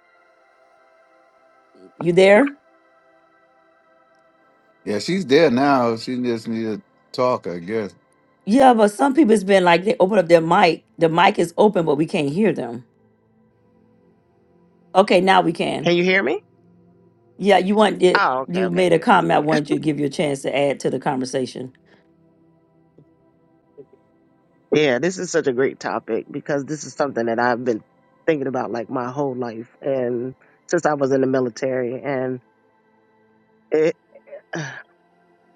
Speaker 1: You there?
Speaker 9: Yeah, she's there now. She just need to talk, I guess.
Speaker 1: Yeah, but some people it's been like they open up their mic. The mic is open, but we can't hear them. Okay, now we can.
Speaker 12: Can you hear me?
Speaker 1: Yeah, you want it.
Speaker 12: Oh, okay,
Speaker 1: You
Speaker 12: okay,
Speaker 1: made a
Speaker 12: good. I
Speaker 1: comment. I
Speaker 12: see it.
Speaker 1: wanted you to give you a chance to add to the conversation.
Speaker 12: Yeah, this is such a great topic because this is something that I've been thinking about like my whole life and since I was in the military and it I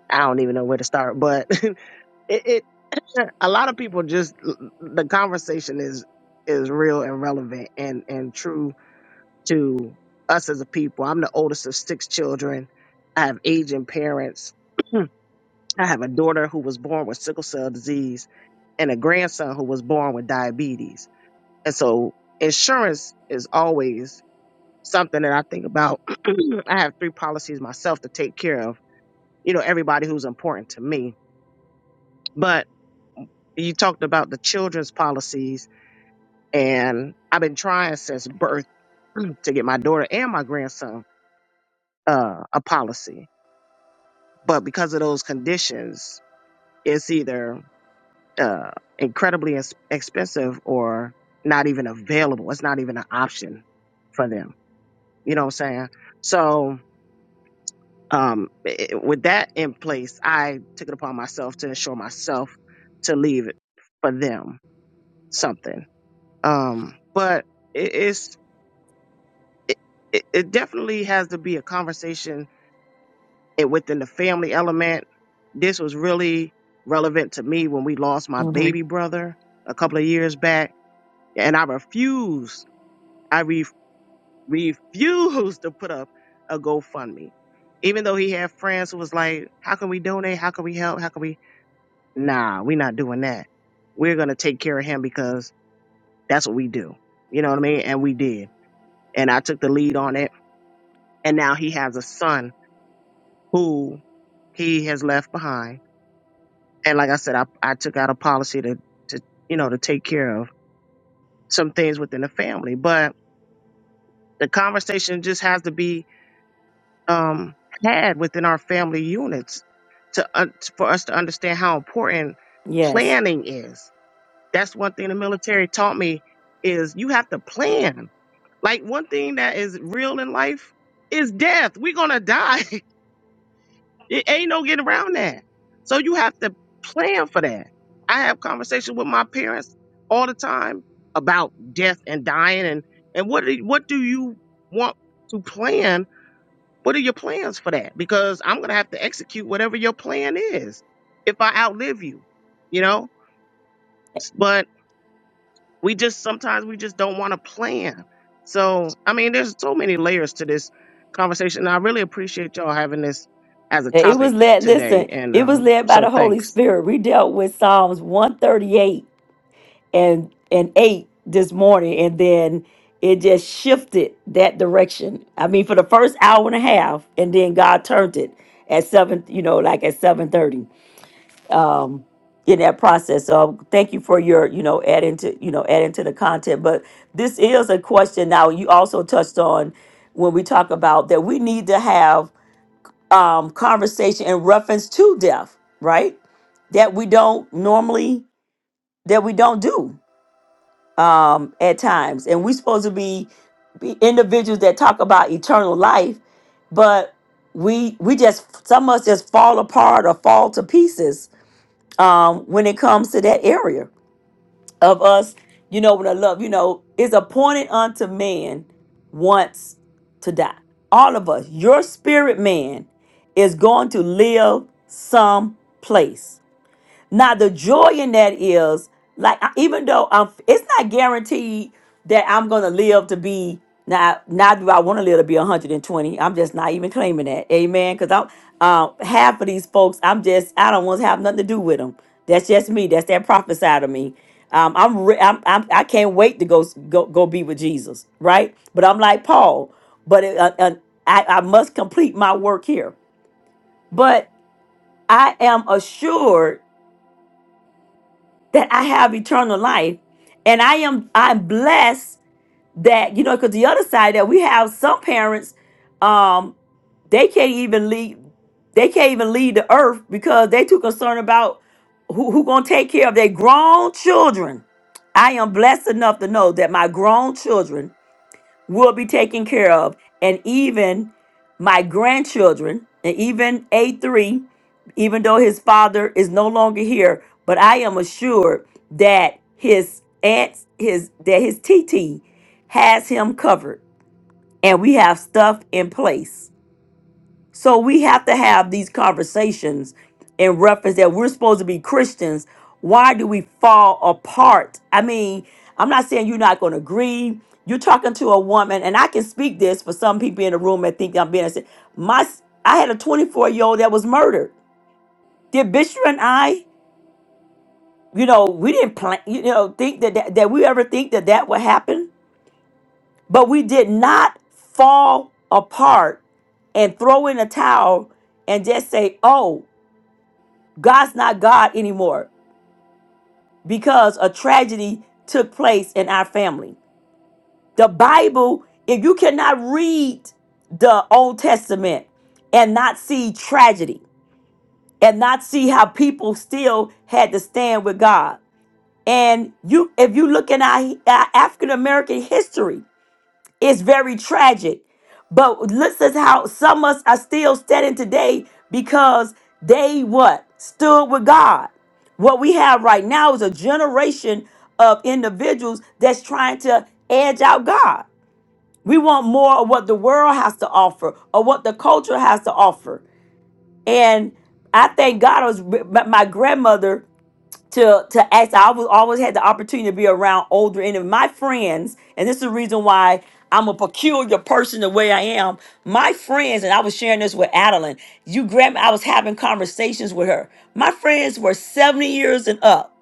Speaker 12: don't even know where to start, but it, it a lot of people just the conversation is is real and relevant and and true to us as a people. I'm the oldest of six children. I have aging parents. I have a daughter who was born with sickle cell disease and a grandson who was born with diabetes. And so insurance is always something that I think about. I have three policies myself to take care of, you know, everybody who's important to me. But you talked about the children's policies and I've been trying since birth to get my daughter and my grandson uh, a policy. But because of those conditions, it's either uh, incredibly ex- expensive or not even available. It's not even an option for them. You know what I'm saying? So, um, i- with that in place, I took it upon myself to ensure myself to leave it for them something. Um, but it, it's it, it it definitely has to be a conversation and within the family element. This was really relevant to me when we lost my baby brother a couple of years back, and I refused. I refused to put up a GoFundMe. Even though he had friends who was like, How can we donate? How can we help? How can we Nah, we're not doing that. We're gonna take care of him because that's what we do. You know what I mean? And we did. And I took the lead on it. And now he has a son who he has left behind. And like I said, I, I took out a policy to, to you know, to take care of some things within the family. But the conversation just has to be um, had within our family units to un for us to understand how important
Speaker 1: Yes.
Speaker 12: planning is. That's one thing the military taught me is you have to plan. Like one thing that is real in life is death. We're gonna die. It ain't no getting around that. So you have to plan for that. I have conversations with my parents all the time about death and dying and and what do- what do you want to plan what are your plans for that? Because I'm going to have to execute whatever your plan is if I outlive you, you know? But we just sometimes we just don't want to plan. So, I mean, there's so many layers to this conversation. I really appreciate y'all having this as a
Speaker 1: And It was
Speaker 12: topic
Speaker 1: led,
Speaker 12: today.
Speaker 1: listen,
Speaker 12: And
Speaker 1: it was
Speaker 12: um,
Speaker 1: led by the
Speaker 12: so
Speaker 1: Holy
Speaker 12: thanks.
Speaker 1: Spirit. We dealt with Psalms 138 and and 8 this morning, and then it just shifted that direction. I mean, for the first hour and a half, and then God turned it at seven, you know, like at 7:30. um, in that process. So um, thank you for your, you know, adding to, you know, adding to the content. But this is a question now you also touched on when we talk about that we need to have um, conversation in reference to death, right? That we don't normally, that we don't do um, at times. And we're supposed to be, be individuals that talk about eternal life, but we we just some of us just fall apart or fall to pieces um, when it comes to that area of us, you know, when I love, you know, is appointed unto man once to die. All of us, your spirit man is going to live someplace. Now the joy in that is like I- even though I'm, it's not guaranteed that I'm gonna live to be now. Now do I want to live to be 120? I'm just not even claiming that, amen. Because I'm uh, half of these folks, I'm just I don't want to have nothing to do with them. That's just me. That's that prophet side of me. Um, I'm, re- I'm, I'm I can't wait to go s- go go be with Jesus, right? But I'm like Paul, but it, uh, uh, I, I must complete my work here. But I am assured that I have eternal life. And I am I'm blessed that, you know, because the other side that we have some parents, um, they can't even leave they can't even leave the earth because they too concerned about who, who gonna take care of their grown children. I am blessed enough to know that my grown children will be taken care of. And even my grandchildren, and even A3, even though his father is no longer here, but I am assured that his aunts, his that his TT has him covered. And we have stuff in place. So we have to have these conversations in reference that we're supposed to be Christians. Why do we fall apart? I mean, I'm not saying you're not going to agree. You're talking to a woman, and I can speak this for some people in the room that think I'm being. My, I had a 24 year old that was murdered. Did Bishop and I, you know, we didn't plan, you know, think that, that that we ever think that that would happen, but we did not fall apart and throw in a towel and just say, "Oh." God's not God anymore because a tragedy took place in our family. The Bible, if you cannot read the Old Testament and not see tragedy and not see how people still had to stand with God. And you if you look in our, our African American history, It's very tragic. But this is how some of us are still standing today because they what? Stood with God. What we have right now is a generation of individuals that's trying to edge out God. We want more of what the world has to offer or what the culture has to offer. And I thank God it was my my grandmother to to ask. I was always had the opportunity to be around older and my friends, and this is the reason why I'm a peculiar person the way I am. My friends, and I was sharing this with Adeline. You grab I was having conversations with her. My friends were 70 years and up.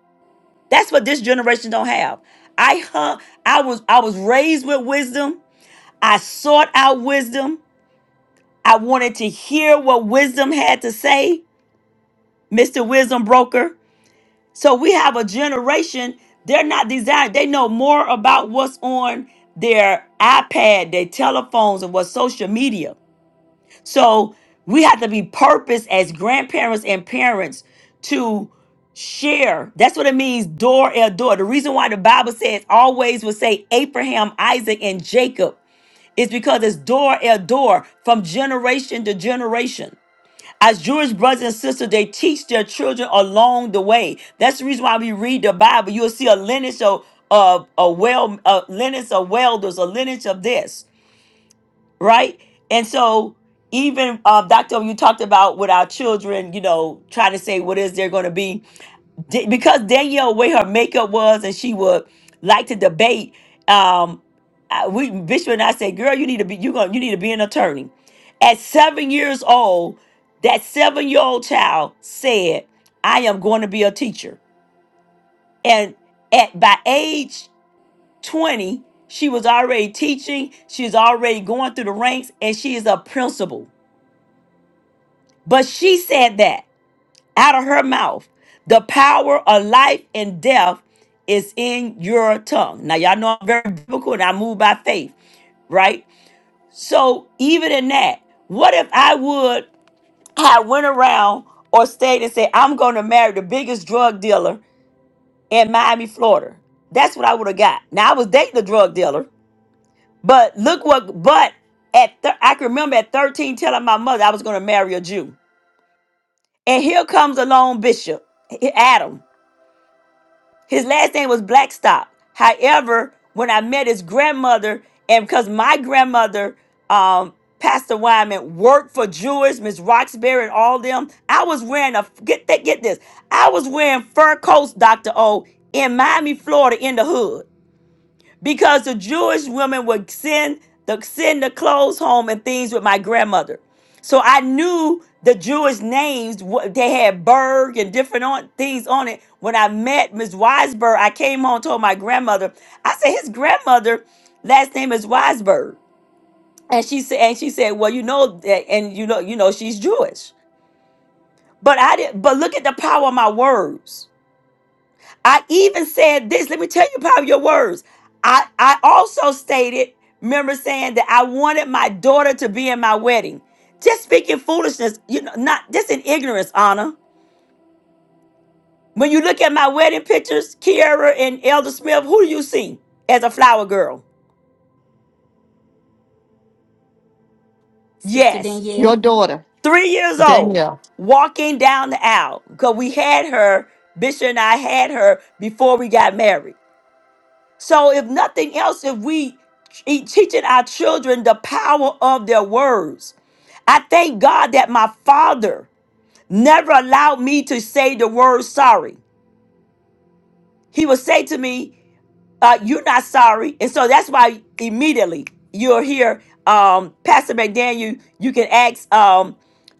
Speaker 1: That's what this generation don't have. I hung, I was I was raised with wisdom. I sought out wisdom. I wanted to hear what wisdom had to say, Mr. Wisdom Broker. So we have a generation, they're not designed, they know more about what's on their iPad, their telephones, and what's social media. So we have to be purpose as grandparents and parents to share. That's what it means, door el door. The reason why the Bible says always will say Abraham, Isaac, and Jacob is because it's door el door from generation to generation as Jewish brothers and sisters, they teach their children along the way. That's the reason why we read the Bible. You'll see a lineage of of a well a lineage of welders, a lineage of this, right? And so even uh, Doctor, you talked about with our children, you know, trying to say what is they're going to be Da- because Danielle, where her makeup was, and she would like to debate. Um, I- we Bishop and I said, "Girl, you need to be you going you need to be an attorney." At seven years old, that seven year old child said, "I am going to be a teacher." And at by age twenty, she was already teaching. She was already going through the ranks, and she is a principal. But she said that. out of her mouth. The power of life and death is in your tongue. Now, y'all know I'm very biblical and I move by faith, right? So, even in that, what if I would have went around or stayed and said, I'm going to marry the biggest drug dealer in Miami, Florida? That's what I would have got. Now, I was dating a drug dealer, but look what, but at thir- I can remember at 13 telling my mother I was going to marry a Jew. And here comes along Bishop, Adam. His last name was Blackstock. However, when I met his grandmother, and because my grandmother, um, Pastor Wyman, worked for Jewish, Miss Roxbury, and all them, I was wearing a get that get this. I was wearing fur coats, Dr. O, in Miami, Florida, in the hood because the Jewish women would send the send the clothes home and things with my grandmother. So I knew the Jewish names. what- They had Berg and different on, things on it. When I met Miss Weisberg, I came home and told my grandmother. I said his grandmother last name is Weisberg, and she said and she said, well, you know that, and you know you know she's Jewish. But I did. But look at the power of my words. I even said this. Let me tell you power of your words. I, I also stated, remember saying that I wanted my daughter to be in my wedding. Just speaking foolishness, you know, not just in ignorance, Anna. When you look at my wedding pictures, Kiara and Elder Smith, who do you see as a flower girl?
Speaker 10: Sister
Speaker 1: Yes,
Speaker 5: Your
Speaker 10: Danielle,
Speaker 5: daughter,
Speaker 1: three years old,
Speaker 5: Danielle.
Speaker 1: walking down the aisle. Because we had her, Bishop and I had her before we got married. So, if nothing else, if we e- teaching our children the power of their words, I thank God that my father never allowed me to say the word sorry. He would say to me, uh, "You're not sorry," and so that's why immediately you'll hear um, Pastor McDaniel. You can ask um,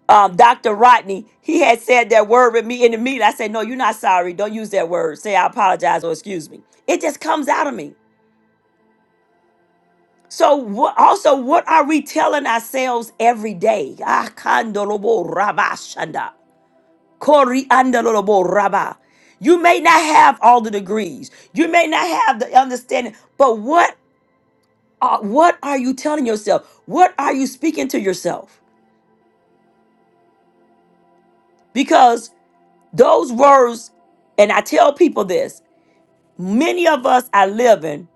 Speaker 1: um, Dr. Rodney. He had said that word with me in the meeting. I said, "No, you're not sorry. Don't use that word. Say I apologize or excuse me." It just comes out of me. So what, also, what are we telling ourselves every day? Ah, kandorobo raba Kori andalobo raba. You may not have all the degrees. You may not have the understanding, but what are, what are you telling yourself? What are you speaking to yourself? Because those words, and I tell people this, many of us are living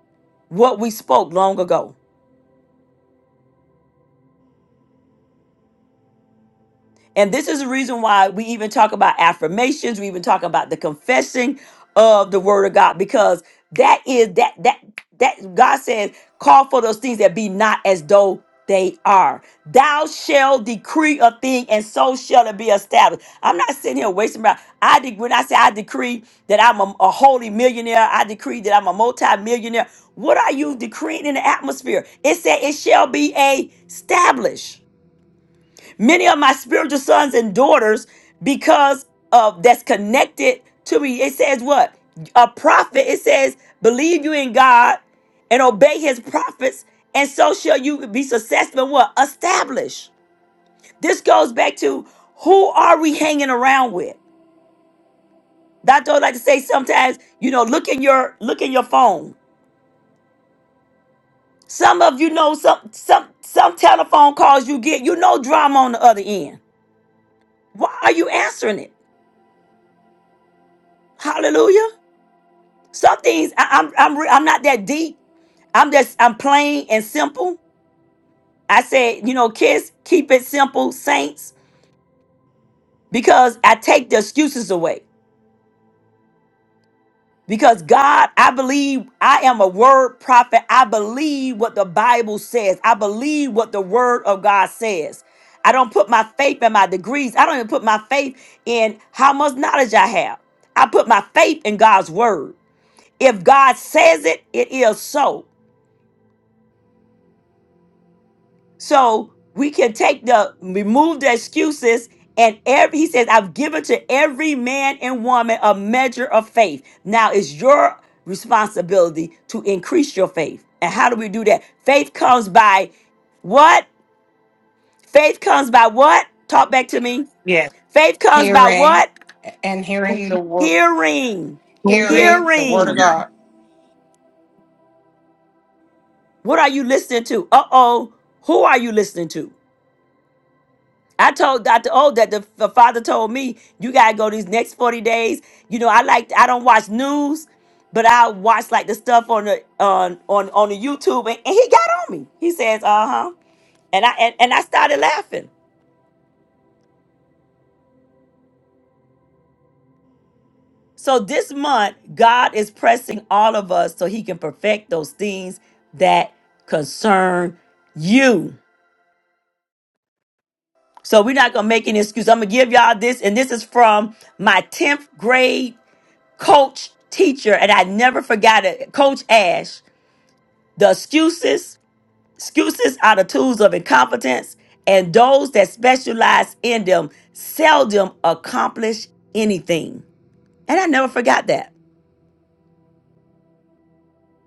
Speaker 1: what we spoke long ago. And this is the reason why we even talk about affirmations, we even talk about the confessing of the word of God, because that is that that that God says, call for those things that be not as though they are. Thou shall decree a thing, and so shall it be established. I'm not sitting here wasting my. I de- when I say I decree that I'm a, a holy millionaire, I decree that I'm a multi-millionaire. What are you decreeing in the atmosphere? It said it shall be established many of my spiritual sons and daughters because of that's connected to me it says what a prophet it says believe you in god and obey his prophets and so shall you be successful and what established this goes back to who are we hanging around with dr O like to say sometimes you know look in your look in your phone some of you know some some some telephone calls you get you know drama on the other end why are you answering it hallelujah Some things I, I'm I'm re- I'm not that deep. I'm just I'm plain and simple. I said, you know, kiss, keep it simple, saints, because I take the excuses away. Because God, I believe I am a word prophet. I believe what the Bible says. I believe what the word of God says. I don't put my faith in my degrees. I don't even put my faith in how much knowledge I have. I put my faith in God's word. If God says it, it is so. So we can take the remove the excuses and every he says, I've given to every man and woman a measure of faith. Now it's your responsibility to increase your faith. And how do we do that? Faith comes by what? Faith comes by what? Talk back to me.
Speaker 2: Yeah.
Speaker 1: Faith comes by
Speaker 2: Hearing
Speaker 1: what?
Speaker 2: and hearing the word,
Speaker 1: Hearing.
Speaker 6: Glory
Speaker 2: hearing the word of
Speaker 1: Hearing.
Speaker 2: God.
Speaker 1: What are you listening to? Uh-oh. Who are you listening to? I told Dr. O that the, the father told me, you gotta go these next 40 days. You know, I like I don't watch news, but I watch like the stuff on the on on on the YouTube and, and he got on me. He says, uh-huh. And I and, and I started laughing. So this month, God is pressing all of us so he can perfect those things that concern you. So we're not gonna make any excuse. I'm gonna give y'all this, and this is from my 10th grade coach, teacher, and I never forgot it. Coach Ash, the excuses, excuses are the tools of incompetence, and those that specialize in them seldom accomplish anything. And I never forgot that.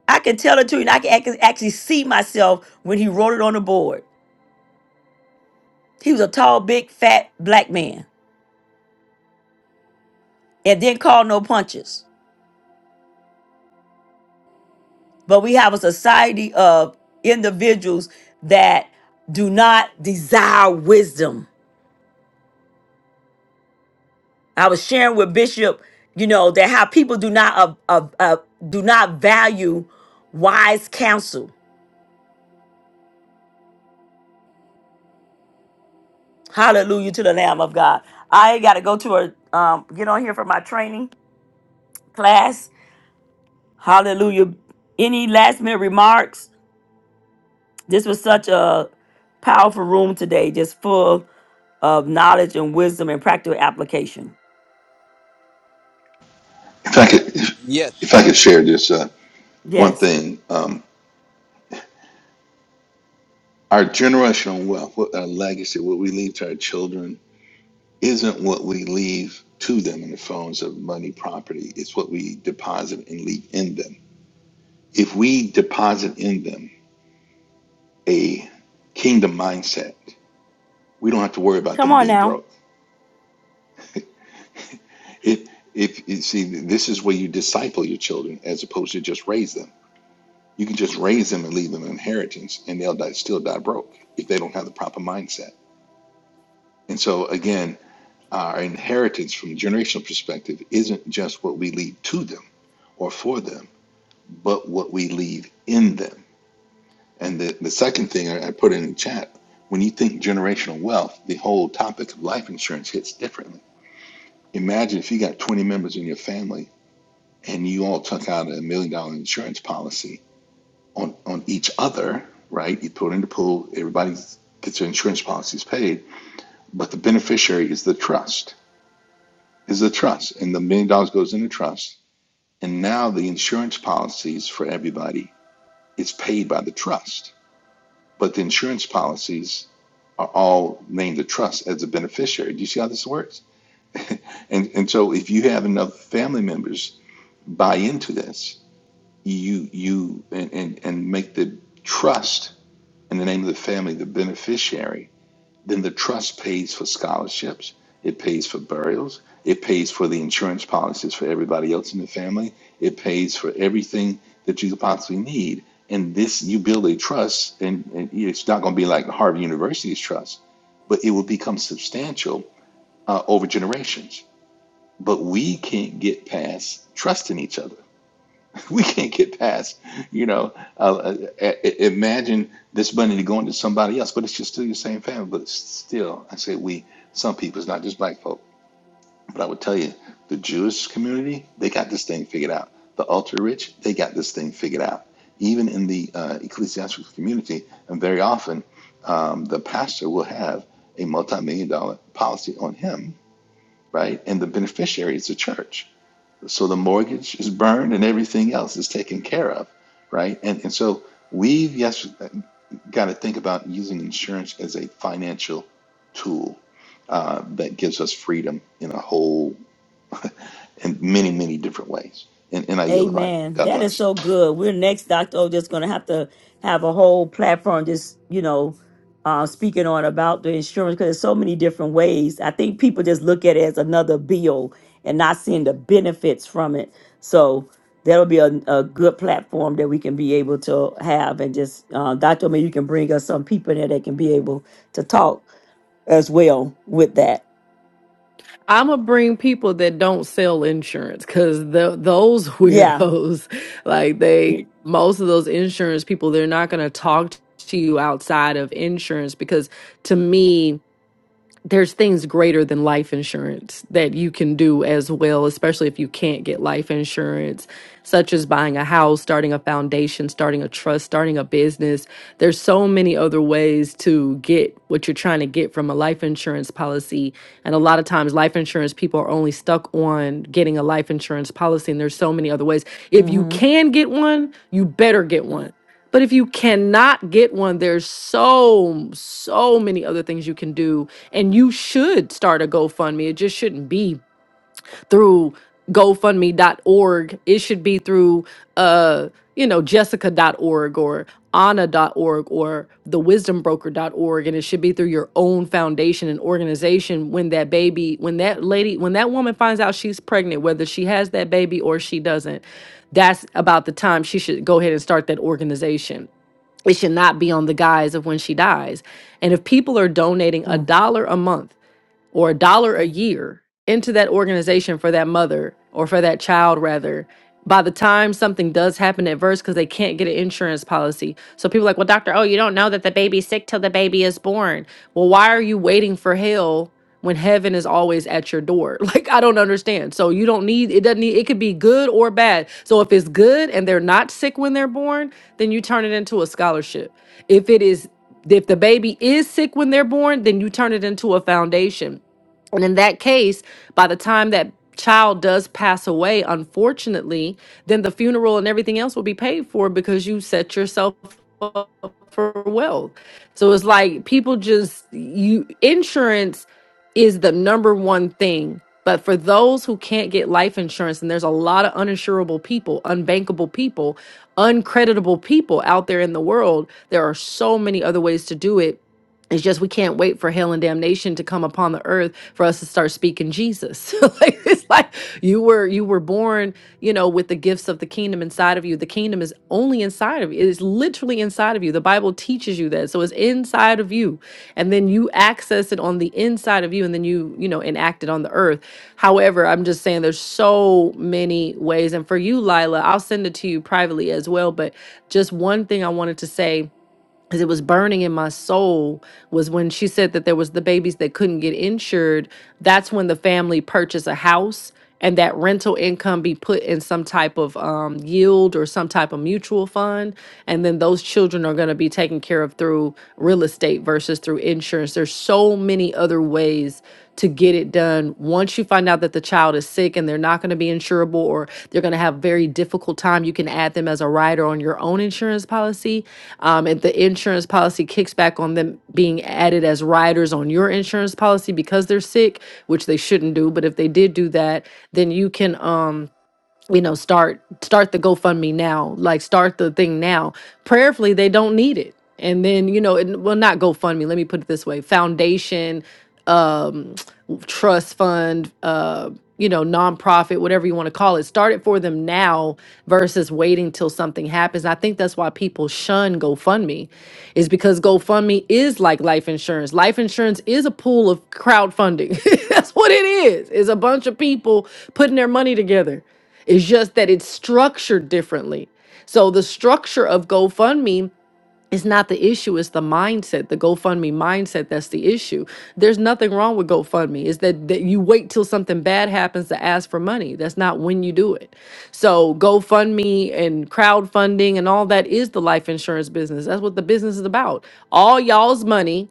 Speaker 1: I can tell it to you, and I can ac- actually see myself when he wrote it on the board. He was a tall, big, fat black man, and didn't call no punches. But we have a society of individuals that do not desire wisdom I was sharing with Bishop, you know, that how people do not uh, uh, uh, do not value wise counsel. Hallelujah to the Lamb of God. I ain't got to go to a um, get on here for my training class. Hallelujah. Any last minute remarks? This was such a powerful room today, just full of knowledge and wisdom and practical application.
Speaker 8: If I could, if, if I
Speaker 7: Yes.
Speaker 8: could share this. uh, one
Speaker 1: Yes.
Speaker 8: thing um, our generational wealth what our legacy what we leave to our children isn't what we leave to them in the forms of money property it's what we deposit and leave in them if we deposit in them a kingdom mindset we don't have to worry about
Speaker 1: Come
Speaker 8: them
Speaker 1: on
Speaker 8: being
Speaker 1: now.
Speaker 8: broke if if you see this is where you disciple your children as opposed to just raise them you can just raise them and leave them an inheritance and they'll die, still die broke if they don't have the proper mindset and so again our inheritance from a generational perspective isn't just what we leave to them or for them, but what we leave in them. And the, the second thing I, I put in the chat when you think generational wealth, the whole topic of life insurance hits differently. Imagine if you got 20 members in your family and you all took out a million dollar insurance policy on, on each other, right? You put it in the pool, everybody gets their insurance policies paid, but the beneficiary is the trust, is the trust. And the million dollars goes in the trust And now the insurance policies for everybody is paid by the trust, but the insurance policies are all named the trust as a beneficiary. Do you see how this works? And and so if you have enough family members buy into this, you you and and, and make the trust in the name of the family the beneficiary Then the trust pays for scholarships, it pays for burials, it pays for the insurance policies for everybody else in the family, it pays for everything that you could possibly need. And this, you build a trust, and, and it's not going to be like Harvard University's trust, but it will become substantial uh, over generations. But we can't get past trusting each other we can't get past, you know, uh, uh, uh, imagine this money going to somebody else, but it's just still your same family. But it's still, I say we, some people, it's not just black folk. But I would tell you, the Jewish community, they got this thing figured out. The ultra rich, they got this thing figured out. Even in the uh, ecclesiastical community, and very often um, the pastor will have a multi million dollar policy on him, right? And the beneficiary is the church so the mortgage is burned and everything else is taken care of right and and so we've yes got to think about using insurance as a financial tool uh, that gives us freedom in a whole in many many different ways and, and i yield the mic
Speaker 1: Amen.
Speaker 8: god
Speaker 1: That is
Speaker 8: bless
Speaker 1: so good. We're next, Dr. O, just going to have to have a whole platform just, you know, uh, speaking on about the insurance because there's so many different ways. I think people just look at it as another bill and not seeing the benefits from it. So that'll be a, a good platform that we can be able to have. And just, uh, Dr. O, maybe you can bring us some people there that can be able to talk as well with that.
Speaker 11: I'm gonna bring people that don't sell insurance because the those
Speaker 1: Yeah.
Speaker 11: weirdos, like they, most of those insurance people, they're not gonna talk to you outside of insurance because to me there's things greater than life insurance that you can do as well, especially if you can't get life insurance, such as buying a house, starting a foundation, starting a trust, starting a business. There's so many other ways to get what you're trying to get from a life insurance policy. And a lot of times, life insurance people are only stuck on getting a life insurance policy, and there's so many other ways. If you
Speaker 1: Mm-hmm.
Speaker 11: can get one, you better get one. But if you cannot get one, there's so, so many other things you can do and you should start a GoFundMe. It just shouldn't be through gofundme.org. It should be through uh, you know, jessica.org or anna.org or thewisdombroker.org and it should be through your own foundation and organization when that baby, when that lady, when that woman finds out she's pregnant whether she has that baby or she doesn't. That's about the time she should go ahead and start that organization. It should not be on the guise of when she dies. And if people are donating a
Speaker 1: Mm.
Speaker 11: dollar a month or a dollar a year into that organization for that mother or for that child rather by the time something does happen adverse because they can't get an insurance policy so people are like well doctor oh you don't know that the baby's sick till the baby is born well why are you waiting for hell when heaven is always at your door like i don't understand so you don't need it doesn't need it could be good or bad so if it's good and they're not sick when they're born then you turn it into a scholarship if it is if the baby is sick when they're born then you turn it into a foundation and in that case, by the time that child does pass away, unfortunately, then the funeral and everything else will be paid for because you set yourself up for wealth. So it's like people just you insurance is the number one thing. But for those who can't get life insurance, and there's a lot of uninsurable people, unbankable people, uncreditable people out there in the world, there are so many other ways to do it. It's just we can't wait for hell and damnation to come upon the earth for us to start speaking Jesus. like it's like you were you were born, you know, with the gifts of the kingdom inside of you. The kingdom is only inside of you. It is literally inside of you. The Bible teaches you that. So it's inside of you. And then you access it on the inside of you and then you, you know, enact it on the earth. However, I'm just saying there's so many ways. And for you, Lila, I'll send it to you privately as well. But just one thing I wanted to say because it was burning in my soul was when she said that there was the babies that couldn't get insured that's when the family purchased a house and that rental income be put in some type of um, yield or some type of mutual fund. And then those children are going to be taken care of through real estate versus through insurance. There's so many other ways to get it done. Once you find out that the child is sick and they're not going to be insurable or they're going to have very difficult time, you can add them as a rider on your own insurance policy. Um, and the insurance policy kicks back on them being added as riders on your insurance policy because they're sick, which they shouldn't do. But if they did do that, then you can um you know start start the gofundme now like start the thing now prayerfully they don't need it and then you know and well not gofundme let me put it this way foundation um trust fund uh you know nonprofit whatever you want to call it start it for them now versus waiting till something happens i think that's why people shun gofundme is because gofundme is like life insurance life insurance is a pool of crowdfunding that's what it is it's a bunch of people putting their money together it's just that it's structured differently. So the structure of GoFundMe is not the issue, it's the mindset, the GoFundMe mindset that's the issue. There's nothing wrong with GoFundMe. Is that, that you wait till something bad happens to ask for money. That's not when you do it. So GoFundMe and crowdfunding and all that is the life insurance business. That's what the business is about. All y'all's money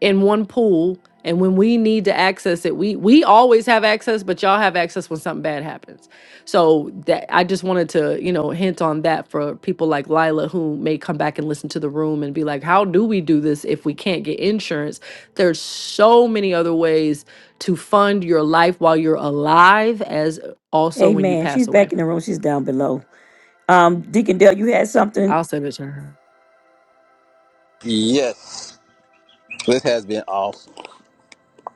Speaker 11: in one pool and when we need to access it we we always have access but y'all have access when something bad happens so that i just wanted to you know hint on that for people like lila who may come back and listen to the room and be like how do we do this if we can't get insurance there's so many other ways to fund your life while you're alive as also when you
Speaker 1: Amen.
Speaker 11: pass
Speaker 1: She's
Speaker 11: away
Speaker 1: back in the room. She's down below. Um, Deacon Dale, you had something?
Speaker 11: i'll send it to her
Speaker 7: Yes. This has been awesome.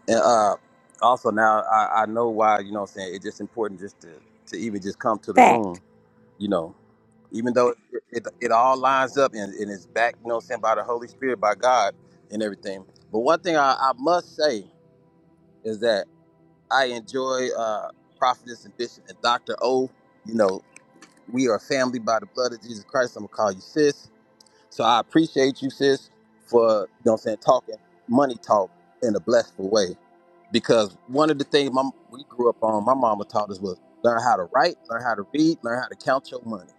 Speaker 7: And uh, also now I, I know why, you know what I'm saying, it's just important just to, to even just come to the
Speaker 1: Fact.
Speaker 7: room, you know, even though it, it, it all lines up and, and it's back, you know what I'm saying, by the Holy Spirit, by God and everything. But one thing I, I must say is that I enjoy uh, Prophetess and Bishop and Dr. O. You know, we are family by the blood of Jesus Christ. I'm going to call you sis so I appreciate you, sis, for you know what I'm saying, talking money talk in a blessful way. Because one of the things my, we grew up on, my mama taught us was learn how to write, learn how to read, learn how to count your money.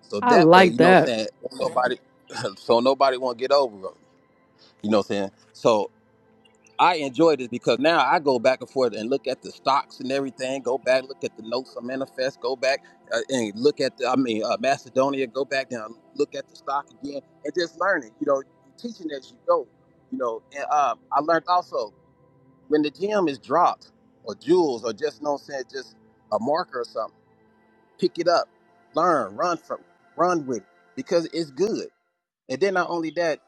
Speaker 7: So
Speaker 11: i
Speaker 7: that way,
Speaker 11: like
Speaker 7: you know what
Speaker 11: that
Speaker 7: I'm saying, so nobody so nobody won't get over on you. You know what I'm saying? So I enjoy this because now I go back and forth and look at the stocks and everything. Go back, look at the notes of manifest. Go back uh, and look at the, I mean, uh, Macedonia. Go back and look at the stock again and just learn it. You know, you teaching as you go. You know, and um, I learned also when the gem is dropped or jewels or just you know what I'm saying just a marker or something, pick it up, learn, run from, run with it because it's good. And then not only that,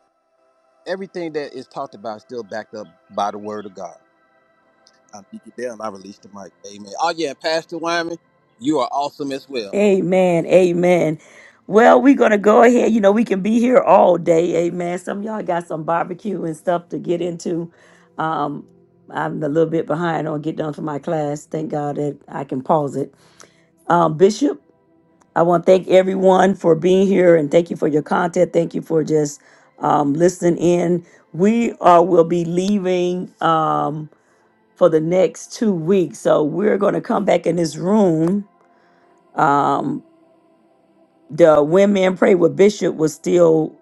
Speaker 7: everything that is talked about is still backed up by the word of God. I'm Deacon Dale, and I released the mic. Amen. Oh, yeah, Pastor Wyman, you are awesome as well.
Speaker 1: Amen. Amen. Well, we're gonna go ahead. You know, we can be here all day. Amen. Some of y'all got some barbecue and stuff to get into. Um, I'm a little bit behind on get done for my class. Thank God that I can pause it. Um, Bishop. I want to thank everyone for being here and thank you for your content. Thank you for just um, listening in. We uh, will be leaving um, for the next two weeks. So we're going to come back in this room. Um, the When Men Pray with Bishop will still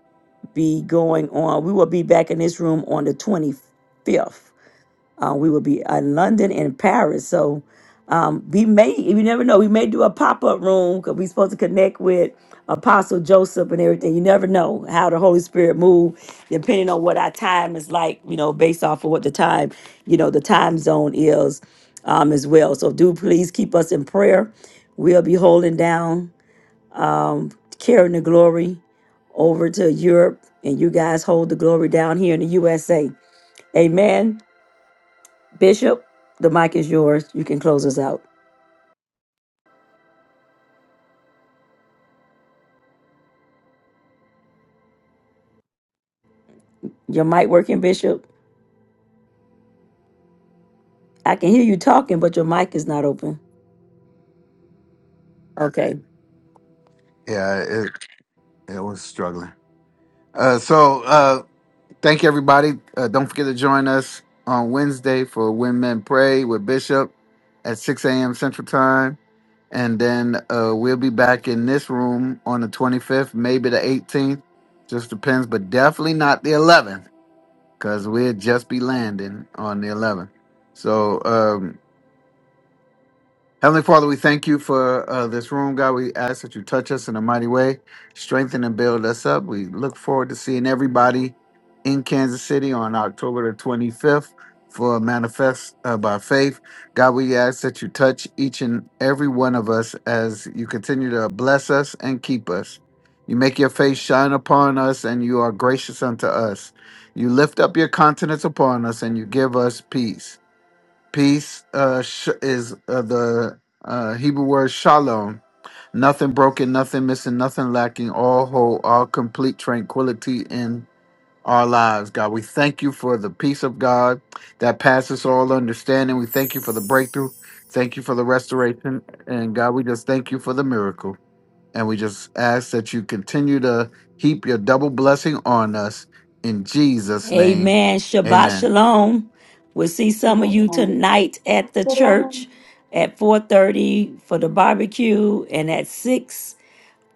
Speaker 1: be going on. We will be back in this room on the 25th. Uh, we will be in London and Paris. So um, we may, you never know, we may do a pop up room because we're supposed to connect with Apostle Joseph and everything. You never know how the Holy Spirit move, depending on what our time is like, you know, based off of what the time, you know, the time zone is um, as well. So do please keep us in prayer. We'll be holding down, um, carrying the glory over to Europe, and you guys hold the glory down here in the USA. Amen. Bishop, the mic is yours. You can close us out. Your mic working, Bishop? I can hear you talking, but your mic is not open. Okay.
Speaker 9: Yeah, it, it was struggling. Uh, so uh, thank you, everybody. Uh, don't forget to join us on Wednesday for When Men Pray with Bishop at 6 a.m. Central Time. And then uh, we'll be back in this room on the 25th, maybe the 18th. Just depends, but definitely not the 11th. because we'll just be landing on the 11th. So, um, Heavenly Father, we thank you for uh, this room, God. We ask that you touch us in a mighty way, strengthen and build us up. We look forward to seeing everybody in Kansas City on October the 25th for Manifest uh, by Faith. God, we ask that you touch each and every one of us as you continue to bless us and keep us. You make your face shine upon us, and you are gracious unto us. You lift up your countenance upon us, and you give us peace. Peace uh, sh- is uh, the uh, Hebrew word shalom. Nothing broken, nothing missing, nothing lacking, all whole, all complete tranquility in our lives. God, we thank you for the peace of God that passes all understanding. We thank you for the breakthrough. Thank you for the restoration. And God, we just thank you for the miracle. And we just ask that you continue to heap your double blessing on us. In Jesus' name,
Speaker 1: Amen. Shabbat
Speaker 9: amen.
Speaker 1: shalom. We'll see some of you tonight at the church at 4:30 for the barbecue and at 6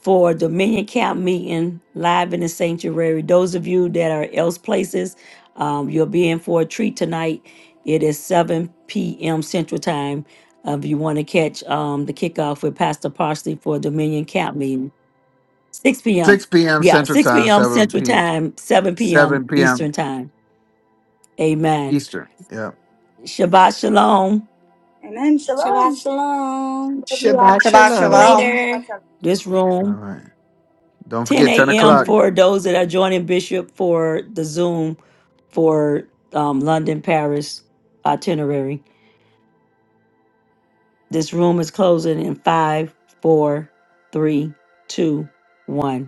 Speaker 1: for Dominion Camp meeting live in the sanctuary. Those of you that are else places, um, you'll be in for a treat tonight. It is 7 p.m. Central Time. Uh, if you want to catch um, the kickoff with Pastor Parsley for Dominion Camp meeting, 6
Speaker 9: 6
Speaker 1: p.m.
Speaker 9: p.m.
Speaker 1: Yeah,
Speaker 9: Central
Speaker 1: 6
Speaker 9: Time,
Speaker 1: p.m.
Speaker 9: 7
Speaker 1: Central
Speaker 9: p.m.
Speaker 1: Time, 7 p.m.
Speaker 9: 7 p.m.
Speaker 1: Eastern Time. Amen.
Speaker 9: Eastern. Yep.
Speaker 1: Shabbat Shalom.
Speaker 4: Amen.
Speaker 10: Shabbat Shalom. Love you all.
Speaker 5: Shabbat
Speaker 2: Shabbat
Speaker 10: See you
Speaker 5: shalom.
Speaker 2: shalom.
Speaker 10: later.
Speaker 1: This
Speaker 9: All
Speaker 1: room
Speaker 9: right. Don't
Speaker 1: 10
Speaker 9: forget 10
Speaker 1: a.m.
Speaker 9: o'clock.
Speaker 1: for those that are joining Bishop for the Zoom for um, London Paris itinerary. This room is closing in five, four, three, two, one.